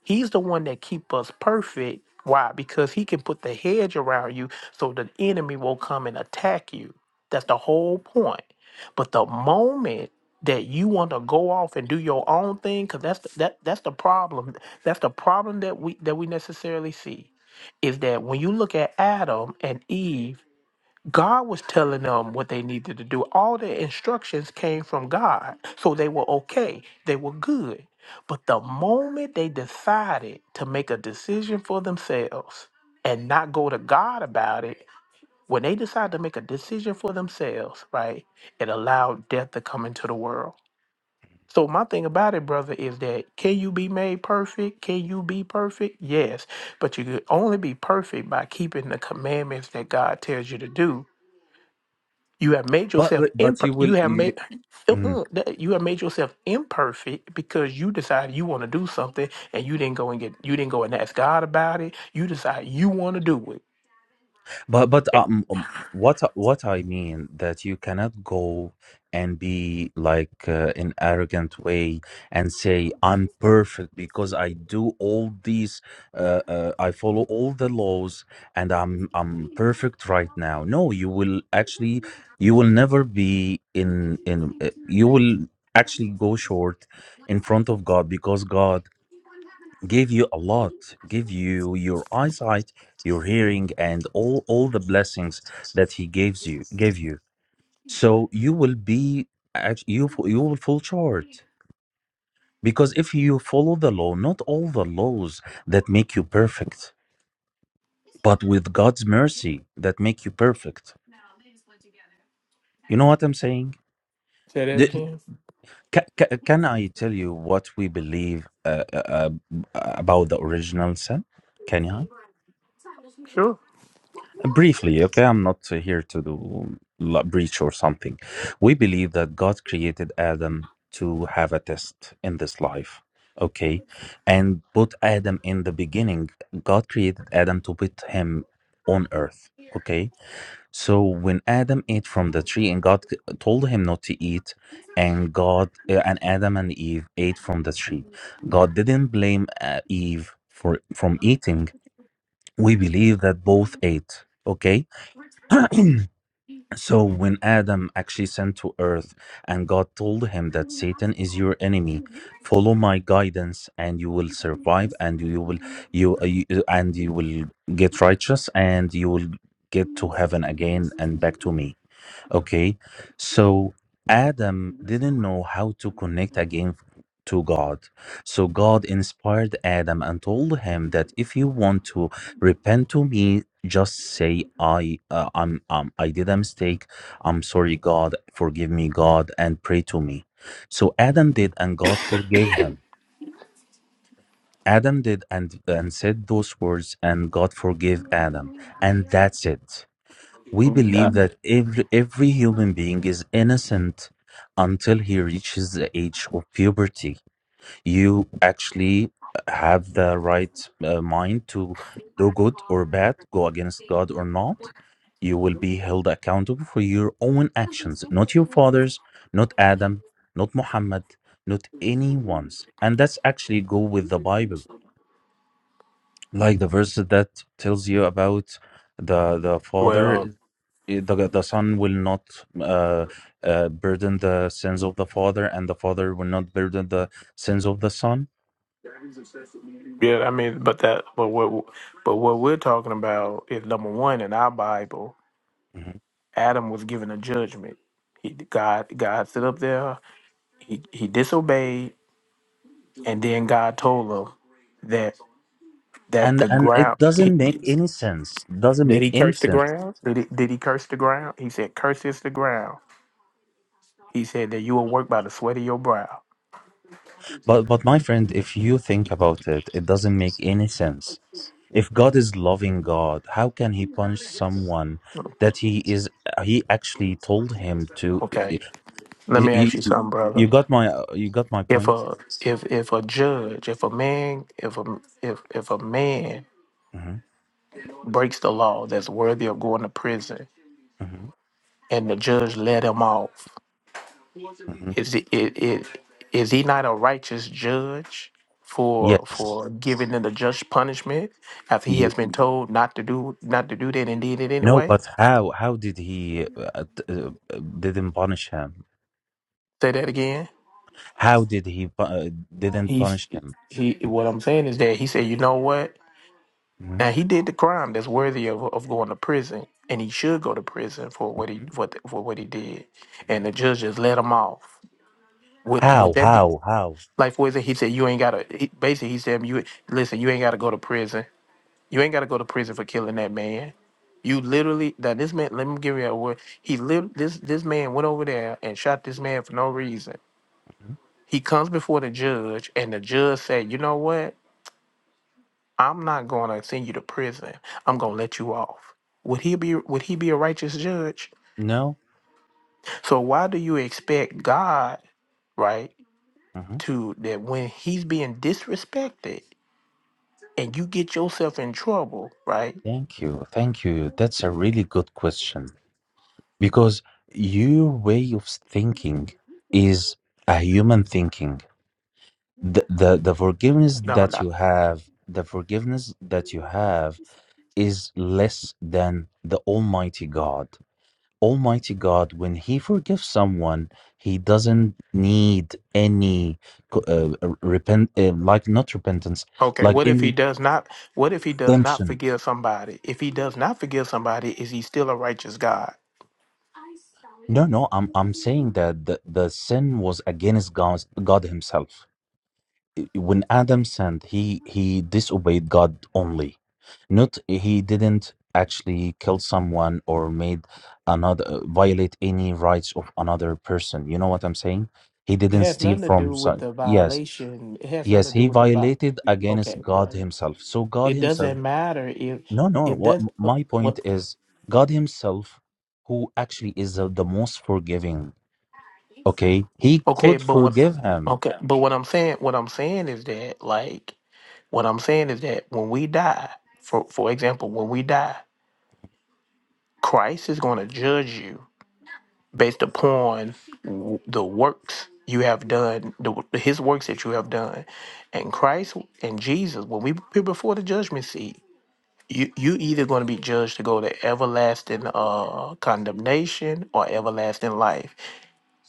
S14: He's the one that keep us perfect. Why? Because He can put the hedge around you so the enemy won't come and attack you. That's the whole point. But the moment that you want to go off and do your own thing, because that's the, that that's the problem. That's the problem that we that we necessarily see is that when you look at Adam and Eve God was telling them what they needed to do. All their instructions came from God. So they were okay. They were good. But the moment they decided to make a decision for themselves and not go to God about it, when they decided to make a decision for themselves, right, it allowed death to come into the world. So my thing about it, brother, is that can you be made perfect? Can you be perfect? Yes. But you could only be perfect by keeping the commandments that God tells you to do you have made
S17: but
S14: yourself
S17: but
S14: imper-
S17: you
S14: you
S17: will.
S14: have
S17: You,
S14: made
S17: Mhm.
S14: uh-uh, that- you have made yourself imperfect because you decided you want to do something and you didn't go and get you didn't go and ask God about it. You decide you want to do it.
S17: But but
S14: Hey,
S17: um, um, what what I mean that you cannot go and be like uh, an arrogant way and say I'm perfect because I do all these uh, uh, I follow all the laws and I'm I'm perfect right now. No, you will actually you will never be in in uh, you will actually go short in front of God because God Give you a lot give you your eyesight your hearing and all all the blessings that he gives you gave you so you will be act- you f- you will fall short because if you follow the law not all the laws that make you perfect but with god's mercy that make you perfect you know what i'm saying
S14: Say that
S17: The-
S14: again.
S17: ca- ca- can i tell you what we believe uh, uh, uh, about the original sin can i
S14: Sure.
S17: Briefly, okay, I'm not uh, here to do la- breach or something. We believe that God created Adam to have a test in this life, okay, and put Adam in the beginning. God created Adam to put him on earth, okay. So when Adam ate from the tree and God c- told him not to eat, and God uh, and Adam and Eve ate from the tree, God didn't blame uh, Eve for from eating. We believe that both ate, okay so when Adam actually sent to earth and God told him that Satan is your enemy, follow my guidance and you will survive and you will you, uh, you and you will get righteous and you will get to heaven again and back to me. Okay, so Adam didn't know how to connect again to God. So God inspired Adam and told him that if you want to repent to me, just say I uh, I'm um I did a mistake. I'm sorry, God, forgive me, God, and pray to me. So Adam did, and God forgave him. Adam did and and said those words, and God forgave Adam, and that's it. We
S14: Nah,
S17: believe that every, every human being is innocent until he reaches the age of puberty. You actually have the right uh, mind to do good or bad, go against God or not. You will be held accountable for your own actions, not your father's, not Adam, not Muhammad, not anyone's. And that's actually go with the Bible, like the verse that tells you about the the father
S14: well,
S17: it- the the son will not uh, uh, burden the sins of the father, and the father will not burden the sins of the son.
S14: yeah, I mean, but that, but what, but what we're talking about is number one in our Bible.
S17: Mhm.
S14: Adam was given a judgment. He, God, God stood up there. He he disobeyed, and then God told him that that
S17: And
S14: the
S17: and it
S14: ground he,
S17: doesn't make any sense. Doesn't
S14: did
S17: make
S14: he
S17: any
S14: curse the
S17: sense.
S14: ground? Did he, did he curse the ground? He said, "Curses the ground." He said that you will work by the sweat of your brow.
S17: But but my friend, if you think about it, it doesn't make any sense. If God is loving God, how can He punish someone that He is uh, He actually told him to?
S14: Okay, let
S17: You,
S14: me ask you
S17: you-
S14: something, brother.
S17: you got my uh, you got my
S14: If
S17: point.
S14: a if if a judge, if a man, if a if if a man
S17: hmm
S14: breaks the law that's worthy of going to prison,
S17: hmm
S14: and the judge let him off.
S17: hmm
S14: Is it, it, it is he not a righteous judge for
S17: Yes.
S14: for giving them the just punishment after he has been told not to do not to do that and did it
S17: No,
S14: anyway?
S17: but how? How did he uh, t- uh, uh, didn't punish him?
S14: Say that again.
S17: How did he pu- uh, didn't
S14: He's
S17: punish him?
S14: he. What I'm saying is that he said, you know what?
S17: Mhm.
S14: Now he did the crime that's worthy of of going to prison, and he should go to prison for what he for, the, for what he did. And the judge just let him off. Would would
S17: How?
S14: that be
S17: How? How?
S14: like? Was it? He said, you ain't gotta. He, basically, he said, you listen. You ain't gotta go to prison You ain't got to go to prison for killing that man. You literally that this man. Let me give you a word. He lit this this man went over there and shot this man for no reason.
S17: Mhm.
S14: He comes before the judge, and the judge said, "You know what? I'm not going to send you to prison. I'm going to let you off." Would he be Would he be a righteous judge?
S17: No.
S14: So why do you expect God, right,
S17: hmm
S14: to that when he's being disrespected and you get yourself in trouble, right?
S17: Thank you. Thank you. That's a really good question because your way of thinking is a human thinking. The, the the forgiveness
S14: No,
S17: that
S14: no.
S17: you have, the forgiveness that you have is less than the Almighty God. Almighty God, when He forgives someone, He doesn't need any co- uh, uh, repent, uh, like not repentance,
S14: Okay,
S17: like
S14: what if he
S17: any
S14: does not what if he does not
S17: redemption.
S14: forgive somebody? If he does not forgive somebody, is he still a righteous God?
S17: No, no, I'm I'm saying that the, the sin was against God, God Himself. When Adam sinned, he he disobeyed God only. Not he didn't actually kill someone or made another uh, violate any rights of another person. You know what I'm saying? He
S14: It
S17: didn't
S14: has
S17: steal
S14: nothing to
S17: from
S14: do with
S17: some.
S14: the
S17: Yes
S14: violation. It has nothing
S17: Yes,
S14: to do
S17: he
S14: with the vi-
S17: violated against
S14: Okay,
S17: God
S14: brother.
S17: himself. So God
S14: It
S17: himself,
S14: doesn't matter if
S17: no, no,
S14: it
S17: what
S14: does
S17: my point
S14: what
S17: is God himself, who actually is the, the most forgiving, okay? He
S14: Okay,
S17: could
S14: but what
S17: forgive him,
S14: Okay, but what I'm saying what I'm saying is that like what I'm saying is that when we die, for for example, when we die, Christ is going to judge you based upon w- the works you have done, the, w- his works that you have done. And Christ and Jesus, when we be before the judgment seat, you you either going to be judged to go to everlasting uh, condemnation or everlasting life.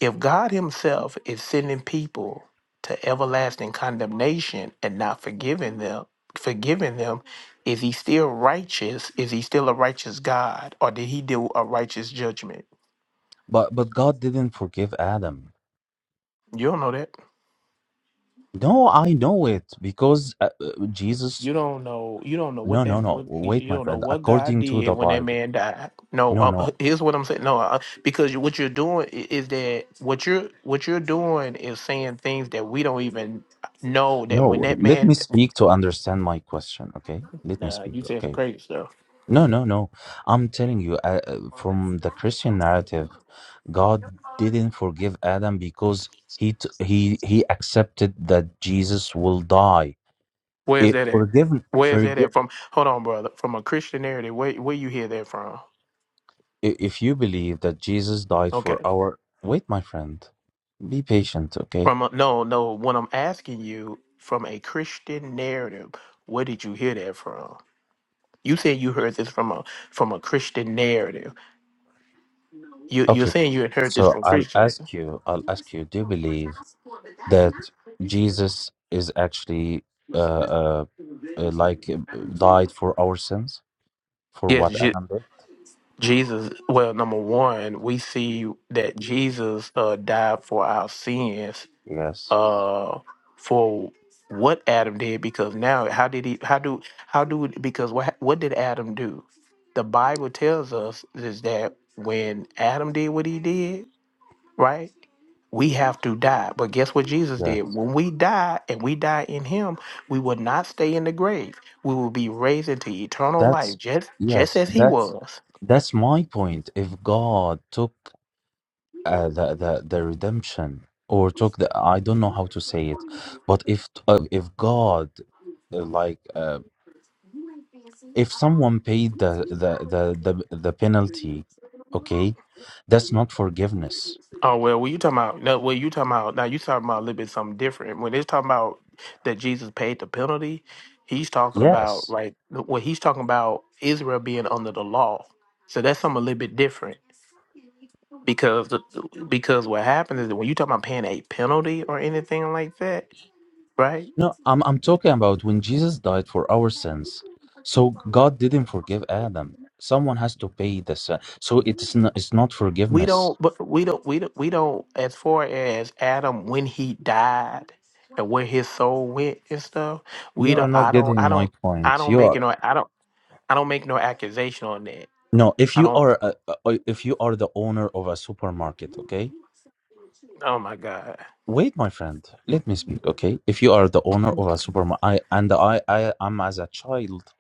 S14: If God Himself is sending people to everlasting condemnation and not forgiving them, forgiving them, is He still righteous? Is He still a righteous God, or did He do a righteous judgment?
S17: but but God didn't forgive Adam.
S14: You don't know that.
S17: No, I know it because uh, uh, Jesus
S14: You don't know. You don't know what
S17: No,
S14: they.
S17: no, no.
S14: What,
S17: Wait,
S14: you
S17: my
S14: don't know
S17: friend.
S14: what God
S17: According to
S14: did
S17: the
S14: when that
S17: Bible.
S14: man died. No,
S17: No,
S14: uh, uh,
S17: no.
S14: here's what I'm saying. No, uh, because you- what you're doing i- is that what you're what you're doing is saying things that we don't even know that when
S17: No,
S14: that
S17: let
S14: man.
S17: me speak to understand my question, okay? Let me
S14: Nah,
S17: speak,
S14: you saying
S17: okay?
S14: some crazy stuff.
S17: No, no, no. I'm telling you, uh, uh, from the Christian narrative, God didn't forgive Adam because he t- he he accepted that Jesus will die.
S14: Where's
S17: It
S14: that at?
S17: forgive
S14: Where's that at?
S17: forgive
S14: From hold on, brother. From a Christian narrative, where where you hear that from?
S17: i- if you believe that Jesus died for
S14: Okay.
S17: our. Wait, my friend, be patient. Okay,
S14: From a, no, no. What I'm asking you from a Christian narrative, where did you hear that from? You said you heard this from a from a Christian narrative. You you're
S17: okay.
S14: saying you had heard this
S17: So
S14: from
S17: I'll
S14: Christians.
S17: ask you. I'll ask you. Do you believe that Jesus is actually uh, uh, uh, like uh, died for our sins for
S14: Yes,
S17: what
S14: Je-
S17: Adam did?
S14: Jesus. Well, number one, we see that Jesus uh, died for our sins.
S17: Yes,
S14: Uh, for what Adam did, because now how did he? How do how do? Because what what did Adam do? The Bible tells us is that when Adam did what he did, right? we have to die. But guess what Jesus did?
S17: yes.
S14: When we die and we die in him, we will not stay in the grave. We will be raised into eternal life,
S17: That's
S14: just just
S17: yes,
S14: as he
S17: that's
S14: was.
S17: that's my point. If God took uh, the the the redemption or took the I don't know how to say it, but if uh, if God uh, like uh, if someone paid the the the the the penalty, okay, that's not forgiveness.
S14: Oh well, what you talking about? No, what you talking about? Now you talking about a little bit something different. When it's talking about that Jesus paid the penalty, he's talking about
S17: Yes.
S14: right. What he's talking about Israel being under the law. So that's something a little bit different. because the, because what happens is that when you talk about paying a penalty or anything like that, right?
S17: No, I'm I'm talking about when Jesus died for our sins. So God didn't forgive Adam. Someone has to pay the sin. So it's not, it's not
S14: We
S17: forgiveness.
S14: don't, but we don't, we don't, we don't. As far as Adam when he died and where his soul went and stuff, we
S17: You are
S14: don't.
S17: not
S14: I don't.
S17: getting
S14: I
S17: my
S14: don't. I
S17: point.
S14: don't
S17: You
S14: make
S17: are
S14: it. No, I don't. I don't make no accusation on that.
S17: no. If
S14: I
S17: you
S14: don't.
S17: are a, a- if you are the owner of a supermarket, okay.
S14: Oh my God.
S17: Wait, my friend. Let me speak, okay? If you are the owner of a supermarket, I and I I am as a child,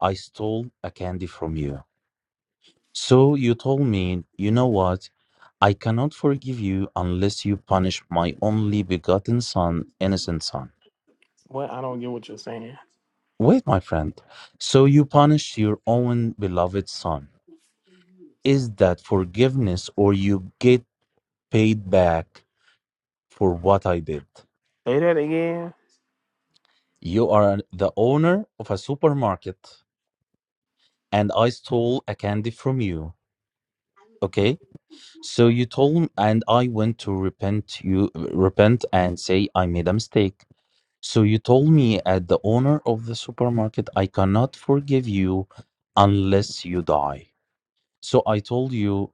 S17: I stole a candy from you. So you told me, You know what? I cannot forgive you unless you punish my only begotten son, innocent son.
S14: What? I don't get what you're saying.
S17: Wait, my friend. So you punish your own beloved son. Is that forgiveness or you get paid back for what I did?
S14: Say that again.
S17: You are the owner of a supermarket and I stole a candy from you. Okay? So you told and I went to repent you repent and say I made a mistake So you told me at the owner of the supermarket, I cannot forgive you unless you die. So I told you,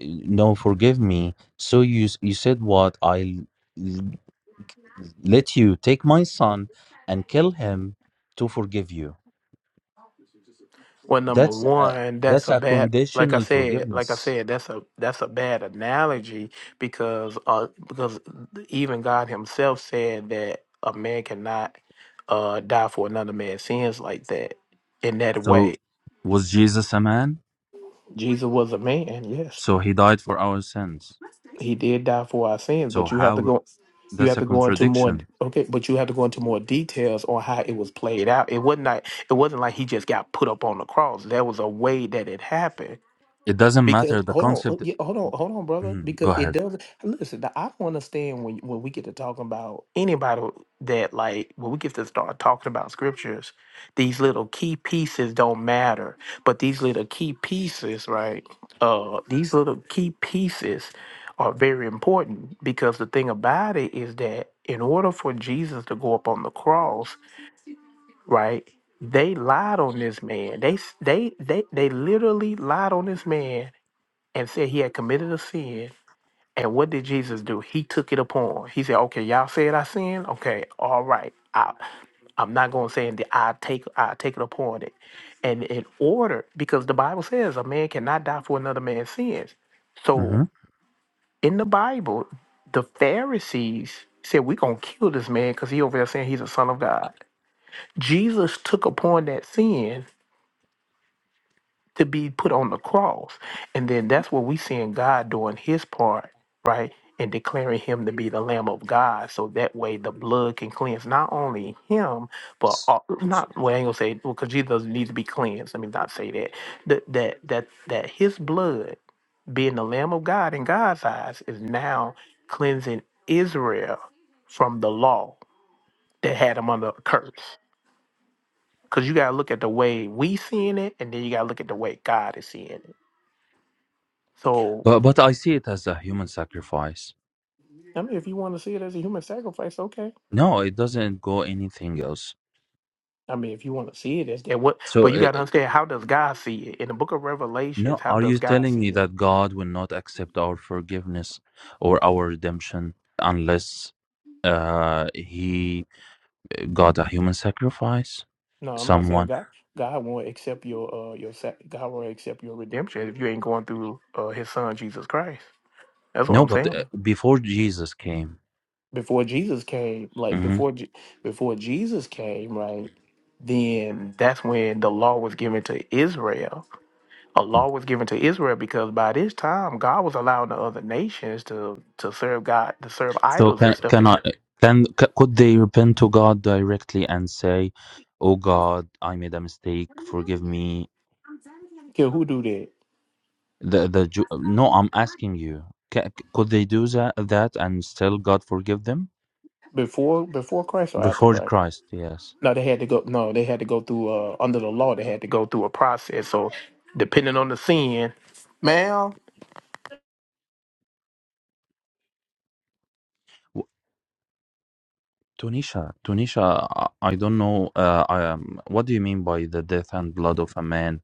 S17: "Uh, no, forgive me. So you s- you said what? I'll l- let you take my son and kill him to forgive you.
S14: Well, number
S17: That's a,
S14: one, that's
S17: that's
S14: a
S17: a
S14: bad. Like I
S17: conditional
S14: said, like I
S17: forgiveness.
S14: said, that's a that's a bad analogy because uh because even God Himself said that a man cannot uh die for another man's sins like that in that way.
S17: So was Jesus a man?
S14: Jesus was a man, yes,
S17: So he died for our sins.
S14: he did die for our sins,
S17: So
S14: but you have to
S17: how?
S14: go you
S17: That's
S14: have
S17: a
S14: to go into more
S17: contradiction.
S14: okay, but you have to go into more details on how it was played out. It wasn't like it wasn't like he just got put up on the cross. There was a way that it happened
S17: It doesn't
S14: Because
S17: matter. The
S14: hold on, uh,
S17: concept.
S14: yeah, hold on, hold on, brother.
S17: Mhm, Go
S14: Because
S17: ahead.
S14: it doesn't listen. I don't understand when when we get to talking about anybody that like when we get to start talking about scriptures, these little key pieces don't matter. But these little key pieces, right? Uh, these little key pieces are very important because the thing about it is that in order for Jesus to go up on the cross, right? They lied on this man. They s- they they they literally lied on this man and said he had committed a sin. And what did Jesus do? He took it upon. He said, "Okay, y'all said I sinned. Okay, all right. I, I'm not going to say that I take I take it upon it." And in order, because the Bible says a man cannot die for another man's sins. So
S17: Uh-huh.
S14: in the Bible, the Pharisees said, "We're gonna kill this man because he over there saying he's a son of God." Jesus took upon that sin to be put on the cross. And then that's what we seeing God doing his part, right? And declaring him to be the Lamb of God. So that way the blood can cleanse not only him, but all, not well, I ain't gonna say well, because Jesus needs to be cleansed. Let me not say that. That that that that his blood being the Lamb of God in God's eyes is now cleansing Israel from the law that had them under a curse. Because you gotta look at the way we seeing it, and then you gotta look at the way God is seeing it. So
S17: But but I see it as a human sacrifice.
S14: I mean, if you want to see it as a human sacrifice, okay.
S17: No, it doesn't go anything else.
S14: I mean, if you want to see it as that, what? But
S17: So
S14: you
S17: uh,
S14: got to
S17: uh,
S14: understand how does God see it in the Book of
S17: no,
S14: Revelations? How
S17: are
S14: does
S17: you
S14: God
S17: telling
S14: see
S17: me
S14: it?
S17: that God will not accept our forgiveness or our redemption unless uh, he uh, got a human sacrifice?
S14: No, I'm not saying
S17: Someone?
S14: God. God won't accept your uh your sac- God won't accept your redemption if you ain't going through uh His Son Jesus Christ. That's what
S17: No,
S14: I'm
S17: but uh,
S14: saying.
S17: before Jesus came.
S14: Before Jesus came, like
S17: hmm
S14: before Je- before Jesus came, right? Then that's when the law was given to Israel a law was given to Israel because by this time God was allowing the other nations to to serve God to serve
S17: So
S14: idols and
S17: can
S14: stuff.
S17: can
S14: And
S17: I
S14: he-
S17: can c- could they repent to God directly and say, "Oh God, I made a mistake. Forgive me.
S14: yeah, who do that
S17: The the Ju- no, I'm asking you. Ca c- could they do that, that and still God forgive them
S14: before before Christ or after
S17: before
S14: Christ?
S17: Christ? Yes.
S14: No, they had to go. No, they had to go through uh, under the law. They had to go through a process. So depending on the sin, ma'am.
S17: W- Tunisia, Tunisia. I I don't know. Uh, I, um, what do you mean by the death and blood of a man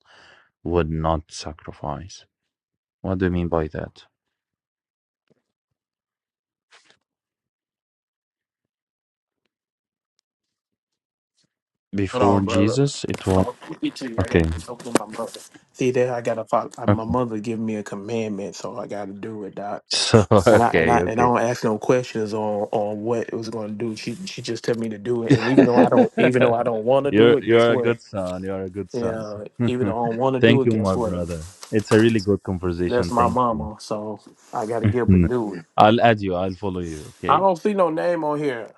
S17: would not sacrifice? What do you mean by that?
S14: Hold
S17: Before
S14: on, brother.
S17: Jesus, it
S14: Hold
S17: was
S14: on. Let me tell you, I
S17: okay.
S14: gotta talk to my mother. See there, I gotta follow. uh, My
S17: Okay.
S14: mother giving me a commandment, so I gotta do it, Doc.
S17: So
S14: and I and I
S17: okay,
S14: and I
S17: okay.
S14: don't ask no questions on on what it was going to do. She she just tell me to do it, and even though I don't even though I don't want to do
S17: you're
S14: it, guess
S17: you're a
S14: what?
S17: good son. You're a good son.
S14: Yeah, even though I don't want to do
S17: Thank
S14: it,
S17: you,
S14: guess
S17: my
S14: what?
S17: brother. It's a really good
S14: That's
S17: conversation.
S14: my
S17: Thank you.
S14: mama, so I got to get up and do it.
S17: I'll add you. I'll follow you.
S14: I
S17: Okay.
S14: don't see no name on here.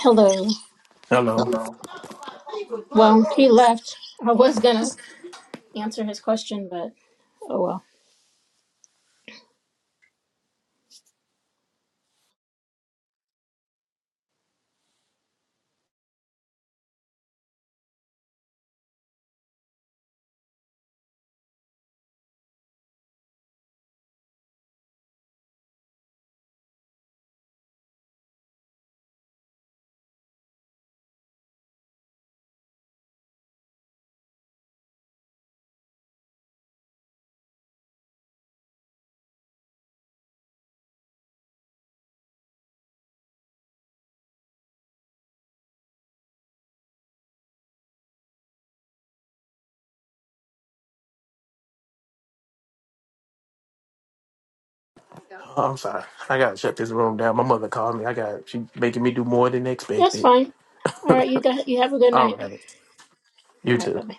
S19: Hello.
S14: Hello,
S19: Hello. Well, he left. I was gonna answer his question, but oh well.
S14: Oh, I'm sorry. I gotta shut this room down. My mother called me. I got she making me do more than
S19: That's
S14: expected.
S19: fine. All right, you got you have a good
S14: All
S19: night.
S14: right, you
S19: All right,
S14: too.
S19: bye bye.